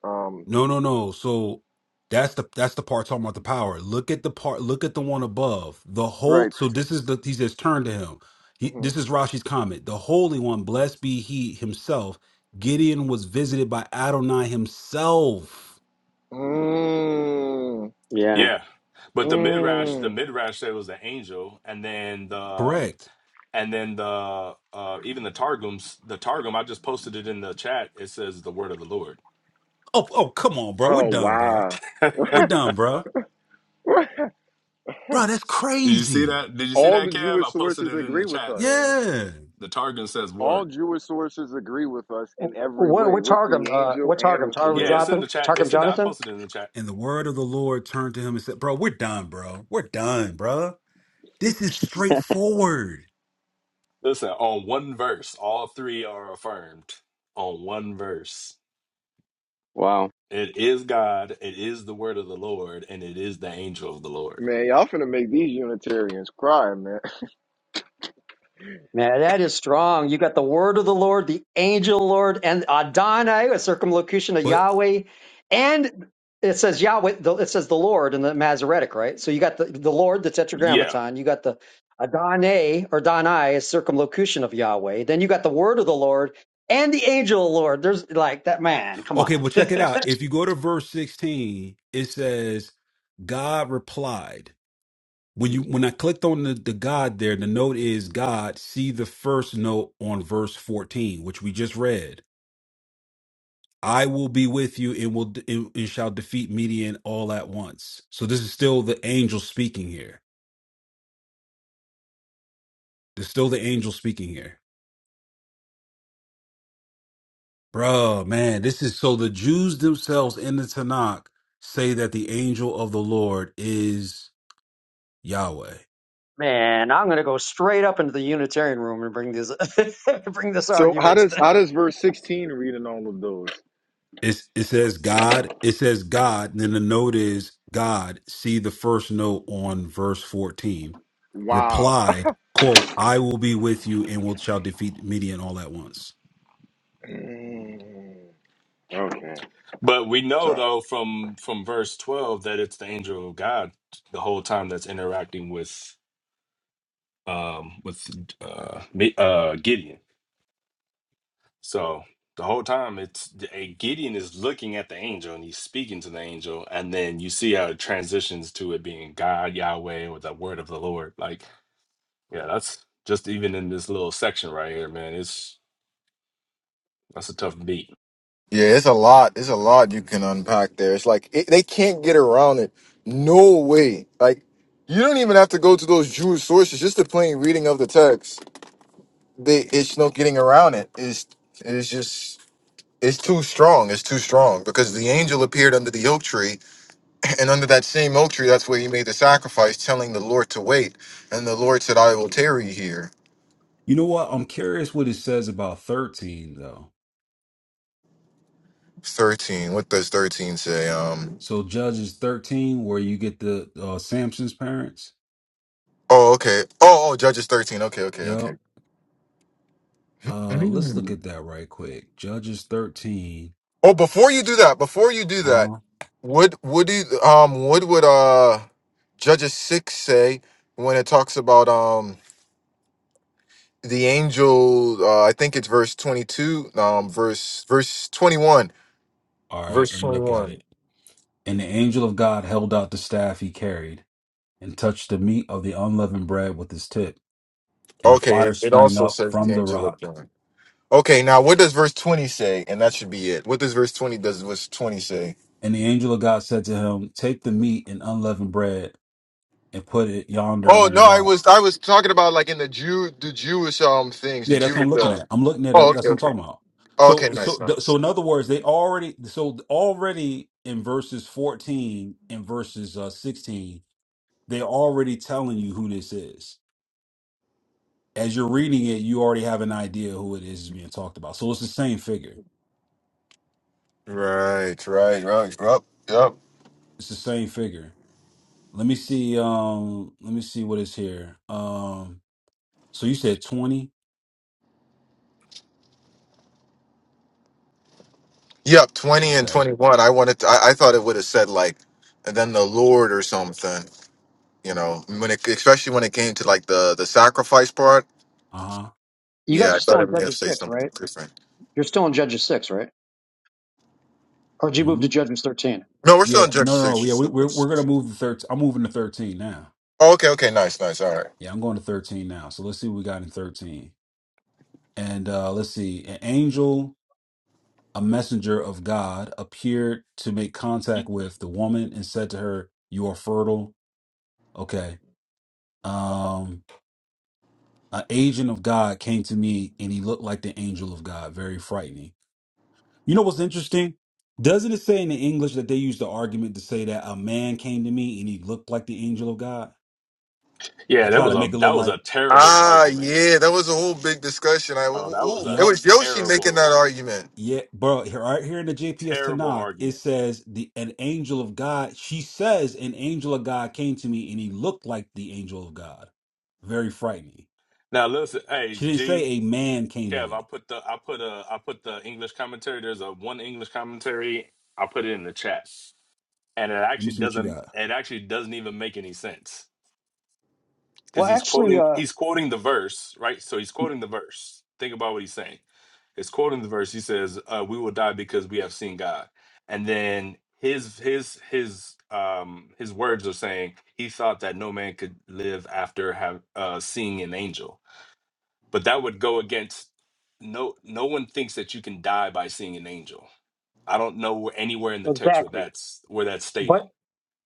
S1: um."
S3: No, no, no. So that's the that's the part talking about the power. Look at the part. Look at the one above. The whole.
S1: Right.
S3: So
S1: T-
S3: this is the he says, turn to him. He,
S1: mm-hmm.
S3: this is Rashi's comment. The Holy One, blessed be He Himself. Gideon was visited by Adonai Himself.
S1: Mm.
S4: Yeah.
S7: Yeah, but the Midrash, the
S1: Mm.
S7: Midrash said it was the angel, and then the um,
S3: Correct.
S7: and then the uh, even the Targums, the Targum. I just posted it in the chat. It says the word of the Lord.
S3: Oh, oh, come on, bro. We're
S1: Oh
S3: done, bro.
S1: wow.
S3: We're
S7: Did
S3: done, bro. Bro, that's
S7: you see
S3: crazy.
S7: that? Did you see
S1: all
S7: that,
S1: the
S7: Kev?
S1: Jewish
S7: I posted
S1: sources
S7: it in
S1: agree
S7: the
S1: with
S7: chat,
S1: us.
S7: man.
S3: Yeah.
S7: The Targum says
S1: All
S7: word.
S1: Jewish sources agree with us in every
S5: What,
S1: way,
S5: what
S1: with the
S5: Targum? Uh,
S1: angel
S5: what
S1: and
S5: Targum?
S1: with the
S5: Targum
S7: Yeah, it's
S1: word.
S7: in
S5: Jonathan?
S7: the chat.
S5: Targum
S7: It's in the. I
S5: Jonathan?
S7: posted it in the chat.
S3: And the word of the Lord turned to him and said, "Bro, we're done, bro. We're done, bro. This is straightforward."
S7: Listen, on one verse, all three are affirmed. On one verse.
S4: Wow.
S7: It is God, it is the word of the Lord, and it is the angel of the Lord.
S1: Man, y'all finna make these Unitarians cry, man.
S5: Man, that is strong. You got the word of the Lord, the angel of the Lord, and Adonai, a circumlocution of
S3: but."
S5: Yahweh, and it says Yahweh. the- It says the Lord in the Masoretic, right? So you got the, the Lord, the
S7: Yeah.
S5: Tetragrammaton. You got the Adonai or Donai, a circumlocution of Yahweh. Then you got the word of the Lord and the angel of the Lord. There's like that man. Come on,
S3: Okay, well, check it out. If you go to verse 16, it says, God replied. When you when I clicked on the, the God there, the note is God, see the first note on verse 14, which we just read. I will be with you and will and, and shall defeat Midian all at once. So this is still the angel speaking here. There's still the angel speaking here. Bruh, man, this is so the Jews themselves in the Tanakh say that the angel of the Lord is Yahweh.
S5: man. I'm gonna go straight up into the Unitarian room and bring this bring this
S1: So how
S5: argument to
S1: does
S5: them.
S1: how does verse sixteen read in all of those?
S3: It's, it says God. It says God. And then the note is God. See the first note on verse 14.
S1: Wow.
S3: Replied, quote, I will be with you and will shall defeat Midian all at once.
S1: Mm, okay.
S7: But we know
S1: Tough.
S7: though from from verse 12 that it's the angel of God the whole time that's interacting with um with uh Mi- uh Gideon. So the whole time it's eh, Gideon is looking at the angel and he's speaking to the angel and then you see how it transitions to it being God Yahweh or the word of the Lord like Yeah, that's just even in this little section right here, man. It's that's a tough beat.
S1: Yeah, it's a lot. It's a lot you can unpack there. It's like it, they can't get around it. No way. Like you don't even have to go to those Jewish sources. Just the plain reading of the text. they it's no getting around it. It's it's just it's too strong. It's too strong because the angel appeared under the oak tree, and under that same oak tree, that's where he made the sacrifice, telling the Lord to wait. And the Lord said, "I will tarry here."
S3: You know what? I'm curious what it says about 13, though.
S1: Thirteen. What does thirteen say? Um.
S3: So Judges 13, where you get the uh, Samson's parents.
S1: Oh, okay. Oh, oh, Judges thirteen. Okay, okay,
S3: Yep.
S1: okay.
S3: Uh, let's look
S1: Mm.
S3: at that right quick. Judges 13.
S1: Oh, before you do that, before you do
S3: Uh,
S1: that,
S3: all
S1: what would you um what would uh Judges six say when it talks about um the angel uh, i think it's verse 22 um verse verse 21
S3: right,
S1: verse
S3: let me look at it.
S1: 21
S3: And the angel of God held out the staff he carried, and touched the meat of the unleavened bread with his tip. And the
S1: okay
S3: fire
S1: it, it
S3: sprang
S1: also
S3: up
S1: says the
S3: from the
S1: angel of
S3: rock.
S1: god okay now what does verse 20 say and that should be it what does verse 20 does verse 20 say
S3: And the angel of God said to him, Take the meat and unleavened bread and put it yonder
S1: oh
S3: on the
S1: no i
S3: rock.
S1: was i was talking about like in the jew the jewish um things the
S3: Yeah, that's what
S1: jewish
S3: I'm looking
S1: uh,
S3: at. I'm looking at
S1: oh
S3: that. That's
S1: okay
S3: what I'm
S1: okay
S3: talking about. So,
S1: okay
S3: so,
S1: nice
S3: th-
S1: nice
S3: so, in other words, they already, so already in verses 14 and verses uh, 16, they're already telling you who this is. As you're reading it, you already have an idea who it is being talked about. So it's the same figure.
S1: right right right yep yep
S3: It's the same figure. Let me see. Um, let me see what is here. Um, so you said twenty.
S1: yep 20 and
S3: Okay.
S1: 21 i wanted to, I, I thought it would have said like and then the lord or something You know, when it especially when it came to like the the sacrifice part.
S3: Uh huh.
S5: You
S1: Yeah,
S5: guys
S1: I
S5: are
S1: thought
S5: still
S1: it
S5: in
S1: may have
S5: Judges
S1: said
S5: six,
S1: something
S5: right?
S1: different.
S5: You're still in Judges six, right? Or did you move
S3: hmm
S5: to Judges 13?
S1: No, we're still
S3: Yeah.
S1: in
S3: No, no, no. Yeah,
S1: Genesis.
S3: we, we're we're gonna move to thirteen. I'm moving to thirteen now.
S1: Oh, okay, okay, nice, nice, all right.
S3: Yeah, I'm going to thirteen now. So let's see what we got in thirteen. And uh, let's see. An angel, a messenger of God, appeared to make contact with the woman and said to her, "You are fertile." Okay. Um, an agent of God came to me, and he looked like the angel of God, very frightening. You know what's interesting? Doesn't it say in the English that they use the argument to say that a man came to me and he looked like the angel of God to
S7: Yeah, that
S3: try
S7: was
S3: to
S7: a
S3: make it look
S7: that was
S3: like,
S7: a terrible
S1: Ah,
S7: argument,
S1: yeah, that was a whole big discussion. I
S7: bro. That was
S1: who-
S7: a
S1: it
S3: yup,
S1: was Yoshi making
S7: terrible,
S1: that argument.
S3: yeah, bro. Here, right here in the JPS
S7: terrible
S3: Tanakh, it
S7: argument.
S3: says the an angel of God. She says an angel of God came to me and he looked like the angel of God. Very frightening.
S7: Now listen,
S3: She
S7: hey
S3: didn't say
S7: G,
S3: a man came to
S7: Kev, I
S3: me.
S7: put the I put a I put the English commentary. There's a one English commentary. I put it in the chat, and it
S3: Let me
S7: actually
S3: see what you
S7: doesn't
S3: got.
S7: it actually doesn't even make any sense
S5: Well,
S7: because he's
S5: actually,
S7: quoting
S5: uh,
S7: he's quoting the verse right. So he's quoting the verse. Think about what he's saying. Is quoting the verse. He says, uh, "We will die because we have seen God." And then his his his um his words are saying he thought that no man could live after have uh, seeing an angel, but that would go against no no one thinks that you can die by seeing an angel. I don't know anywhere in the text where
S5: exactly.
S7: that's where that's stated.
S5: But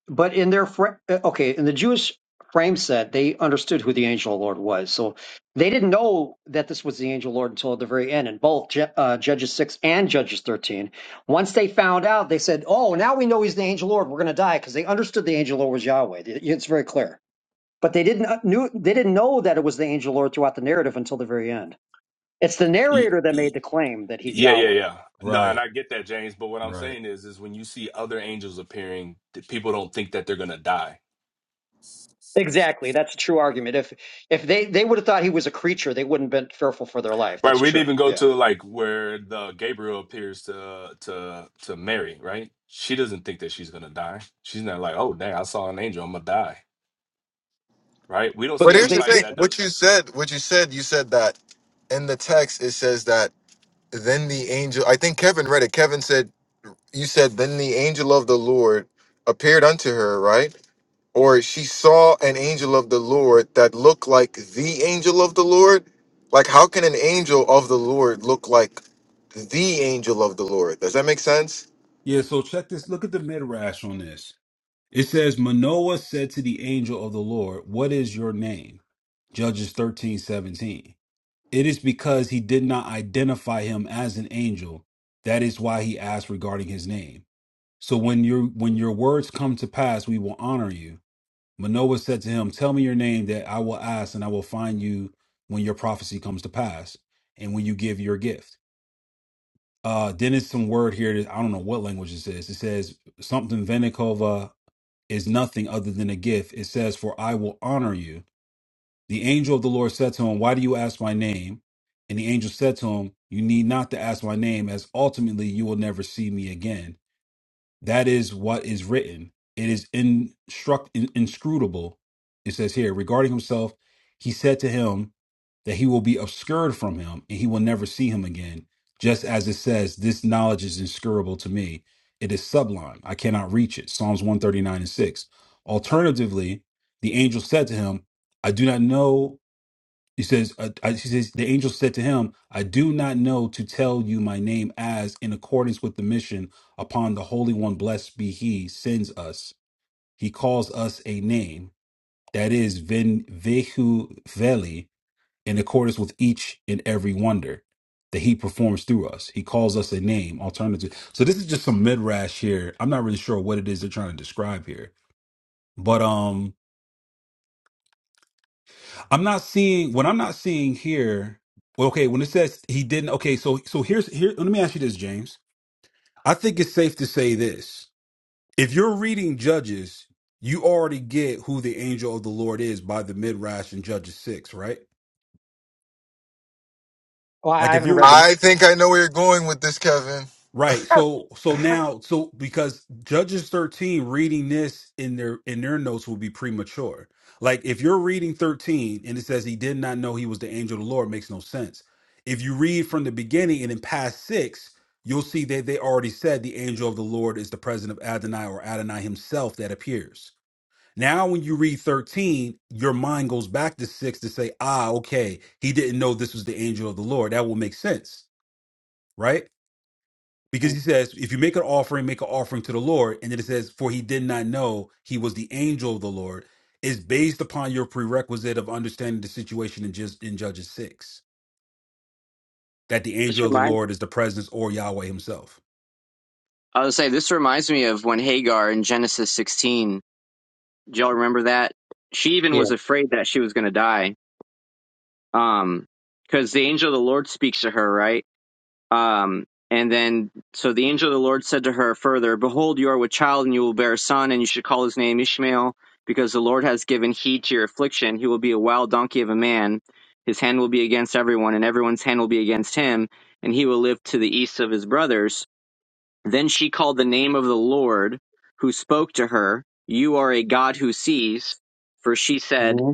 S5: but in their fr- uh, okay, in the Jewish frame set, they understood who the angel of the Lord was. So they didn't know that this was the angel of the Lord until at the very end. In both Ju- uh, Judges six and Judges 13, once they found out, they said, "Oh, now we know he's the angel of the Lord. We're going to die," because they understood the angel of the Lord was Yahweh. It- It's very clear. But they didn't uh, knew they didn't know that it was the angel of the Lord throughout the narrative until the very end. It's the
S7: Y-
S5: narrator that made
S7: y-
S5: the claim that he's
S7: Yeah, yeah,
S5: Yahweh.
S7: yeah. No, and
S3: Right,
S7: I get that, James. But what I'm
S3: right.
S7: saying is, is when you see other angels appearing, th- people don't think that they're gonna die
S5: Exactly. That's a true argument. If if they they would have thought he was a creature, they wouldn't have been fearful for their life.
S7: Right,
S5: That's
S7: we'd
S5: true.
S7: even go
S5: Yeah.
S7: to like where the Gabriel appears to to to Mary, right? She doesn't think that she's gonna die. She's not like, oh dang, I saw an angel, I'm gonna die, right? We don't
S1: But
S7: see
S5: Because
S1: here's the
S5: they.
S7: anybody
S1: thing:
S7: that
S1: what
S7: does.
S1: you said, what you said, you said that in the text it says that then the angel. I think Kevin read it. Kevin said, "You said then the angel of the Lord appeared unto her, right?" or she saw an angel of the Lord that looked like the angel of the Lord. Like, how can an angel of the Lord look like the angel of the Lord? Does that make sense?
S3: Yeah. So check this. Look at the midrash on this. It says, Manoah said to the angel of the Lord, What is your name? Judges thirteen seventeen. It is because he did not identify him as an angel. That is why he asked regarding his name. So when your when your words come to pass, we will honor you. Manoah said to him, Tell me your name that I will ask, and I will find you when your prophecy comes to pass, and when you give your gift. Uh, then it's some word here that I don't know what language this is. It says something Venikova is nothing other than a gift. It says, For I will honor you. The angel of the Lord said to him, Why do you ask my name? And the angel said to him, You need not to ask my name, as ultimately you will never see me again that is what is written. It is instruct, in, inscrutable. It says here regarding himself, he said to him that he will be obscured from him and he will never see him again. Just as it says, this knowledge is inscrutable to me. It is sublime. I cannot reach it. Psalms 139 and 6. Alternatively, the angel said to him, I do not know. He says, uh, I, he says, the angel said to him, I do not know to tell you my name as in accordance with the mission upon the Holy One, blessed be he, sends us. He calls us a name that is Ven Vehu Veli in accordance with each and every wonder that he performs through us. He calls us a name, alternative. So this is just some midrash here. I'm not really sure what it is they're trying to describe here, but, um, I'm not seeing what I'm not seeing here. Well, okay, when it says he didn't, okay, so so here's here. Let me ask you this, James. I think it's safe to say this: if you're reading Judges, you already get who the angel of the Lord is by the midrash in Judges six, right?
S5: Well,
S3: Like
S5: I
S3: if
S5: haven't
S3: you're
S5: read them.
S1: I think I know where you're going with this, Kevin.
S3: Right. So so now so because Judges 13 reading this in their in their notes will be premature. Like if you're reading 13 and it says he did not know he was the angel of the Lord makes no sense. If you read from the beginning and in past 6, you'll see that they already said the angel of the Lord is the presence of Adonai or Adonai himself that appears. Now when you read 13, your mind goes back to 6 to say, "Ah, okay, he didn't know this was the angel of the Lord." That will make sense, right? Because he says, if you make an offering, make an offering to the Lord. And then it says, for he did not know he was the angel of the Lord, is based upon your prerequisite of understanding the situation in, just, in Judges 6, that the
S4: This
S3: angel of the
S4: reminds
S3: Lord is the presence or Yahweh himself.
S4: I was say this reminds me of when Hagar in Genesis 16. Do y'all remember that? She even
S5: Yeah.
S4: was afraid that she was going to die. Um, because the angel of the Lord speaks to her, right? Um, and then so the angel of the Lord said to her further, "Behold, you are with child, and you will bear a son, and you should call his name Ishmael, because the Lord has given heed to your affliction. He will be a wild donkey of a man. His hand will be against everyone, and everyone's hand will be against him, and he will live to the east of his brothers." Then she called the name of the Lord who spoke to her, You are a God who sees. For she said,
S5: hmm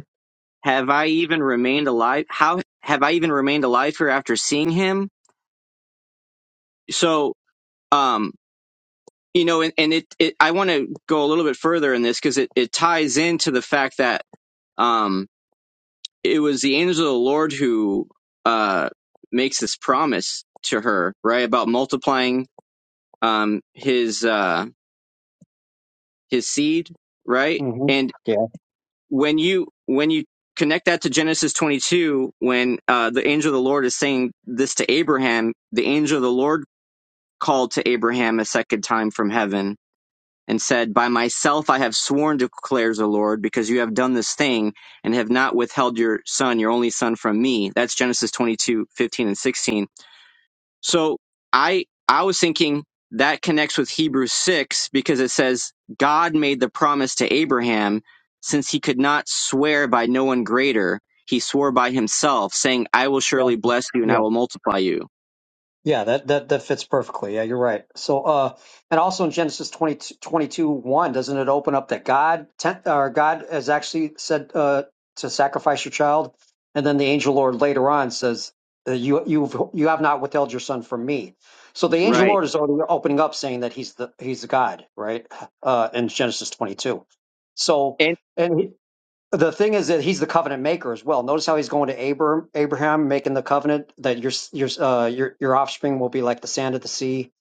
S4: Have I even remained alive? How have I even remained alive here after seeing him? So, um, you know, and, and it, it, I want to go a little bit further in this because it, it ties into the fact that, um, it was the angel of the Lord who, uh, makes this promise to her, right? About multiplying, um, his, uh, his seed, right?
S5: hmm
S4: and.
S5: Yeah.
S4: when you when you connect that to Genesis 22, when uh, the angel of the Lord is saying this to Abraham, the angel of the Lord called to Abraham a second time from heaven and said, "By myself I have sworn," declares the Lord, because you have done this thing and have not withheld your son, your only son, from me. That's Genesis 22:15 and 16 so I I was thinking that connects with Hebrews 6 because it says God made the promise to Abraham since he could not swear by no one greater he swore by himself saying I will surely
S5: Exactly.
S4: bless you and
S5: Yeah.
S4: I will multiply you.
S5: Yeah, that, that that fits perfectly. Yeah, you're right. So, uh, and also in Genesis 22, twenty-two, 1, doesn't it open up that God ten, or God has actually said uh, to sacrifice your child, and then the angel Lord later on says, uh, "You you've you have not withheld your son from me." So the angel
S4: Right.
S5: Lord is already opening up, saying that he's the he's the God, right? Uh, in Genesis 22. So,
S4: And
S5: and the thing is that he's the covenant maker as well. Notice how he's going to Abraham, Abraham making the covenant that your your uh, your your offspring will be like the sand of the sea,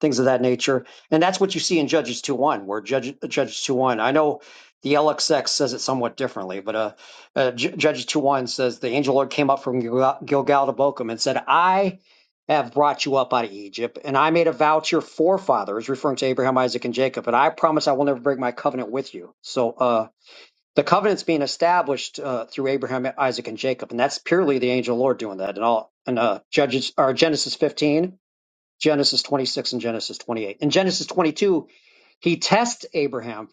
S5: things of that nature. And that's what you see in Judges two one, where Judge, Judges two one. I know the LXX says it somewhat differently, but uh, uh, J- Judges two one says the angel Lord came up from Gilgal Gilgal to Bochum and said, "I have brought you up out of Egypt, and I made a vow to your forefathers, referring to Abraham, Isaac, and Jacob, and I promise I will never break my covenant with you." So. uh the covenant's being established uh, through Abraham, Isaac, and Jacob, and that's purely the angel of the Lord doing that. And all and uh, Judges or Genesis 15, Genesis 26, and Genesis 28. In Genesis 22, he tests Abraham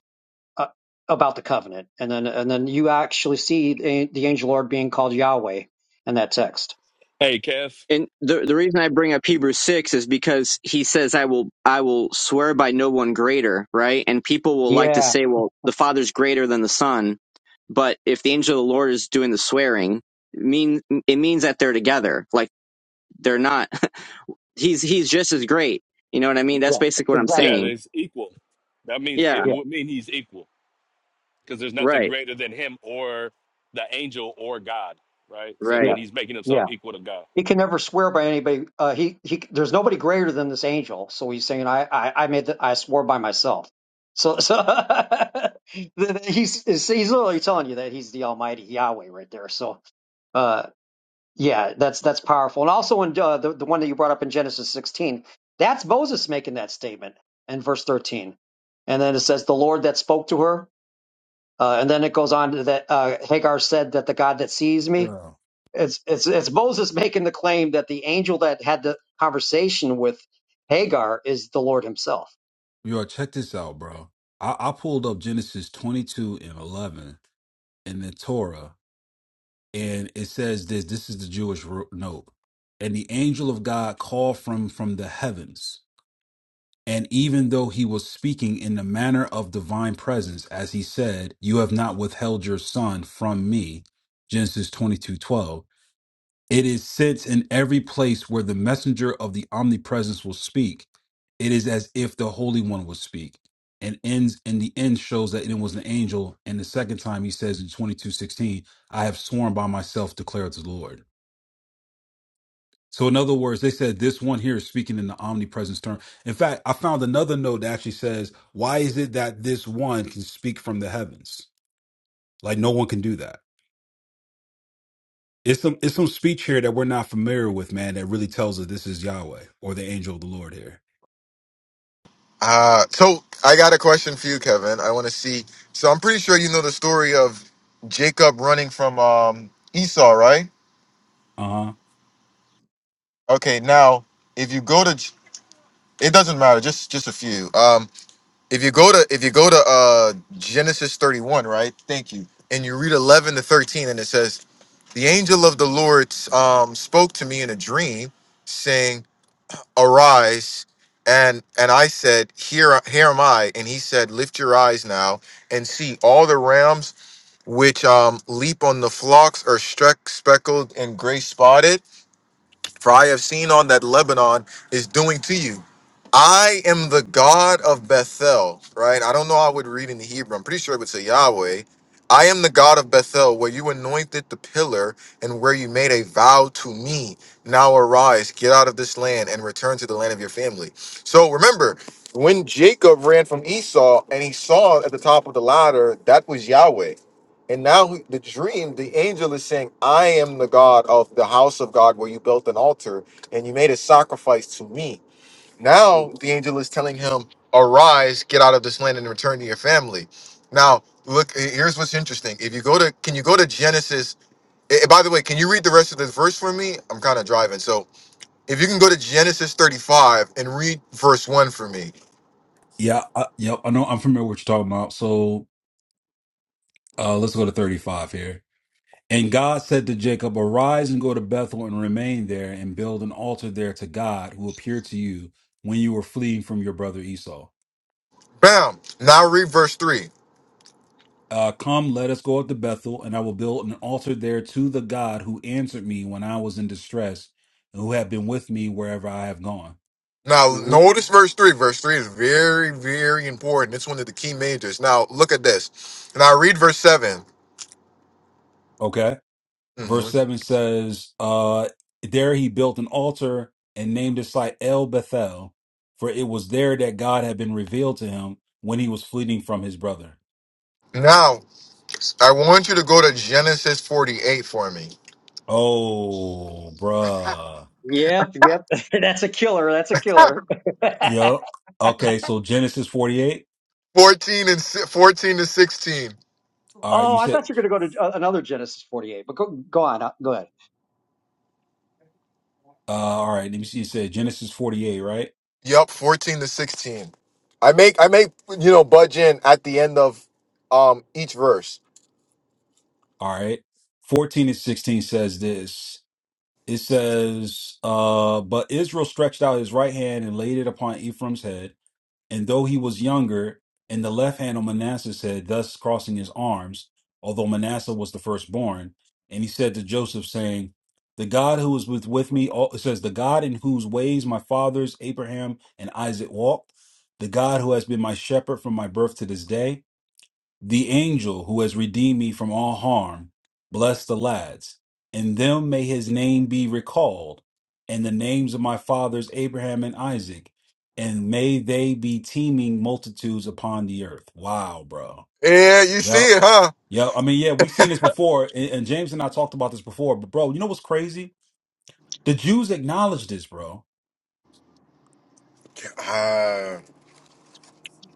S5: uh, about the covenant, and then and then you actually see the, the angel of the Lord being called Yahweh in that text.
S7: Hey, Kev.
S4: And the the reason I bring up Hebrews six is because he says, "I will I will swear by no one greater," right? And people will like to
S5: Yeah,
S4: say, "Well, the Father's greater than the Son," but if the angel of the Lord is doing the swearing, it mean it means that they're together. Like they're not. he's he's just as great. You know what I mean? That's
S5: yeah,
S4: basically what I'm
S5: exactly.
S7: Yeah,
S4: saying.
S7: there's equal. That means
S4: Yeah.
S7: it
S5: Yeah,
S7: would mean he's equal because there's nothing
S4: Right.
S7: greater than him or the angel or God, right? So
S5: yeah,
S7: then
S4: Right.
S7: he's making
S5: yeah.
S7: himself equal to God.
S5: He can never swear by anybody. Uh, he he. There's nobody greater than this angel. So he's saying, I I, I made the, I swore by myself. So so he's he's literally telling you that he's the Almighty Yahweh right there. So uh yeah, that's that's powerful. And also in uh, the the one that you brought up in Genesis 16, that's Moses making that statement in verse 13, and then it says the Lord that spoke to her, uh, and then it goes on to that uh, Hagar said that the God that sees me,
S3: Bro,
S5: it's it's it's Moses making the claim that the angel that had the conversation with Hagar is the Lord Himself.
S3: yo, check this out, bro. I, I pulled up Genesis 22 and 11 in the Torah, and it says this. This is the Jewish ro- note. And the angel of God called from from the heavens. And even though he was speaking in the manner of divine presence, as he said, You have not withheld your son from me, Genesis twenty-two twelve. it is since in every place where the messenger of the omnipresence will speak, it is as if the Holy One will speak. And ends And the end shows that it was an angel. And the second time he says in twenty-two sixteen, I have sworn by myself, declares the Lord. So, in other words, they said this one here is speaking in the omnipresence term. In fact, I found another note that actually says, "Why is it that this one can speak from the heavens? Like no one can do that." It's some it's some speech here that we're not familiar with, man. That really tells us this is Yahweh or the angel of the Lord here.
S1: Uh, so I got a question for you, Kevin. I want to see. So I'm pretty sure you know the story of Jacob running from um, Esau, right?
S3: Uh huh.
S1: Okay, now if you go to, it doesn't matter. Just just a few. Um, If you go to if you go to uh Genesis 31, right? Thank you. And you read 11 to 13 and it says, "The angel of the Lord um spoke to me in a dream, saying, "Arise." And and I said, "Here here am I." And he said, "Lift your eyes now and see all the rams which um leap on the flocks are streck speckled and gray spotted." for I have seen on that Lebanon is doing to you. I am the God of Bethel, right? I don't know how I would read in the Hebrew. I'm pretty sure it would say Yahweh. I am the God of Bethel, where you anointed the pillar and where you made a vow to me. Now arise, get out of this land and return to the land of your family. So remember, when Jacob ran from Esau and he saw at the top of the ladder, that was Yahweh. And now he- the dream, the angel is saying, I am the God of the house of God where you built an altar and you made a sacrifice to me.
S5: hmm
S1: Now the angel is telling him, Arise, get out of this land and return to your family. Now, look, here's what's interesting. If you go to, can you go to Genesis? eh, eh, by the way, can you read the rest of this verse for me? I'm kind of driving. So if you can go to Genesis 35 and read verse 1 for me.
S3: Yeah. I, yeah. I know. I'm familiar with what you're talking about. So uh, let's go to 35 here. And God said to Jacob, Arise and go to Bethel and remain there and build an altar there to God who appeared to you when you were fleeing from your brother Esau.
S1: Bam. Now read verse 3.
S3: Uh, come, let us go up to Bethel, and I will build an altar there to the God who answered me when I was in distress, and who have been with me wherever I have gone.
S1: Now,
S5: hmm
S1: notice verse 3. Verse 3 is very, very important. It's one of the key majors. Now, look at this. Now, read verse 7.
S3: Okay.
S1: hmm
S3: Verse 7 says, uh, There he built an altar and named his site El Bethel, for it was there that God had been revealed to him when he was fleeing from his brother.
S1: Now, I want you to go to Genesis 48 for me.
S3: Oh, bruh.
S5: Yep, yep. That's a killer. That's a killer.
S3: Yup. Okay. So Genesis 48.
S1: 14 and si- 14 to 16.
S3: All right. You
S5: oh, I
S3: said,
S5: thought you were going to go to uh, another Genesis forty-eight, but go go on. uh, Go ahead.
S3: uh, all right. Let me see. You said Genesis 48, right?
S1: Yup, 14 to 16. I make I make you know budge in at the end of um each verse.
S3: All right. 14 and 16 says this. It says, uh, but Israel stretched out his right hand and laid it upon Ephraim's head, and though he was younger, and the left hand on Manasseh's head, thus crossing his arms, although Manasseh was the firstborn. And he said to Joseph, saying, The God who is with, with me, all, it says, the God in whose ways my fathers Abraham and Isaac walked, the God who has been my shepherd from my birth to this day, the angel who has redeemed me from all harm, bless the lads. In them may his name be recalled, and the names of my fathers Abraham and Isaac, and may they be teeming multitudes upon the earth. Wow, bro.
S1: Yeah, you see
S3: Yep.
S1: it,
S3: Yep. I mean, yeah, we've seen this before, and, and James and I talked about this before, but bro, you know what's crazy? The Jews acknowledged this, bro.
S1: huh?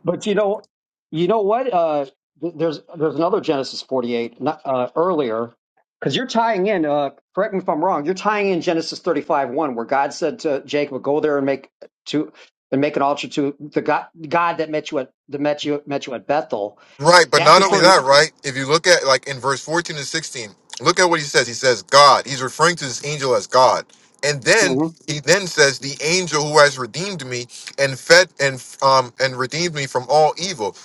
S5: But you know, you know what? Uh, th- there's there's another Genesis 48 not, uh, earlier because you're tying in. Uh, correct me if I'm wrong. You're tying in Genesis 35 one where God said to Jacob, "Go there and make to and make an altar to the God God that met you at that met you met you at Bethel."
S1: Right, but
S5: That's
S1: not only
S5: referring.
S1: that, right? If you look at like in verse 14 and 16, look at what he says. He says God. He's referring to this angel as God. And then
S5: Mhm.
S1: he then says the angel who has redeemed me and fed and um and redeemed me from all evil.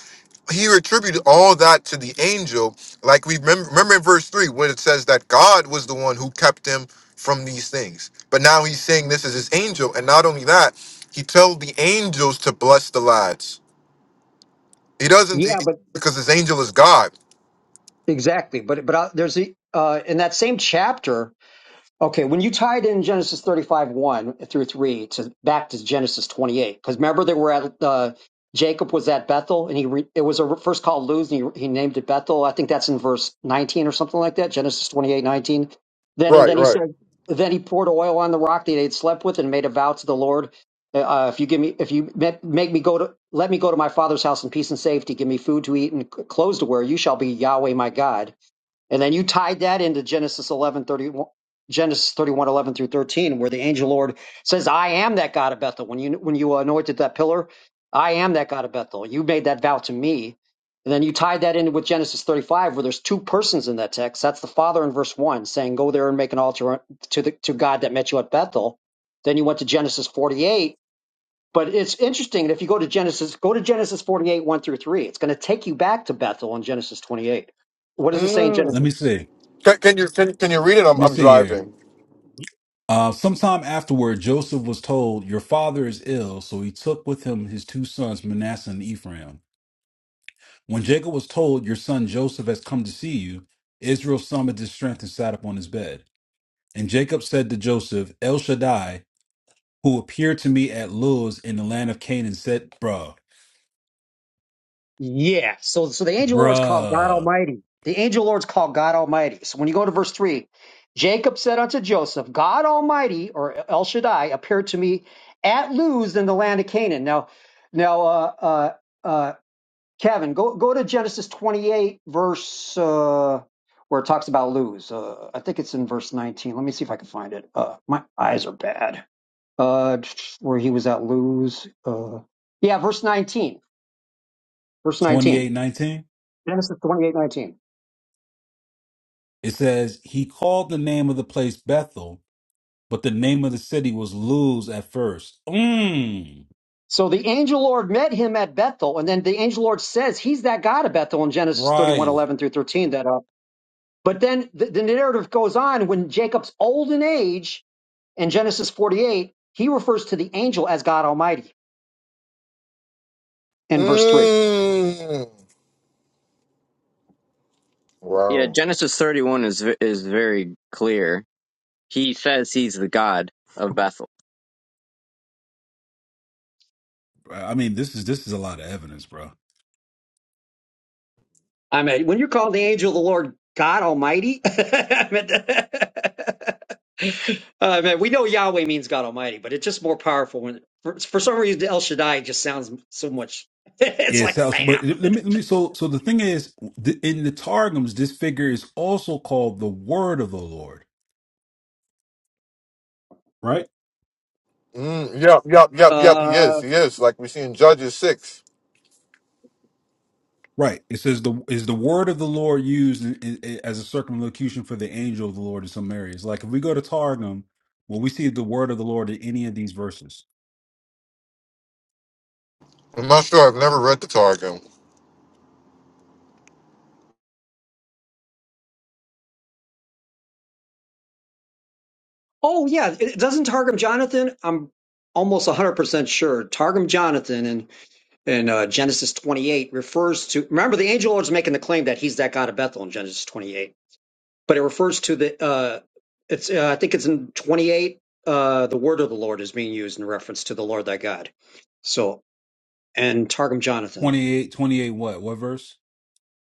S1: He attributed all that to the angel. Like we remember, remember in verse 3 when it says that God was the one who kept him from these things. But now he's saying this is his angel and not only that, he told the angels to bless the lads. He doesn't
S5: Yeah,
S1: he-
S5: but
S1: because his angel is God.
S5: exactly. But but uh, there's a uh, in that same chapter Okay, when you tied in Genesis 35, 1 through 3 to back to Genesis 28, because remember they were at uh, Jacob was at Bethel and he re, it was a first called Luz and he, he named it Bethel. I think that's in verse 19 or something like that, Genesis 28 19. Then, and
S1: Right,
S5: then he
S1: right.
S5: said, then he poured oil on the rock that he had slept with and made a vow to the Lord. Uh, uh, if you give me, if you ma- make me go to, let me go to my father's house in peace and safety, give me food to eat and clothes to wear, you shall be Yahweh my God and then you tied that into Genesis 11 31, Genesis 31 11 through 13, where the angel Lord says, I am that God of Bethel. When you, when you anointed that pillar, I am that God of Bethel. You made that vow to me. And then you tied that in with Genesis 35, where there's two persons in that text. That's the father in verse one saying, go there and make an altar to the, to God that met you at Bethel. Then you went to Genesis 48. But it's interesting. that If you go to Genesis, go to Genesis 48, one through three, it's going to take you back to Bethel in Genesis 28. What does it say in
S3: Let
S1: Mm.
S5: Genesis?
S3: me see.
S1: Can, can you can, can you read it?
S3: Let
S1: I'm
S3: me
S1: I'm
S3: see here.
S1: driving.
S3: Uh, sometime afterward, Joseph was told, Your father is ill, so he took with him his two sons, Manasseh and Ephraim. When Jacob was told, Your son Joseph has come to see you, Israel summoned his strength and sat up on his bed. And Jacob said to Joseph, El Shaddai, who appeared to me at Luz in the land of Canaan, said, Bruh,
S5: Yeah. So so the angel Lord's called God
S3: bruh,
S5: Almighty. The angel Lord's called God Almighty. So when you go to verse three, Jacob said unto Joseph, God Almighty or El Shaddai appeared to me at Luz in the land of Canaan. Now, now, uh, uh, uh, Kevin, go go to Genesis twenty eight verse uh, where it talks about Luz. Uh, I think it's in verse nineteen. Let me see if I can find it. Uh, my eyes are bad. Uh, where he was at Luz. Uh, yeah, verse nineteen. Verse nineteen.
S3: 2819.
S5: Genesis twenty-eight nineteen.
S3: It says, He called the name of the place Bethel, but the name of the city was Luz at first. Mmm,
S5: So the angel Lord met him at Bethel, and then the angel Lord says he's that God of Bethel in Genesis thirty-one
S3: right.
S5: eleven through 13. That, uh, but then the, the narrative goes on when Jacob's old in age in Genesis 48, he refers to the angel as God Almighty in verse 3.
S1: Mm.
S4: Yeah.
S1: Wow.
S4: Genesis 31 is v- is very clear. He says he's the God of Bethel.
S3: I mean, this is this is a lot of evidence, bro.
S5: I mean, when you're calling the angel of the Lord God Almighty, I mean, uh, man, we know Yahweh means God Almighty, but it's just more powerful when, for, for some reason, El Shaddai just sounds so much. it's
S3: Yeah, It
S5: like
S3: sounds, but
S5: bam.
S3: let me let me. So so the thing is, th- in the Targums, this figure is also called the Word of the Lord, right?
S1: Mm. Yep, yep, yep, yep. He is.
S5: Uh,
S1: He is. Like we see in Judges six.
S3: Right. It says the is the Word of the Lord used in, in, in- as a circumlocution for the angel of the Lord in some areas. Like if we go to Targum, will we see the Word of the Lord in any of these verses?
S1: I'm not sure. I've never read the Targum.
S5: oh yeah, it doesn't Targum Jonathan. I'm almost 100% sure Targum Jonathan in in uh, Genesis 28 refers to remember the angel Lord's making the claim that he's that God of Bethel in Genesis 28, but it refers to the uh, it's uh, I think it's in 28 uh, the word of the Lord is being used in reference to the Lord thy God. So and Targum Jonathan.
S3: Twenty eight, twenty eight. What what verse?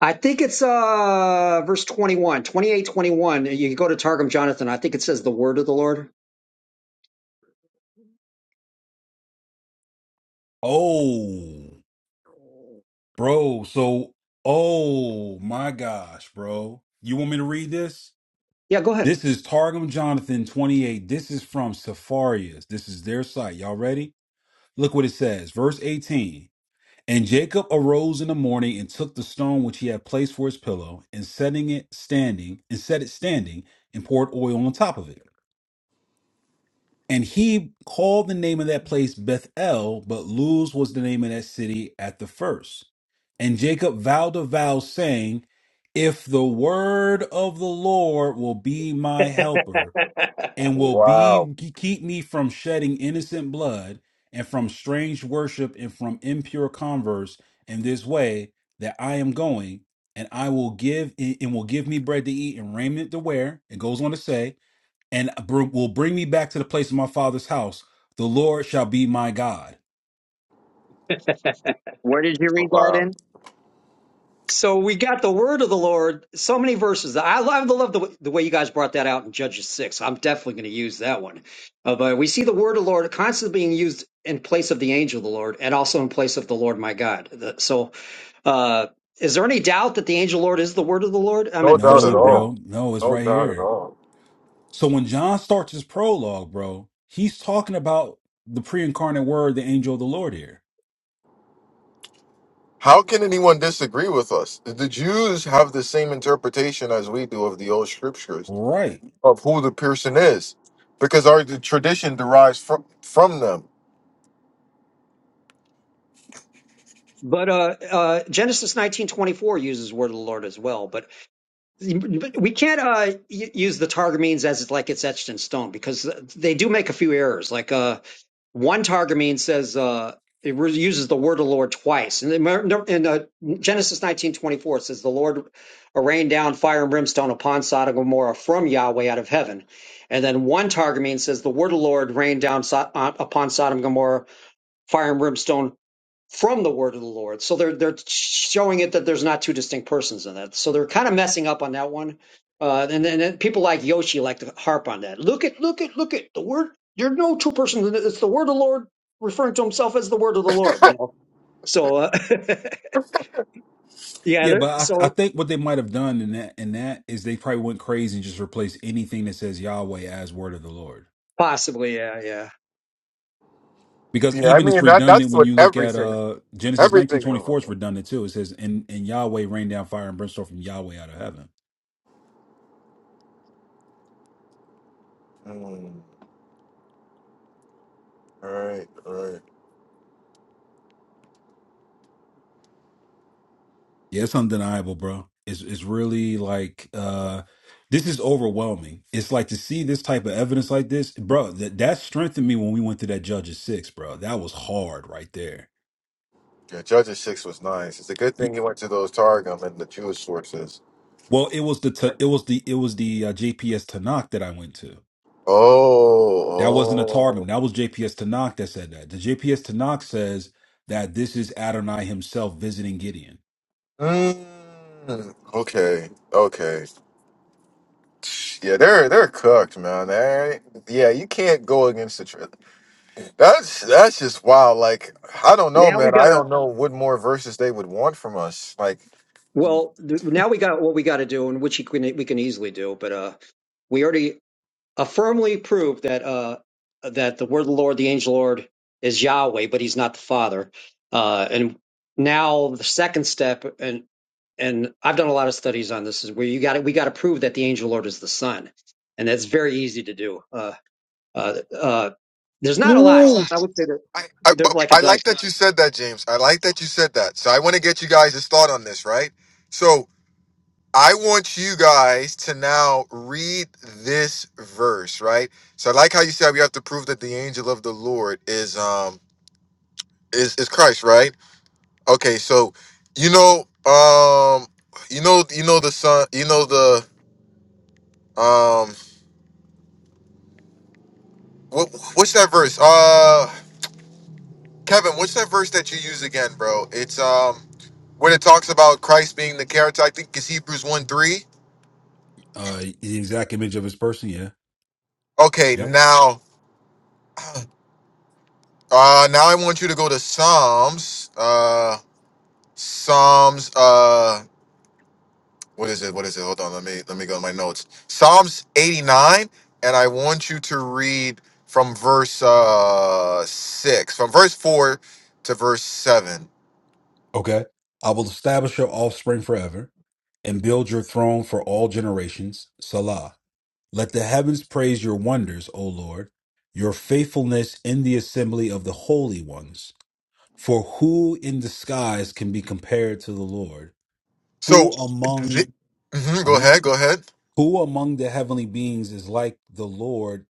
S5: I think it's uh verse 21, 28, 21. You can go to Targum Jonathan. I think it says the word of the Lord.
S3: Oh, bro. So oh my gosh, bro. You want me to read this?
S5: Yeah, go ahead.
S3: This is Targum Jonathan 28. This is from Sepharias. This is their site. Y'all ready? Look what it says. Verse 18. And Jacob arose in the morning and took the stone which he had placed for his pillow, and setting it standing, and set it standing, and poured oil on top of it. And he called the name of that place Bethel, but Luz was the name of that city at the first. And Jacob vowed a vow, saying, If the word of the Lord will be my helper, and will
S1: Wow.
S3: be keep me from shedding innocent blood and from strange worship and from impure converse in this way that I am going and I will give and will give me bread to eat and raiment to wear it goes on to say and br- will bring me back to the place of my father's house the Lord shall be my God
S4: Where did you read that in?
S1: Wow.
S5: So we got the word of the Lord, so many verses. I love, I love the, way- the way you guys brought that out in Judges 6. I'm definitely going to use that one. Uh, but we see the word of the Lord constantly being used in place of the angel of the Lord and also in place of the Lord my God. The- So uh, is there any doubt that the angel of the Lord is the word of the Lord? I
S1: No
S5: mean,
S1: doubt
S5: there's
S1: at
S3: no
S5: no
S1: all.
S5: doubt.
S3: bro no it's
S1: No
S3: right
S1: doubt at
S3: here
S1: all.
S3: so when John starts his prologue bro he's talking about the pre-incarnate word the angel of the Lord here
S1: How can anyone disagree with us? The Jews have the same interpretation as we do of the old scriptures.
S3: right
S1: of who the person is because our the tradition derives from from them.
S5: But uh, uh, Genesis 19:24 uses word of the Lord as well. But, but we can't uh, y- use the Targumenes as it's like it's etched in stone because they do make a few errors. Like uh, One Targumene says uh, it uses the word of the Lord twice. In, the- in uh, Genesis nineteen twenty four, it says the Lord rained down fire and brimstone upon Sodom and Gomorrah from Yahweh out of heaven. And then one Targumene says the word of the Lord rained down so- uh, upon Sodom and Gomorrah fire and brimstone from the word of the Lord. So they're they're showing it that there's not two distinct persons in that. So they're kind of messing up on that one. Uh, and then then people like Yoshi like to harp on that. Look at look at look at the word. You're no two persons. in it. It's the word of the Lord referring to himself as the word of the Lord. You know. So uh, yeah.
S3: Yeah,
S5: they
S3: but I, I
S5: So
S3: think what they might have done in that in that is they probably went crazy and just replaced anything that says Yahweh as word of the Lord.
S5: possibly yeah yeah.
S3: Because
S1: Yeah, I
S3: even it's
S1: mean that
S3: redundant
S1: that's
S3: when
S1: what
S3: you look at
S1: everything
S3: uh Genesis nineteen
S1: everything.
S3: twenty four is
S1: Mm,
S3: redundant too. It says and, and Yahweh rained down fire and brimstone from Yahweh out of heaven.
S1: all right, all right.
S3: Yeah, it's undeniable, bro. It's it's really like uh this is overwhelming. It's like to see this type of evidence like this, bro. That that strengthened me when we went to that Judges six, bro. That was hard right there.
S1: Yeah, Judges six was nice. It's a good thing he went to those Targum and the Jewish sources.
S3: Well, it was the Ta- it was the it was the uh, JPS Tanakh that I went to. That wasn't a Targum.
S1: Oh,
S3: That was JPS Tanakh that said that. The JPS Tanakh says that this is Adonai himself visiting Gideon.
S1: oh. Mm, okay, okay. Yeah, they're they're cooked, man. They yeah, you can't go against the truth. That's that's just wild. Like I don't know,
S5: Now we
S1: man. I
S5: gotta.
S1: don't know what more verses they would want from us. Like, you-
S5: Well, th- now we got what we got to do, and which we can, we can easily do. But uh, we already uh, firmly prove that uh, that the word of the Lord, the angel Lord, is Yahweh, but He's not the Father. Uh, and now the second step, and and I've done a lot of studies on this, is where you got to We got to prove that the angel Lord is the Son, and that's very easy to do. Uh, uh, uh, there's not a lot.
S1: Ooh.
S5: Since I would say that
S1: I I,
S5: there's
S1: but
S5: like a
S1: I like
S5: dozen.
S1: that you said that, James. I like that you said that. So I want to get you guys' thought on this, right? So I want you guys to now read this verse, right? So I like how you said we have to prove that the angel of the Lord is um is is Christ, right? Okay, so you know um you know you know the son you know the um. What, what's that verse? Uh, Kevin, what's that verse that you use again, bro? It's um when it talks about Christ being the character. I think it's Hebrews one three.
S3: Uh, the exact image of his person, yeah.
S1: Okay,
S3: Yep.
S1: now uh now I want you to go to Psalms. Uh, Psalms. Uh, what is it? What is it? Hold on. Let me let me go to my notes. Psalms eighty nine, and I want you to read from verse uh six, from verse four to verse seven.
S3: Okay. I will establish your offspring forever and build your throne for all generations. Salah. Let the heavens praise your wonders, O Lord, your faithfulness in the assembly of the holy ones. For who in disguise can be compared to the Lord?
S1: So,
S3: Who
S1: th-
S3: among
S1: mhm, go
S3: uh,
S1: ahead. Go ahead.
S3: who among the heavenly beings is like the Lord,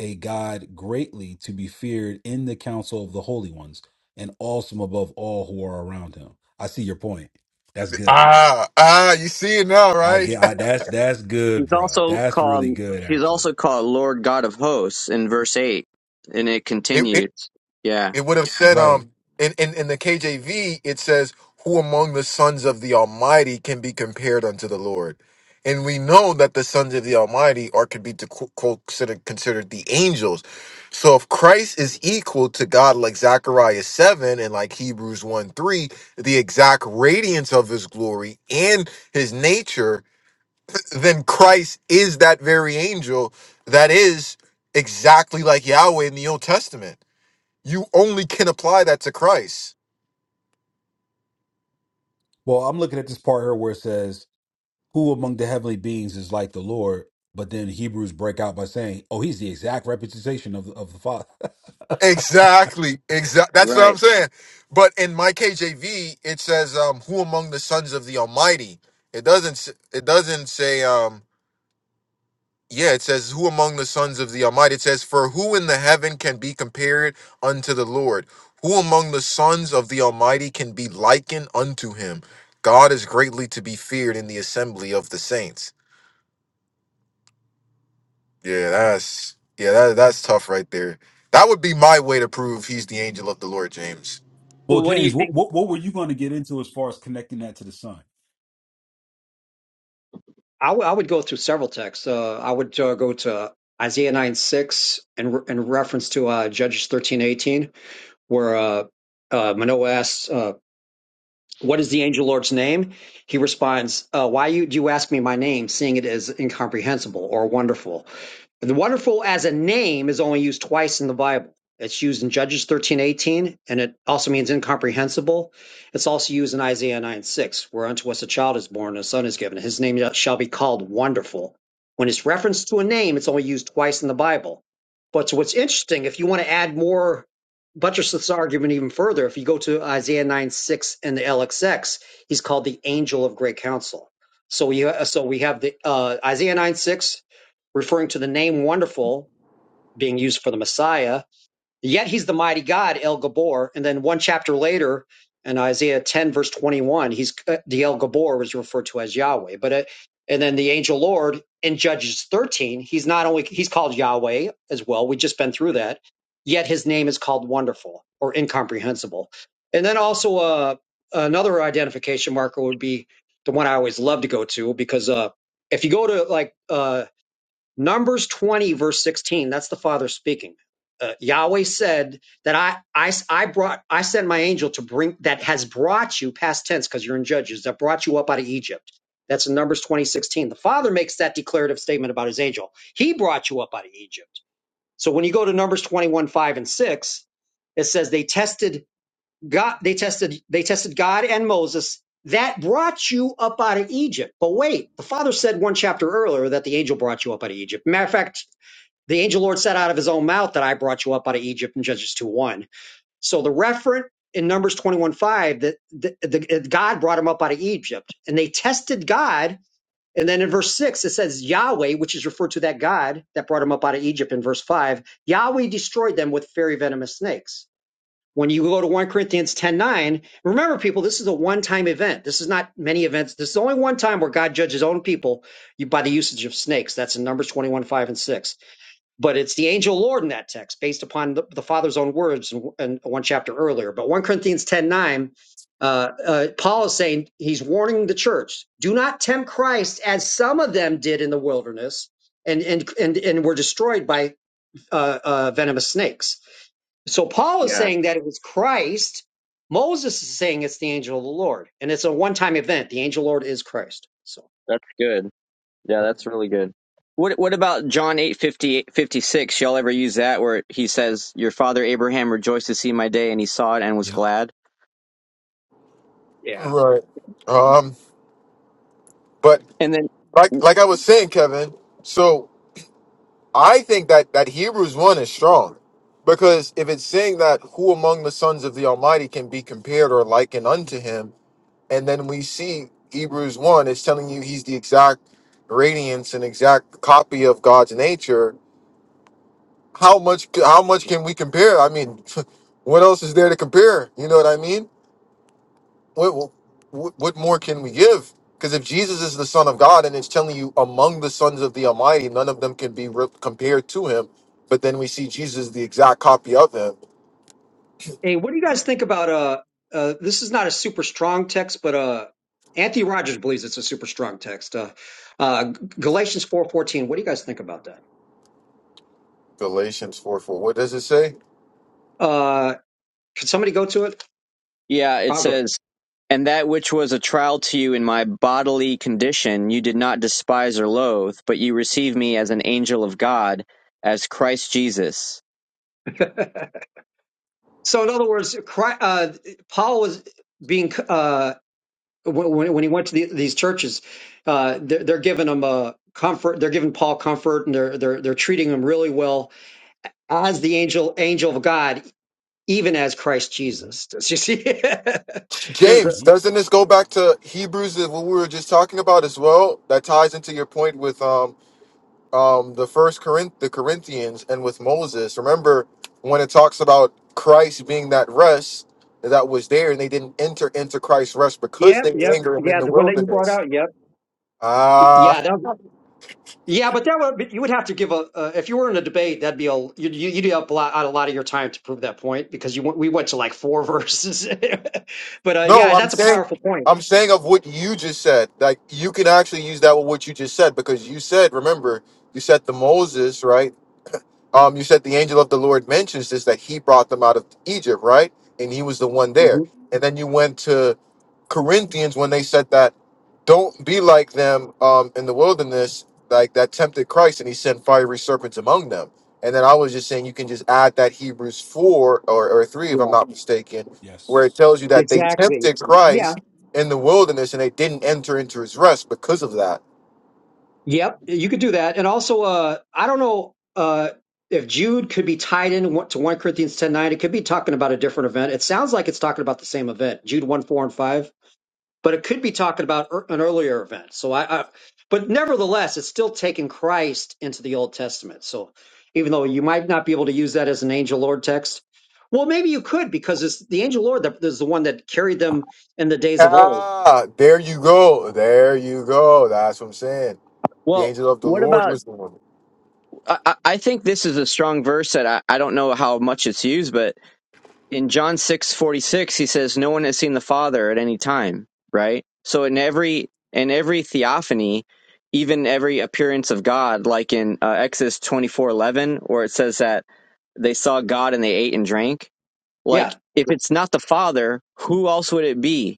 S3: a God greatly to be feared in the council of the holy ones, and awesome above all who are around him? I see your point. That's good.
S1: Ah, ah, you see it now,
S3: I
S1: right?
S3: get. I, that's that's
S4: He's
S3: good, bro.
S4: also
S3: That's really
S4: called
S3: good,
S4: he's
S3: actually.
S4: also called Lord God of Hosts in verse eight, and it
S1: It it,
S4: continues. Yeah,
S1: it would have said
S3: Right.
S1: um in, in in the KJV it says who among the sons of the Almighty can be compared unto the Lord. And we know that the sons of the Almighty are could be to qu- quote, considered considered the angels. So if Christ is equal to God like Zechariah 7 and like Hebrews 1 3, the exact radiance of his glory and his nature then Christ is that very angel that is exactly like Yahweh in the Old Testament. You only can apply that to Christ.
S3: Well, I'm looking at this part here where it says, "Who among the heavenly beings is like the Lord?" But then Hebrews break out by saying, "Oh, he's the exact representation of of the Father."
S1: Exactly. Exactly. That's what I'm
S4: right.
S1: saying. But in my KJV, it says, um, "Who among the sons of the Almighty?" It doesn't. s- It doesn't say. Um, Yeah, it says, Who among the sons of the Almighty? It says, For who in the heaven can be compared unto the Lord? Who among the sons of the Almighty can be likened unto him? God is greatly to be feared in the assembly of the saints. Yeah, that's yeah, that, that's tough right there. That would be my way to prove he's the angel of the Lord, James.
S3: Well,
S4: Well, what do you
S3: James, what
S4: think?
S3: what, what were you going to get into as far as connecting that to the sun?
S5: I would would go through several texts. Uh, I would uh, go to Isaiah nine six and re- in reference to uh, Judges thirteen eighteen where uh, uh, Manoah asks, uh, "What is the angel Lord's name?" He responds, uh, "Why you, do you ask me my name, seeing it as incomprehensible or wonderful? The wonderful as a name is only used twice in the Bible. It's used in Judges thirteen eighteen, and it also means incomprehensible. It's also used in Isaiah 9 6, where unto us a child is born, and a son is given. His name shall be called Wonderful. When it's referenced to a name, it's only used twice in the Bible. But so what's interesting, if you want to add more, buttress this argument even further, if you go to Isaiah 9 6 in the LXX, he's called the angel of great counsel. So we, so we have the uh, Isaiah 9 6, referring to the name wonderful being used for the Messiah. Yet he's the mighty God, El Gabor. And then one chapter later, in Isaiah 10, verse 21, he's uh, the El Gabor was referred to as Yahweh. But uh, and then the angel Lord in Judges 13, he's not only he's called Yahweh as well. We've just been through that. Yet his name is called Wonderful or Incomprehensible. And then also uh, another identification marker would be the one I always love to go to because uh, if you go to like uh, Numbers 20, verse 16, that's the Father speaking. Uh, Yahweh said that I, I, I brought, I sent my angel to bring, that has brought you, past tense, because you're in Judges, that brought you up out of Egypt. That's in Numbers 20 16. The Father makes that declarative statement about his angel. He brought you up out of Egypt. So when you go to Numbers 21, 5, and 6, it says they tested God, they tested, they tested God and Moses. That brought you up out of Egypt. But wait, the father said one chapter earlier that the angel brought you up out of Egypt. Matter of fact, the angel Lord said out of his own mouth that I brought you up out of Egypt in Judges 2 1. So the referent in Numbers 21 5 that the, the, God brought him up out of Egypt and they tested God. And then in verse 6, it says Yahweh, which is referred to that God that brought him up out of Egypt in verse 5, Yahweh destroyed them with very venomous snakes when you go to 1 Corinthians 10 9, remember, people, this is a one time event. This is not many events. This is only one time where God judges his own people by the usage of snakes. That's in Numbers 21 5 and 6. But it's the angel Lord in that text based upon the, the Father's own words in, in one chapter earlier. But 1 Corinthians 10 9, uh, uh, Paul is saying he's warning the church do not tempt Christ as some of them did in the wilderness and, and, and, and were destroyed by uh, uh, venomous snakes. So Paul is
S4: Yeah,
S5: saying that it was Christ. Moses is saying it's the angel of the Lord, and it's a one-time event. The angel of the Lord is Christ. So
S4: that's good. Yeah, that's really good. What What about John eight fifty fifty six? Y'all ever use that where he says, "Your father Abraham rejoiced to see my day, and he saw it and was
S3: Yep.
S4: glad."
S5: yeah.
S1: Right. Um, but
S4: And
S1: like
S4: then
S1: like I was saying, Kevin, so I think that that Hebrews one is strong because if it's saying that who among the sons of the Almighty can be compared or likened unto him, and then we see Hebrews one is telling you he's the exact radiance and exact copy of God's nature. How much? How much can we compare? I mean, what else is there to compare? You know what I mean? what, what, what more can we give? Because if Jesus is the Son of God and it's telling you among the sons of the Almighty, none of them can be re- compared to him, but then we see Jesus the exact copy of him.
S5: Hey, what do you guys think about uh? uh this is not a super strong text, but uh, Anthony Rogers believes it's a super strong text. Uh, uh Galatians four fourteen. What do you guys think about that?
S1: Galatians 4 4. What does it say?
S5: Uh, could somebody go to it?
S4: yeah, it
S5: I'll go.
S4: says And that which was a trial to you in my bodily condition, you did not despise or loathe, but you received me as an angel of God, as Christ Jesus.
S5: So in other words, Christ, uh, Paul was being uh when when he went to the, these churches, uh, they're, they're giving him uh, comfort. They're giving Paul comfort, and they're they're they're treating him really well as the angel angel of God, even as Christ
S3: hmm
S5: Jesus. Does you see? There's a,
S1: James,
S3: hmm
S1: doesn't this go back to Hebrews that what we were just talking about as well? That ties into your point with um um, the first Corinth, the Corinthians, and with Moses. Remember when it talks about Christ being that rest that was there, and they didn't enter into Christ's rest because
S5: yep,
S1: they
S5: yep,
S1: anger him in
S5: yeah,
S1: the
S5: the one that you brought
S1: wilderness.
S5: out. Yep,
S1: Ah,
S5: yeah, that, was- yeah, but that would but you would have to give a uh, if you were in a debate, that'd be a you'd, you'd eat up a lot, out a lot of your time to prove that point because you went- we went to like four verses, but uh,
S1: no,
S5: yeah,
S1: I'm
S5: that's a
S1: saying,
S5: powerful point.
S1: I'm saying of what you just said. Like you can actually use that with what you just said because you said, remember, you said the Moses, right? um, you said the angel of the Lord mentions this that he brought them out of Egypt, right? And he was the one there.
S5: hmm
S1: And then you went to Corinthians when they said that don't be like them um, in the wilderness, like that tempted Christ and he sent fiery serpents among them. And then I was just saying you can just add that Hebrews 4 or, or 3, if I'm
S5: Yeah,
S1: not mistaken, where it
S3: Yes.
S1: tells you that they
S5: exactly.
S1: tempted
S5: Yeah.
S1: Christ in the wilderness and they didn't enter into his rest because of that.
S5: Yep, you could do that. And also, uh, I don't know uh, if Jude could be tied in one- to 1 Corinthians ten nine. It could be talking about a different event. It sounds like it's talking about the same event, Jude 1, 4, and 5, but it could be talking about er- an earlier event. So I, I, but nevertheless, it's still taking Christ into the Old Testament. So even though you might not be able to use that as an angel Lord text, well, maybe you could because it's the angel Lord that is the one that carried them in the days of old.
S1: Ah, there you go. There you go. That's what I'm saying. The
S4: Well,
S1: angel of the
S4: what
S1: Lord
S4: about?
S1: was the woman.
S4: I, I think this is a strong verse that I, I don't know how much it's used, but in John six forty six, he says, "No one has seen the Father at any time." Right. So in every in every theophany, even every appearance of God, like in uh, Exodus twenty four eleven, where it says that they saw God and they ate and drank
S5: Yeah,
S4: Like, if it's not the Father, who else would it be?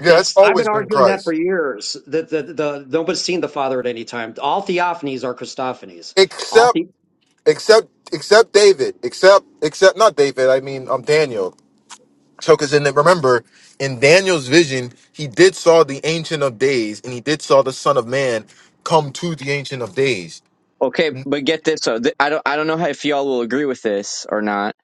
S1: Yeah, it's
S5: That's I've been
S1: always been
S5: arguing that for
S1: Christ.
S5: years. That the, the, the nobody's seen the Father at any time. All theophanies are Christophanies. All
S1: Except
S5: the,
S1: except except David. Except except not David, I mean um Daniel. So cause in the, remember, in Daniel's vision, he did saw the ancient of days, and he did saw the Son of Man come to the ancient of days.
S4: Okay, but get this. So th- I don't, I don't know how, if y'all will agree with this or not,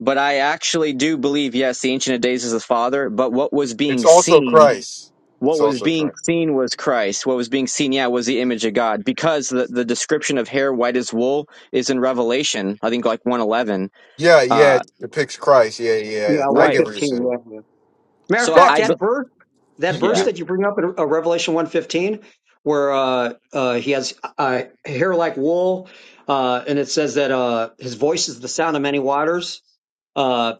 S4: but I actually do believe, yes, the Ancient of Days is the Father, but what was
S1: It's
S4: being
S1: also
S4: seen,
S1: Christ.
S4: what
S1: It's
S4: was
S1: also
S4: being
S1: Christ.
S4: seen was Christ. What was being seen, yeah, was the image of God because the, the description of hair white as wool is in Revelation, I think like 111.
S1: Yeah, yeah,
S4: Uh,
S1: it depicts Christ. Yeah, yeah. yeah.
S5: yeah,
S1: I
S5: one
S4: right.
S1: get what you're
S5: fifteen.
S1: saying.
S5: Yeah, yeah. Matter of
S4: So
S5: fact,
S4: I,
S1: But
S4: be-
S5: that verse that
S1: you,
S5: verse
S4: yeah.
S1: you
S5: that you bring up in uh, Revelation one fifteen, where uh, uh, he has uh, hair like wool, uh, and it says that uh, his voice is the sound of many waters. Uh,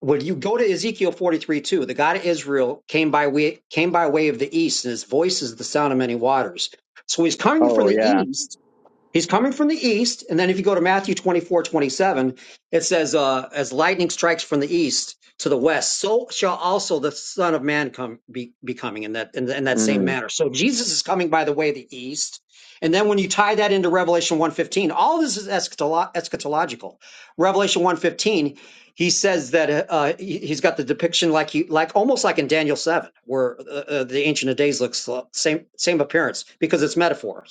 S5: when you go to Ezekiel forty three two, the God of Israel came by way came by way of the east, and his voice is the sound of many waters. So he's coming from
S4: Oh,
S5: the
S4: yeah.
S5: east He's coming from the east. And then if you go to Matthew 24, 27, it says, uh, as lightning strikes from the east to the west, so shall also the son of man come be, be coming in that, in, in that same
S4: Mm.
S5: manner. So Jesus is coming by the way of the east. And then when you tie that into Revelation 115, all this is eschatolo- eschatological. Revelation 115, he says that uh, uh, he- he's got the depiction like he, like almost like in Daniel 7, where uh, uh, the Ancient of Days looks uh, same same appearance because it's metaphors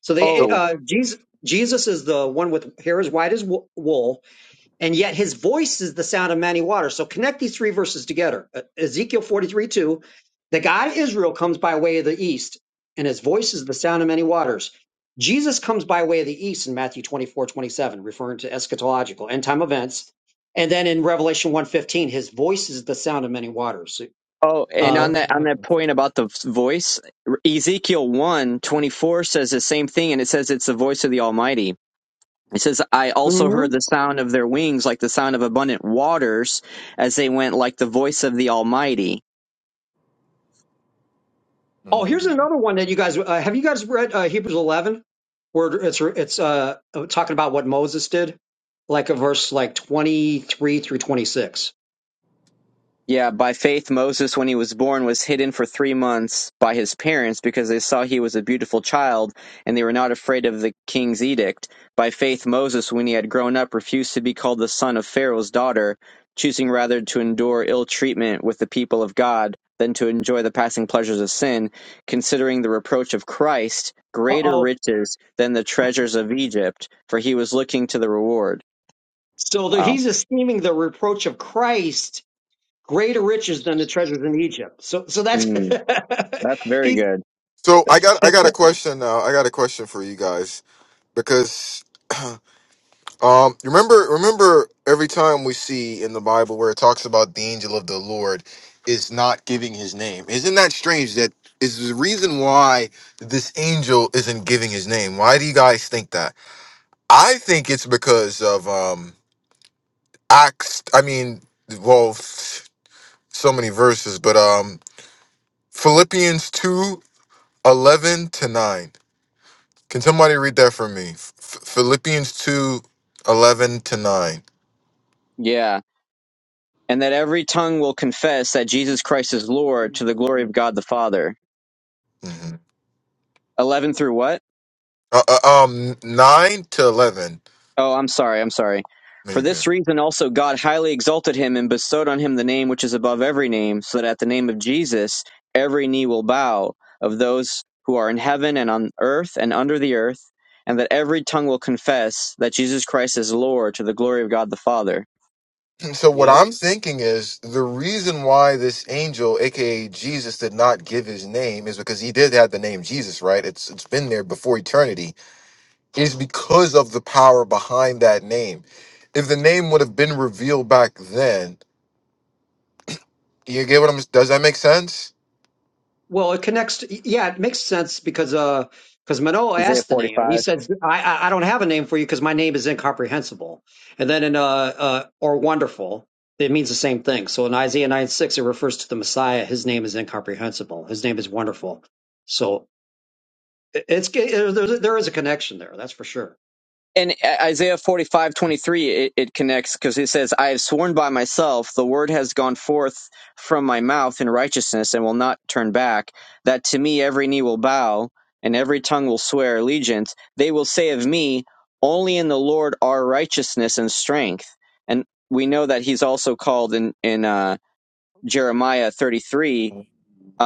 S5: so they
S4: Oh,
S5: uh, Jesus Jesus is the one with hair as white as wo- wool, and yet his voice is the sound of many waters. So connect these three verses together. Uh, Ezekiel 43, 2, the God of Israel comes by way of the east, and his voice is the sound of many waters. Jesus comes by way of the east in Matthew 24 27, referring to eschatological end time events. And then in Revelation one fifteen, his voice is the sound of many waters. So,
S4: Oh, and
S5: Uh,
S4: on that on
S1: Mm,
S4: that point about the voice, Ezekiel one 24 says the same thing, and it says it's the voice of the Almighty. It says, I also heard the sound of their wings like the sound of abundant waters as they went like the voice of the Almighty.
S5: Oh, here's
S1: mm.
S5: another one that you guys uh, have. You guys read uh, Hebrews 11, where it's it's uh, uh, talking about what Moses did, like a verse like 23 through 26.
S4: Yeah, by faith, Moses, when he was born, was hidden for three months by his parents because they saw he was a beautiful child and they were not afraid of the king's edict. By faith, Moses, when he had grown up, refused to be called the son of Pharaoh's daughter, choosing rather to endure ill treatment with the people of God than to enjoy the passing pleasures of sin, considering the reproach of Christ
S5: Uh
S4: greater
S5: oh.
S4: riches than the treasures of Egypt, for he was looking to the reward.
S5: So the,
S4: Wow.
S5: he's esteeming the reproach of Christ greater riches than the treasures in Egypt. So so that's
S4: Mm, that's very
S5: he's.
S4: good.
S1: so I got I got a question now. I got a question for you guys. because um remember remember every time we see in the bible where it talks about the angel of the lord is not giving his name isn't that strange that is the reason why this angel isn't giving his name why do you guys think that i think it's because of um acts i mean well f- so many verses but um philippians 2 11 to 9 can somebody read that for me F- philippians 2 11 to 9
S4: Yeah. and that every tongue will confess that Jesus Christ is Lord to the glory of God the Father.
S1: Mm-hmm.
S4: 11 through what?
S1: Uh, uh, um, nine to eleven,
S4: Oh, I'm sorry, I'm sorry. For
S1: maybe.
S4: this reason also God highly exalted him and bestowed on him the name which is above every name, so that at the name of Jesus every knee will bow of those who are in heaven and on earth and under the earth, and that every tongue will confess that Jesus Christ is Lord to the glory of God the Father.
S1: So what I'm thinking is the reason why this angel, aka Jesus, did not give his name is because he did have the name Jesus, right? It's it's been there before eternity. Is because of the power behind that name. If the name would have been revealed back then, you get what I'm. Does that make sense?
S5: Well, it connects. To, yeah, it makes sense because uh, because Manoah
S4: Isaiah
S5: asked the name.
S4: 45.
S5: He said, "I I I don't have a name for you because my name is incomprehensible." And then in uh, uh or wonderful, it means the same thing. So in Isaiah nine six, it refers to the Messiah. His name is incomprehensible. His name is wonderful. So it- it's it, there, there is a connection there. That's for sure.
S4: and uh, Isaiah forty five twenty three it, it connects because it says, I have sworn by myself, the word has gone forth from my mouth in righteousness and will not turn back, that to me every knee will bow and every tongue will swear allegiance. They will say of me, Only in the Lord are righteousness and strength. And we know that he's also called in, in uh, Jeremiah 33,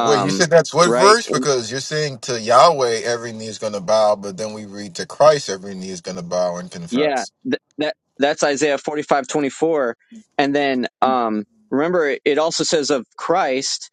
S1: Wait, you said that's what
S4: right?
S1: verse? Because you're saying to Yahweh every knee is going to bow, but then we read to Christ every knee is going to bow and
S4: Yeah,
S1: confess.
S4: th- that that's Isaiah forty five twenty four, and then um, remember it it also says of Christ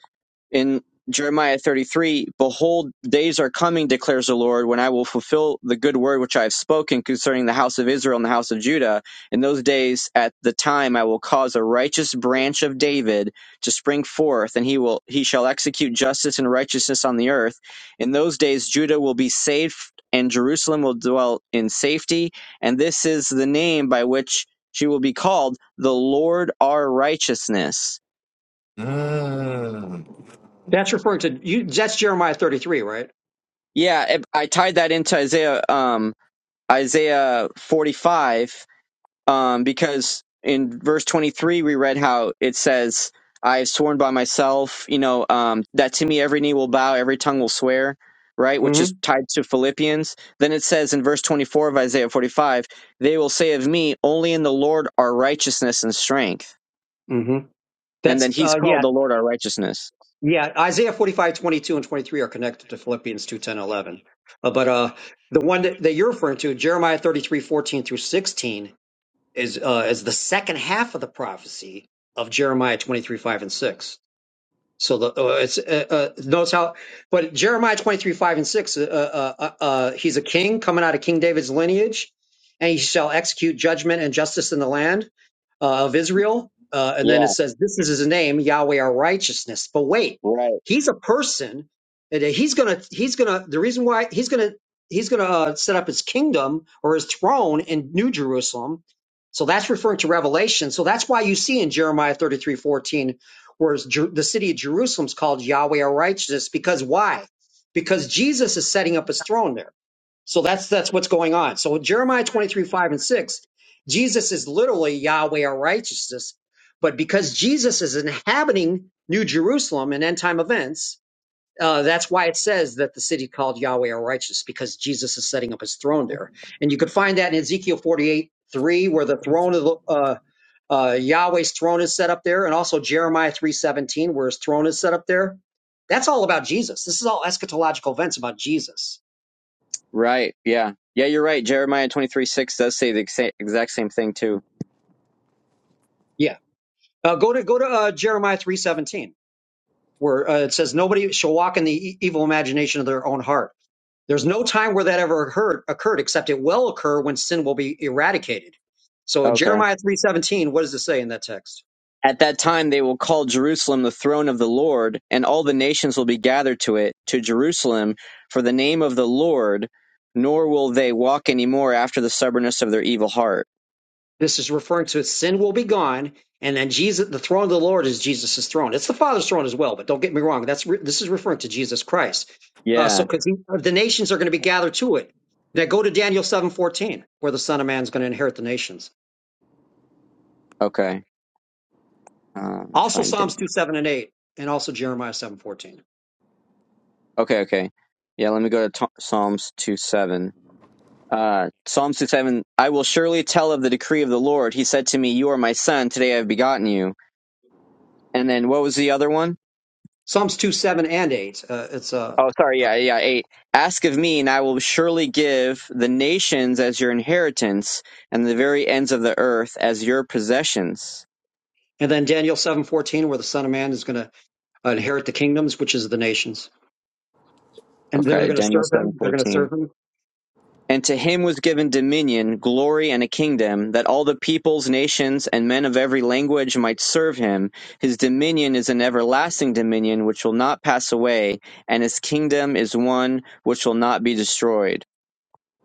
S4: in Jeremiah 33, behold, days are coming, declares the Lord, when I will fulfill the good word which I have spoken concerning the house of Israel and the house of Judah. In those days, at the time, I will cause a righteous branch of David to spring forth, and he will, he shall execute justice and righteousness on the earth. In those days, Judah will be saved and Jerusalem will dwell in safety. And this is the name by which she will be called the Lord our righteousness
S1: Mm.
S5: That's referring to you. That's Jeremiah thirty three, right?
S4: Yeah, it, I tied that into Isaiah um, Isaiah 45 um, because in verse 23 we read how it says, "I have sworn by myself, you know, um, that to me every knee will bow, every tongue will swear." Right, which
S5: hmm
S4: is tied to Philippians. Then it says in verse 24 of Isaiah 45, they will say of me, only in the Lord are righteousness and strength.
S5: hmm
S4: And then
S5: That's
S4: he's
S5: uh yeah.
S4: called the Lord our righteousness.
S5: Yeah, Isaiah 45 22 and 23 are connected to Philippians 2 10 11. Uh, but uh, the one that, that you're referring to, Jeremiah 33 14 through 16, is, uh, is the second half of the prophecy of Jeremiah 23, 5, and 6. So the, uh, it's uh, uh, notice how, but Jeremiah 23, 5, and 6, uh, uh, uh, uh, he's a king coming out of King David's lineage, and he shall execute judgment and justice in the land uh, of Israel. Uh, and
S4: Yeah,
S5: then it says, This is his name, Yahweh our righteousness. But wait,
S4: right.
S5: he's a person, and he's gonna, he's gonna, the reason why he's gonna, he's gonna uh, set up his kingdom or his throne in New Jerusalem. So that's referring to Revelation. So that's why you see in Jeremiah 33:14, where it's Jer- the city of Jerusalem's called Yahweh our righteousness, because why? Because Jesus is setting up his throne there. So that's that's what's going on. So Jeremiah 23, 5 and 6, Jesus is literally Yahweh our righteousness, but because Jesus is inhabiting New Jerusalem in end time events, uh, that's why it says that the city called Yahweh our righteous, because Jesus is setting up his throne there. And you could find that in Ezekiel 48, 3, where the throne of the uh, uh, Yahweh's throne is set up there, and also Jeremiah 3:17, where his throne is set up there. That's all about Jesus. This is all eschatological events about Jesus.
S4: Right, yeah. Yeah, you're right. Jeremiah 23 6 does say the exa- exact same thing, too.
S5: Yeah. Uh, go to go to uh, Jeremiah three seventeen, where uh, it says, "Nobody shall walk in the e- evil imagination of their own heart." There's no time where that ever occurred, occurred, except it will occur when sin will be eradicated. So in
S4: Okay.
S5: Jeremiah three seventeen, what does it say in that text?
S4: At that time, they will call Jerusalem the throne of the Lord, and all the nations will be gathered to it, to Jerusalem, for the name of the Lord, nor will they walk anymore after the stubbornness of their evil heart.
S5: This is referring to sin will be gone, and then Jesus, the throne of the Lord is Jesus' throne. It's the Father's throne as well, but don't get me wrong. That's re- this is referring to Jesus Christ. Uh, so
S4: Yeah.
S5: because the nations are going to be gathered to it. Now go to Daniel seven fourteen, where the Son of Man is going to inherit the nations.
S4: Okay. Uh, let me
S5: Also
S4: find David.
S5: Psalms 2, 7, and 8, and also Jeremiah 7 14.
S4: Okay, okay. Yeah, let me go to t- Psalms 2 7. Uh, Psalms 2 7. I will surely tell of the decree of the Lord. He said to me, You are my son. Today I have begotten you. And then what was the other one?
S5: Psalms 2, 7, and 8. Uh, it's uh,
S4: Oh, sorry.
S5: uh,
S4: Yeah, yeah. Eight. Ask of me, and I will surely give the nations as your inheritance, and the very ends of the earth as your possessions.
S5: and then Daniel seven fourteen, where the Son of Man is going to inherit the kingdoms, which is the nations. And they're
S4: Okay,
S5: going to
S4: Daniel
S5: serve
S4: seven
S5: him. They're going to
S4: fourteen.
S5: serve him.
S4: And to him was given dominion, glory, and a kingdom, that all the peoples, nations, and men of every language might serve him. His dominion is an everlasting dominion which will not pass away, and his kingdom is one which will not be destroyed.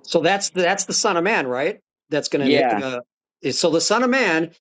S5: So that's that's the Son of Man, right? That's going to.
S4: Yeah,
S5: Uh, is- so the Son of Man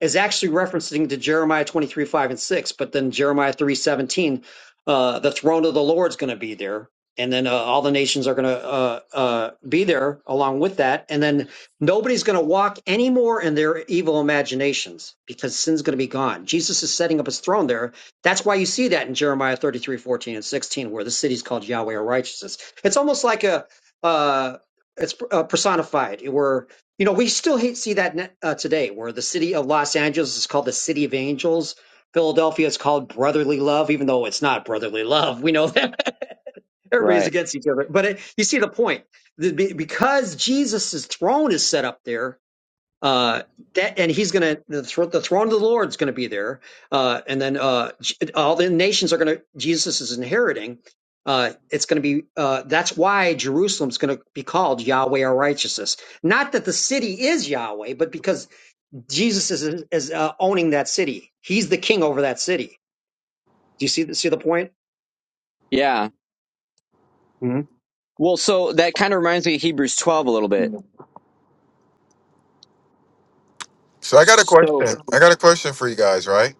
S5: is actually referencing to Jeremiah twenty three five and six, but then Jeremiah three seventeen, uh, the throne of the Lord's going to be there, and then uh, all the nations are going to uh, uh, be there along with that, and then nobody's going to walk anymore in their evil imaginations because sin's going to be gone. Jesus is setting up his throne there. That's why you see that in Jeremiah thirty three fourteen and sixteen, where the city's called Yahweh or righteousness. It's almost like a uh, it's uh, personified where you know we still hate, see that net, uh, today where the city of los angeles is called the city of angels philadelphia is called brotherly love even though it's not brotherly love we know that everybody's
S4: right.
S5: against each other but it, you see the point The- be- because jesus' throne is set up there uh, that and he's gonna the, thr- the throne of the Lord is gonna be there, uh, and then uh, all the nations are gonna Jesus is inheriting. Uh, it's gonna be uh, that's why Jerusalem's gonna be called Yahweh our righteousness. Not that the city is Yahweh, but because Jesus is is uh, owning that city. He's the king over that city. Do you see the, see the point?
S4: Yeah.
S5: Mhm.
S4: Well, so that kind of reminds me of Hebrews 12 a little bit
S1: So I got a
S4: So,
S1: question. I got a question for you guys, right?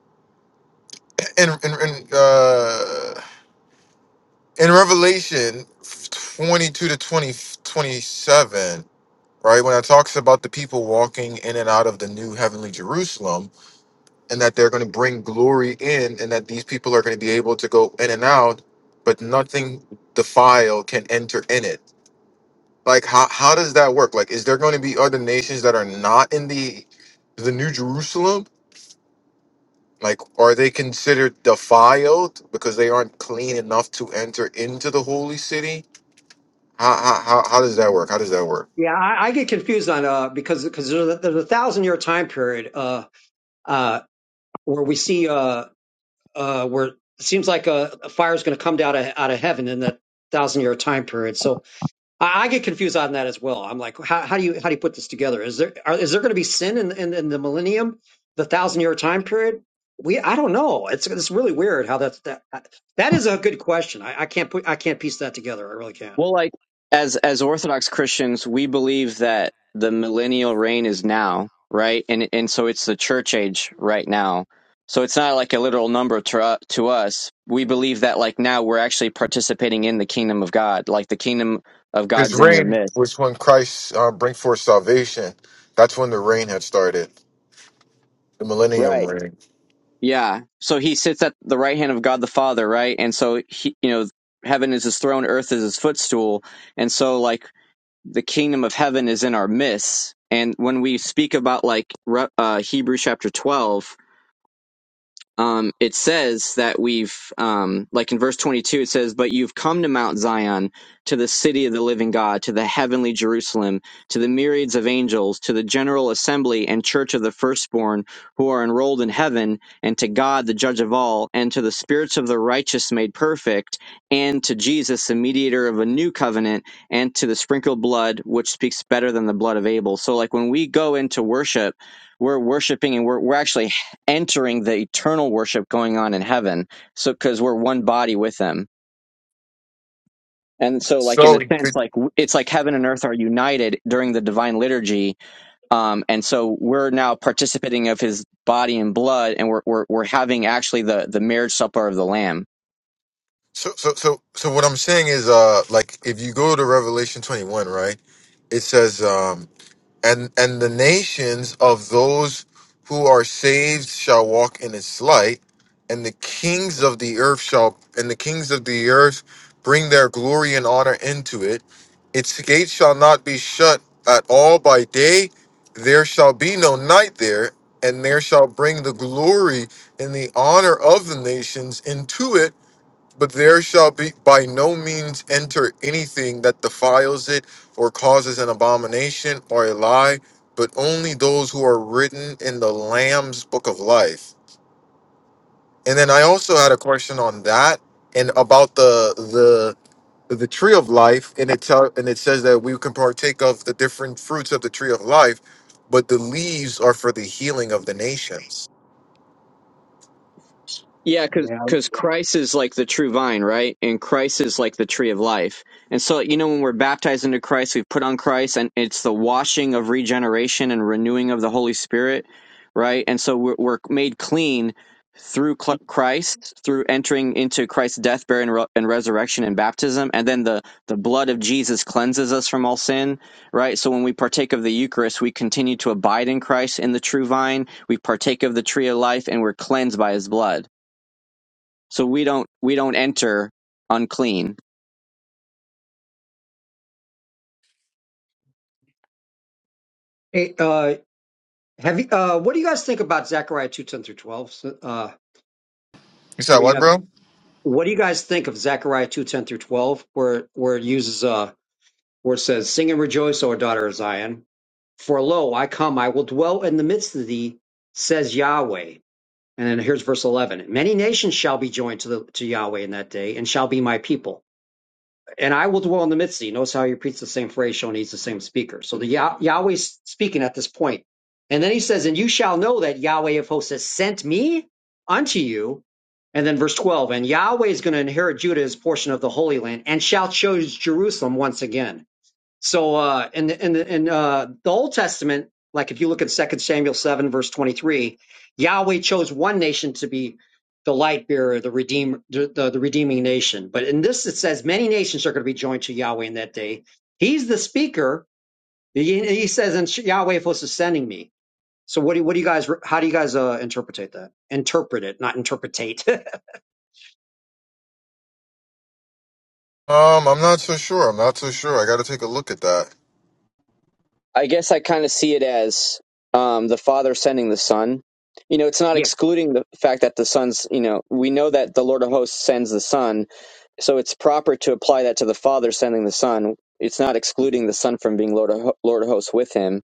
S1: In in in, uh, in Revelation twenty two to 20 27, right? When it talks about the people walking in and out of the new heavenly Jerusalem, and that they're going to bring glory in, and that these people are going to be able to go in and out, but nothing defiled can enter in it. Like how how does that work? Like, is there going to be other nations that are not in the the new Jerusalem? Like, are they considered defiled because they aren't clean enough to enter into the holy city? How how how, how does that work? How does that work?
S5: Yeah, I, I get confused on uh because because there's a, there's a thousand year time period uh uh where we see uh. uh, where it seems like a, a fire is going to come down out of, out of heaven in that thousand year time period. So I, I get confused on that as well. I'm like, how, how do you how do you put this together? Is there are, is there going to be sin in, in in the millennium, the thousand year time period? We I don't know. It's it's really weird how that's that that is a good question. I, I can't put I can't piece that together. I really can't.
S4: well, like as as Orthodox Christians, we believe that the millennial reign is now, right? And and so it's the church age right now. So it's not like a literal number to u- to us. We believe that like now we're actually participating in the kingdom of God, like the kingdom of
S1: His
S4: God's in your
S1: reign
S4: midst,
S1: was when Christ uh, bring forth salvation. That's when the reign had started, the millennium
S4: right?
S1: reign.
S4: Yeah. So he sits at the right hand of God the Father, right? And so he, you know, heaven is his throne, earth is his footstool, and so like the kingdom of heaven is in our midst. And when we speak about like Re- uh, Hebrews chapter 12, um, it says that we've, um, like in verse 22, it says, But you've come to Mount Zion, to the city of the living God, to the heavenly Jerusalem, to the myriads of angels, to the general assembly and church of the firstborn who are enrolled in heaven, and to God, the judge of all, and to the spirits of the righteous made perfect, and to Jesus, the mediator of a new covenant, and to the sprinkled blood, which speaks better than the blood of Abel. So, like, when we go into worship, we're worshiping and we're, we're actually entering the eternal worship going on in heaven. So, because we're one body with Him. And so, like, in
S1: So
S4: a
S1: he
S4: sense,
S1: could.
S4: like, w- it's like heaven and earth are united during the divine liturgy. Um, and so we're now participating of his body and blood, and we're, we're, we're having actually the, the marriage supper of the Lamb.
S1: So so so so what I'm saying is, uh, like if you go to Revelation 21, right? It says, um. and and the nations of those who are saved shall walk in its light and the kings of the earth shall and the kings of the earth bring their glory and honor into it its gates shall not be shut at all by day there shall be no night there and there shall bring the glory and the honor of the nations into it but there shall be by no means enter anything that defiles it or causes an abomination or a lie, but only those who are written in the Lamb's book of life. And then I also had a question on that and about the the the tree of life, and it tell and it says that we can partake of the different fruits of the tree of life, but the leaves are for the healing of the nations.
S4: Yeah, because
S5: Yeah.
S4: because Christ is like the true vine, right? And Christ is like the tree of life. And so, you know, when we're baptized into Christ, we put on Christ, and it's the washing of regeneration and renewing of the Holy Spirit, right? And so we're, we're made clean through Cl- Christ, through entering into Christ's death, burial, and, re- and resurrection and baptism. And then the, the blood of Jesus cleanses us from all sin, right? So when we partake of the Eucharist, we continue to abide in Christ in the true vine. We partake of the tree of life, and we're cleansed by his blood so we don't we don't enter unclean
S5: Hey, uh, have you, uh, what do you guys think about Zechariah two ten through twelve? So, Uh,
S1: You said
S5: where you
S1: what,
S5: have,
S1: bro?
S5: what do you guys think of Zechariah two ten through twelve, where where it uses uh where it says, Sing and rejoice, O daughter of Zion. For lo, I come, I will dwell in the midst of thee, says Yahweh. And then here's verse 11. Many nations shall be joined to, the, to Yahweh in that day and shall be my people. And I will dwell in the midst of thee. Notice how he repeats the same phrase, showing he's the same speaker. So the Yah- Yahweh's speaking at this point. And then he says, And you shall know that Yahweh of hosts has sent me unto you. And then verse 12, and Yahweh is going to inherit Judah as portion of the Holy Land and shall choose Jerusalem once again. So uh in the in the in uh the Old Testament, like if you look at Second Samuel 7, verse 23, Yahweh chose one nation to be the light bearer, the redeem the, the, the redeeming nation. But in this it says many nations are going to be joined to Yahweh in that day. He's the speaker. He, he says, and Yahweh was sending me. So what do what do you guys how do you guys uh interpret that? Interpret it, not interpretate.
S1: Um, I'm not so sure. I'm not so sure. I got to take a look at that.
S4: i guess i kind of see it as um, the father sending the son you know it's not
S5: yeah,
S4: excluding the fact that the son's you know we know that the lord of hosts sends the son so it's proper to apply that to the father sending the son it's not excluding the son from being lord of, lord of hosts with him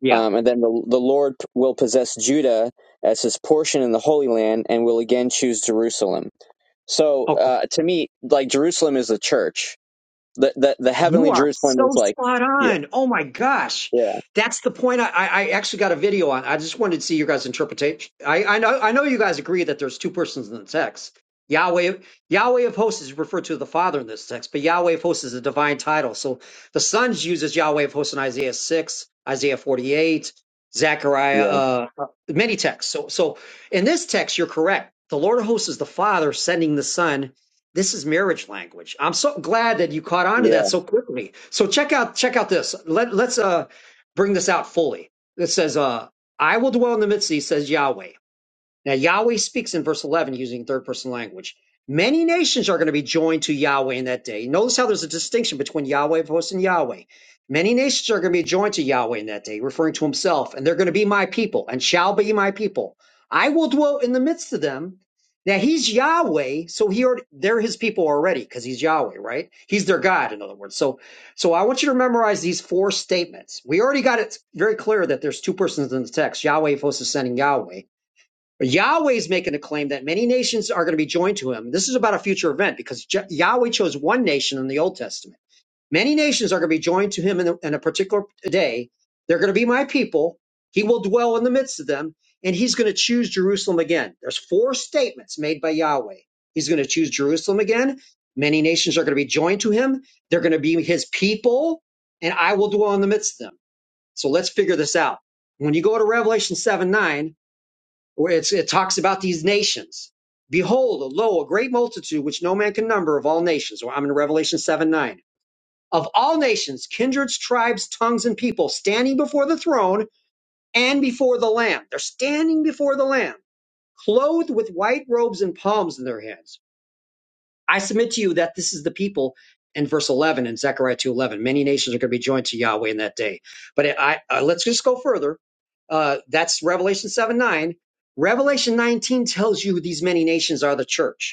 S5: yeah.
S4: um, and then the, the lord will possess judah as his portion in the holy land and will again choose jerusalem so
S5: Okay.
S4: uh, to me like jerusalem is the church the the, the
S5: You
S4: heavenly
S5: are
S4: Jerusalem
S5: so
S4: is like
S5: spot
S4: yeah
S5: on. Oh my gosh.
S4: yeah
S5: That's the point I, I I actually got a video on. I just wanted to see your guys' interpretation. I, I know I know you guys agree that there's two persons in the text. Yahweh Yahweh of hosts is referred to the Father in this text, but Yahweh of hosts is a divine title. So the Son's uses Yahweh of hosts in Isaiah 6, Isaiah 48, Zechariah,
S4: yeah
S5: uh, uh, many texts. So so in this text, you're correct. The Lord of hosts is the Father sending the Son this is marriage language. I'm so glad that you caught on to
S4: yeah
S5: that so quickly. So check out check out this. Let let's uh bring this out fully. It says uh I will dwell in the midst of thee, says Yahweh. Now, Yahweh speaks in verse 11 using third person language. Many nations are going to be joined to Yahweh in that day. Notice how there's a distinction between Yahweh of hosts and Yahweh. Many nations are going to be joined to Yahweh in that day, referring to himself, and they're going to be my people and shall be my people. I will dwell in the midst of them. Now, he's Yahweh, so he already, they're his people already because he's Yahweh, right? He's their God, in other words. So, so I want you to memorize these four statements. We already got it very clear that there's two persons in the text Yahweh of hosts is sending Yahweh. Yahweh's making a claim that many nations are going to be joined to him. This is about a future event because Je- Yahweh chose one nation in the Old Testament. Many nations are going to be joined to him in a, in a particular day. They're going to be my people. He will dwell in the midst of them, and he's going to choose Jerusalem again. There's four statements made by Yahweh. He's going to choose Jerusalem again. Many nations are going to be joined to him. They're going to be his people, and I will dwell in the midst of them. So let's figure this out. When you go to Revelation seven nine where it's, it talks about these nations. Behold, lo, a great multitude which no man can number of all nations. Well, I'm in Revelation 7 9. Of all nations, kindreds, tribes, tongues, and people standing before the throne and before the Lamb. They're standing before the Lamb, clothed with white robes and palms in their hands I submit to you that this is the people in verse 11 in Zechariah 2:11. Many nations are going to be joined to Yahweh in that day. But I, I let's just go further. Uh, that's Revelation 7 9. Revelation 19 tells you these many nations are the church.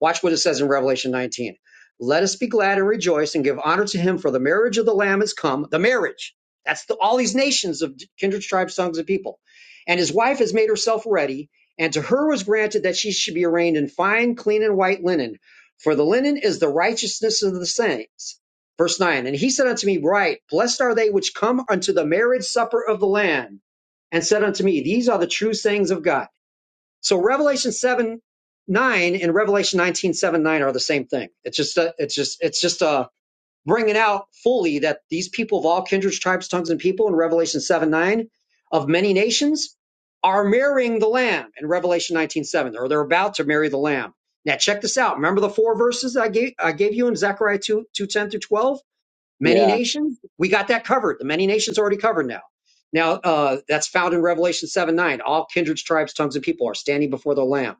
S5: Watch what it says in Revelation 19. Let us be glad and rejoice and give honor to him, for the marriage of the Lamb is come. The marriage. That's the, all these nations of kindred tribes, tongues, and people. And his wife has made herself ready, and to her was granted that she should be arrayed in fine, clean, and white linen. For the linen is the righteousness of the saints. Verse 9 And he said unto me, Right, blessed are they which come unto the marriage supper of the Lamb. And said unto me, These are the true sayings of God. So Revelation 7 9 and Revelation nineteen seven 9 are the same thing. It's just a, it's just it's just uh bringing out fully that these people of all kindreds, tribes, tongues, and people in Revelation 7 9 of many nations are marrying the Lamb in Revelation 19 7. or they're about to marry the Lamb. Now check this out. Remember the four verses I gave I gave you in Zechariah 2 two ten 10 through 12? many
S4: yeah
S5: nations we got that covered the many nations already covered now now uh, that's found in revelation 7 9 all kindreds tribes tongues and people are standing before the lamb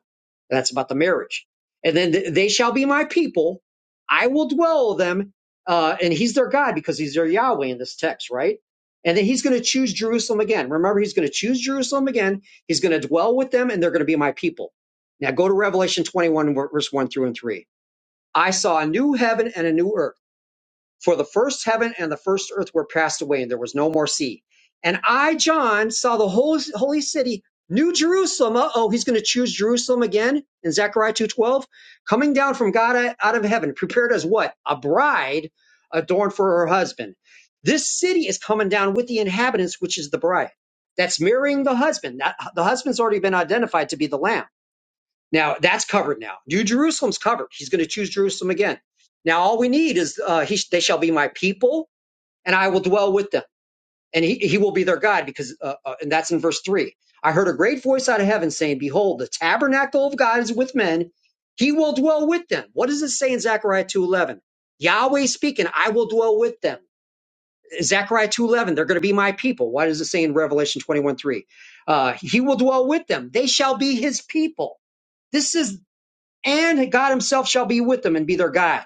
S5: that's about the marriage and then th- they shall be my people i will dwell with them uh, and he's their god because he's their yahweh in this text right and then he's going to choose jerusalem again remember he's going to choose jerusalem again he's going to dwell with them and they're going to be my people now go to revelation 21 verse 1 through and 3 i saw a new heaven and a new earth for the first heaven and the first earth were passed away, and there was no more sea. And I, John, saw the holy, holy city, New Jerusalem. Uh oh, he's going to choose Jerusalem again in Zechariah 2.12. Coming down from God out of heaven, prepared as what? A bride adorned for her husband. This city is coming down with the inhabitants, which is the bride. That's marrying the husband. That, the husband's already been identified to be the lamb. Now that's covered. Now New Jerusalem's covered. He's going to choose Jerusalem again. Now all we need is uh, he, they shall be my people, and I will dwell with them, and he, he will be their God. Because uh, uh, and that's in verse three. I heard a great voice out of heaven saying, "Behold, the tabernacle of God is with men; he will dwell with them." What does it say in Zechariah two eleven? Yahweh speaking, "I will dwell with them." Zechariah two eleven, they're going to be my people. Why does it say in Revelation twenty one three? Uh, he will dwell with them; they shall be his people. This is and God himself shall be with them and be their guide.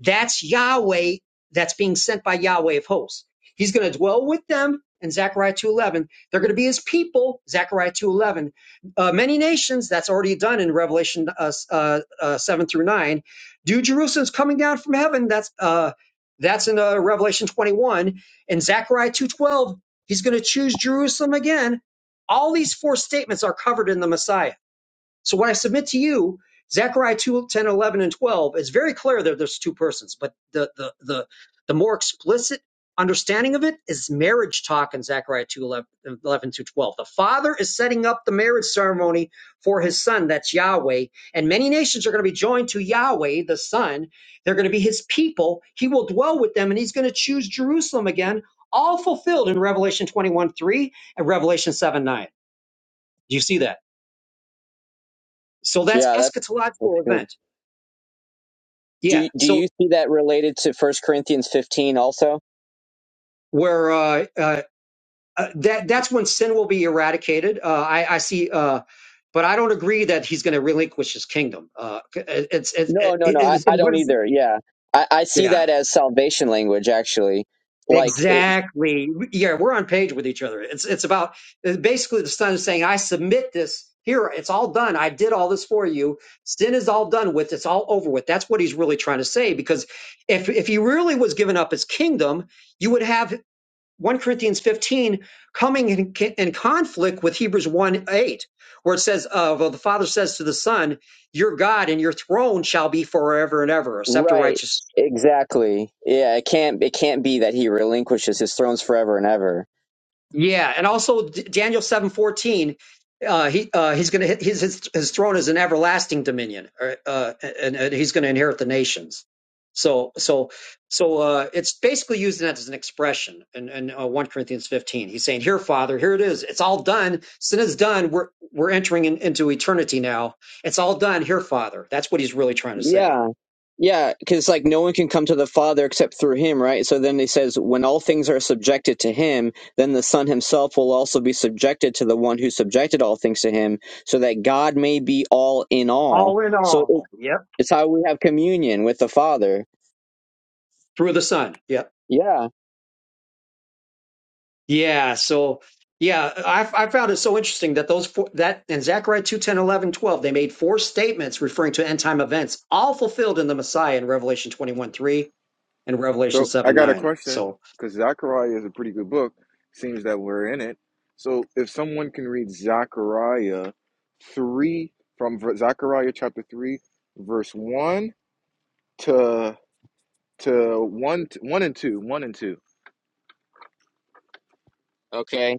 S5: That's Yahweh that's being sent by Yahweh of hosts. He's going to dwell with them in Zechariah 2.11. They're going to be his people, Zechariah 2.11. Uh, many nations, that's already done in Revelation uh, uh, uh, 7 through 9. Do Jerusalem's coming down from heaven, that's uh, that's in uh, Revelation 21. In Zechariah 2.12, he's going to choose Jerusalem again. All these four statements are covered in the Messiah. So what I submit to you, Zechariah 2 10 11 and 12, is very clear that there's two persons, but the, the, the, the more explicit understanding of it is marriage talk in Zechariah 2 11 11 to 12. The father is setting up the marriage ceremony for his son, that's Yahweh, and many nations are going to be joined to Yahweh, the son. They're going to be his people. He will dwell with them, and he's going to choose Jerusalem again, all fulfilled in Revelation 21, 3 and Revelation 7, 9. Do you see that? So that's
S4: yeah that, that's
S5: eschatological
S4: good.
S5: event.
S4: Do
S5: Yeah.
S4: you- do you
S5: So
S4: see that related to First Corinthians fifteen also?
S5: where uh, uh, uh, that that's when sin will be eradicated. Uh, I, I see, uh, but I don't agree that he's going to relinquish his kingdom. Uh, it's it's uh,
S4: No no
S5: it,
S4: no I,
S5: it's
S4: I
S5: and what
S4: don't
S5: is
S4: either. Yeah I, I see
S5: yeah.
S4: that as salvation language actually. Like it,
S5: Exactly. Yeah, we're on page with each other. It's it's about it's basically the son is saying, "I submit this here. It's all done. I did all this for you. Sin is all done with. It's all over with." That's what he's really trying to say. Because if if he really was giving up his kingdom, you would have. 1 Corinthians 15 coming in, in conflict with Hebrews 1 8, where it says, uh, well, the Father says to the Son, Your God and your throne shall be forever and ever. A scepter of
S4: right
S5: righteousness
S4: exactly yeah it can't it can't be that he relinquishes his thrones forever and ever
S5: Yeah, and also D- Daniel seven fourteen, uh, he uh, he's gonna his his his throne is an everlasting dominion, or, uh, and, and he's gonna inherit the nations. So so so uh, it's basically using that as an expression in, in uh, one Corinthians fifteen. He's saying, "Here, Father, here it is. It's all done. Sin is done. We're we're entering in, into eternity now. It's all done. Here, Father. That's what he's really trying to say.
S4: Yeah. Yeah, because like no one can come to the Father except through him, right? So then he says, when all things are subjected to him, then the Son himself will also be subjected to the one who subjected all things to him, so that God may be all in all.
S5: All in
S4: So it-
S5: all. Yep.
S4: it's how we have communion with the Father.
S5: Through the Son. Yep.
S4: Yeah.
S5: Yeah. So yeah, I, I found it so interesting that those four, that in Zechariah 2 10 11 12 they made four statements referring to end time events, all fulfilled in the Messiah in Revelation 21, 3 and Revelation
S1: So I
S5: 7,
S1: got a
S5: 9.
S1: question
S5: So
S1: because Zechariah is a pretty good book. Seems that we're in it. So if someone can read Zechariah three from ver- Zechariah chapter three, verse one to to one t- one and two, one and two.
S4: Okay.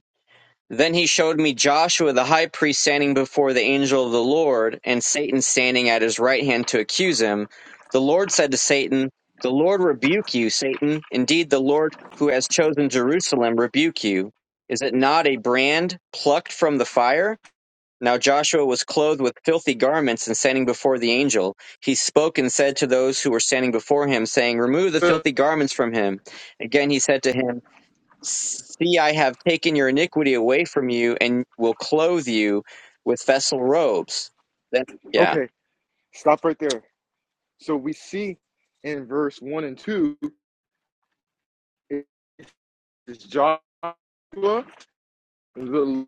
S4: Then he showed me Joshua the high priest standing before the angel of the Lord, and Satan standing at his right hand to accuse him. The Lord said to Satan, The Lord rebuke you, Satan. Indeed, the Lord who has chosen Jerusalem rebuke you. Is it not a brand plucked from the fire? Now Joshua was clothed with filthy garments and standing before the angel. He spoke and said to those who were standing before him, saying, Remove the
S1: So
S4: filthy garments from him. Again he said to him, See, I have taken your iniquity away from you and will clothe you with vessel robes. That, yeah.
S1: okay, stop right there. So we see in verse one and two, it- it's Joshua the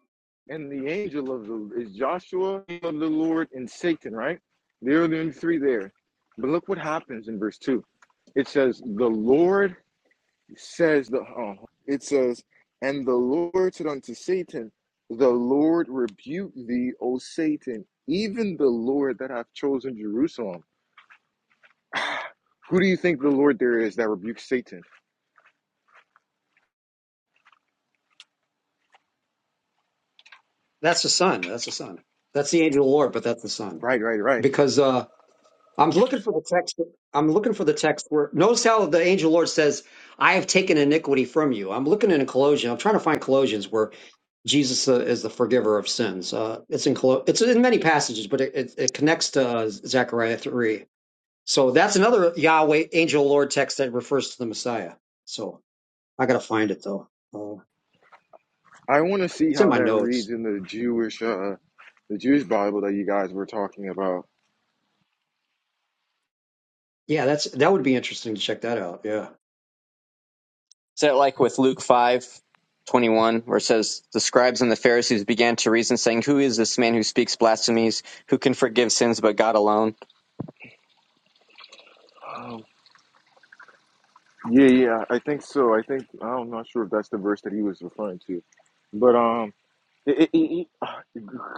S1: and the angel of the is Joshua of the Lord and Satan, right? There are the only three there. But look what happens in verse two. It says, "The Lord says the." Oh, it says, "And the Lord said unto Satan, The Lord rebuke thee, O Satan, even the Lord that hath chosen Jerusalem." Who do you think the Lord there is that rebukes Satan?
S5: that's the son. That's the son. That's the angel of the Lord, but that's the son.
S1: Right, right, right.
S5: Because uh, I'm looking for the text. I'm looking for the text where notice how the angel of the Lord says, I have taken iniquity from you. I'm looking in a Colossians. I'm trying to find Colossians where. Jesus uh, is the forgiver of sins. Uh, it's in Colo- it's in many passages, but it, it, it connects to uh, Zechariah three. So that's another Yahweh angel Lord text that refers to the Messiah. So I gotta find it though. Uh,
S1: I want to see
S5: it's in
S1: how
S5: my
S1: that reads
S5: notes.
S1: in the Jewish, uh, the Jewish Bible that you guys were talking about.
S5: Yeah, that's that would be interesting to check that out. Yeah.
S4: Is that like with Luke five twenty one, where it says, The scribes and the Pharisees began to reason, saying, Who is this man who speaks blasphemies? Who can forgive sins but God alone?
S1: Uh, Yeah, yeah, I think so. I think I'm not sure if that's the verse that he was referring to, but um, it, it, it, it, ah,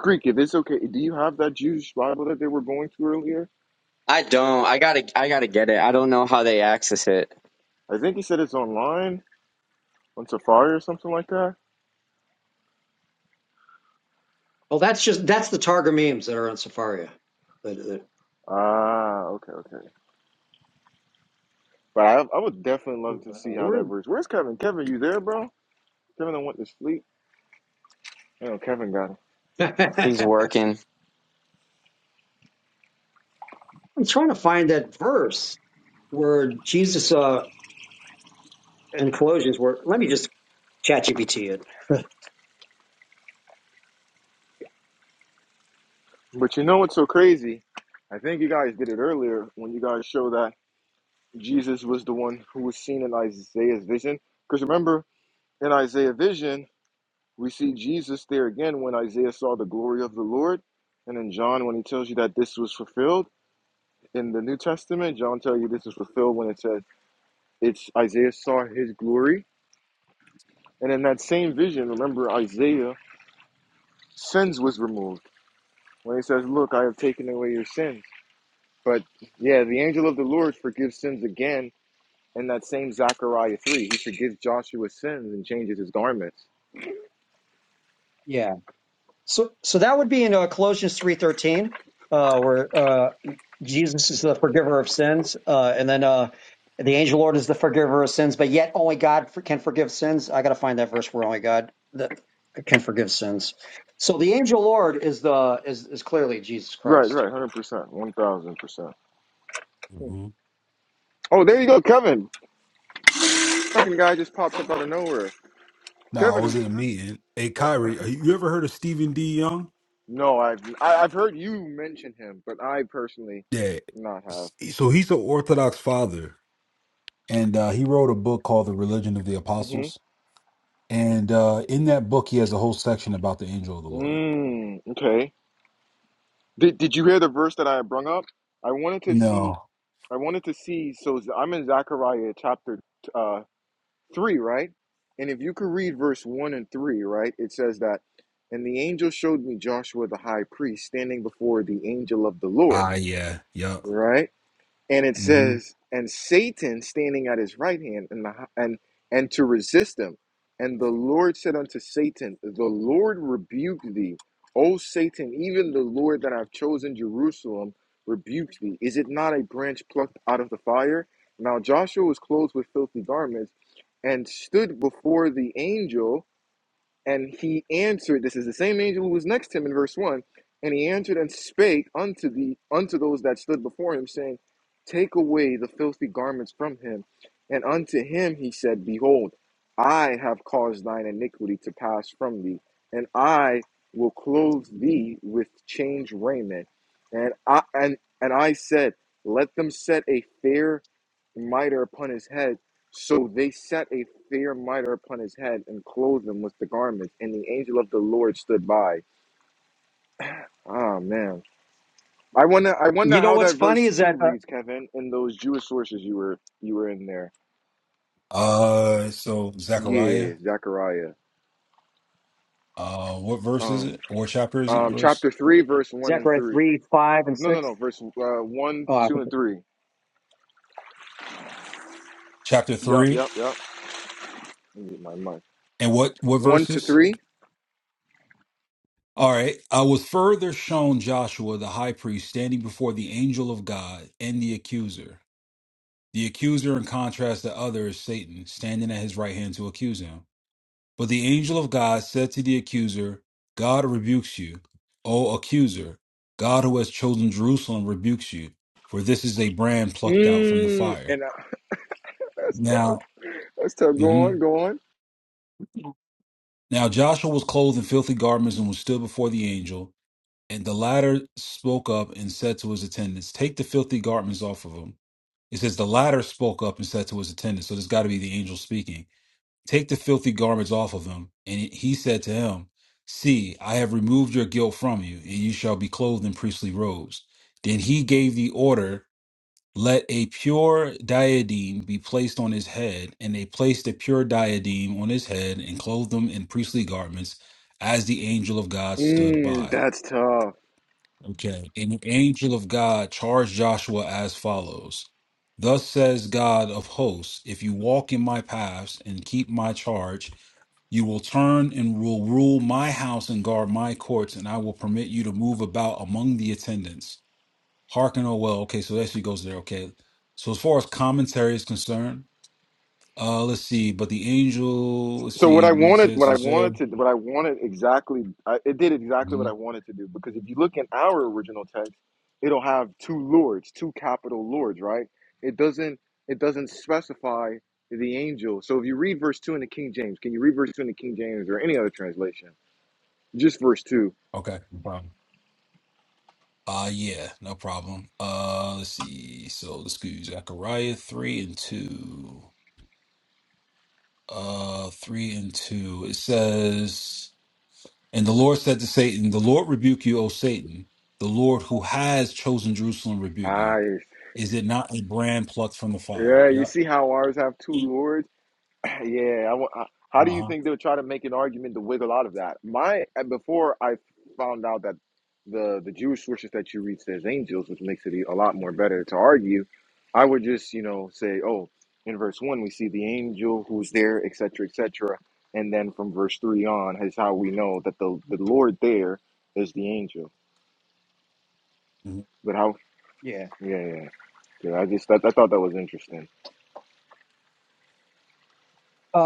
S1: Greek, if it's okay, do you have that Jewish Bible that they were going to earlier?
S4: I don't. I gotta. I gotta get it. I don't know how they access it.
S1: I think he said it's online on Safari or something like that.
S5: Well, that's just that's the Targum memes that are on Safaria. But uh,
S1: Ah, okay, okay. But I, I would definitely love to see how
S5: where-
S1: that verse. Where's Kevin? Kevin, you there, bro? Kevin, I want to sleep. I know Kevin got him.
S4: He's working.
S5: I'm trying to find that verse where Jesus uh, in Colossians, where let me just chat GPT it.
S1: But you know what's so crazy? I think you guys did it earlier when you guys show that Jesus was the one who was seen in Isaiah's vision. Because remember In Isaiah vision, we see Jesus there again when Isaiah saw the glory of the Lord. And in John, when he tells you that this was fulfilled in the New Testament, John tells you this was fulfilled when it says it's Isaiah saw his glory. And in that same vision, remember Isaiah, sins was removed. When he says, Look, I have taken away your sins. But yeah, the angel of the Lord forgives sins again in that same Zechariah 3. He forgives Joshua's sins and changes his garments.
S5: Yeah. So, so that would be in uh, Colossians three thirteen, uh, where uh, Jesus is the forgiver of sins, uh, and then uh, the angel Lord is the forgiver of sins. But yet, only God for, can forgive sins. I got to find that verse where only God that can forgive sins. So the angel Lord is the is is clearly Jesus
S1: Right,
S5: Christ.
S1: right, 100%, 1000%.
S3: Mhm.
S1: Oh, there you go, Kevin. Fucking guy just pops up out of nowhere.
S3: No, I
S1: Kevin,
S3: was at a meeting. Hey,
S1: oh,
S3: Kyrie, uh, you ever heard of Stephen D. Young?
S1: no, I've I, I've heard you mention him, but I personally
S3: Yeah.
S1: not have.
S3: So he's an Orthodox father, and uh, he wrote a book called The Religion of the Apostles.
S1: Mm-hmm.
S3: And uh, in that book, he has a whole section about the angel of the Lord.
S1: Mm, okay. Did Did you hear the verse that I brung up? I wanted to see.
S3: No.
S1: I wanted to see. So Z- I'm in Zechariah chapter uh, three, right? And if you could read verse one and three, right, it says that, and the angel showed me Joshua the high priest standing before the angel of the Lord,
S3: Ah, yeah. Yup.
S1: right? and it
S3: hmm
S1: says, "And Satan standing at his right hand, and the, hi- and and to resist him." And the Lord said unto Satan, "The Lord rebuke thee, O Satan! Even the Lord that I've chosen, Jerusalem, rebukes thee. Is it not a branch plucked out of the fire?" Now Joshua was clothed with filthy garments, and stood before the angel. And he answered, this is the same angel who was next to him in verse 1, and he answered and spake unto the unto those that stood before him, saying, Take away the filthy garments from him. And unto him he said, Behold, I have caused thine iniquity to pass from thee, and I will clothe thee with change raiment. And I and and I said, Let them set a fair mitre upon his head so they set a fair mitre upon his head and clothed him with the garments, and the angel of the Lord stood by. Ah man. I wonder I wonder
S5: You know
S1: how
S5: what's
S1: that
S5: funny
S1: verse
S5: is
S1: two
S5: that uh,
S1: reads, Kevin, in those Jewish sources you were you were in there.
S3: Uh, so Zechariah,
S1: Yeah, Zechariah.
S3: uh, what verse is
S1: Um
S3: it? Or chapter is it?
S1: um
S3: Verse
S1: chapter three, verse one and
S5: Zechariah
S1: three.
S5: three five and
S1: No no no,
S5: six.
S1: verse uh one,
S5: Oh, I
S1: two,
S5: think-
S1: and
S5: that-
S1: three.
S3: chapter
S1: Yup,
S3: three,
S1: yup, yup. Let me get my mic.
S3: and what what
S1: One to
S3: verses?
S1: three.
S3: All right. I was further shown Joshua the high priest standing before the angel of God and the accuser. The accuser, in contrast to others, is Satan, standing at his right hand to accuse him. But the angel of God said to the accuser, God rebukes you, O accuser. God who has chosen Jerusalem rebukes you, for this is a brand plucked out from the
S1: Mmm
S3: fire.
S1: and uh, that's tough.
S3: Now,
S1: That's tough. Go on,
S3: mhm.
S1: go on.
S3: now Joshua was clothed in filthy garments and was stood before the angel. And the latter spoke up and said to his attendants, Take the filthy garments off of him. It says the latter spoke up and said to his attendants, so there's got to be the angel speaking. Take the filthy garments off of him. And he said to him, See, I have removed your guilt from you, and you shall be clothed in priestly robes. Then he gave the order, Let a pure diadem be placed on his head. And they placed a pure diadem on his head and clothed him in priestly garments, as the angel of God stood
S1: Mmm,
S3: by.
S1: that's tough.
S3: Okay. And the angel of God charged Joshua as follows Thus says God of hosts, if you walk in my paths and keep my charge, you will turn and will rule my house and guard my courts, and I will permit you to move about among the attendants. Hearken, oh well. Okay, so that she goes there. Okay. So as far as commentary is concerned, uh, let's see. But the angel, let's
S1: So what
S3: see.
S1: I
S3: it
S1: wanted, what
S3: says-
S1: I
S3: it says, uh,
S1: wanted to, what I wanted exactly, I, it did exactly what I
S3: mhm.
S1: wanted to do. Because if you look in our original text, it'll have two lords, two capital lords, right? It doesn't, it doesn't specify the angel. So if you read verse two in the King James, can you read verse two in the King James or any other translation? Just verse two.
S3: Okay. Wow. Uh yeah, no problem. Uh let's see. So let's go Zechariah three and two. Uh three and two. It says And the Lord said to Satan, 'The Lord rebuke you, O Satan, the Lord who has chosen Jerusalem rebuke you.
S1: Ah,
S3: Is it not a brand plucked from the fire?
S1: yeah. You
S3: Yep.
S1: see how ours have two lords? Yeah, I, wa- I- how do you
S3: Uh-huh.
S1: think they would try to make an argument to wiggle out of that? My and before I found out that the the Jewish sources that you read says angels, which makes it e, a lot more better
S3: Mhm.
S1: to argue, I would just you know say, oh, in verse one we see the angel who's there, etc., etc., and then from verse three on is how we know that the the Lord there is the angel. But how?
S5: yeah.
S1: Yeah, yeah, yeah. I just I, I thought that was interesting.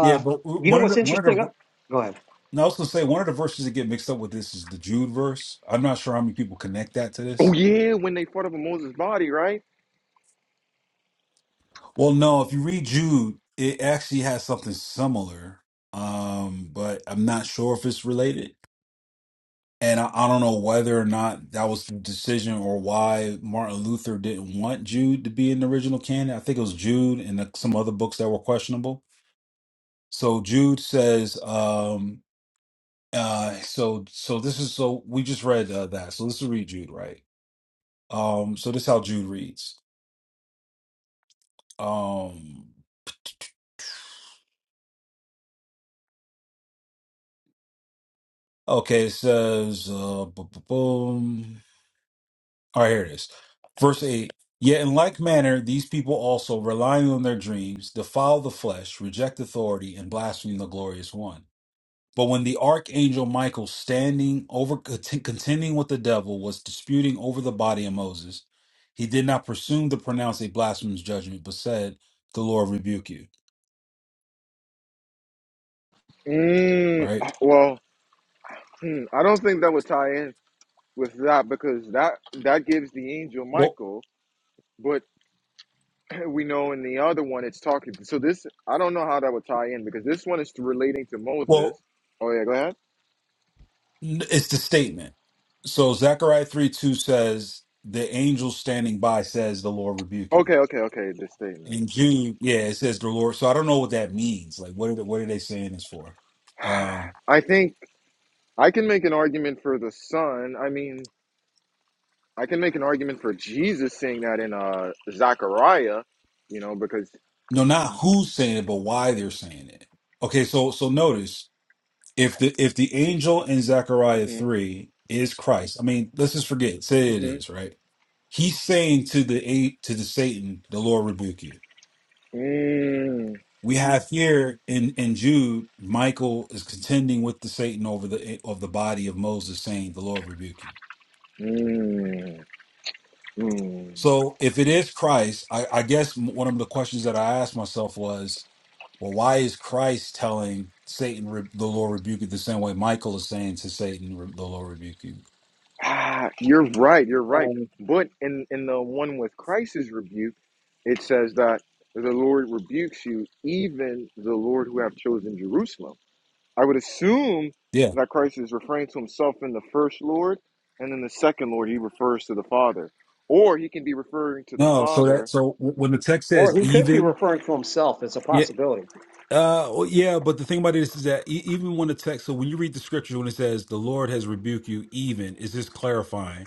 S3: Yeah, but w-
S5: you know
S3: one of the
S5: what's
S3: one of the
S5: interesting?
S3: ver-
S5: Go ahead.
S3: and I was gonna say one of the verses that get mixed up with this is the Jude verse. I'm not sure how many people connect that to
S1: Oh
S3: this.
S1: yeah, when they fought over Moses' body, right?
S3: Well, no, if you read Jude, it actually has something similar, um, but I'm not sure if it's related. And I, I don't know whether or not that was the decision or why Martin Luther didn't want Jude to be an original candidate. I think it was Jude and the, some other books that were questionable. So Jude says, um, uh, so so this is so we just read uh, that. So let's read Jude, right? Um, so this is how Jude reads. Um, okay, it says, uh, bu- bu- boom. All right, here it is. Verse 8 Yet in like manner, these people also, relying on their dreams, defile the flesh, reject authority, and blaspheme the glorious one. But when the archangel Michael, standing over, cont- contending with the devil, was disputing over the body of Moses, he did not presume to pronounce a blasphemous judgment, but said, The Lord rebuke you.
S1: Mm,
S3: Right?
S1: well. Hmm, I don't think that would tie in with that because that that gives the angel
S3: Well,
S1: Michael, but we know in the other one it's talking. So this I don't know how that would tie in because this one is relating to
S3: well,
S1: Moses. Oh yeah, go ahead.
S3: n- it's the statement. So Zechariah 3 2 says, The angel standing by says, The Lord rebuke you
S1: Okay, okay, okay. This statement.
S3: In Jude, yeah, it says the Lord. So I don't know what that means. Like, what are the, what are they saying this for? Um,
S1: I think I can make an argument for the son. I mean, I can make an argument for Jesus saying that in uh Zechariah, you know, because.
S3: no, not who's saying it, but why they're saying it. Okay, so so notice if the if the angel in Zechariah
S1: hmm
S3: three is Christ, I mean, let's just forget say it
S1: hmm
S3: is right. He's saying to the eight to the Satan, the Lord rebuke you.
S1: Mm,
S3: We have here in in Jude, Michael is contending with the Satan over the of the body of Moses, saying, "The Lord rebuke you."
S1: mm, mm.
S3: So if it is Christ, I, I guess m- one of the questions that I asked myself was, well, why is Christ telling Satan re- the Lord rebuke you the same way Michael is saying to Satan re- the Lord rebuke you?
S1: Ah, you're right. You're right.
S5: Um,
S1: But in in the one with Christ is rebuked, it says that the Lord rebukes you, even the Lord who have chosen Jerusalem. I would assume
S3: Yeah,
S1: that Christ is referring to himself in the first Lord, and then the second Lord he refers to the Father, or he can be referring to the
S3: no. So
S1: Father.
S3: that so w- when the text
S5: or
S3: says
S5: he could be
S3: even,
S5: referring to himself. as a
S3: yeah,
S5: possibility.
S3: uh, well, yeah. But the thing about this is that e- even when the text, so when you read the scripture, when it says the Lord has rebuked you, even is this clarifying?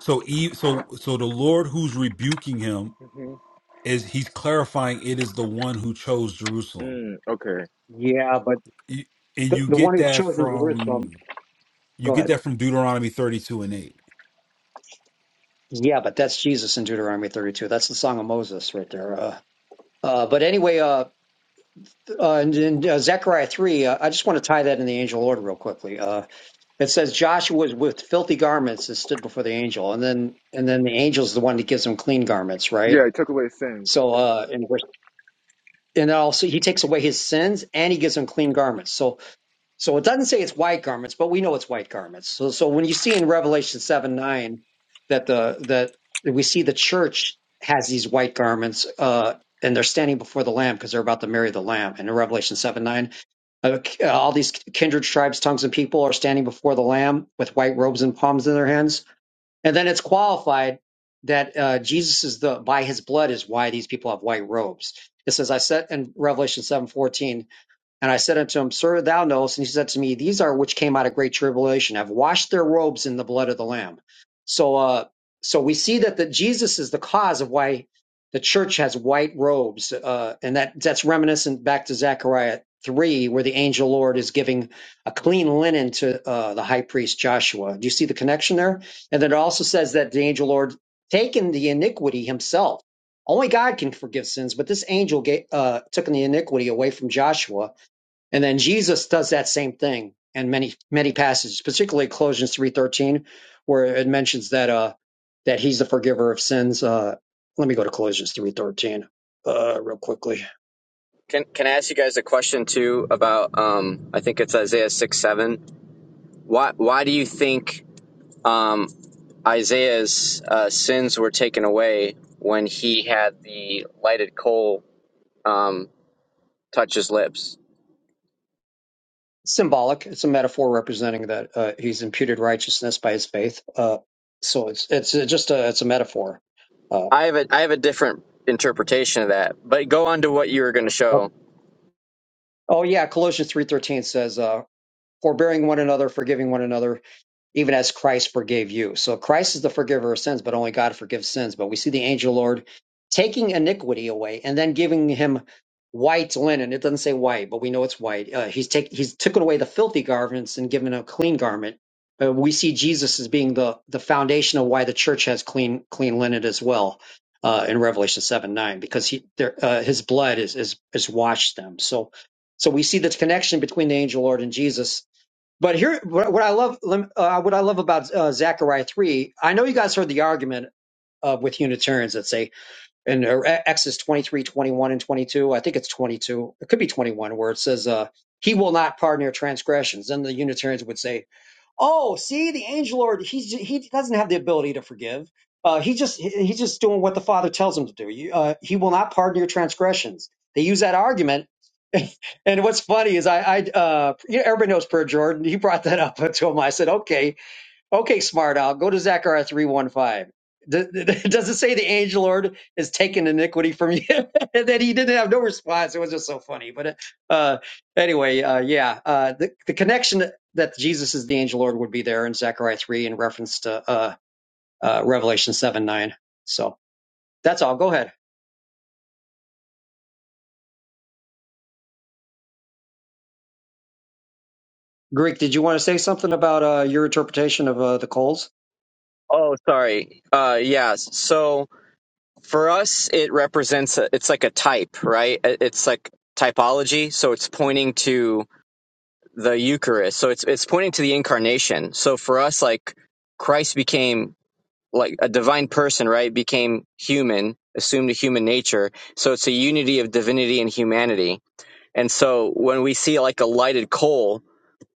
S3: So e- so so the Lord who's rebuking him
S1: hmm
S3: is he's clarifying it is the one who chose Jerusalem.
S1: Mm, okay.
S5: Yeah, but
S3: You- and
S5: The,
S3: you
S5: the one
S3: get
S5: who's
S3: that
S5: chosen Jerusalem.
S3: from you
S5: Go
S3: get
S5: ahead.
S3: that from Deuteronomy 32 and 8.
S5: Yeah, but that's Jesus in Deuteronomy 32. That's the Song of Moses right there. Uh, uh, but anyway, uh, uh, and, in uh, Zechariah 3, uh, I just want to tie that in the angel order real quickly. Uh, it says Joshua was with filthy garments and stood before the angel. And then and then the angel's the one that gives him clean garments,
S1: Yeah,
S5: right?
S1: he took away sins.
S5: So, uh, and, we're- and also he takes away his sins and he gives him clean garments. So So it doesn't say it's white garments, but we know it's white garments. So, so when you see in Revelation seven nine that the that we see the church has these white garments, uh, and they're standing before the Lamb because they're about to marry the Lamb. And in Revelation seven nine, uh, k- uh, all these kindred tribes, tongues, and people are standing before the Lamb with white robes and palms in their hands. And then it's qualified that uh, Jesus is the by His blood is why these people have white robes. It says, "I said in Revelation seven fourteen and I said unto him, Sir, thou knowest. And he said to me, These are which came out of great tribulation, have washed their robes in the blood of the Lamb. So, uh, so we see that the, Jesus is the cause of why the church has white robes, uh, and that that's reminiscent back to Zechariah three, where the angel Lord is giving a clean linen to uh, the high priest Joshua. Do you see the connection there? And then it also says that the angel Lord taken the iniquity himself. Only God can forgive sins, but this angel gave, uh, took the iniquity away from Joshua and then Jesus does that same thing in many many passages, particularly Colossians three thirteen, where it mentions that uh that he's the forgiver of sins. Uh, let me go to Colossians three thirteen uh, real quickly.
S4: Can Can I ask you guys a question too about um I think it's Isaiah six seven. Why Why do you think um Isaiah's uh, sins were taken away when he had the lighted coal um touch his lips?
S5: Symbolic. It's a metaphor representing that uh, he's imputed righteousness by his faith. Uh, so it's it's uh, just a it's a metaphor. Uh,
S4: I have a I have a different interpretation of that, but go on to what you were going to show.
S5: oh yeah, Colossians three thirteen says, uh, "Forbearing one another, forgiving one another." even as Christ forgave you. So Christ is the forgiver of sins, but only God forgives sins. But we see the angel Lord taking iniquity away and then giving him white linen. It doesn't say white, but we know it's white. Uh, he's take he's taken away the filthy garments and given a clean garment. Uh, we see Jesus as being the the foundation of why the church has clean clean linen as well. Uh, in Revelation seven nine, because he, there, uh, his blood is, is is washed them. So, so we see this connection between the angel Lord and Jesus but here, what what I love, lem- uh, what I love about uh, Zechariah three, I know you guys heard the argument uh, with Unitarians that say, in uh, X is and twenty two. I think it's twenty two. It could be twenty one, where it says, uh, "He will not pardon your transgressions." Then the Unitarians would say, oh, see, the angel Lord, he he doesn't have the ability to forgive. Uh, he just he- he's just doing what the Father tells him to do. You, uh, he will not pardon your transgressions. They use that argument. And what's funny is I, I uh, you know, everybody knows Per Jordan. He brought that up to him. I said, okay, Okay, smart owl, go to Zechariah 3.15. Th- th- Does it say the angel Lord has taken iniquity from you? and then he didn't have no response. It was just so funny. But uh, uh, anyway, uh, yeah, uh, the, the connection that Jesus is the angel Lord would be there in Zechariah 3 in reference to uh, uh, Revelation 7 9. So that's all. Go ahead. Greek, did you want to say something about uh, your interpretation of uh, the coals?
S4: Oh, sorry. Uh, yeah. So for us, it represents a, it's like a type, right? It- It's like typology, so it's pointing to the Eucharist. So it's it's pointing to the incarnation. So for us, like Christ became like a divine person, right? Became human, assumed a human nature. So it's a unity of divinity and humanity. And so when we see like a lighted coal,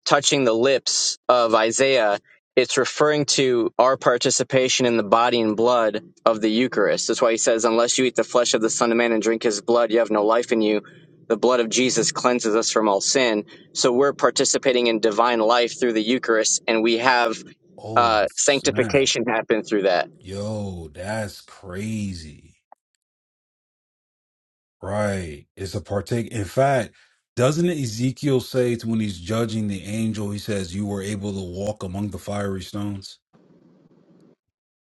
S4: touching the lips of Isaiah, it's referring to our participation in the body and blood of the Eucharist. That's why he says, Unless you eat the flesh of the Son of Man and drink his blood, you have no life in you. The blood of Jesus cleanses us from all sin. So we're participating in divine life through the Eucharist, and we have
S3: Oh
S4: uh,
S3: snap.
S4: sanctification happen through that.
S3: Yo, that's crazy. Right. It's a partake. In fact, doesn't Ezekiel say to when he's judging the angel, he says, You were able to walk among the fiery stones?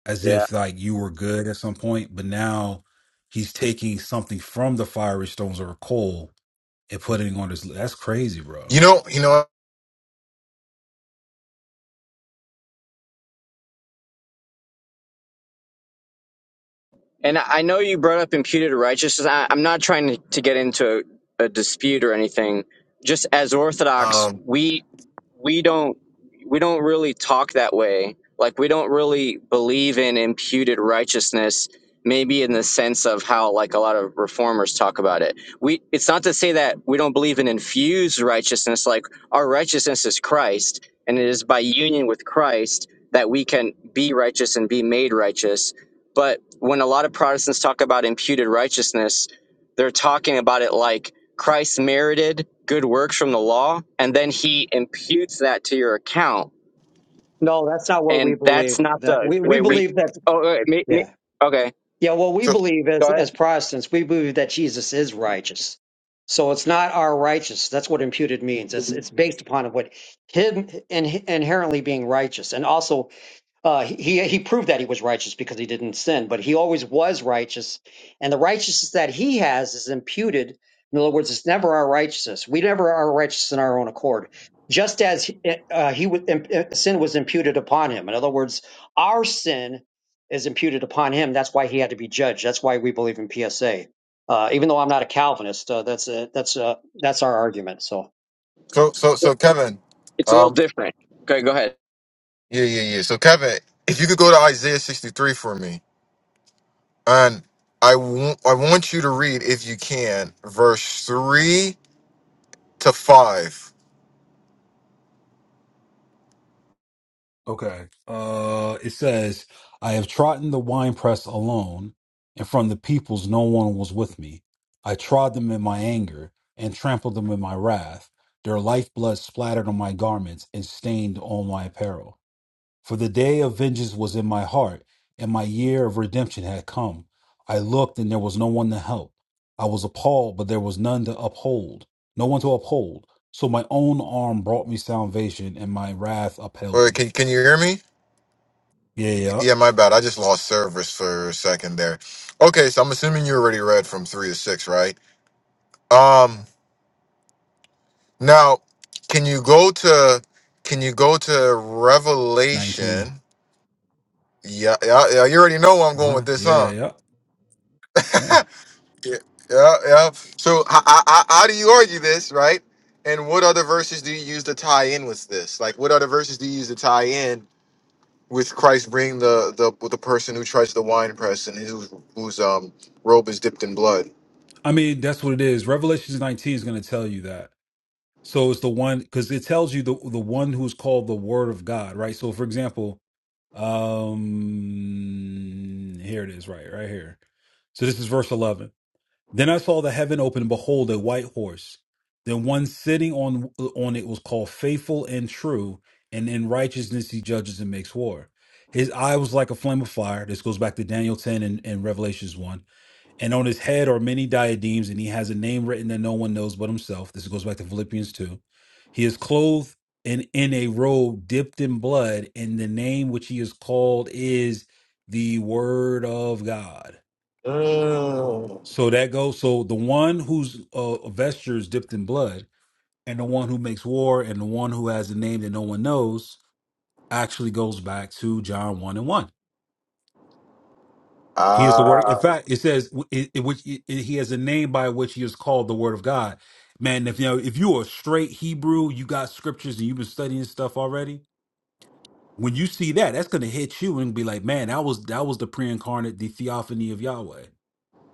S3: As
S4: Yeah.
S3: if like you were good at some point, but now he's taking something from the fiery stones or a coal and putting it on his that's crazy, bro.
S1: You know, you know.
S4: And I I know you brought up imputed righteousness. I, I'm not trying to, to get into a, a dispute or anything. Just as Orthodox,
S1: Um,
S4: we we don't we don't really talk that way like we don't really believe in imputed righteousness maybe in the sense of how like a lot of reformers talk about it we it's not to say that we don't believe in infused righteousness like our righteousness is christ and it is by union with christ that we can be righteous and be made righteous but when a lot of protestants talk about imputed righteousness they're talking about it like Christ merited good works from the law, and then he imputes that to your account.
S5: No, that's not what we
S4: And
S5: believe.
S4: that's not
S5: That
S4: the
S5: we, we
S4: way we.
S5: believe that.
S4: Oh, wait, me,
S5: Yeah.
S4: me, okay.
S5: Yeah, well, we
S1: so
S5: believe as
S4: Go ahead.
S5: as Protestants, we believe that Jesus is righteous. So it's not our righteous. That's what imputed means. It's it's based upon what him in, inherently being righteous, and also uh, he he proved that he was righteous because he didn't sin, but he always was righteous, and the righteousness that he has is imputed. In other words, it's never our righteousness. We never are righteous in our own accord. Just as uh, he was, sin was imputed upon him. In other words, our sin is imputed upon him. That's why he had to be judged. That's why we believe in PSA. Uh, even though I'm not a Calvinist, uh, that's a, that's a, that's our argument. So.
S1: so so so Kevin,
S4: It's a little
S1: um,
S4: different. Okay, go ahead.
S1: Yeah, yeah, yeah. So Kevin, if you could go to Isaiah 63 for me, and I want I want you to read if you can verse 3 to 5.
S3: Okay. Uh, it says, I have trodden the winepress alone, and from the peoples no one was with me. I trod them in my anger and trampled them in my wrath. Their lifeblood splattered on my garments and stained all my apparel. For the day of vengeance was in my heart, and my year of redemption had come. I looked, and there was no one to help. I was appalled, but there was none to uphold, no one to uphold. So my own arm brought me salvation, and my wrath upheld
S1: Or
S3: me.
S1: can can you hear me?
S3: Yeah, yeah.
S1: Yeah, my bad. I just lost service for a second there. Okay, so I'm assuming you already read from 3 to 6, right? Um now can you go to can you go to
S3: 19.
S1: Revelation? Yeah, yeah, yeah you already know where I'm going with
S3: Uh-huh.
S1: this,
S3: Yeah,
S1: huh?
S3: yeah. Yeah.
S1: Yeah, yeah, yeah. So how, how, how do you argue this, right? And what other verses do you use to tie in with this? Like, what other verses do you use to tie in with Christ bringing the the with the person who tries the wine press and whose whose um robe is dipped in blood?
S3: I mean, that's what it is. Revelations 19 is going to tell you that. So it's the one cuz it tells you the the one who's called the word of God, right? So for example, um here it is right right here. So this is verse 11. Then I saw the heaven open, and behold, a white horse. Then one sitting on on it was called faithful and true, and in righteousness he judges and makes war. His eye was like a flame of fire. This goes back to Daniel 10 and, and Revelations 1. And on his head are many diadems, and he has a name written that no one knows but himself. This goes back to Philippians 2. He is clothed in, in a robe dipped in blood, and the name which he is called is the Word of God.
S1: Mm.
S3: So that goes. So the one whose uh, vesture is dipped in blood, and the one who makes war, and the one who has a name that no one knows, actually goes back to John one and one. He is the word. In
S1: Ah.
S3: fact, it says w- it, it, which it, it- he has a name by which he is called the Word of God. Man, if you know, if you are straight Hebrew, you got scriptures, and you've been studying stuff already. When you see that, that's going to hit you and be like, man, that was that was the pre-incarnate, the theophany of Yahweh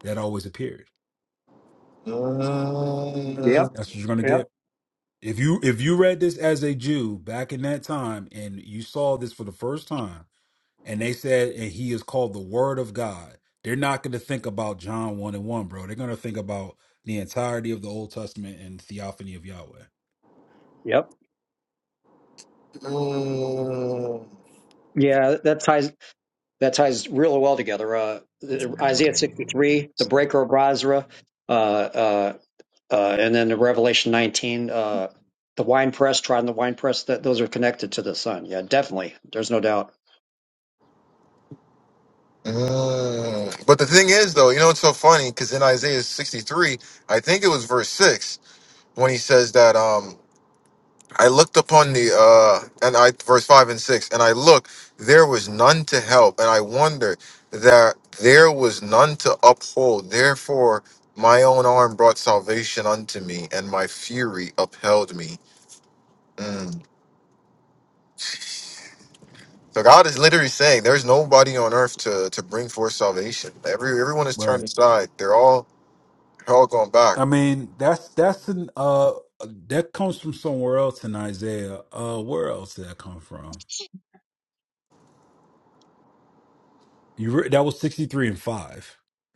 S3: that always appeared.
S1: Mm, mm, mm.
S5: Yep.
S3: That's what you're going to get.
S5: Yep.
S3: If you if you read this as a Jew back in that time and you saw this for the first time and they said and he is called the word of God, they're not going to think about John 1 and 1, bro. They're going to think about the entirety of the Old Testament and theophany of Yahweh.
S5: Yep. Yeah, that ties. that ties really well together. Uh, Isaiah 63, the breaker of Basra, uh, uh, uh, and then the Revelation 19, uh, the wine press, trying the wine press. That those are connected to the sun. Yeah, definitely. There's no doubt.
S1: But the thing is, though, you know it's so funny because in Isaiah 63, I think it was verse six when he says that. um. I looked upon the uh and I verse five and six, and I looked, there was none to help, and I wondered that there was none to uphold. Therefore, my own arm brought salvation unto me, and my fury upheld me. Mm. So God is literally saying, there's nobody on earth to to bring forth salvation. Every everyone is
S3: But
S1: turned aside. They're all they're all going back.
S3: I mean, that's that's an uh that comes from somewhere else in Isaiah. Uh where else did that come from? You re- that was 63 and 5.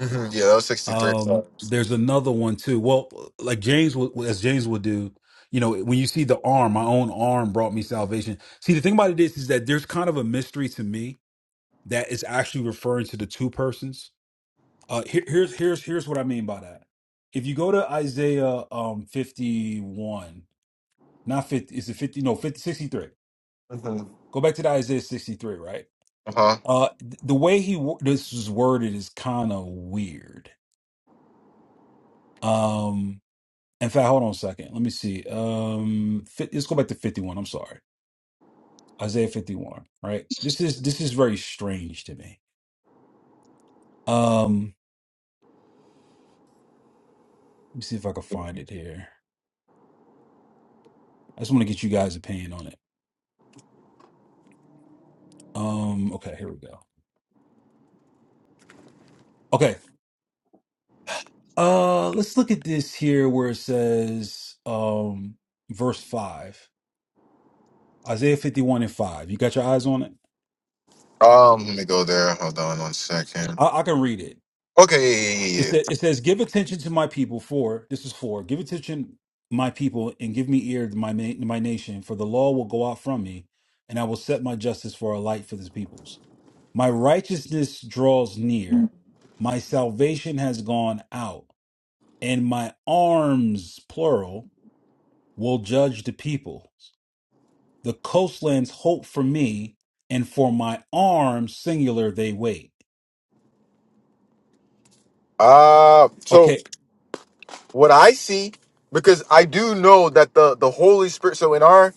S1: hmm Yeah, that was sixty three.
S3: Um, there's another one too. Well, like James would, as James would do, you know, when you see the arm, my own arm brought me salvation. See, the thing about it is, is that there's kind of a mystery to me that is actually referring to the two persons. Uh, here, here's here's here's what I mean by that. If you go to Isaiah um 51, not 50, is it 50? No, 50 63.
S1: Uh
S3: Go back to the Isaiah 63, right?
S1: huh.
S3: Uh, th- the way he wo- this is worded is kind of weird. Um, In fact, hold on a second. Let me see. Um, fi- let's go back to 51. I'm sorry. Isaiah 51, right? This is this is very strange to me. Um, let me see if I can find it here. I just want to get you guys' opinion on it. Um, okay, here we go. Okay. Uh, let's look at this here where it says um verse 5. Isaiah 51 and 5. You got your eyes on it?
S1: Um, let me go there. Hold on one second.
S3: I, I can read it.
S1: Okay, yeah, yeah, yeah, yeah.
S3: It,
S1: yeah,
S3: sa- it says, "Give attention to my people." For this is for give attention my people and give me ear to my na- my nation. For the law will go out from me, and I will set my justice for a light for the peoples. My righteousness draws near. My salvation has gone out, and my arms, plural, will judge the people. The coastlands hope for me, and for my arms, singular, they wait.
S1: Uh so
S3: Okay,
S1: what I see, because I do know that the the Holy Spirit. So in our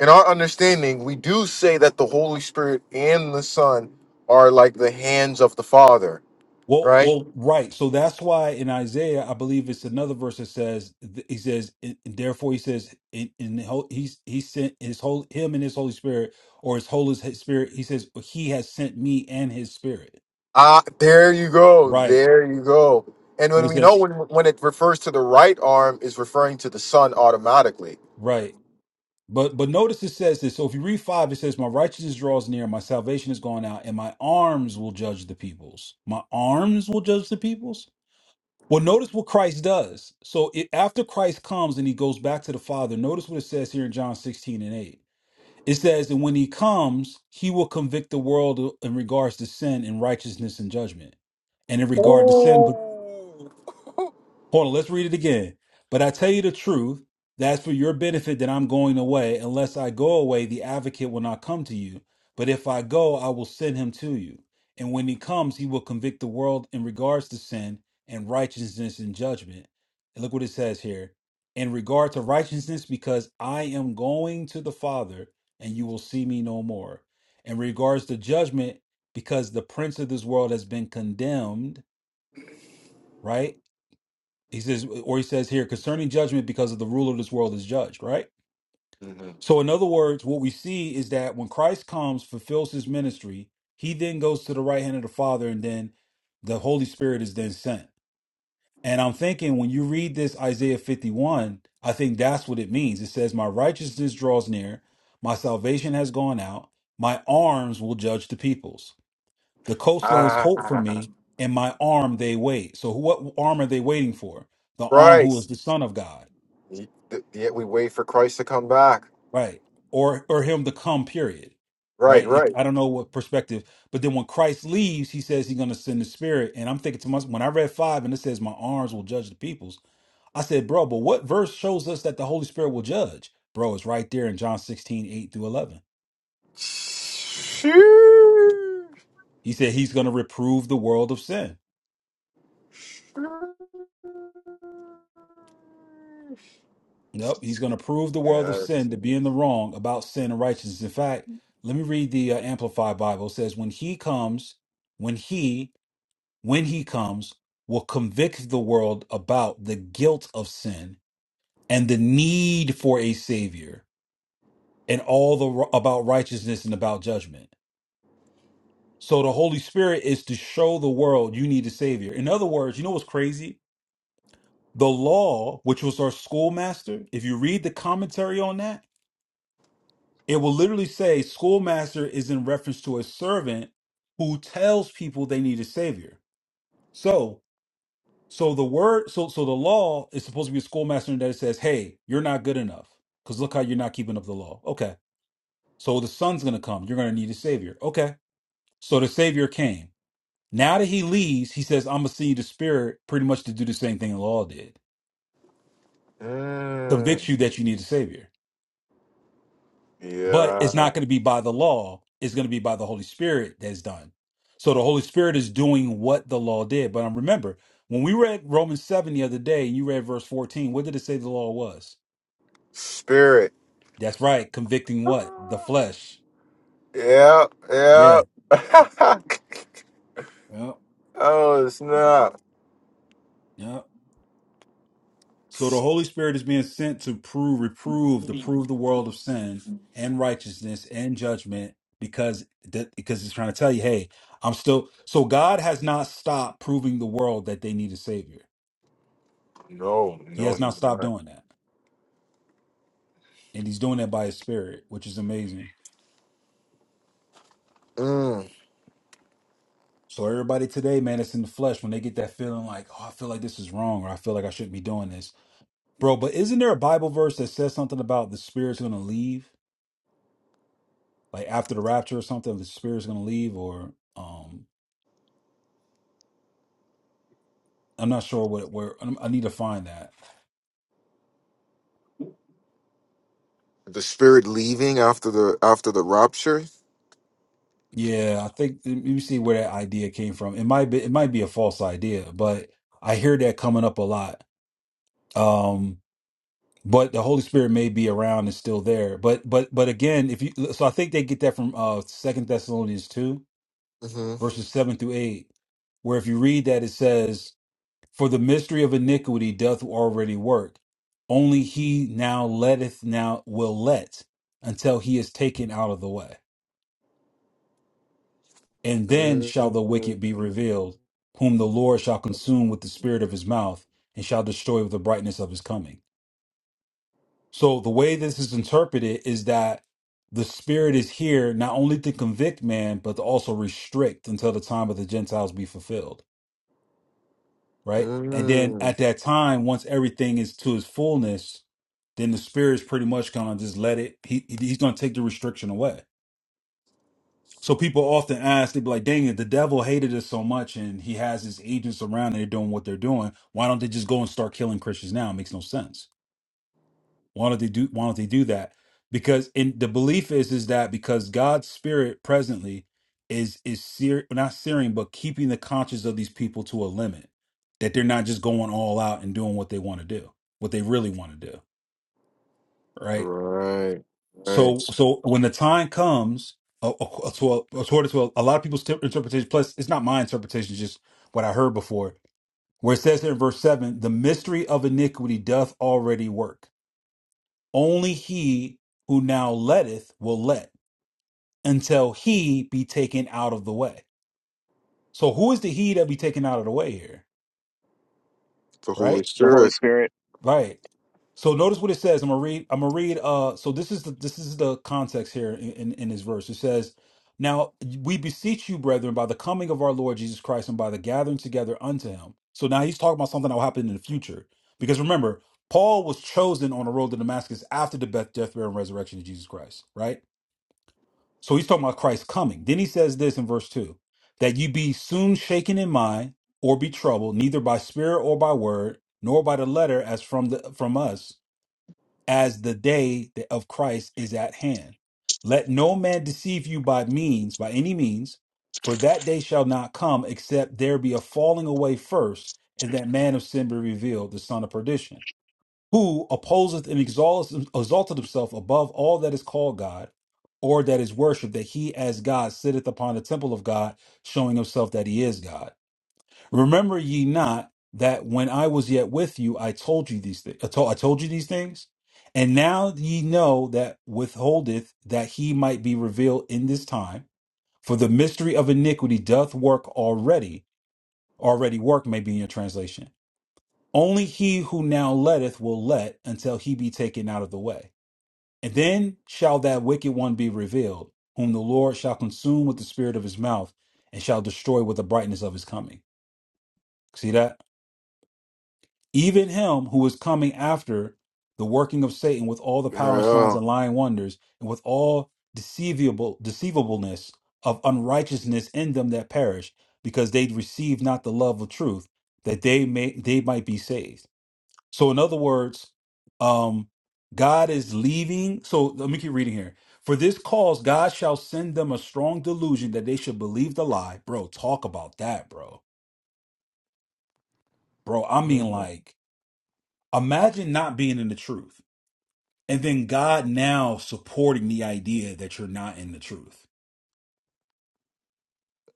S1: in our understanding, we do say that the Holy Spirit and the Son are like the hands of the Father,
S3: Well,
S1: right?
S3: well, right. So that's why in Isaiah, I believe it's another verse that says, th- he says, and therefore he says, in, in the whole, he's, he sent his whole, him and his Holy Spirit, or his Holy s- Spirit. He says, well, he has sent me and his spirit.
S1: Ah, there you go,
S3: Right.
S1: there you go. And
S3: What
S1: when
S3: it
S1: we know
S3: says,
S1: when when it refers to the right arm, is referring to the Son automatically.
S3: right. But, but notice it says this. So if you read five, it says, my righteousness draws near, my salvation is gone out, and my arms will judge the peoples. My arms will judge the peoples Well, notice what Christ does. So it, after Christ comes and he goes back to the Father, notice what it says here in John 16 and 8. It says, that when he comes, he will convict the world in regards to sin and righteousness and judgment. And in regard to sin, but
S1: Oh,
S3: Hold on, let's read it again. But I tell you the truth, that's for your benefit that I'm going away. Unless I go away, the advocate will not come to you. But if I go, I will send him to you. And when he comes, he will convict the world in regards to sin and righteousness and judgment. And look what it says here. In regard to righteousness, because I am going to the Father, and you will see me no more. In regards to judgment, because the prince of this world has been condemned, right? He says, or he says here, concerning judgment because of the rule of this world is judged, right? So, in other words, what we see is that when Christ comes, fulfills his ministry, he then goes to the right hand of the Father, and then the Holy Spirit is then sent. And I'm thinking when you read this Isaiah 51, I think that's what it means. It says, My righteousness draws near, my salvation has gone out, my arms will judge the peoples. The coastlands hope for
S1: ah,
S3: me, and my arm they wait. So, what arm are they waiting for? The arm who is
S1: Christ.
S3: the Son of God.
S1: He- th- Yet we wait for Christ to come back.
S3: right or or him to come period
S1: Right,
S3: right it,
S1: right.
S3: i don't know what perspective but then when christ leaves he says he's going to send the spirit and i'm thinking to myself when i read five and it says my arms will judge the peoples i said bro but what verse shows us that the holy spirit will judge bro it's right there in john 16 8 through 11 he said he's going to reprove the world of sin nope he's going to prove the world of
S1: Yeah.
S3: sin to be in the wrong about sin and righteousness in fact let me read the uh, amplified bible it says when he comes when he when he comes, will convict the world about the guilt of sin and the need for a savior and all the about righteousness and about judgment. So the Holy Spirit is to show the world you need a savior. In other words, you know what's crazy? The law, which was our schoolmaster, if you read the commentary on that, it will literally say schoolmaster is in reference to a servant who tells people they need a savior. So So the word, so so the law is supposed to be a schoolmaster in that it says, "Hey, you're not good enough because look how you're not keeping up the law." Okay, so the son's gonna come. You're gonna need a savior. Okay, so the savior came. Now that he leaves, he says, "I'm gonna send you the spirit, pretty much to do the same thing the law did, convict
S1: Mm.
S3: you that you need a savior." But it's
S1: Yeah.
S3: not gonna be by the law. It's gonna be by the Holy Spirit that's done. So the Holy Spirit is doing what the law did. But um, remember, when we read Romans seven the other day, and you read verse fourteen, what did it say the law was?
S1: Spirit.
S3: That's right. Convicting what? The flesh.
S1: Yeah. Yeah.
S3: Yeah. Yep.
S1: oh it's not.
S3: Yep. So the Holy Spirit is being sent to prove, reprove, to prove the world of sin and righteousness and judgment because that because it's trying to tell you, hey, I'm still so God has not stopped proving the world that they need a savior.
S1: No,
S3: He
S1: no,
S3: has
S1: he's
S3: not stopped
S1: not.
S3: doing that. And he's doing that by his spirit, which is amazing.
S1: Mm.
S3: So everybody today, man, it's in the flesh when they get that feeling like, oh, I feel like this is wrong or I feel like I shouldn't be doing this Bro, but isn't there a Bible verse that says something about the spirit's gonna leave? Like after the rapture or something, the spirit's gonna leave or um I'm not sure what where I'm- I need to find that.
S1: The spirit leaving after the after the rupture.
S3: Yeah, I think let me see where that idea came from. It might be it might be a false idea, but I hear that coming up a lot. Um but the Holy Spirit may be around and still there. But but but again, if you so I think they get that from uh Second Thessalonians two,
S1: hmm
S3: verses seven through eight, where if you read that it says For the mystery of iniquity doth already work. Only he now letteth now will let until he is taken out of the way. And then shall the wicked
S1: mm
S3: be revealed, whom the Lord shall consume with the spirit of his mouth and shall destroy with the brightness of his coming. So the way this is interpreted is that the spirit is here not only to convict man, but to also restrict until the time of the Gentiles be fulfilled. right? And then
S1: Mm.
S3: at that time, once everything is to its fullness, then the spirit's pretty much gonna just let it. He he's gonna take the restriction away. So people often ask, they be like, "Dang it, the devil hated us so much, and he has his agents around, and they're doing what they're doing. Why don't they just go and start killing Christians now? It makes no sense." Why don't they do why don't they do that? Because in the belief is is that because God's spirit presently is is sear, not searing, but keeping the conscience of these people to a limit. That they're not just going all out and doing what they want to do, what they really want to do. Right.
S1: Right.
S3: So
S1: Right.
S3: so when the time comes, uh, uh, to a, according to a, a lot of people's tip- interpretation, plus it's not my interpretation, it's just what I heard before, where it says here in verse seven, the mystery of iniquity doth already work Only he who now letteth will let until he be taken out of the way. So who is the he that be taken out of the way here?
S1: The Holy
S3: Right?
S4: The Holy
S1: Spirit.
S4: Spirit.
S3: Right. So notice what it says. I'm gonna read, I'm gonna read uh so this is the this is the context here in, in, in this verse. It says, Now we beseech you, brethren, by the coming of our Lord Jesus Christ and by the gathering together unto him. So now he's talking about something that will happen in the future. Because remember, Paul was chosen on the road to Damascus after the death, death, burial, and resurrection of Jesus Christ, right? So he's talking about Christ's coming. Then he says this in verse 2 that you be soon shaken in mind or be troubled, neither by spirit or by word, nor by the letter as from the from us, as the day that- of Christ is at hand. Let no man deceive you by means, by any means, for that day shall not come except there be a falling away first, and that man of sin be revealed, the son of perdition who opposeth and exalteth, exalteth himself above all that is called God or that is worshipped, that he as God sitteth upon the temple of God, showing himself that he is God. Remember ye not that when I was yet with you, I told you these things. I told, I told you these things. And now ye know that withholdeth that he might be revealed in this time. For the mystery of iniquity doth work already. Already work may be in your translation. Only he who now letteth will let until he be taken out of the way. And then shall that wicked one be revealed, whom the Lord shall consume with the spirit of his mouth and shall destroy with the brightness of his coming. See that? Even him who is coming after the working of Satan with all the power and signs
S1: Yeah.
S3: and lying wonders and with all deceivable deceivableness of unrighteousness in them that perish because they receive not the love of truth that they may they might be saved So, in other words, um, God is leaving. So, let me keep reading here. For this cause, God shall send them a strong delusion that they should believe the lie. Bro, talk about that, bro. Bro, I mean,
S1: Mm-hmm.
S3: like, imagine not being in the truth and then God now supporting the idea that you're not in the truth.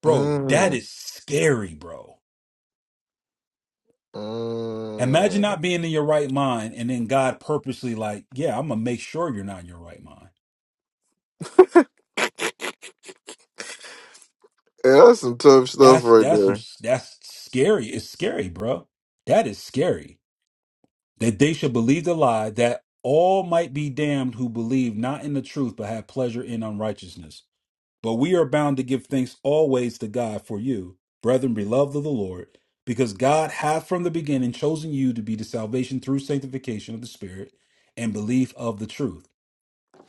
S3: Bro,
S1: Mm.
S3: that is scary, bro. Imagine not
S1: Mm.
S3: being in your right mind and then God purposely, like, yeah, I'm going to make sure you're not in your right mind.
S1: Yeah, that's some tough stuff
S3: That's
S1: right
S3: that's some
S1: there.
S3: that's scary. It's scary, bro. That is scary. That they should believe the lie that all might be damned who believe not in the truth but have pleasure in unrighteousness. But we are bound to give thanks always to God for you, brethren, beloved of the Lord, because God hath from the beginning chosen you to be the salvation through sanctification of the Spirit and belief of the truth.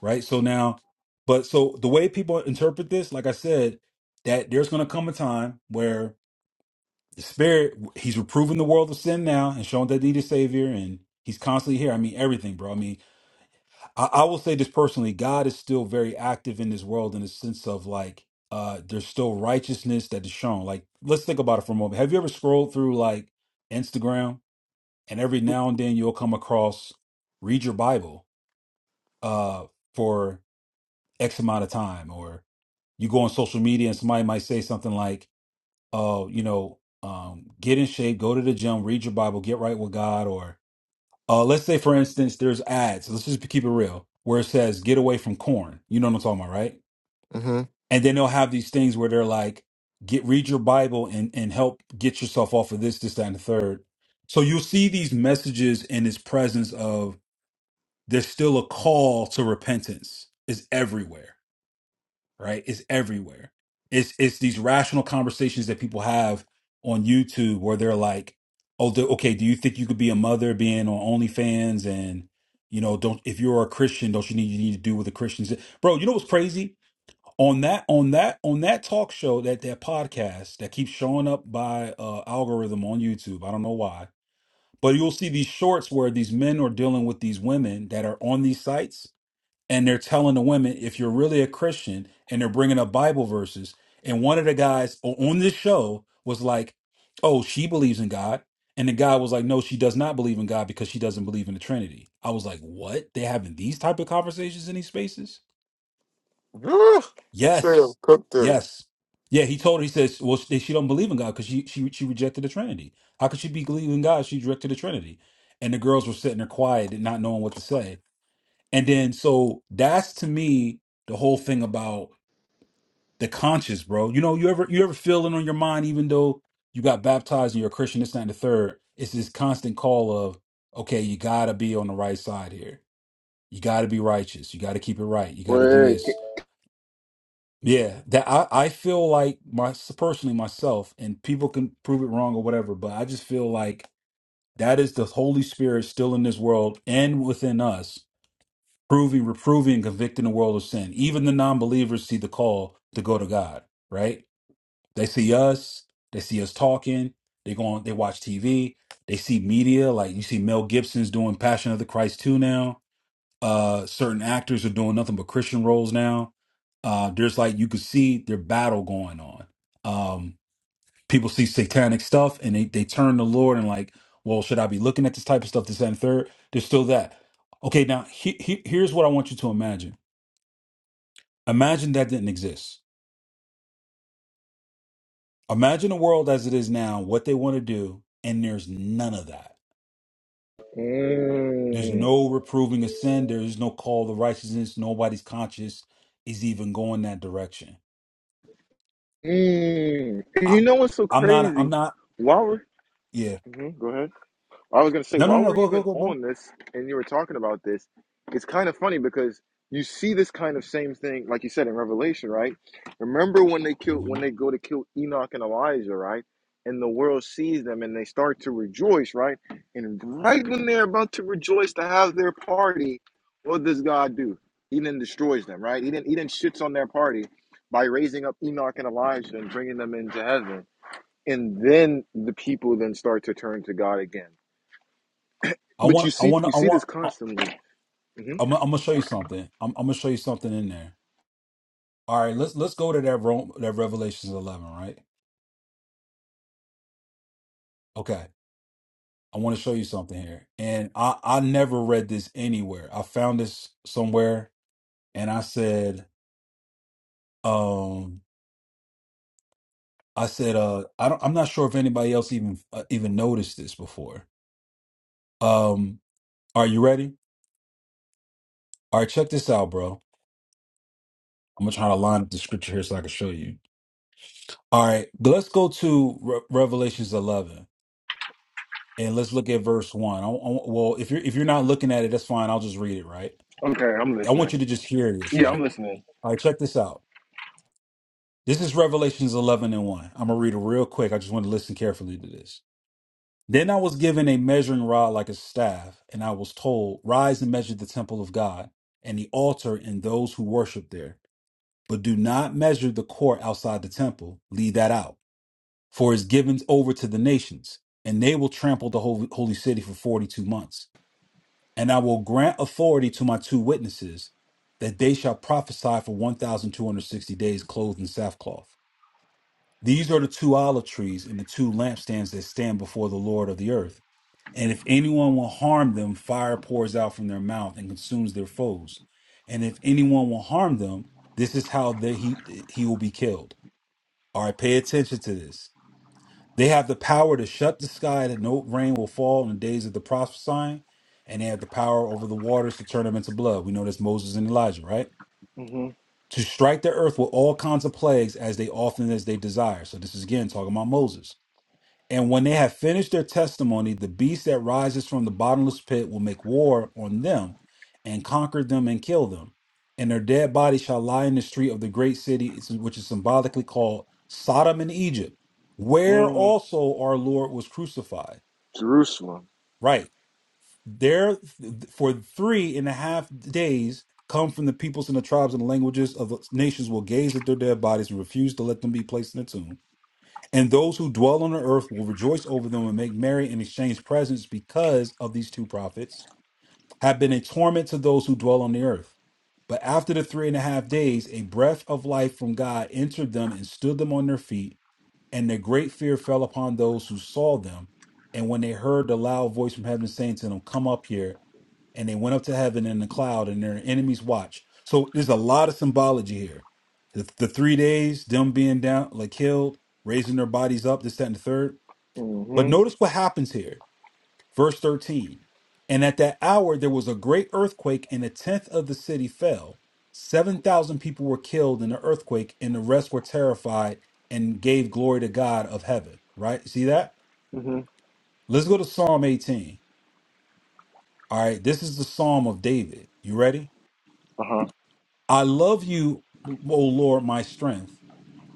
S3: Right? So now, but so the way people interpret this, like I said, that there's going to come a time where the spirit he's reproving the world of sin now and showing that they need a savior and he's constantly here i mean everything bro i mean I, I will say this personally god is still very active in this world in the sense of like uh there's still righteousness that is shown like let's think about it for a moment have you ever scrolled through like instagram and every now and then you'll come across read your bible uh for x amount of time or you go on social media and somebody might say something like. uh, you know, um, get in shape, go to the gym, read your Bible, get right with God, or uh, let's say, for instance, there's ads. Let's just keep it real, where it says "get away from corn." You know what I'm talking about, right?
S1: Mm-hmm.
S3: And then they'll have these things where they're like, "Get read your Bible and and help get yourself off of this, this, that, and the third. So you'll see these messages in this presence of there's still a call to repentance is everywhere right? It's everywhere. It's it's these rational conversations that people have on YouTube where they're like, "Oh, do, okay, do you think you could be a mother being on OnlyFans and you know, don't if you're a Christian, don't you need you need to do what the Christians?" Bro, you know what's crazy? On that on that on that talk show that that podcast that keeps showing up by uh algorithm on YouTube. I don't know why. But you'll see these shorts where these men are dealing with these women that are on these sites and they're telling the women if you're really a christian and they're bringing up bible verses and one of the guys o- on this show was like oh she believes in god and the guy was like no she does not believe in god because she doesn't believe in the trinity i was like what they having these type of conversations in these spaces
S1: Yeah, Straight up
S3: yes
S1: cooked her.
S3: yes yeah he told her he says well she, she don't believe in god because she, she she rejected the trinity how could she be believing in god if she rejected the trinity and the girls were sitting there quiet and not knowing what to say and then so that's to me the whole thing about the conscious, bro. You know, you ever you ever feel it on your mind, even though you got baptized and you're a Christian, this, that, and the third. It's this constant call of, okay, you gotta be on the right side here. You gotta be righteous. You gotta keep it right. You gotta do
S1: Rick.
S3: this. Yeah, that I, I feel like my personally myself, and people can prove it wrong or whatever, but I just feel like that is the Holy Spirit still in this world and within us proving, reproving, and convicting the world of sin. Even the non believers see the call to go to God, right? They see us, they see us talking, they go on, they watch TV, they see media, like you see Mel Gibson's doing Passion of the Christ 2 now. Uh certain actors are doing nothing but Christian roles now. Uh there's like you could see their battle going on. Um people see satanic stuff and they, they turn to Lord and like, well, should I be looking at this type of stuff this that, and third? There's still that. Okay, now he, he, here's what I want you to imagine Imagine that didn't exist. Imagine the world as it is now, what they want to do, and there's none of that. There's
S1: Mm.
S3: no reproving of sin. There is no call to righteousness. Nobody's conscience is even going that direction.
S1: Mm. And
S3: I,
S1: you know what's so
S3: I'm not. I'm
S1: crazy?
S3: not.
S1: While we're
S3: Yeah.
S1: mhm, go ahead. I was gonna say
S3: No. No.
S1: while
S3: No.
S1: we're
S3: Go. Go.
S1: even
S3: Go, bro.
S1: on this and you were talking about this, it's kind of funny because you see this kind of same thing, like you said in Revelation, right? Remember when they kill
S3: Mhm.
S1: when they go to kill Enoch and Elijah, right? And the world sees them and they start to rejoice, right? And right when they're about to rejoice to have their party, what does God do? He then destroys them, right? He didn't he then shits on their party by raising up Enoch and Elijah and bringing them into heaven. And then the people then start to turn to God again
S3: I
S1: but you
S3: want. I
S1: see,
S3: want.
S1: you
S3: I
S1: see
S3: want.
S1: this
S3: I-
S1: constantly. hmm
S3: I'm. gonna- I'm gonna show you something. I'm. I'm gonna show you something in there. All right. Let's. Let's go to that. Rome, that Revelations 11. Right. Okay. I want to show you something here. And I, I never read this anywhere. I found this somewhere and I said, um, I said, uh, I don't, I'm not sure if anybody else even uh, even noticed this before. Um, are you ready? All right, check this out, bro. I'm gonna try to line up the scripture here so I can show you. All right, let's go to Re- Revelations 11 and let's look at verse one. I, I- well, if you're if you're not looking at it, that's fine. I'll just read it. Right.
S1: Okay, I'm
S3: I want
S1: there.
S3: you to just hear this. Right. All right, check this out. This is Revelations 11 and 1. I'm going to read it real quick. I just want to listen carefully to this. Then I was given a measuring rod like a staff, and I was told, Rise and measure the temple of God, and the altar and those who worship there. But do not measure the court outside the temple, leave that out, for it is given over to the nations, and they will trample the hol- holy city for 42 months. And I will grant authority to my two witnesses, that they shall prophesy for 1,260 days, clothed in sackcloth. These are the two olive trees and the two lampstands that stand before the Lord of the earth and if anyone will harm them, fire pours out from their mouth and consumes their foes. And if anyone will harm them, this is how they, he he will be killed. All right, pay attention to this. They have the power to shut the sky that no rain will fall in the days of the prophesying, and they have the power over the waters to turn them into blood. We know that's Moses and Elijah, right?
S1: hmm
S3: To strike the earth with all kinds of plagues as they often as they desire. So this is again talking about Moses and when they have finished their testimony, the beast that rises from the bottomless pit will make war on them and conquer them and kill them. And their dead bodies shall lie in the street of the great city, which is symbolically called Sodom and Egypt, where
S1: hmm
S3: also our Lord was crucified.
S1: Jerusalem.
S3: Right. There for three and a half days come from the peoples and the tribes and the languages of the nations will gaze at their dead bodies and refuse to let them be placed in a tomb and those who dwell on the earth will rejoice over them and make merry and exchange presents because of these two prophets have been a torment to those who dwell on the earth. But after the three and a half days, a breath of life from God entered them and stood them on their feet. And a great fear fell upon those who saw them. And when they heard the loud voice from heaven saying to them, Come up here, and they went up to heaven in the cloud and their enemies watched. So there's a lot of symbology here. The, the three days, them being down, like killed, raising their bodies up, this, that, and the third.
S1: mm
S3: But
S1: hmm
S3: notice what happens here. Verse 13. And at that hour, there was a great earthquake, and a tenth of the city fell. 7,000 people were killed in the earthquake, and the rest were terrified and gave glory to God of heaven. Right? See that?
S1: mm hmm
S3: Let's go to Psalm 18. All right. This is the Psalm of David. You ready?
S1: Uh huh.
S3: I love you, O Lord, my strength.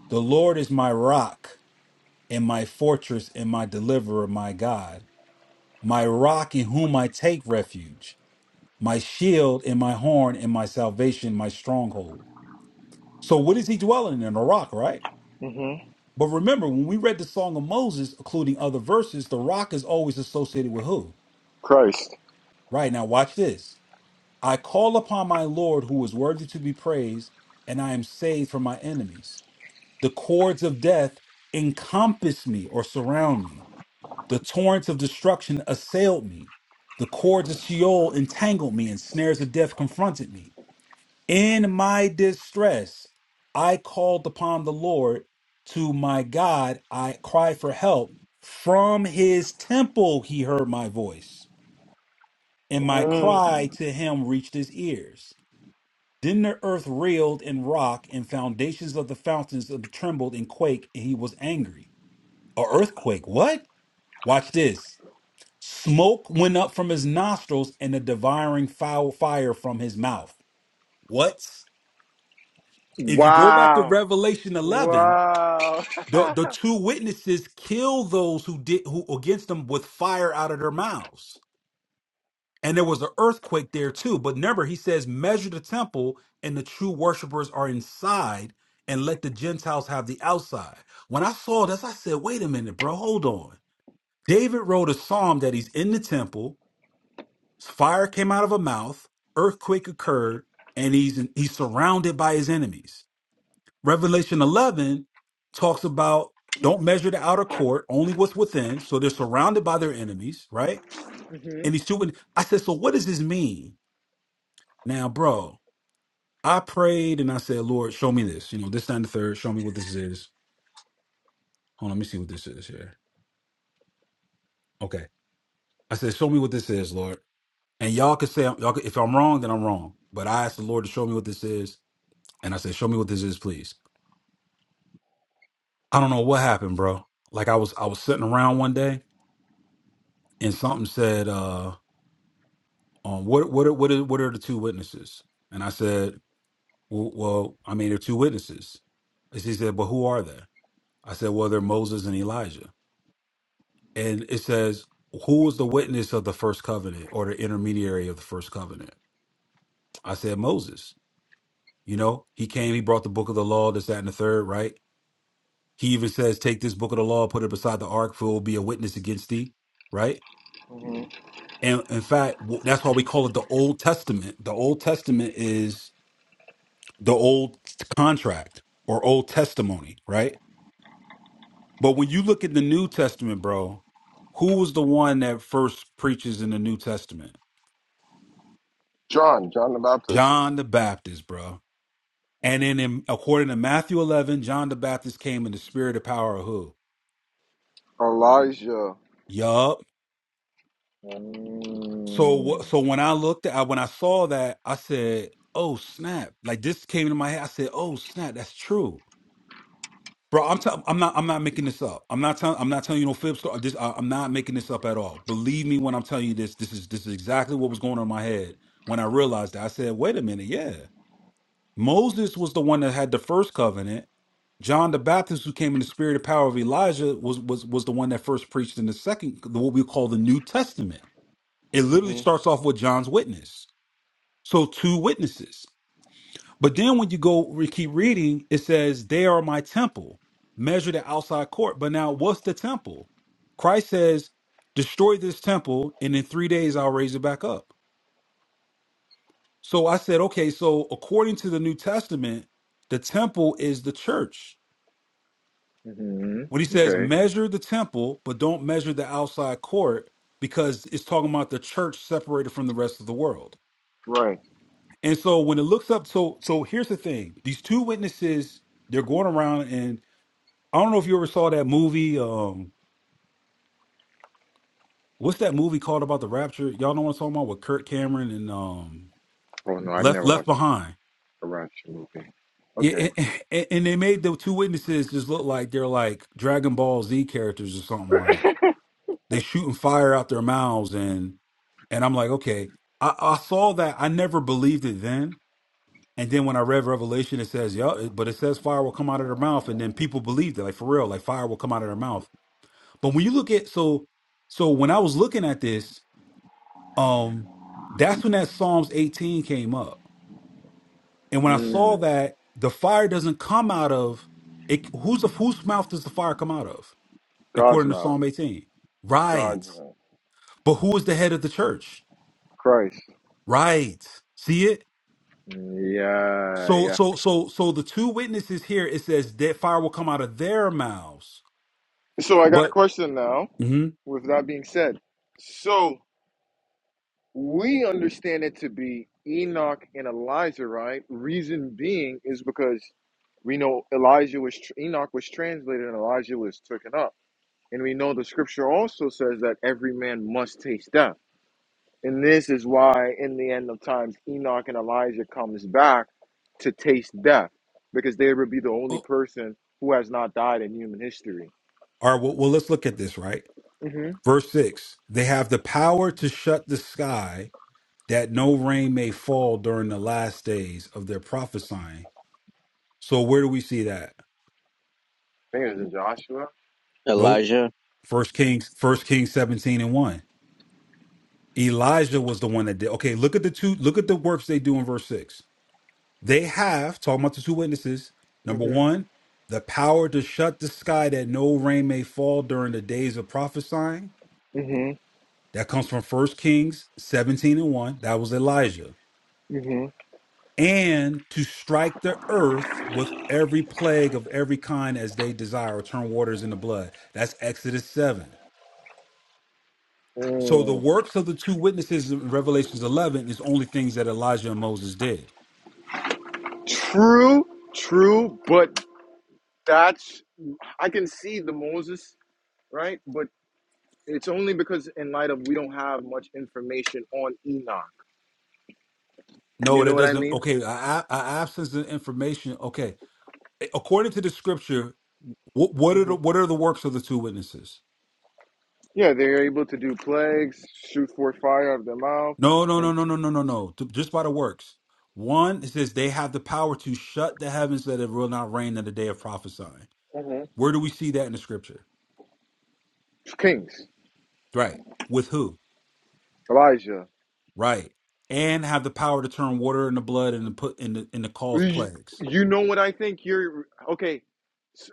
S3: The Lord is my rock and my fortress and my deliverer, my God, my rock in whom I take refuge, my shield and my horn and my salvation, my stronghold. So, what is he dwelling in? A rock, right?
S1: mm hmm
S3: But remember, when we read the Song of Moses, including other verses, the rock is always associated with who?
S1: Christ.
S3: Right now, watch this. I call upon my Lord who is worthy to be praised, and I am saved from my enemies. The cords of death encompassed me or surround me. The torrents of destruction assailed me. The cords of Sheol entangled me and snares of death confronted me. In my distress, I called upon the Lord. To my God, I cried for help. From his temple, he heard my voice, and my cry to him reached his ears. Then the earth reeled and rocked, and foundations of the fountains of- trembled and quaked, and he was angry. A earthquake. What? Watch this. Smoke went up from his nostrils and a devouring foul fire from his mouth. What? If you go back to
S1: Wow.
S3: Revelation 11,
S1: Wow.
S3: the, the
S1: mm
S3: two witnesses killed those who did who against them with fire out of their mouths. And there was an earthquake there too. But remember, he says, measure the temple and the true worshipers are inside and let the Gentiles have the outside. When I saw this, I said, wait a minute, bro, hold on David wrote a psalm that he's in the temple, fire came out of a mouth, earthquake occurred, and he's he's surrounded by his enemies. Revelation 11 talks about don't measure the outer court, only what's within. So they're surrounded by their enemies, right?
S1: hmm mm
S3: And these two. wit- I said, so what does this mean? Now, bro, I prayed and I said, Lord, show me this. You know, this time the third, show me what this is. Hold on, let me see what this is here. Okay. I said, show me what this is, Lord. And y'all can say y'all can, if I'm wrong, then I'm wrong. But I asked the Lord to show me what this is, and I said, "Show me what this is, please." I don't know what happened, bro. Like I was I was sitting around one day, and something said, "Uh, um, what what are, what are, what are the two witnesses?" And I said, "Well, well I mean, they're two witnesses." And she said, "But who are they?" I said, "Well, they're Moses and Elijah." And it says, "Who was the witness of the first covenant or the intermediary of the first covenant?" I said, "Moses." You know, he came, he brought the book of the law, this, that, and the third, right? He even says, Take this book of the law, put it beside the ark, for it will be a witness against thee. Right?
S1: hmm
S3: And in fact, w- that's why we call it the Old Testament. The Old Testament is the old contract or old testimony, right? But when you look at the New Testament, bro, who was the one that first preaches in the New Testament?
S1: John, John the Baptist,
S3: John the Baptist, bro. And then in, according to Matthew 11, John the Baptist came in the spirit of power of who?
S1: Elijah,
S3: Yup. So
S1: Mm.
S3: wh- so when I looked at when I saw that, I said, "Oh snap!" Like this came into my head. I said, "Oh snap, that's true, bro." I'm tell- I'm not I'm not making this up. I'm not telling I'm not telling you no fib story. This I- I'm not making this up at all. Believe me when I'm telling you this. This is this is exactly what was going on in my head when I realized that. I said, "Wait a minute, yeah." Moses was the one that had the first covenant. John the Baptist, who came in the spirit and power of Elijah, was was was the one that first preached in the second, what we call the New Testament. It
S1: mm
S3: literally
S1: hmm
S3: starts off with John's witness. So two witnesses. But then when you go we keep reading, it says, They are my temple. Measure the outside court. But now what's the temple? Christ says, Destroy this temple, and in three days I'll raise it back up. So I said, okay, so according to the New Testament, the temple is the church.
S1: mm hmm
S3: When he says
S1: Okay.
S3: measure the temple, but don't measure the outside court, because it's talking about the church separated from the rest of the world.
S1: right?
S3: And so when it looks up, so so here's the thing: these two witnesses, they're going around, and I don't know if you ever saw that movie. Um, what's that movie called about the rapture? Y'all know what I'm talking about with Kurt Cameron and um
S1: Oh no, I've
S3: Left
S1: never
S3: Left
S1: watched
S3: Behind.
S1: a Ratchet movie. Okay.
S3: Yeah, and, and they made the two witnesses just look like they're like Dragon Ball Z characters or something. Like they shooting fire out their mouths, and and I'm like, okay, I, I saw that. I never believed it then And then when I read Revelation, it says, yeah, but it says fire will come out of their mouth. And then people believed it, like for real, like fire will come out of their mouth. But when you look at, so, so when I was looking at this, um, that's when that Psalms 18 came up. And when I saw
S1: Mm.
S3: that the fire doesn't come out of it, who's the, whose mouth does the fire come out of?
S1: God's
S3: According to
S1: mouth,
S3: Psalm 18. Right.
S1: God's mouth,
S3: But who is the head of the church?
S1: Christ.
S3: Right. See it?
S1: Mm, Yeah,
S3: So,
S1: yeah.
S3: so, so, so the two witnesses here, it says that fire will come out of their mouths
S1: So I got a
S3: But
S1: question now,
S3: mhm.
S1: with that being said. So we understand it to be Enoch and Elijah, right? Reason being is because we know Elijah was Enoch was translated and Elijah was taken up. And we know the scripture also says that every man must taste death. And this is why in the end of times Enoch and Elijah comes back to taste death because they would be the only
S3: Oh,
S1: person who has not died in human history.
S3: all right, well, well, let's look at this, right?
S1: hmm
S3: Verse six. They have the power to shut the sky that no rain may fall during the last days of their prophesying. So where do we see that?
S1: I think it was in Joshua.
S4: Hello.
S3: Nope. First Kings, First Kings 17 and 1. Elijah was the one that did. Okay, look at the two, look at the works they do in verse 6. They have, talking about the two witnesses,
S1: hmm
S3: number one, the power to shut the sky that no rain may fall during the days of prophesying.
S1: hmm
S3: That comes from First Kings 17 and 1. That was Elijah.
S1: hmm
S3: And to strike the earth with every plague of every kind as they desire, or turn waters into blood. That's Exodus 7. So the
S1: Mm.
S3: works of the two witnesses in Revelations 11 is only things that Elijah and Moses did.
S1: True, true, but that's I can see the Moses, right? But it's only because in light of we don't have much information on Enoch.
S3: No,
S1: You know
S3: that
S1: what I
S3: doesn't.
S1: mean?
S3: Okay, a a- a absence of information. Okay, according to the scripture, what, what are
S1: hmm
S3: the what are the works of the two witnesses?
S1: Yeah, they're able to do plagues, shoot forth fire out of their mouth,
S3: No, no, no,
S1: and
S3: no, no, no, no, no. Th- Just by the works. One, it says they have the power to shut the heavens so that it will not rain in the day of prophesying.
S1: Mhm.
S3: Where do we see that in the scripture?
S1: kings,
S3: Right. With who?
S1: Elijah.
S3: Right. And have the power to turn water into blood and to put in the in the cause
S1: You
S3: plagues.
S1: you know what I think? You're okay. s-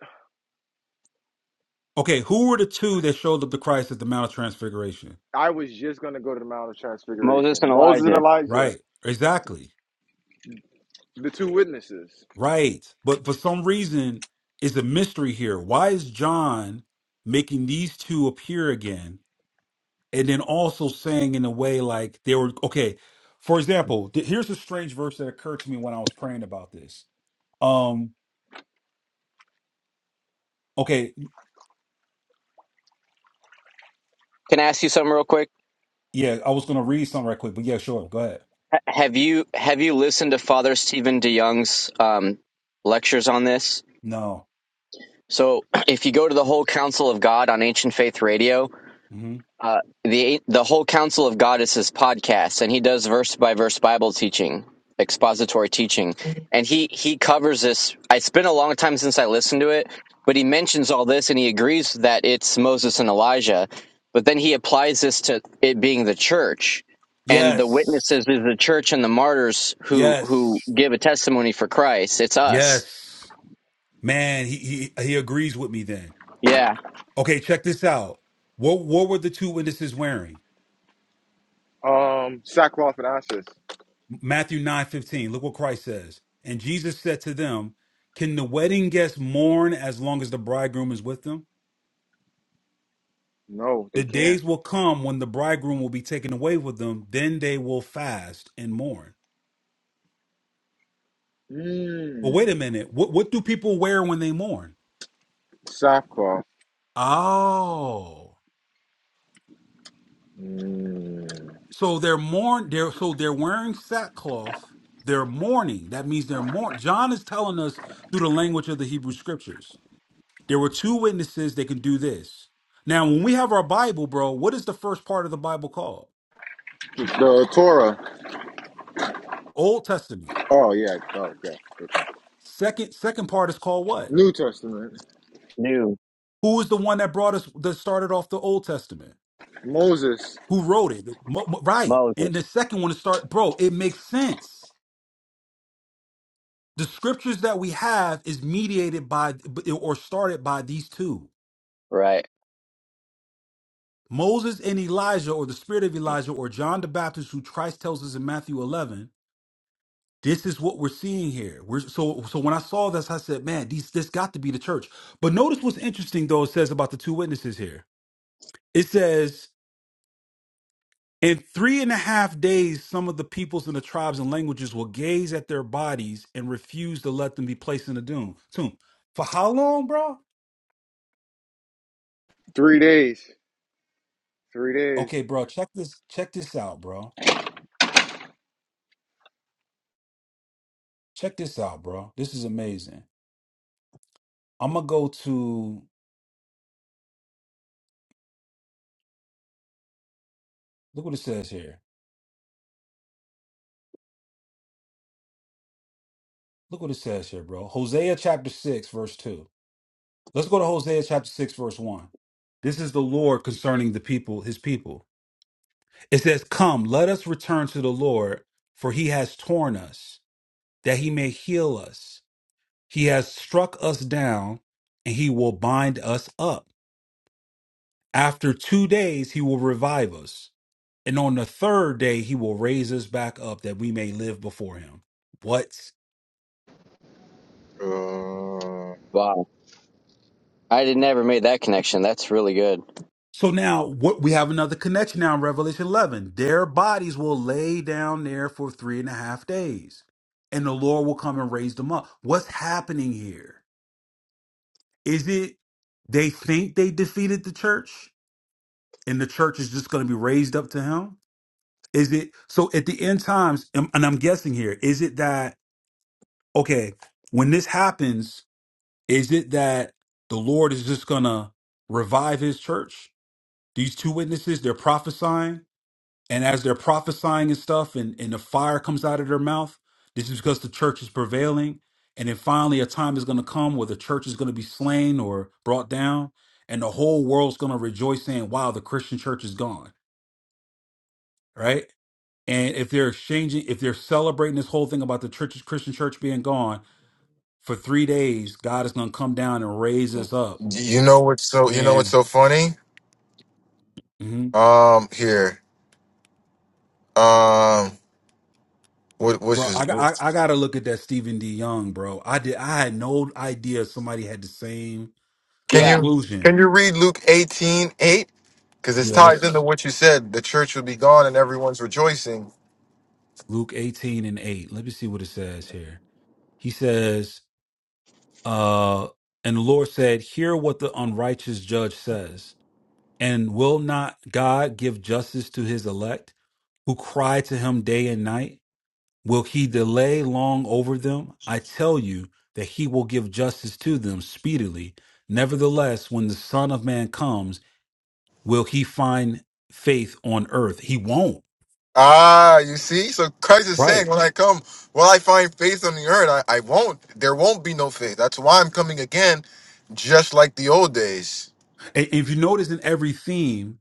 S3: Okay, who were the two that showed up to Christ at the Mount of Transfiguration?
S1: I was just gonna go to the Mount of
S4: Mo,
S1: Transfiguration. Moses and Elijah,
S3: Right. Exactly.
S1: the two witnesses,
S3: Right. But for some reason, it's a mystery here. Why is John making these two appear again and then also saying in a way like they were okay for example th- here's a strange verse that occurred to me when i was praying about this um okay
S4: can I ask you something real quick?
S3: yeah i was gonna read something right quick but yeah sure go ahead
S4: Ha- Have you have you listened to Father Stephen DeYoung's um, lectures on this?
S3: no
S4: So, if you go to the whole Council of God on Ancient Faith Radio,
S3: hmm
S4: Uh, the the whole Council of God is his podcast, and he does verse by verse Bible teaching, expository teaching, and he he covers this. It's been a long time since I listened to it, but he mentions all this, and he agrees that it's Moses and Elijah, but then he applies this to it being the church, and the
S3: yes
S4: witnesses is the church and the martyrs who who
S3: yes
S4: give a testimony for Christ. It's us.
S3: yes man he, he he agrees with me then
S4: Yeah,
S3: okay check this out what what were the two witnesses wearing
S1: um, sackcloth and ashes.
S3: matthew nine fifteen. look what christ says and jesus said to them can the wedding guests mourn as long as the bridegroom is with them
S1: No,
S3: The
S1: they
S3: days
S1: can't.
S3: will come when the bridegroom will be taken away with them, then they will fast and mourn. But
S1: Mm.
S3: wait a minute, what what do people wear when they mourn?
S1: Softball.
S3: Oh.
S1: Mm.
S3: So they're mourn they're so they're wearing sackcloth, they're mourning. That means they're mourn. John is telling us through the language of the Hebrew scriptures. There were two witnesses that can do this. Now, when we have our Bible, bro, what is the first part of the Bible called?
S1: The Torah.
S3: Old Testament.
S1: Oh yeah. Oh yeah.
S3: Second second part is called what?
S1: New
S4: new
S3: Who was the one that brought us that started off the Old Testament?
S1: Moses.
S3: Who wrote it? Mo- mo- Right.
S4: Moses.
S3: And the second one to start, bro, it makes sense. The scriptures that we have is mediated by or started by these two.
S4: Right.
S3: Moses and Elijah, or the spirit of Elijah, or John the Baptist, who Christ tells us in Matthew 11, this is what we're seeing here. We're so so when I saw this, I said, man, these this got to be the church. But notice what's interesting though, it says about the two witnesses here. It says In three and a half days, some of the peoples and the tribes and languages will gaze at their bodies and refuse to let them be placed in the doom tomb. For how long, bro?
S1: Three days. Three days.
S3: Okay, bro, check this, check this out, bro. Check this out, bro. This is amazing. I'm gonna go to look what it says here. Look what it says here, bro. Hosea chapter six, verse two. Let's go to Hosea chapter six, verse one. This is the Lord concerning the people, his people. It says, Come, let us return to the Lord, for he has torn us. that he may heal us. He has struck us down, and he will bind us up. After two days, he will revive us. And on the third day, he will raise us back up that we may live before him. What?
S1: Uh.
S4: Wow. I did never made that connection. That's really good.
S3: So now what we have another connection now in Revelation 11. Their bodies will lay down there for three and a half days, and the Lord will come and raise them up. What's happening here? Is it they think they defeated the church and the church is just going to be raised up to him? Is it so at the end times, am- and I'm guessing here, is it that, okay, when this happens, is it that the Lord is just gonna revive his church? These two witnesses, they're prophesying, and as they're prophesying and stuff, and, and the fire comes out of their mouth, this is because the church is prevailing. And then finally, a time is gonna come where the church is gonna be slain or brought down, and the whole world's gonna rejoice saying, wow, the Christian church is gone, right? And if they're exchanging, if they're celebrating this whole thing about the church, Christian church being gone for three days, God is going to come down and raise us up.
S1: Y- You know what's so you know what's
S3: And
S1: so funny?
S3: mhm.
S1: Um, here, um, what what's
S3: bro,
S1: his?
S3: I, got- I I got to look at that Stephen D. Young, bro. I did. I had no idea somebody had the same
S1: Can
S4: Yeah,
S1: you can
S3: conclusion.
S1: you read Luke eighteen eight? Because it's
S3: Yeah,
S1: tied into
S3: let's
S1: what you said. The church will be gone and everyone's rejoicing.
S3: Luke eighteen and eight. Let me see what it says here. He says, uh, and the Lord said, "Hear what the unrighteous judge says." And will not God give justice to his elect who cry to him day and night? Will he delay long over them? I tell you that he will give justice to them speedily. Nevertheless, when the Son of Man comes, will he find faith on earth? He won't.
S1: Ah, you see? So Christ is saying, when I come, will I find faith on the earth? I, I won't. There won't be no faith. That's why I'm coming again, just like the old days.
S3: And and if you notice in every theme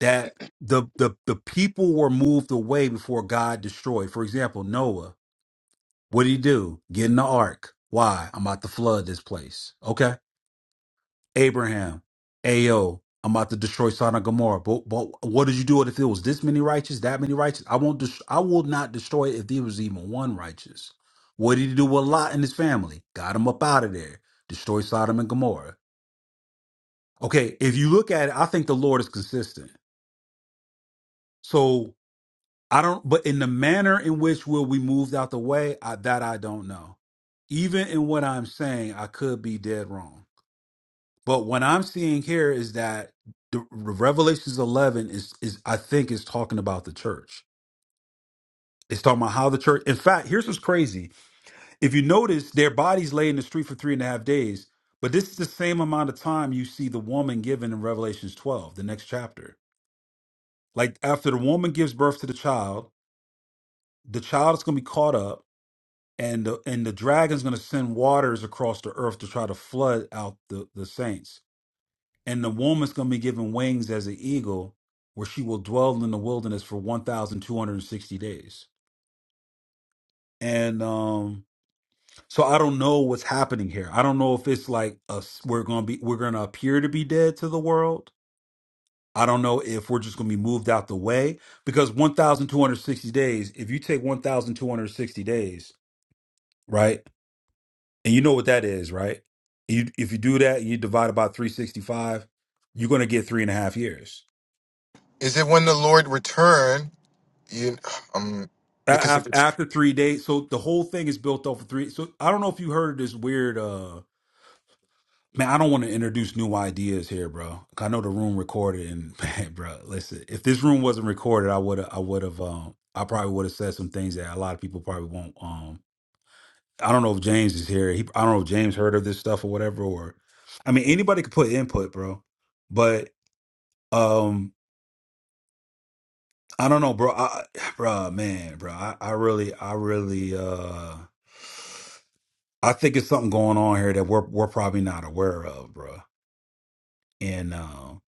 S3: that the, the the people were moved away before God destroyed. For example, Noah, what did he do? Get in the ark. Why? I'm about to flood this place. Okay Abraham, Ayo, I'm about to destroy Sodom and Gomorrah. But, but what did you do it if it was this many righteous, that many righteous? I won't. Dest- I will not destroy it if there was even one righteous. What did he do with Lot and his family? Got him up out of there. Destroy Sodom and Gomorrah. Okay, if you look at it, I think the Lord is consistent. So I don't. But in the manner in which will we moved out the way, I, that I don't know. Even in what I'm saying, I could be dead wrong. But what I'm seeing here is that the Revelations 11 is is I think is talking about the church. It's talking about how the church. In fact, here's what's crazy. If you notice, their bodies lay in the street for three and a half days. But this is the same amount of time you see the woman given in Revelations 12, the next chapter. Like after the woman gives birth to the child, the child is going to be caught up, and the and the dragon's going to send waters across the earth to try to flood out the the saints. And the woman's going to be given wings as an eagle, where she will dwell in the wilderness for 1,260 days. And um, so I don't know what's happening here. I don't know if it's like us, we're going to be, we're going to appear to be dead to the world. I don't know if we're just going to be moved out the way because 1,260 days, if you take 1,260 days, right? And you know what that is, right? You, if you do that, you divide it by 365, you're going to get three and a half years
S1: Is it when the Lord return? You, um, because
S3: A-
S1: if
S3: af-
S1: it
S3: after three days so the whole thing is built off of three so i don't know if you heard this weird uh man i don't want to introduce new ideas here bro 'Cause i know the room recorded and man, bro listen if this room wasn't recorded i would have i would have um i probably would have said some things that a lot of people probably won't um i don't know if james is here he i don't know if james heard of this stuff or whatever or i mean anybody could put input bro but um i don't know bro i bro man bro i, I really i really uh I think it's something going on here that we're we're probably not aware of, bruh. And um,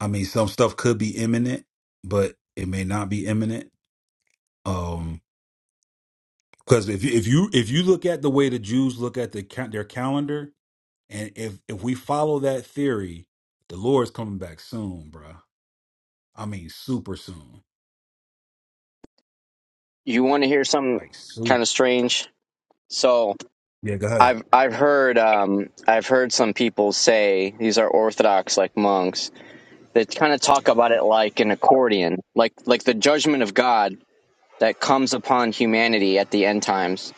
S3: I mean, some stuff could be imminent, but it may not be imminent. Um, because if you, if you if you look at the way the Jews look at the ca- their calendar, and if if we follow that theory, the Lord's coming back soon, bruh. I mean, super soon,
S4: you want to hear something
S3: like super.
S4: kind of strange? So
S3: Yeah, go ahead.
S4: I've I've heard um, I've heard some people say these are Orthodox like monks that kind of talk about it like an accordion, like like the judgment of God that comes upon humanity at the end times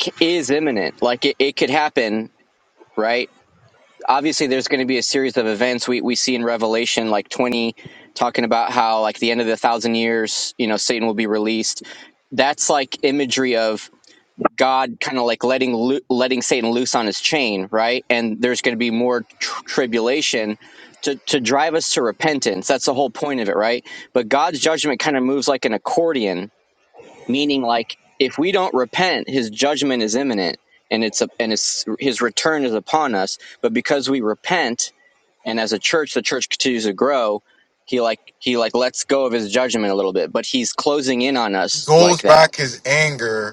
S4: c- is imminent. Like it, it could happen, right? Obviously, there's going to be a series of events we we see in Revelation like 20 talking about how like the end of the thousand years, you know, Satan will be released. That's like imagery of God kind of like letting loo- letting Satan loose on his chain, right? And there's going to be more tr- tribulation to to drive us to repentance. That's the whole point of it, right? But God's judgment kind of moves like an accordion, meaning like if we don't repent, His judgment is imminent, and it's a, and it's, His return is upon us. But because we repent, and as a church, the church continues to grow. He like he like lets go of his judgment a little bit, but he's closing in on us like
S1: goes
S4: that.
S1: back his anger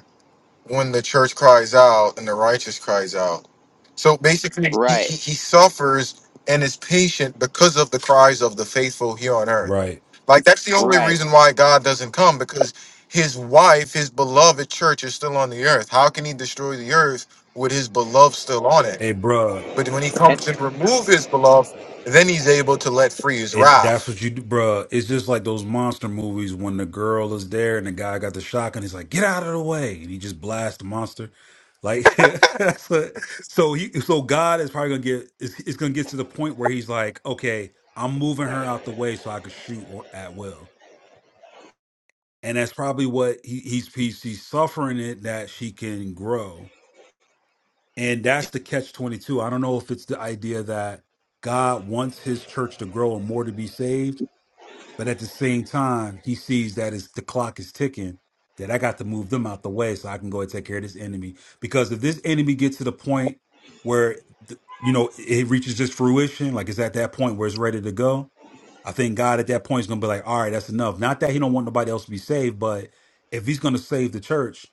S1: when the church cries out and the righteous cries out. So basically, he,
S4: Right,
S1: he, he suffers and is patient because of the cries of the faithful here on earth.
S3: Right.
S1: Like, that's the only
S4: right.
S1: reason why God doesn't come because his wife, his beloved church, is still on the earth. How can he destroy the earth with his beloved still on it?
S3: Hey, bruh.
S1: But when he
S4: And
S1: comes and remove his beloved, then he's able to let free his
S3: It that's what
S1: wrath.
S3: you do, bruh. It's just like those monster movies when the girl is there and the guy got the shotgun. He's like, "Get out of the way!" and he just blasts the monster. Like that's what, so he so God is probably gonna get it's, it's gonna get to the point where he's like, "Okay, I'm moving her out the way so I can shoot w- at will." And that's probably what he, he's he's he's suffering it that she can grow, and that's the catch twenty two. I don't know if it's the idea that God wants His church to grow and more to be saved But at the same time, he sees that it's, the clock is ticking, that I got to move them out the way so I can go and take care of this enemy. Because if this enemy gets to the point where, th- you know, it reaches its fruition, like it's at that point where it's ready to go, I think God at that point is going to be like, all right, that's enough. Not that he don't want nobody else to be saved, but if he's going to save the church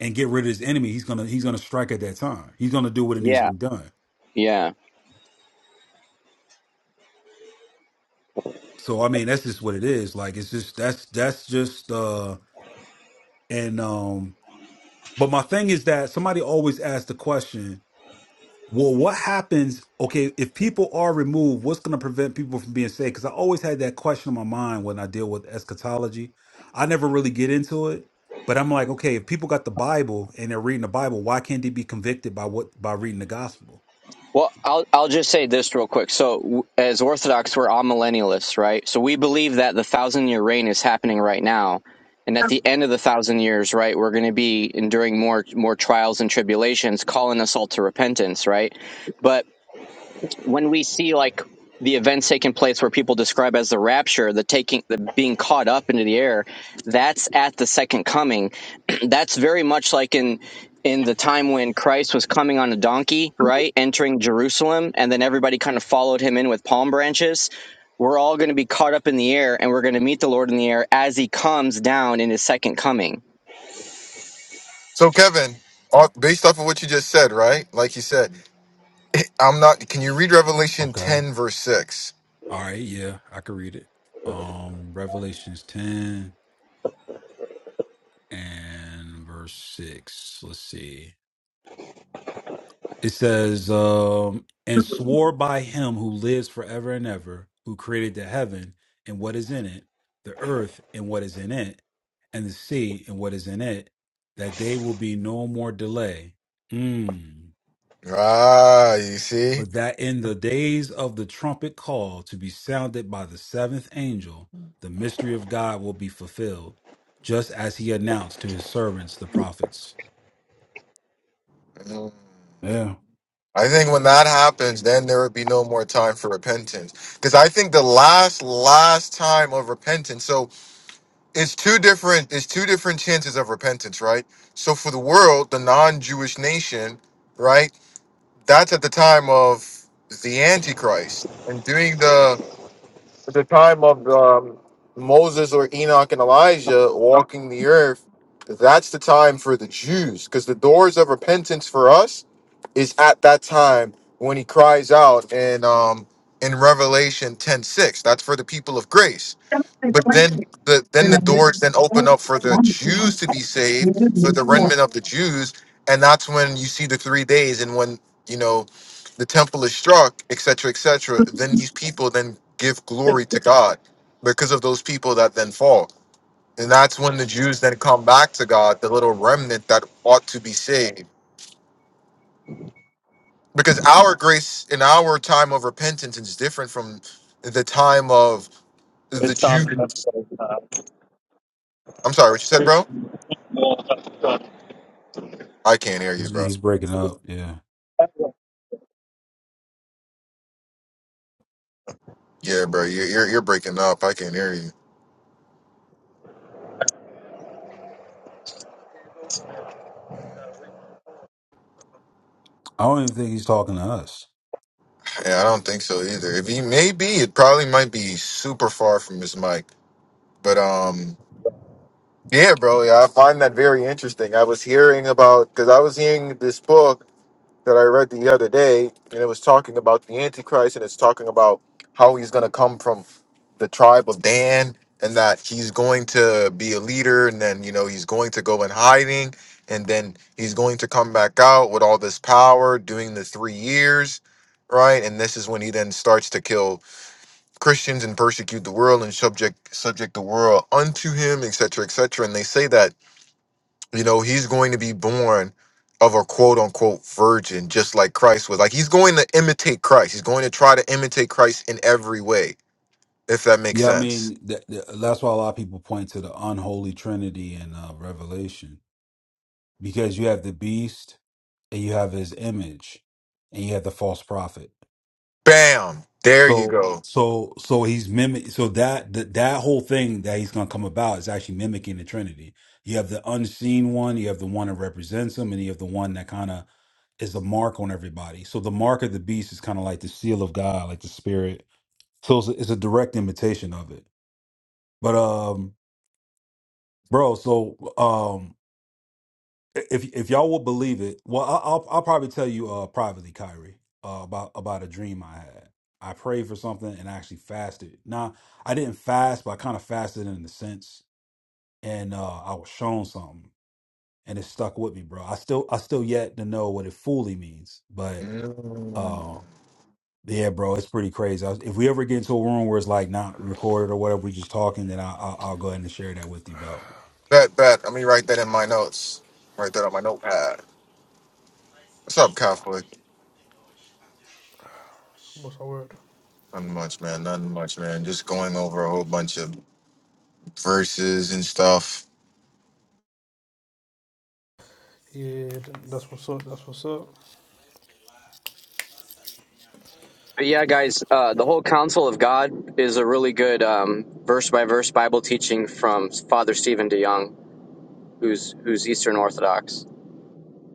S3: and get rid of his enemy, he's going to, he's going to strike at that time. He's going to do what it needs
S4: yeah.
S3: to be done.
S4: Yeah.
S3: So, I mean, that's just what it is. Like, it's just, that's, that's just, uh, and, um But my thing is that somebody always asks the question, well, what happens? Okay, if people are removed, what's going to prevent people from being saved? Because I always had that question in my mind when I deal with eschatology. I never really get into it, but I'm like, okay, if people got the Bible and they're reading the Bible, why can't they be convicted by what by reading the gospel?
S4: Well, I'll I'll just say this real quick. So, w- as Orthodox, we're all millennialists, right? So we believe that the thousand year reign is happening right now, and at the end of the thousand years, right, we're going to be enduring more more trials and tribulations, calling us all to repentance, right? But when we see like the events taking place where people describe as the rapture, the taking, the being caught up into the air, that's at the second coming. that's very much like in in the time when Christ was coming on a donkey, right, entering Jerusalem, and then everybody kind of followed him in with palm branches. We're all going to be caught up in the air, and we're going to meet the Lord in the air as He comes down in His second coming
S1: So, Kevin, uh, based off of what you just said, right? Like you said, I'm not. Can you read Revelation
S3: Okay.
S1: 10, verse 6?
S3: All right. Yeah, I could read it. Um, Revelations 10 and verse 6. Let's see. It says, um, and swore by him who lives forever and ever, who created the heaven and what is in it, the earth and what is in it, and the sea and what is in it, that they will be no more delay. Mm.
S1: Ah, you see?
S3: But that in the days of the trumpet call to be sounded by the seventh angel, the mystery of God will be fulfilled, just as he announced to his servants, the prophets. Yeah,
S1: I think when that happens, then there would be no more time for repentance. Because I think the last, last time of repentance, so it's two different, it's two different chances of repentance, right? So for the world, the non-Jewish nation, right? That's at the time of the Antichrist and doing the at the time of um, Moses or Enoch and Elijah walking the earth, that's the time for the Jews because the doors of repentance for us is at that time when he cries out in um, in Revelation ten six. That's for the people of grace. But then the then the doors then open up for the Jews to be saved, for the remnant of the Jews, and that's when you see the three days and when you know the temple is struck, etc., etc. Then these people then give glory to God because of those people that then fall, and that's when the Jews then come back to God, the little remnant that ought to be saved, because our grace in our time of repentance is different from the time of the
S9: It's
S1: Jews. I'm sorry, what you said, bro?
S9: not.
S1: I can't hear
S3: he's
S1: you, bro.
S3: he's breaking up. Yeah.
S1: Yeah, bro, you're, you're you're breaking up. I can't hear you.
S3: I don't even think he's talking to us.
S1: Yeah, I don't think so either. If he may be, it probably might be super far from his mic. But um, yeah, bro, yeah, I find that very interesting. I was hearing about because I was hearing this book. that I read the other day, and it was talking about the Antichrist, and it's talking about how he's going to come from the tribe of Dan, and that he's going to be a leader, and then you know he's going to go in hiding, and then he's going to come back out with all this power, doing the three years, right? And this is when he then starts to kill Christians and persecute the world and subject subject the world unto him, et cetera, et cetera. And they say that you know, he's going to be born of a quote unquote virgin, just like Christ was. Like he's going to imitate Christ. He's going to try to imitate Christ in every way, if that makes
S3: Yeah, I
S1: sense.
S3: mean that, that's why a lot of people point to the unholy trinity in uh, Revelation because you have the beast and you have his image and you have the false prophet.
S1: Bam! There you
S3: So
S1: go.
S3: so so he's mimic so that that, that whole thing that he's going to come about is actually mimicking the trinity. You have the unseen one, you have the one that represents him and you have the one that kind of is a mark on everybody. So the mark of the beast is kind of like the seal of God, like the spirit. So it's a, it's a direct imitation of it. But um bro. So, um, if if y'all will believe it, well, I, I'll I'll probably tell you uh privately, Kyrie, uh, about about a dream I had. I prayed for something and I actually fasted. Now, I didn't fast, but I kind of fasted in a sense, and uh, I was shown something, and it stuck with me, bro. I still I still yet to know what it fully means, but
S1: Mm.
S3: uh, yeah, bro, it's pretty crazy. I was, if we ever get into a room where it's like not recorded or whatever, we just talking, then I, I I'll go ahead and share that with you, bro.
S1: Bet, bet. Let me write that in my notes. Write that on my notepad. What's up, Catholic?
S10: What's our word?
S1: Nothing much, man. Nothing much, man. Just going over a whole bunch of verses and stuff.
S10: Yeah, that's what's up. That's what's up.
S4: But yeah, guys, uh, the whole counsel of God is a really good verse by verse Bible teaching from Father Stephen DeYoung, who's who's Eastern Orthodox.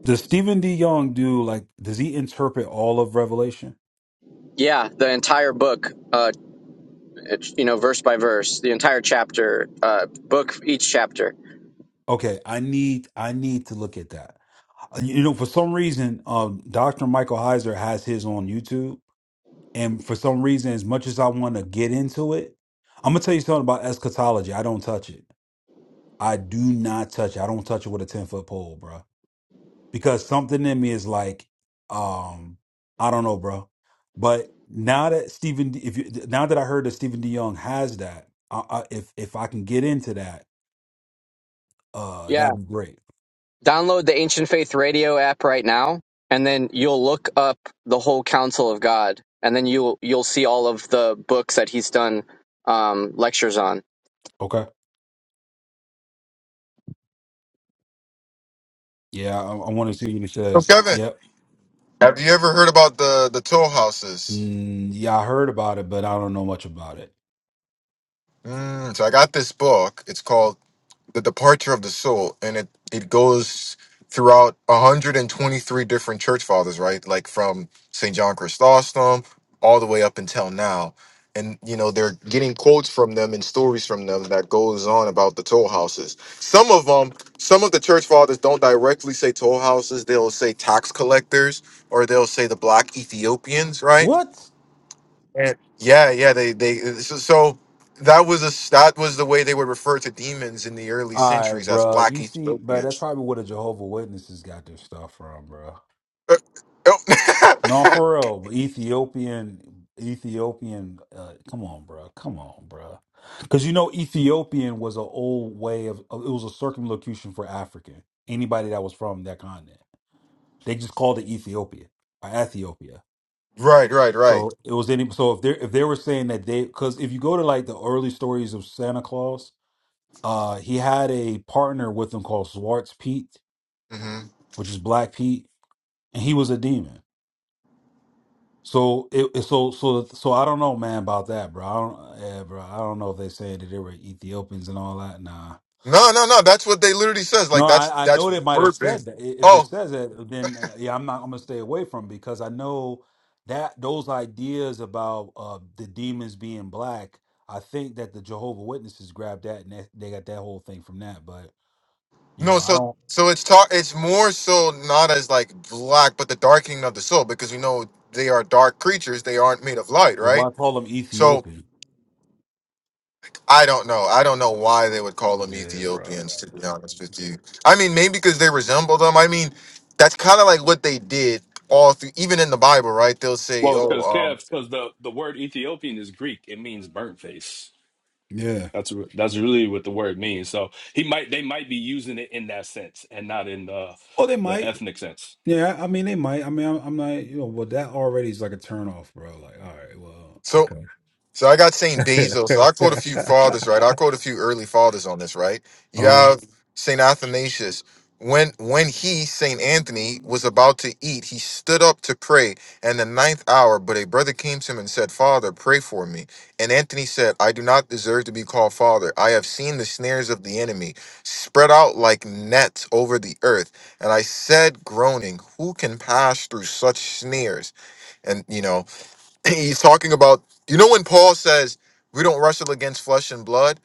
S3: Does Stephen D. Young do like does he interpret all of Revelation?
S4: Yeah, the entire book, uh, you know, verse by verse, the entire chapter, uh, book each chapter.
S3: Okay, I need I need to look at that. Uh, You know, for some reason, um, Dr. Michael Heiser has his on YouTube, and for some reason, as much as I want to get into it, I'm gonna tell you something about eschatology. I don't touch it. I do not touch it. I don't touch it with a ten foot pole, bro. because something in me is like, um, I don't know, bro. But now that Stephen, D- if you now that I heard that Stephen D. Young has that, I, I, if if I can get into that, uh,
S4: Yeah,
S3: that'd be great.
S4: download the Ancient Faith Radio app right now, and then you'll look up the whole counsel of God, and then you'll you'll see all of the books that he's done um, lectures on.
S3: Okay. Yeah, I, I want to see what he
S1: So,
S3: says.
S1: Kevin,
S3: Yep.
S1: have you ever heard about the the toll houses?
S3: Mm, yeah, I heard about it, but I don't know much about it.
S1: Mm, so I got this book. It's called the departure of the soul and it it goes throughout 123 different church fathers right like from st john chrysostom all the way up until now and you know they're getting quotes from them and stories from them that goes on about the toll houses some of them some of the church fathers don't directly say toll houses they'll say tax collectors or they'll say the black ethiopians right
S3: What?
S1: and- yeah, yeah. They they so, so that was a that was the way they would refer to demons in the early
S3: All right,
S1: centuries as
S3: bro.
S1: black
S3: You see, but that's
S1: Ethiopians.
S3: probably where the Jehovah Witnesses got their stuff from, bro.
S1: Uh, oh.
S3: No, for real. but Ethiopian, Ethiopian. Uh, come on, bro. Come on, bro. Because you know, Ethiopian was an old way of. of- It was a circumlocution for African. Anybody that was from that continent, they just called it Ethiopia or Ethiopia.
S1: right, right, right.
S3: So it was any. So if they if they were saying that they, because if you go to like the early stories of Santa Claus, uh, he had a partner with him called Swartz Pete,
S1: hmm
S3: which is Black Pete, and he was a demon. So it so so so I don't know, man, about that, bro. I don't, yeah, bro. I don't know if they said that they were Ethiopians and all that. Nah,
S1: No, no, no. That's what they literally says.
S3: no,
S1: Like that's
S3: I I
S1: that's
S3: know they might have
S1: burping.
S3: said that. I- If it
S1: Oh
S3: says that, then uh, yeah, I'm not. I'm gonna stay away from it because I know that those ideas about uh the demons being black. I think that the Jehovah Witnesses grabbed that and that, they got that whole thing from that. But you
S1: no,
S3: know, I
S1: so
S3: don't.
S1: so it's ta- It's more so not as like black, but the darkening of the soul because you know they are dark creatures. They aren't made of light,
S3: The
S1: right?
S3: why call them
S1: So
S3: Ethiopian?
S1: I don't know. I don't know why they would call them
S3: Yeah, bro.
S1: Ethiopians, to be honest with you. I mean, maybe because they resemble them. I mean, that's kind of like what they did all through, even in the Bible, right? They'll say,
S7: Well,
S1: oh,
S7: because
S1: um,
S7: Kev, because the the word Ethiopian is Greek, it means burnt face.
S3: Yeah.
S7: That's re- that's really what the word means. So he might they might be using it in that sense and not in the
S3: Oh, they
S7: the
S3: might.
S7: ethnic sense.
S3: Yeah, I mean they might. I mean, I'm, I'm not, you know, but that already is like a turn off, bro. Like, all
S1: so So I got St.
S3: right,
S1: Basil. So I quote a
S3: well,
S1: few
S3: okay.
S1: fathers, right? I quote a few early fathers on this, right? You
S3: Uh-huh.
S1: have St. Athanasius. When when he, St. Anthony, was about to eat, he stood up to pray and the ninth hour, but a brother came to him and said, Father, pray for me. And Anthony said, I do not deserve to be called father. I have seen the snares of the enemy spread out like nets over the earth. And I said, groaning, who can pass through such snares? And you know, he's talking about you know when paul says we don't wrestle against flesh and blood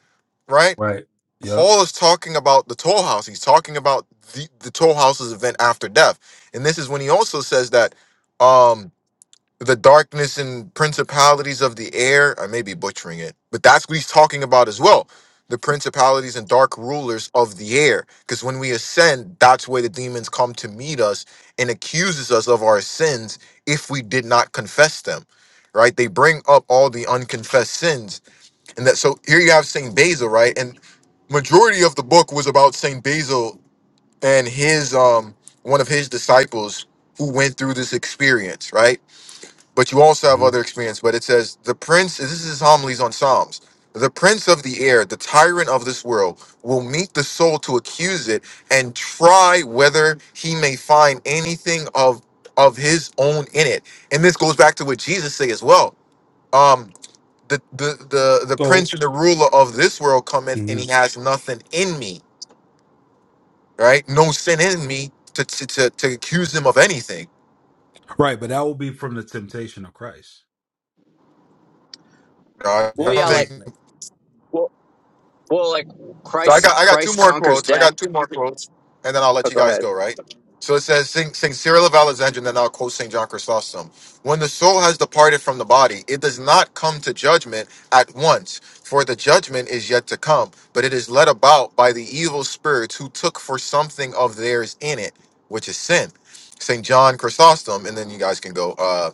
S1: right
S3: Right. Yep.
S1: paul is talking about the toll house he's talking about the, the toll house's event after death and this is when he also says that um the darkness and principalities of the air. I may be butchering it, but that's what he's talking about as well. The principalities and dark rulers of the air. Because when we ascend, that's where the demons come to meet us and accuses us of our sins if we did not confess them. Right? They bring up all the unconfessed sins. And that so here you have Saint Basil, right? And majority of the book was about Saint Basil and his um one of his disciples who went through this experience, right? but you also have
S3: hmm
S1: other experience. But it says, The prince, this is his homilies on Psalms, the prince of the air, the tyrant of this world, will meet the soul to accuse it and try whether he may find anything of of his own in it. And this goes back to what Jesus say as well. Um, the the the the prince
S3: So,
S1: and the ruler of this world cometh and
S3: hmm
S1: he has nothing in me, right? No sin in me to to to, to accuse him of anything.
S3: right, but that will be from the temptation of Christ.
S1: right? I
S4: Well,
S3: That's
S1: don't
S4: yeah,
S3: what
S4: like.
S3: he's.
S1: think
S3: like.
S4: well. Well, like
S1: So I
S4: Christ,
S1: got I got two
S4: Christ
S1: more
S4: conquers
S1: quotes. I
S4: death.
S1: got two more quotes, and then I'll let
S4: Oh,
S1: you
S4: go
S1: guys
S4: ahead.
S1: go. Right. So it says, "Sing, sing Cyril of Alexandria," and then I'll quote Saint John Chrysostom. When the soul has departed from the body, it does not come to judgment at once, for the judgment is yet to come. But it is led about by the evil spirits who took for something of theirs in it, which is sin. Saint John Chrysostom, and then you guys can go. uh,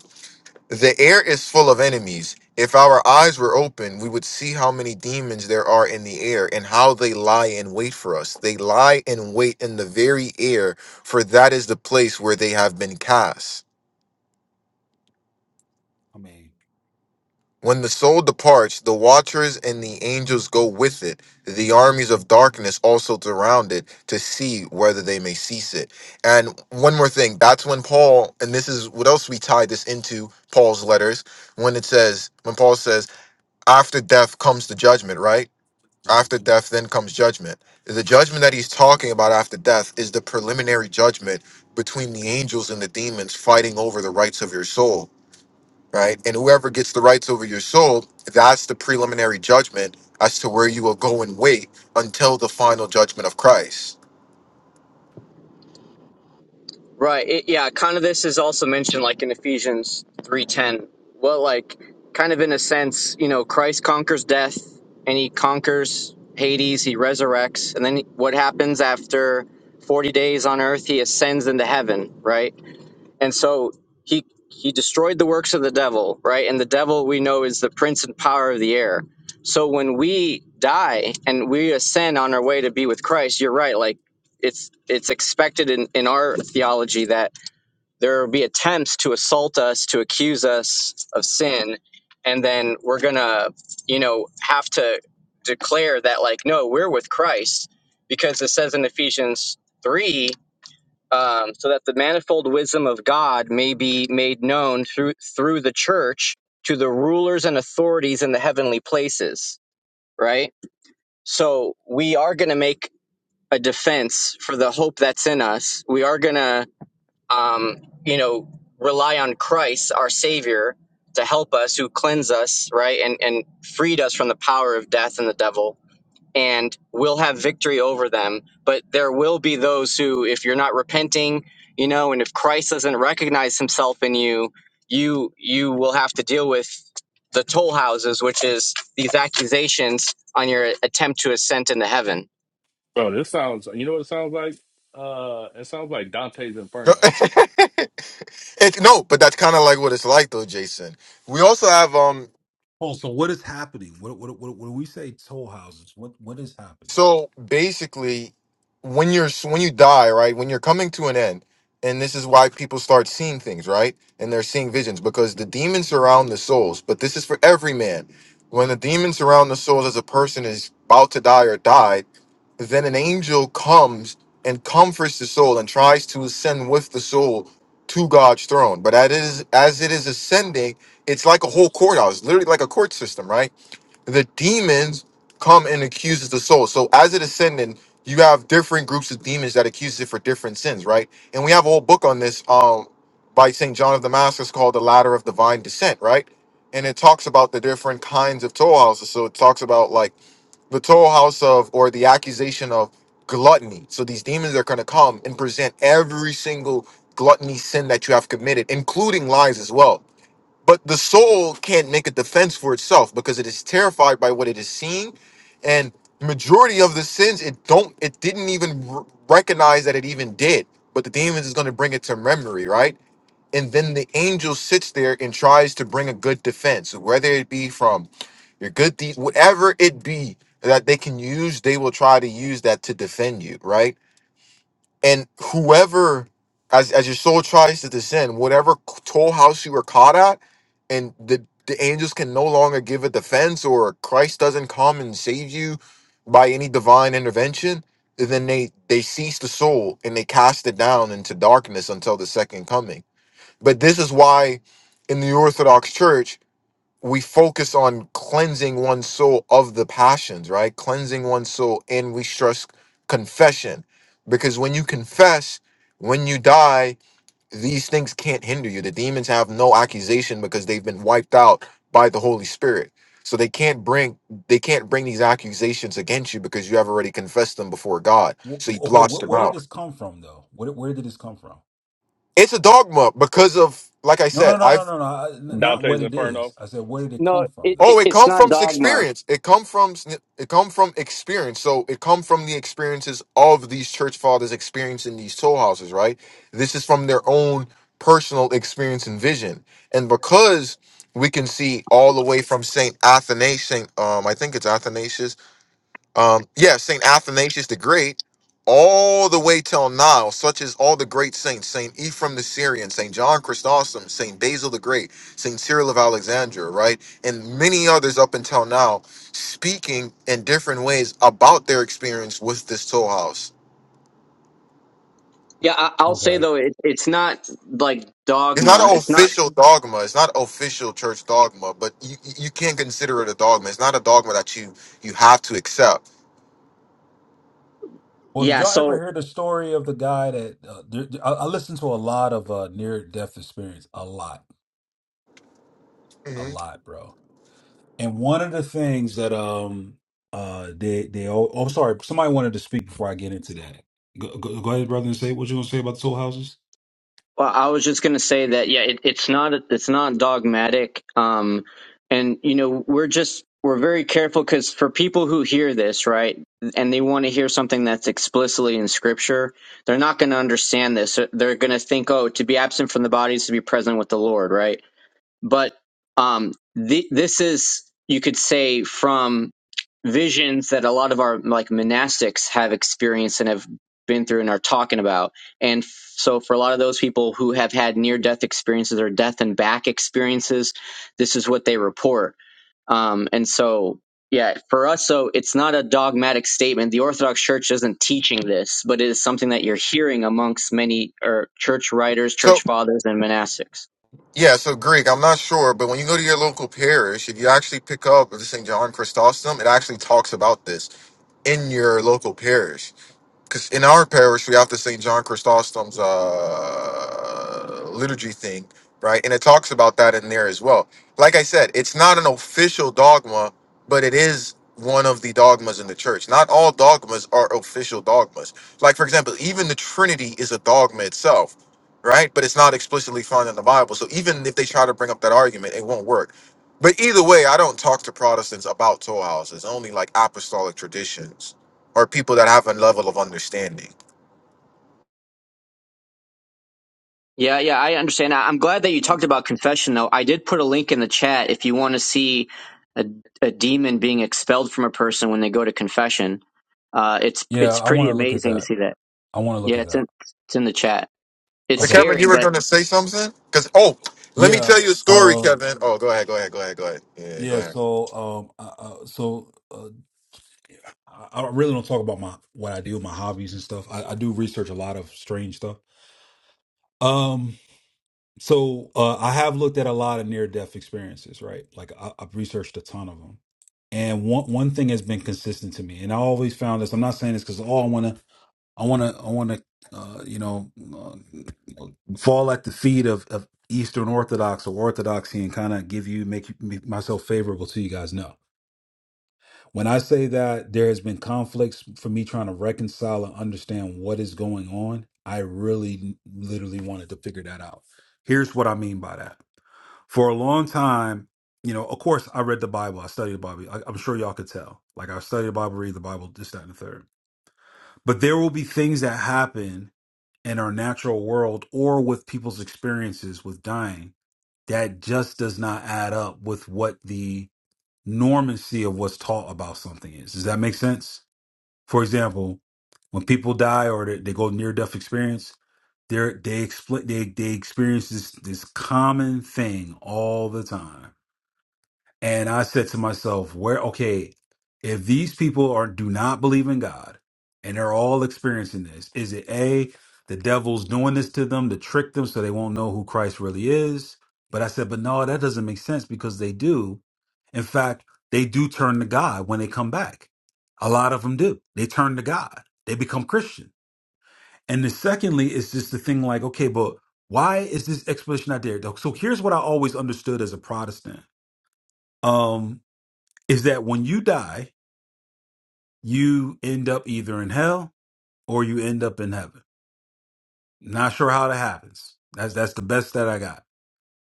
S1: the air is full of enemies. If our eyes were open, we would see how many demons there are in the air and how they lie in wait for us. They lie in wait in the very air, for that is the place where they have been cast.
S3: I mean,
S1: When the soul departs, the watchers and the angels go with it. The armies of darkness also surround it to see whether they may cease it. And one more thing, that's when Paul, and this is what else we tie this into Paul's letters, when it says, when Paul says, after death comes the judgment, right?
S3: mhm.
S1: After death, then comes judgment. The judgment that he's talking about after death is the preliminary judgment between the angels and the demons fighting over the rights of your soul, right? And whoever gets the rights over your soul, that's the preliminary judgment as to where you will go and wait until the final judgment of Christ.
S4: Right. It, yeah. Kind of. This is also mentioned, like in Ephesians three ten. Well, like kind of in a sense, you know, Christ conquers death, and he conquers Hades. He resurrects, and then what happens after forty days on earth? He ascends into heaven. Right. and so he he destroyed the works of the devil right and the devil we know is the prince and power of the air so when we die and we ascend on our way to be with christ you're right like it's it's expected in, in our theology that there will be attempts to assault us to accuse us of sin and then we're gonna you know have to declare that like no we're with christ because it says in ephesians 3 um, so that the manifold wisdom of God may be made known through through the church to the rulers and authorities in the heavenly places. Right. So we are going to make a defense for the hope that's in us. We are going to, um, you know, rely on Christ, our Savior, to help us, who cleanse us, right, and and freed us from the power of death and the devil and we'll have victory over them. But there will be those who, if you're not repenting, you know, and if Christ doesn't recognize himself in you, you you will have to deal with the toll houses, which is these accusations on your attempt to ascend into heaven.
S7: Bro, this sounds. You know what it sounds like? Uh, it sounds like Dante's Inferno.
S1: it, no, but that's kind of like what it's like, though, Jason. We also have um
S3: oh, so what is happening? What what what when we say toll houses? What what is happening?
S1: So basically, when you're when you die, right? When you're coming to an end, and this is why people start seeing things, right? And they're seeing visions because the demons surround the souls. But this is for every man. When the demons surround the souls as a person is about to die or died, then an angel comes and comforts the soul and tries to ascend with the soul to God's throne. But as it is as it is ascending, it's like a whole courthouse, literally like a court system, right? the demons come and accuses the soul. So as it is ascending, you have different groups of demons that accuse it for different sins, right? And we have a whole book on this um by St. John of Damascus called The Ladder of Divine Descent, right? And it talks about the different kinds of toll houses. So it talks about like the toll house of or the accusation of gluttony. So these demons are going to come and present every single gluttony sin that you have committed, including lies as well. But the soul can't make a defense for itself because it is terrified by what it is seeing, and majority of the sins it don't it didn't even r- recognize that it even did. But the demons is going to bring it to memory, right? And then the angel sits there and tries to bring a good defense, whether it be from your good deeds, whatever it be that they can use, they will try to use that to defend you, right? And whoever, as, as your soul tries to descend, whatever toll house you were caught at, and the, the angels can no longer give a defense, or Christ doesn't come and save you by any divine intervention, then they, they seize the soul and they cast it down into darkness until the second coming. But this is why in the Orthodox Church, we focus on cleansing one's soul of the passions, right? Cleansing one's soul, and we stress confession because when you confess, when you die, these things can't hinder you. The demons have no accusation because they've been wiped out by the Holy Spirit. So they can't bring they can't bring these accusations against you because you have already confessed them before God. So he
S3: Wh- okay,
S1: blots
S3: what
S1: them
S3: where did
S1: out.
S3: this come from though? Where where did this come from?
S1: It's a dogma because of like I
S3: No,
S1: said,
S3: no, no,
S1: I've.
S3: no, no, no. I- n- Not what
S7: Dante's
S3: it
S7: Inferno.
S3: is. I said, where did it
S4: No,
S3: come from
S4: it,
S3: though?
S4: it,
S1: Oh, it
S4: it's
S1: come
S4: not
S1: from
S4: dogma.
S1: experience. It come from it come from experience. So it come from the experiences of these church fathers experiencing these toll houses, right? This is from their own personal experience and vision. And because we can see all the way from Saint Athanasius, Saint, um, I think it's Athanasius um, yeah, Saint Athanasius the Great, all the way till now, such as all the great saints, Saint Ephraim the Syrian, Saint John Chrysostom, Saint Basil the Great, Saint Cyril of Alexandria, right, and many others up until now, speaking in different ways about their experience with this toll house.
S4: Yeah, I, I'll say though, it, it's not like
S1: It's not
S4: dogma.
S1: an
S4: It's not.
S1: official dogma. It's not official church dogma, but you, you you can consider it a dogma. It's not a dogma that you you have to accept.
S3: Well, did
S4: Yeah.
S3: y'all ever
S4: so.
S3: hear the story of the guy that uh, there, I, I listened to a lot of uh, near death experience, a lot, a
S1: Mhm.
S3: lot, bro. And one of the things that um uh they they all, oh sorry, somebody wanted to speak before I get into that. Go, go, go ahead, brother, and say what you gonna say about the soul houses.
S4: Well, I was just going to say that yeah, it, it's not it's not dogmatic, um, and you know we're just we're very careful because for people who hear this right and they want to hear something that's explicitly in Scripture, they're not going to understand this. They're going to think, oh, to be absent from the body is to be present with the Lord, right? But um, th- this is, you could say, from visions that a lot of our like monastics have experienced and have been through and are talking about. And f- so for a lot of those people who have had near death experiences or death and back experiences, this is what they report. Um, and so, yeah, for us, so it's not a dogmatic statement. The Orthodox Church isn't teaching this, but it is something that you're hearing amongst many or church writers, church fathers, and monastics.
S1: Yeah, so Greek, I'm not sure, but when you go to your local parish, if you actually pick up the St. John Chrysostom, it actually talks about this in your local parish because in our parish we have the St. John Chrysostom's uh, liturgy thing, right? And it talks about that in there as well. Like I said, it's not an official dogma, but it is one of the dogmas in the church. Not all dogmas are official dogmas. Like for example, even the Trinity is a dogma itself, right? But it's not explicitly found in the Bible. So even if they try to bring up that argument, it won't work. But either way, I don't talk to Protestants about toll houses, only like apostolic traditions are people that have a level of understanding.
S4: Yeah, yeah, I understand. I- I'm glad that you talked about confession, though. I did put a link in the chat if you want to see a, a demon being expelled from a person when they go to confession. Uh, it's
S3: Yeah,
S4: it's
S3: I
S4: pretty
S3: want to look at
S4: amazing to
S3: that.
S4: see that.
S3: I want to look
S4: Yeah,
S3: at
S4: it's
S3: that.
S4: in it's in the chat. It's
S1: But
S3: Okay.
S1: Kevin,
S4: scary,
S1: you were
S4: but
S1: going to say something? Because, oh, let me
S3: Yeah.
S1: tell you a story,
S3: Um.
S1: Kevin. Oh, go ahead, go ahead, go ahead, go ahead. Yeah, go
S3: Yeah.
S1: ahead.
S3: So um. Uh, uh, so uh, I, I really don't talk about my what I do, my hobbies and stuff. I, I do research a lot of strange stuff. Um. So uh, I have looked at a lot of near death experiences, right? Like I, I've researched a ton of them, and one one thing has been consistent to me, and I always found this. I'm not saying this because oh, I want to, I want to, I want to, uh, you know, uh, fall at the feet of, of Eastern Orthodox or Orthodoxy and kind of give you make, you- make myself favorable to you guys. No, when I say that there has been conflicts for me trying to reconcile and understand what is going on, I really n- literally wanted to figure that out. Here's what I mean by that. For a long time, you know, of course, I read the Bible, I studied the Bible. I, I'm sure y'all could tell. Like, I studied the Bible, read the Bible, this, that, and the third. But there will be things that happen in our natural world or with people's experiences with dying that just does not add up with what the normancy of what's taught about something is. Does that make sense? For example, when people die or they, they go near death experience, they're, they expl- they they experience this this common thing all the time. And I said to myself, where, okay, if these people are, do not believe in God and they're all experiencing this, is it A, the devil's doing this to them to trick them so they won't know who Christ really is? But I said, but no, that doesn't make sense because they do. In fact, they do turn to God when they come back. A lot of them do. They turn to God, they become Christian. And the secondly is just the thing like, okay, but why is this explanation not there? So here's what I always understood as a Protestant. Um, is that when you die, you end up either in hell or you end up in heaven. Not sure how that happens. That's that's the best that I got.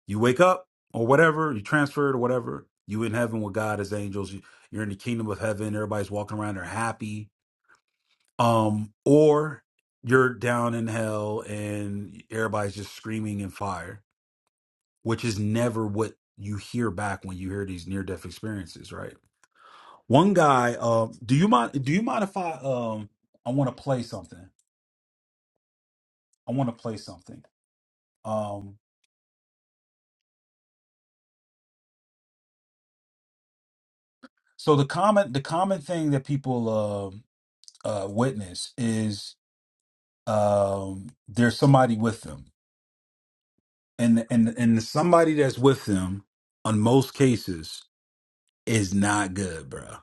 S3: You wake up or whatever, you transferred or whatever. You in heaven with God as angels. You, you're in the kingdom of heaven. Everybody's walking around. They're happy. Um, or you're down in hell and everybody's just screaming in fire, which is never what you hear back when you hear these near death experiences, right? One guy, uh, do you mind? Do you mind if I? Um, I want to play something. I want to play something. Um, so the common, the common thing that people uh, uh, witness is um, there's somebody with them, and and and the somebody that's with them, on most cases, is not good, bro.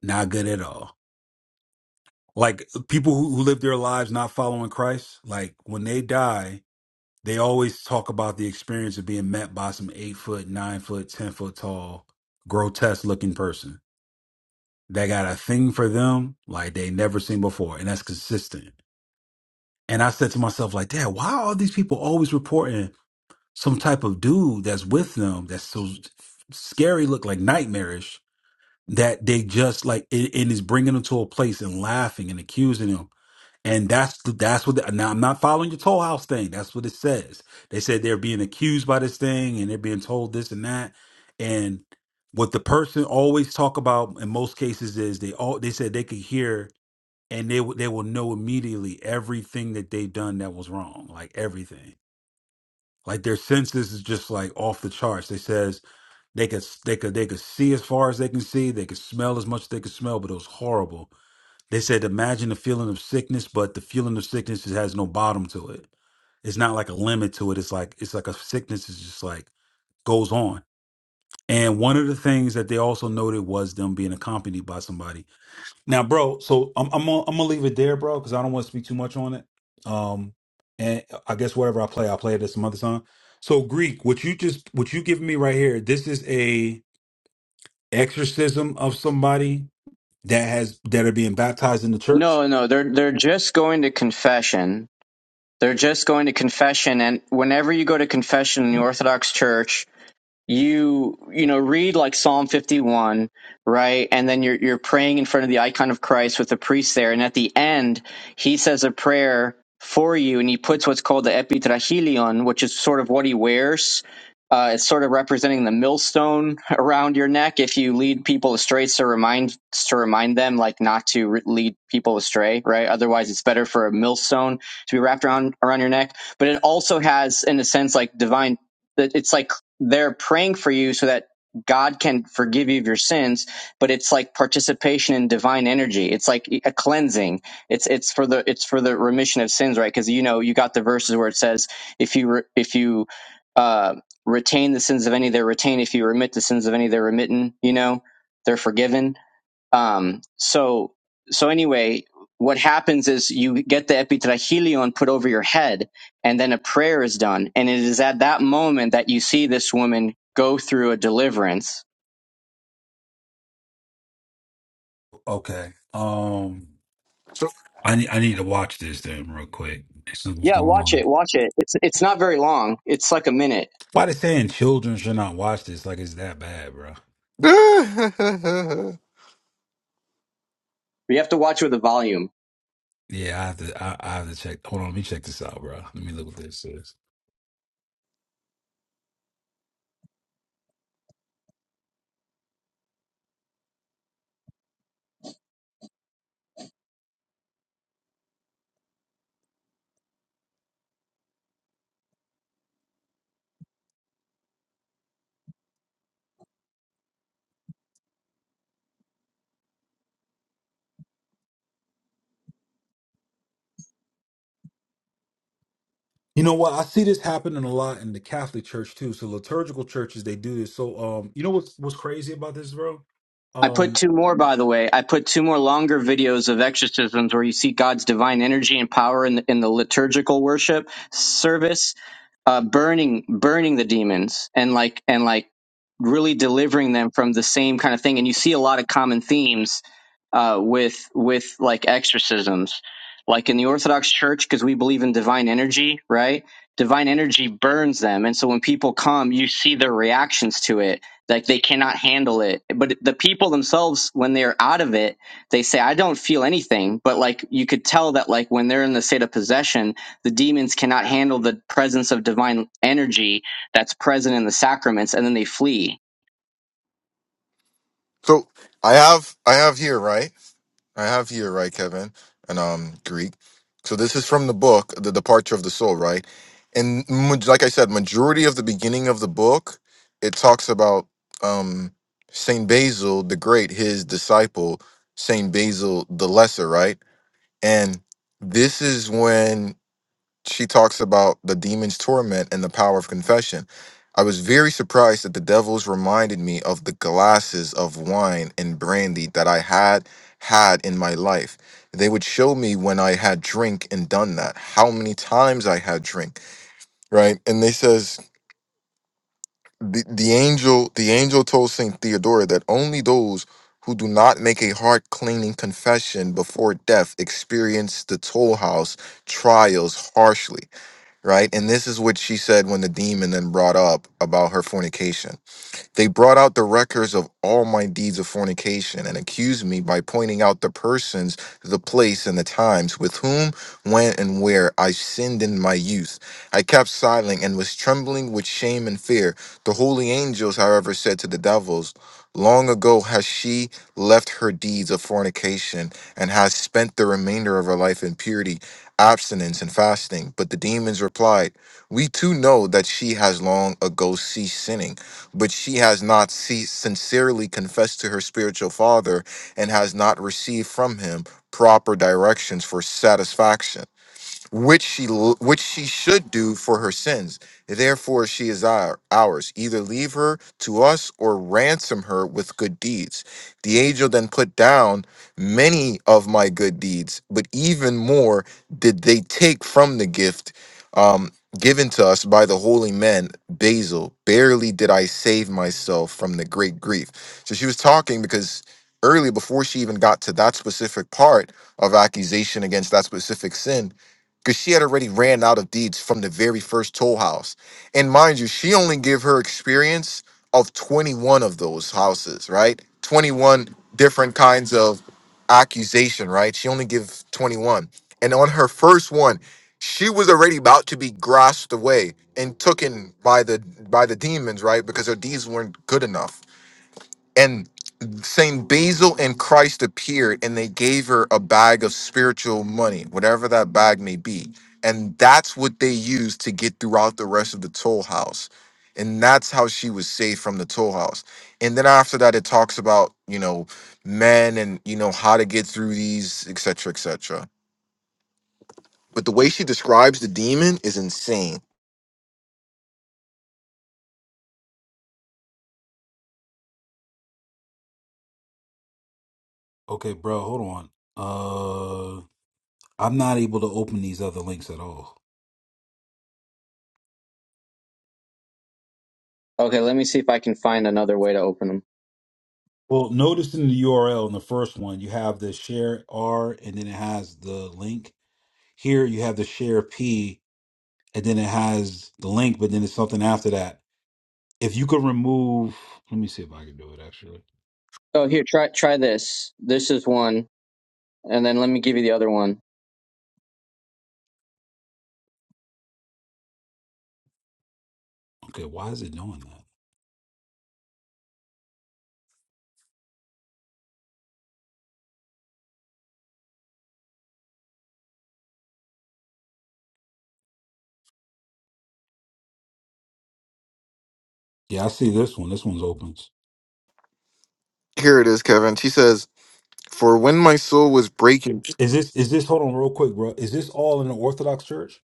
S3: Not good at all. Like people who, who live their lives not following Christ, like when they die, They always talk about the experience of being met by some eight foot, nine foot, ten foot tall, grotesque looking person. that got a thing for them like they never seen before, and that's consistent. And I said to myself, like, Dad, why are these people always reporting some type of dude that's with them that's so scary, look like nightmarish that they just like it, it is bringing them to a place and laughing and accusing them and that's the, that's what the, now I'm not following your toll house thing. That's what it says. They said they're being accused by this thing and they're being told this and that. And what the person always talk about in most cases is they all they said they could hear and they will- they will know immediately everything that they've done that was wrong, like everything. Like their senses is just like off the charts. They says they could they could they could see as far as they can see, they could smell as much as they could smell, but it was horrible they said, imagine the feeling of sickness, but the feeling of sickness just has no bottom to it. It's not like a limit to it. It's like it's like a sickness is just like goes on. And one of the things that they also noted was them being accompanied by somebody. Now, bro, so I'm I'm gonna, I'm gonna leave it there, bro, because I don't want to speak too much on it. Um, and I guess whatever I play, I'll play it at some other time. So, Greek, what you just what you giving me right here? This is a exorcism of somebody that has that are being baptized in the church.
S4: no, no, they're they're just going to confession. They're just going to confession, and whenever you go to confession in the Orthodox Church, you you know read like psalm 51 right and then you're you're praying in front of the icon of christ with the priest there and at the end he says a prayer for you and he puts what's called the epitrachilion which is sort of what he wears uh, it's sort of representing the millstone around your neck if you lead people astray it's to remind to remind them like not to re- lead people astray right otherwise it's better for a millstone to be wrapped around around your neck but it also has in a sense like divine that it's like they're praying for you so that God can forgive you of your sins, but it's like participation in divine energy. It's like a cleansing. It's it's for the it's for the remission of sins, right? Because you know you got the verses where it says if you re, if you uh, retain the sins of any, they're retained. If you remit the sins of any, they're remitten. You know, they're forgiven um, so, so anyway, what happens is you get the epitrachilion put over your head, and then a prayer is done. And it is at that moment that you see this woman go through a deliverance.
S3: Okay. Um,
S1: So,
S3: I need I need to watch this then real quick. See what's
S4: Yeah,
S3: going
S4: watch
S3: on.
S4: it, watch it. It's it's not very long. It's like a minute.
S3: Why they saying children should not watch this? Like it's that bad, bro.
S4: But You have to watch it with a volume.
S3: Yeah, I have to I, I have to check. Hold on, let me check this out, bro. Let me look what this is. You know what? I see this happening a lot in the Catholic Church too. So liturgical churches they do this. So um, you know what's what's crazy about this, bro?
S4: I put
S3: Um,
S4: two more, by the way. I put two more longer videos of exorcisms where you see God's divine energy and power in the, in the liturgical worship service uh, burning burning the demons and like and like really delivering them from the same kind of thing and you see a lot of common themes uh, with with like exorcisms like in the orthodox church because we believe in divine energy right divine energy burns them and so when people come you see their reactions to it like they cannot handle it but the people themselves when they're out of it they say i don't feel anything but like you could tell that like when they're in the state of possession the demons cannot handle the presence of divine energy that's present in the sacraments and then they flee
S1: so I have, I have here, right? I have here, right, Kevin, and um, Greek. So this is from the book, The Departure of the Soul, right? And ma- like I said, majority of the beginning of the book, it talks about um Saint Basil the Great, his disciple Saint Basil the Lesser, right? And this is when she talks about the demon's torment and the power of confession. I was very surprised that the devils reminded me of the glasses of wine and brandy that I had had in my life. They would show me when I had drink and done that, how many times I had drink, right? And they says the, the angel the angel told saint theodora that only those who do not make a heart cleaning confession before death experience the toll house trials harshly right and this is what she said when the demon then brought up about her fornication they brought out the records of all my deeds of fornication and accused me by pointing out the persons, the place, and the times with whom, when, and where I sinned in my youth. I kept silent and was trembling with shame and fear. The holy angels, however, said to the devils, Long ago has she left her deeds of fornication and has spent the remainder of her life in purity, abstinence, and fasting. But the demons replied, We too know that she has long ago ceased sinning but she has not se- sincerely confessed to her spiritual father and has not received from him proper directions for satisfaction which she which she should do for her sins. Therefore, she is our, ours. Either leave her to us or ransom her with good deeds. The angel then put down many of my good deeds, but even more did they take from the gift um, given to us by the holy man Basil. Barely did I save myself from the great grief. So she was talking because early before she even got to that specific part of accusation against that specific sin because she had already ran out of deeds from the very first toll house. And mind you, she only gave her experience of 21 of those houses, right? 21 different kinds of accusation, right? She only gave 21. And on her first one, she was already about to be grasped away and taken by the by the demons, right? Because her deeds weren't good enough. Saint Basil and Christ appeared and they gave her a bag of spiritual money, whatever that bag may be. And that's what they used to get throughout the rest of the toll house. And that's how she was saved from the toll house. And then after that, it talks about, you know, men and, you know, how to get through these, et cetera, et cetera. But the way she describes the demon is insane.
S3: okay, bro, hold on. Uh, I'm not able to open these other links at all.
S4: okay let me see if i can find another way to open them
S3: Well, notice in the URL in the first one, you have the share R and then it has the link. Here you have the share P and then it has the link, but then it's something after that. If you could remove, let me see if I can do it actually.
S4: oh here try try this this is one and then let me give you the other one
S3: Okay, why is it doing that? Yeah, I see this one. This one's open.
S1: Here it is, Kevin. She says, For when my soul was breaking.
S3: Is this, is this, hold on real quick, bro. Is this all in the Orthodox Church?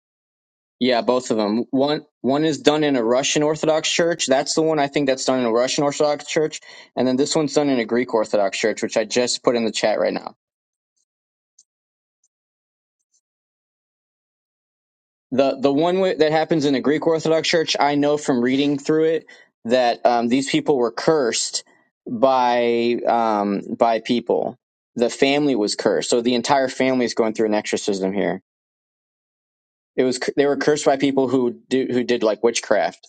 S4: yeah both of them one one is done in a russian orthodox church that's the one i think that's done in a russian orthodox church and then this one's done in a greek orthodox church which i just put in the chat right now the the one wi- that happens in the Greek Orthodox Church, I know from reading through it that um, these people were cursed by um, by people. The family was cursed, so the entire family is going through an exorcism here. It was they were cursed by people who do, who did like witchcraft.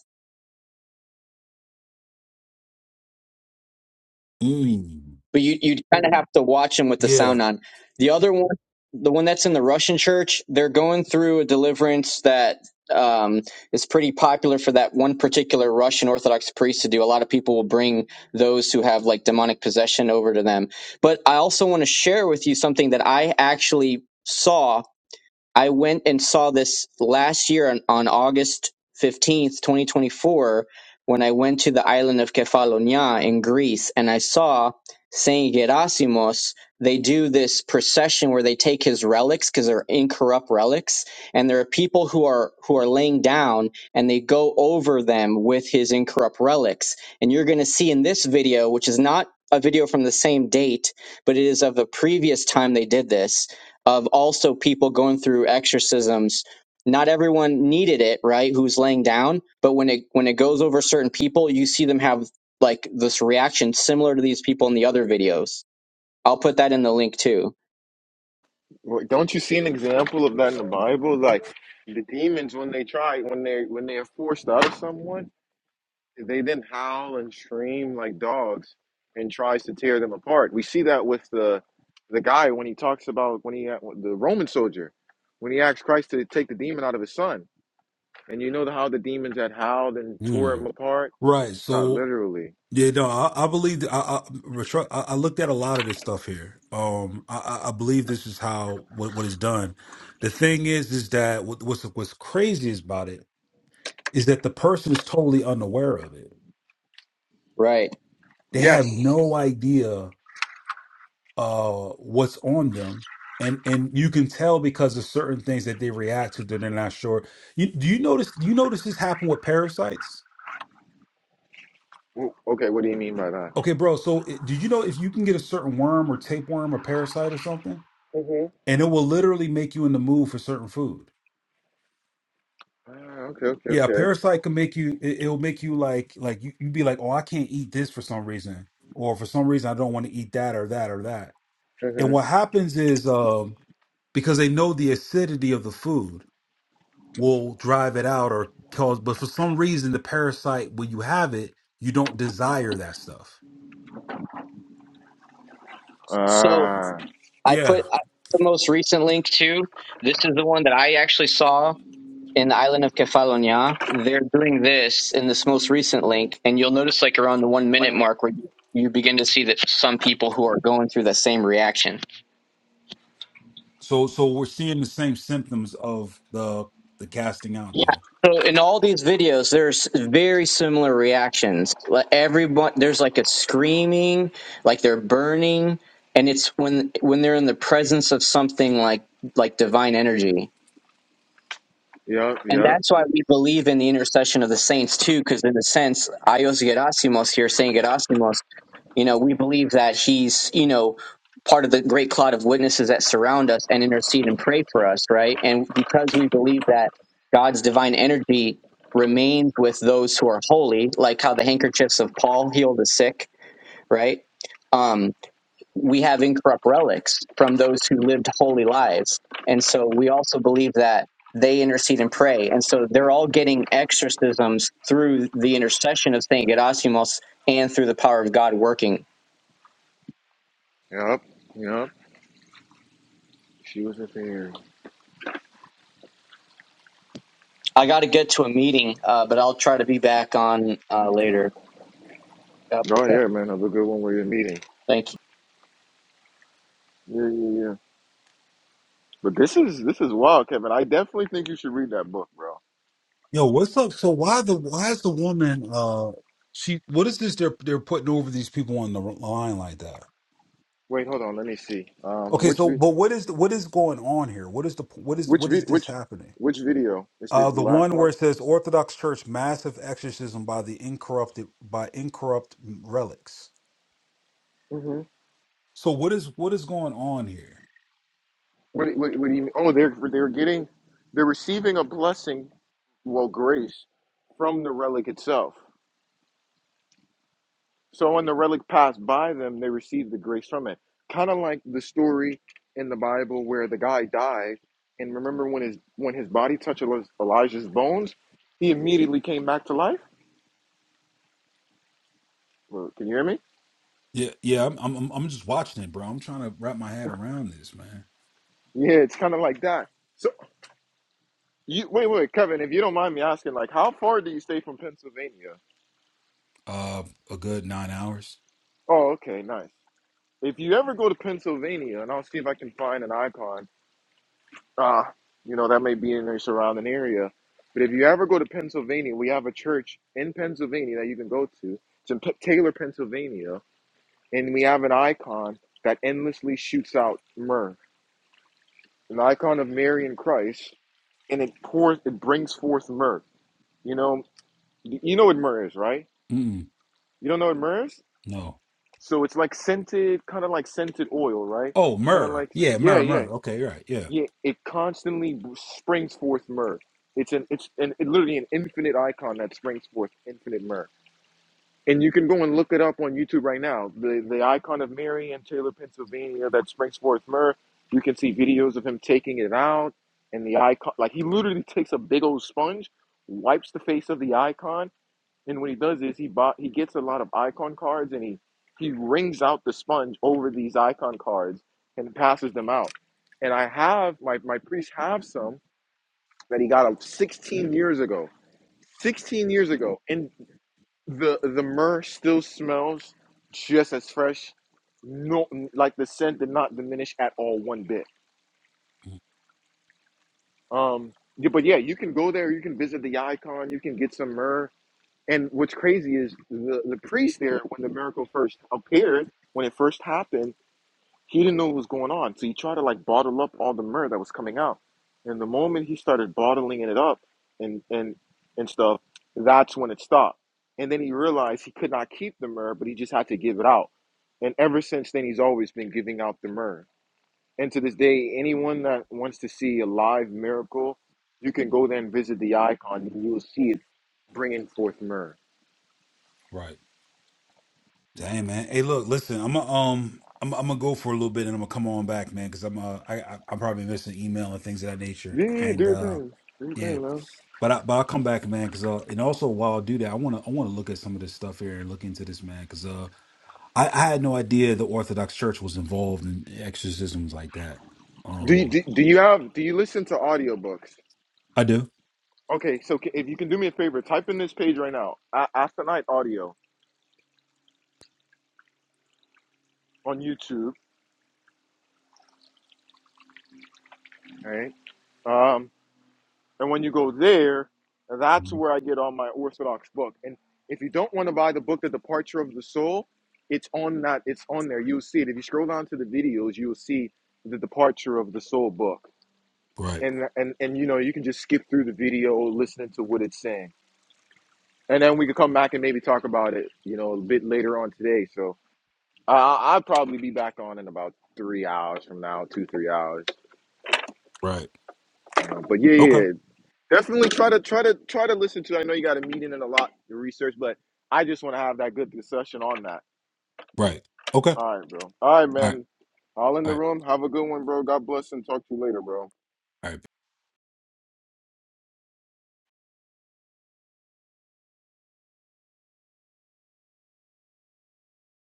S3: Mm,
S4: but you you kind of have to watch them with the
S3: yeah.
S4: sound on. The other one, the one that's in the Russian church, they're going through a deliverance that um, is pretty popular for that one particular Russian Orthodox priest to do. A lot of people will bring those who have like demonic possession over to them. But I also want to share with you something that I actually saw I went and saw this last year on, on August 15th, 2024, when I went to the island of Kefalonia in Greece and I saw Saint Gerasimos. They do this procession where they take his relics because they're incorrupt relics, and there are people who are who are laying down and they go over them with his incorrupt relics. And you're going to see in this video, which is not a video from the same date, but it is of the previous time they did this of also people going through exorcisms. Not everyone needed it, right? Who's laying down, but when it when it goes over certain people, you see them have like this reaction similar to these people in the other videos. I'll put that in the link too.
S1: Well, Don't you see an example of that in the Bible? Like the demons, when they try, when they when they are forced out of someone, they then howl and scream like dogs, and tries to tear them apart. We see that with the the guy when he talks about when he the Roman soldier, when he asked Christ to take the demon out of his son, and you know how the demons had howled and tore him
S3: Mm.
S1: apart,
S3: Right.
S1: not
S3: So
S1: literally.
S3: Yeah, no, I, I believe I, I retro- I I looked at a lot of this stuff here. Um, I, I I believe this is how what what is done. The thing is, is that what, what's what's crazy is about it is that the person is totally unaware of it.
S4: Right.
S3: They
S1: Yes.
S3: have no idea uh what's on them, and and you can tell because of certain things that they react to that they're not sure. You do you notice? Do you notice this happen with parasites?
S1: W- Okay. What do you mean by that?
S3: Okay, bro. So, eh, did you know if you can get a certain worm or tapeworm or parasite or something?
S1: hmm
S3: and it will literally make you in the mood for certain food.
S1: Ah, okay. Okay.
S3: Yeah, a
S1: Okay.
S3: parasite can make you. It, it'll make you like like you you be like, oh, I can't eat this for some reason, or for some reason I don't want to eat that or that or that. And
S1: hmm
S3: what happens is um because they know the acidity of the food will drive it out or cause, but for some reason the parasite when you have it, you don't desire that stuff.
S4: So
S1: Ah.
S4: I
S3: Yeah.
S4: put I- the most recent link too. This is the one that I actually saw in the island of Kefalonia. They're doing this in this most recent link, and you'll notice like around the one minute mark where you begin to see that some people who are going through the same reaction.
S3: So so we're seeing the same symptoms of the the casting out
S4: Yeah.
S3: there.
S4: So in all these videos, there's very similar reactions. Like everyone, there's like a screaming, like they're burning, and it's when when they're in the presence of something like like divine energy.
S1: Yep.
S4: And
S1: Yep.
S4: that's why we believe in the intercession of the saints too, because in a sense, Ios Gerasimos here, Saint Gerasimos you know, we believe that he's, you know, part of the great cloud of witnesses that surround us and intercede and pray for us, right? And because we believe that God's divine energy remains with those who are holy, like how the handkerchiefs of Paul heal the sick, right? Um, we have incorrupt relics from those who lived holy lives. And so we also believe that they intercede and pray. And so they're all getting exorcisms through the intercession of St. Gerasimos and through the power of God working
S1: Yep, yep. She was a thing.
S4: I got to get to a meeting, uh, but I'll try to be back on uh, later.
S1: Oh yeah, man, have a good one where you're meeting.
S4: Thank you.
S1: Yeah, yeah, yeah. But this is this is wild, Kevin. I definitely think you should read that book, bro.
S3: Yo, what's up? So why the why is the woman uh she what is this they're they're putting over these people on the line like that?
S1: Wait, hold on. Let me see. Um,
S3: Okay,
S1: which
S3: so
S1: vi-
S3: but what is what is going on here? What is the what is
S1: which
S3: what
S1: vi-
S3: is this
S1: which
S3: happening?
S1: which video is the,
S3: Uh
S1: the
S3: the
S1: last
S3: one where
S1: one?
S3: it says Orthodox Church massive exorcism by the incorrupted by incorrupt relics.
S1: Mm-hmm.
S3: So what is what is going on here?
S1: What, do- what, what do you mean? Oh, they're they're getting they're receiving a blessing, well, grace from the relic itself. So when the relic passed by them, they received the grace from it. Kind of like the story in the Bible where the guy died, and remember when his when his body touched Eli- Elijah's bones, he immediately came back to life. Well, Can you hear me?
S3: Yeah, yeah, I'm I'm I'm I'm just watching it, bro. I'm trying to wrap my head around this, man.
S1: Yeah, it's kind of like that. So you wait, wait, Kevin, if you don't mind me asking, like, how far do you stay from Pennsylvania?
S3: Uh a good 9 hours.
S1: Oh, okay, nice. If you ever go to Pennsylvania, and I'll see if I can find an icon Uh, you know, that may be in your surrounding area. But if you ever go to Pennsylvania, we have a church in Pennsylvania that you can go to. It's in P- Taylor, Pennsylvania. And we have an icon that endlessly shoots out myrrh, an icon of Mary and Christ, and it pours, it brings forth myrrh. You know, you know what myrrh is, right?
S3: Mm,
S1: You don't know what myrrh is?
S3: no.
S1: So it's like scented, kind of like scented oil, right?
S3: Oh,
S1: Kind of
S3: myrrh.
S1: like,
S3: Yeah,
S1: yeah,
S3: myrrh,
S1: yeah.
S3: myrrh. Okay, you're right. Yeah.
S1: Yeah, it constantly springs forth myrrh. It's an it's an it literally an infinite icon that springs forth infinite myrrh. And you can go and look it up on YouTube right now. The the icon of Mary in Taylor, Pennsylvania that springs forth myrrh. You can see videos of him taking it out and the icon like he literally takes a big old sponge, wipes the face of the icon, and what he does is he bought he gets a lot of icon cards and he he wrings out the sponge over these icon cards and passes them out. And I have my my priest have some that he got uh, 16 years ago. 16 years ago, and the the myrrh still smells just as fresh. No, like the scent did not diminish at all one bit.
S3: Mhm.
S1: Um, yeah, but yeah, you can go there. You can visit the icon. You can get some myrrh And what's crazy is the, the priest there, when the miracle first appeared, when it first happened, he didn't know what was going on. So he tried to like bottle up all the myrrh that was coming out. And the moment he started bottling it up and, and, and stuff, that's when it stopped. And then he realized he could not keep the myrrh, but he just had to give it out. And ever since then, he's always been giving out the myrrh. And to this day, anyone that wants to see a live miracle, you can go there and visit the icon and you will see it bringing forth myrrh.
S3: Right. Damn, man. Hey, look, listen. I'm gonna um, I'm I'm gonna go for a little bit, and I'm gonna come on back, man, because I'm uh, I I- I'm probably missing email and things of that nature,
S1: Yeah, yeah, yeah, do
S3: and
S1: your
S3: uh,
S1: thing. Do your
S3: yeah.
S1: thing, man.
S3: But I but I'll come back, man, because uh, and also while I do that, I wanna I wanna look at some of this stuff here and look into this, man, because uh, I I had no idea the Orthodox Church was involved in exorcisms like that.
S1: Do you
S3: Um,
S1: do, do you have do you listen to audiobooks?
S3: I do.
S1: Okay, so ca- if you can do me a favor, type in this page right now, A- Aconite Audio on YouTube, right? Um, and when you go there, that's
S3: Mhm.
S1: where I get all my Orthodox book. And if you don't want to buy the book, The Departure of the Soul, it's on that. It's on there. You'll see it. If you scroll down to the videos, you'll see the Departure of the Soul book.
S3: Right.
S1: And and and you know you can just skip through the video, listening to what it's saying and then we could come back and maybe talk about it, you know, a bit later on today. So I I'll probably be back on in about three hours from now, two three hours.
S3: Right.
S1: Um, but yeah,
S3: Okay.
S1: yeah, definitely try to try to try to listen to. it. I know you got a meeting and a lot to research, but I just want to have that good discussion on that.
S3: Right. Okay.
S1: All right, bro. All right,
S3: All right.
S1: man. All in
S3: All
S1: the
S3: right.
S1: room. Have a good one, bro. God bless and talk to you later, bro.
S3: All right.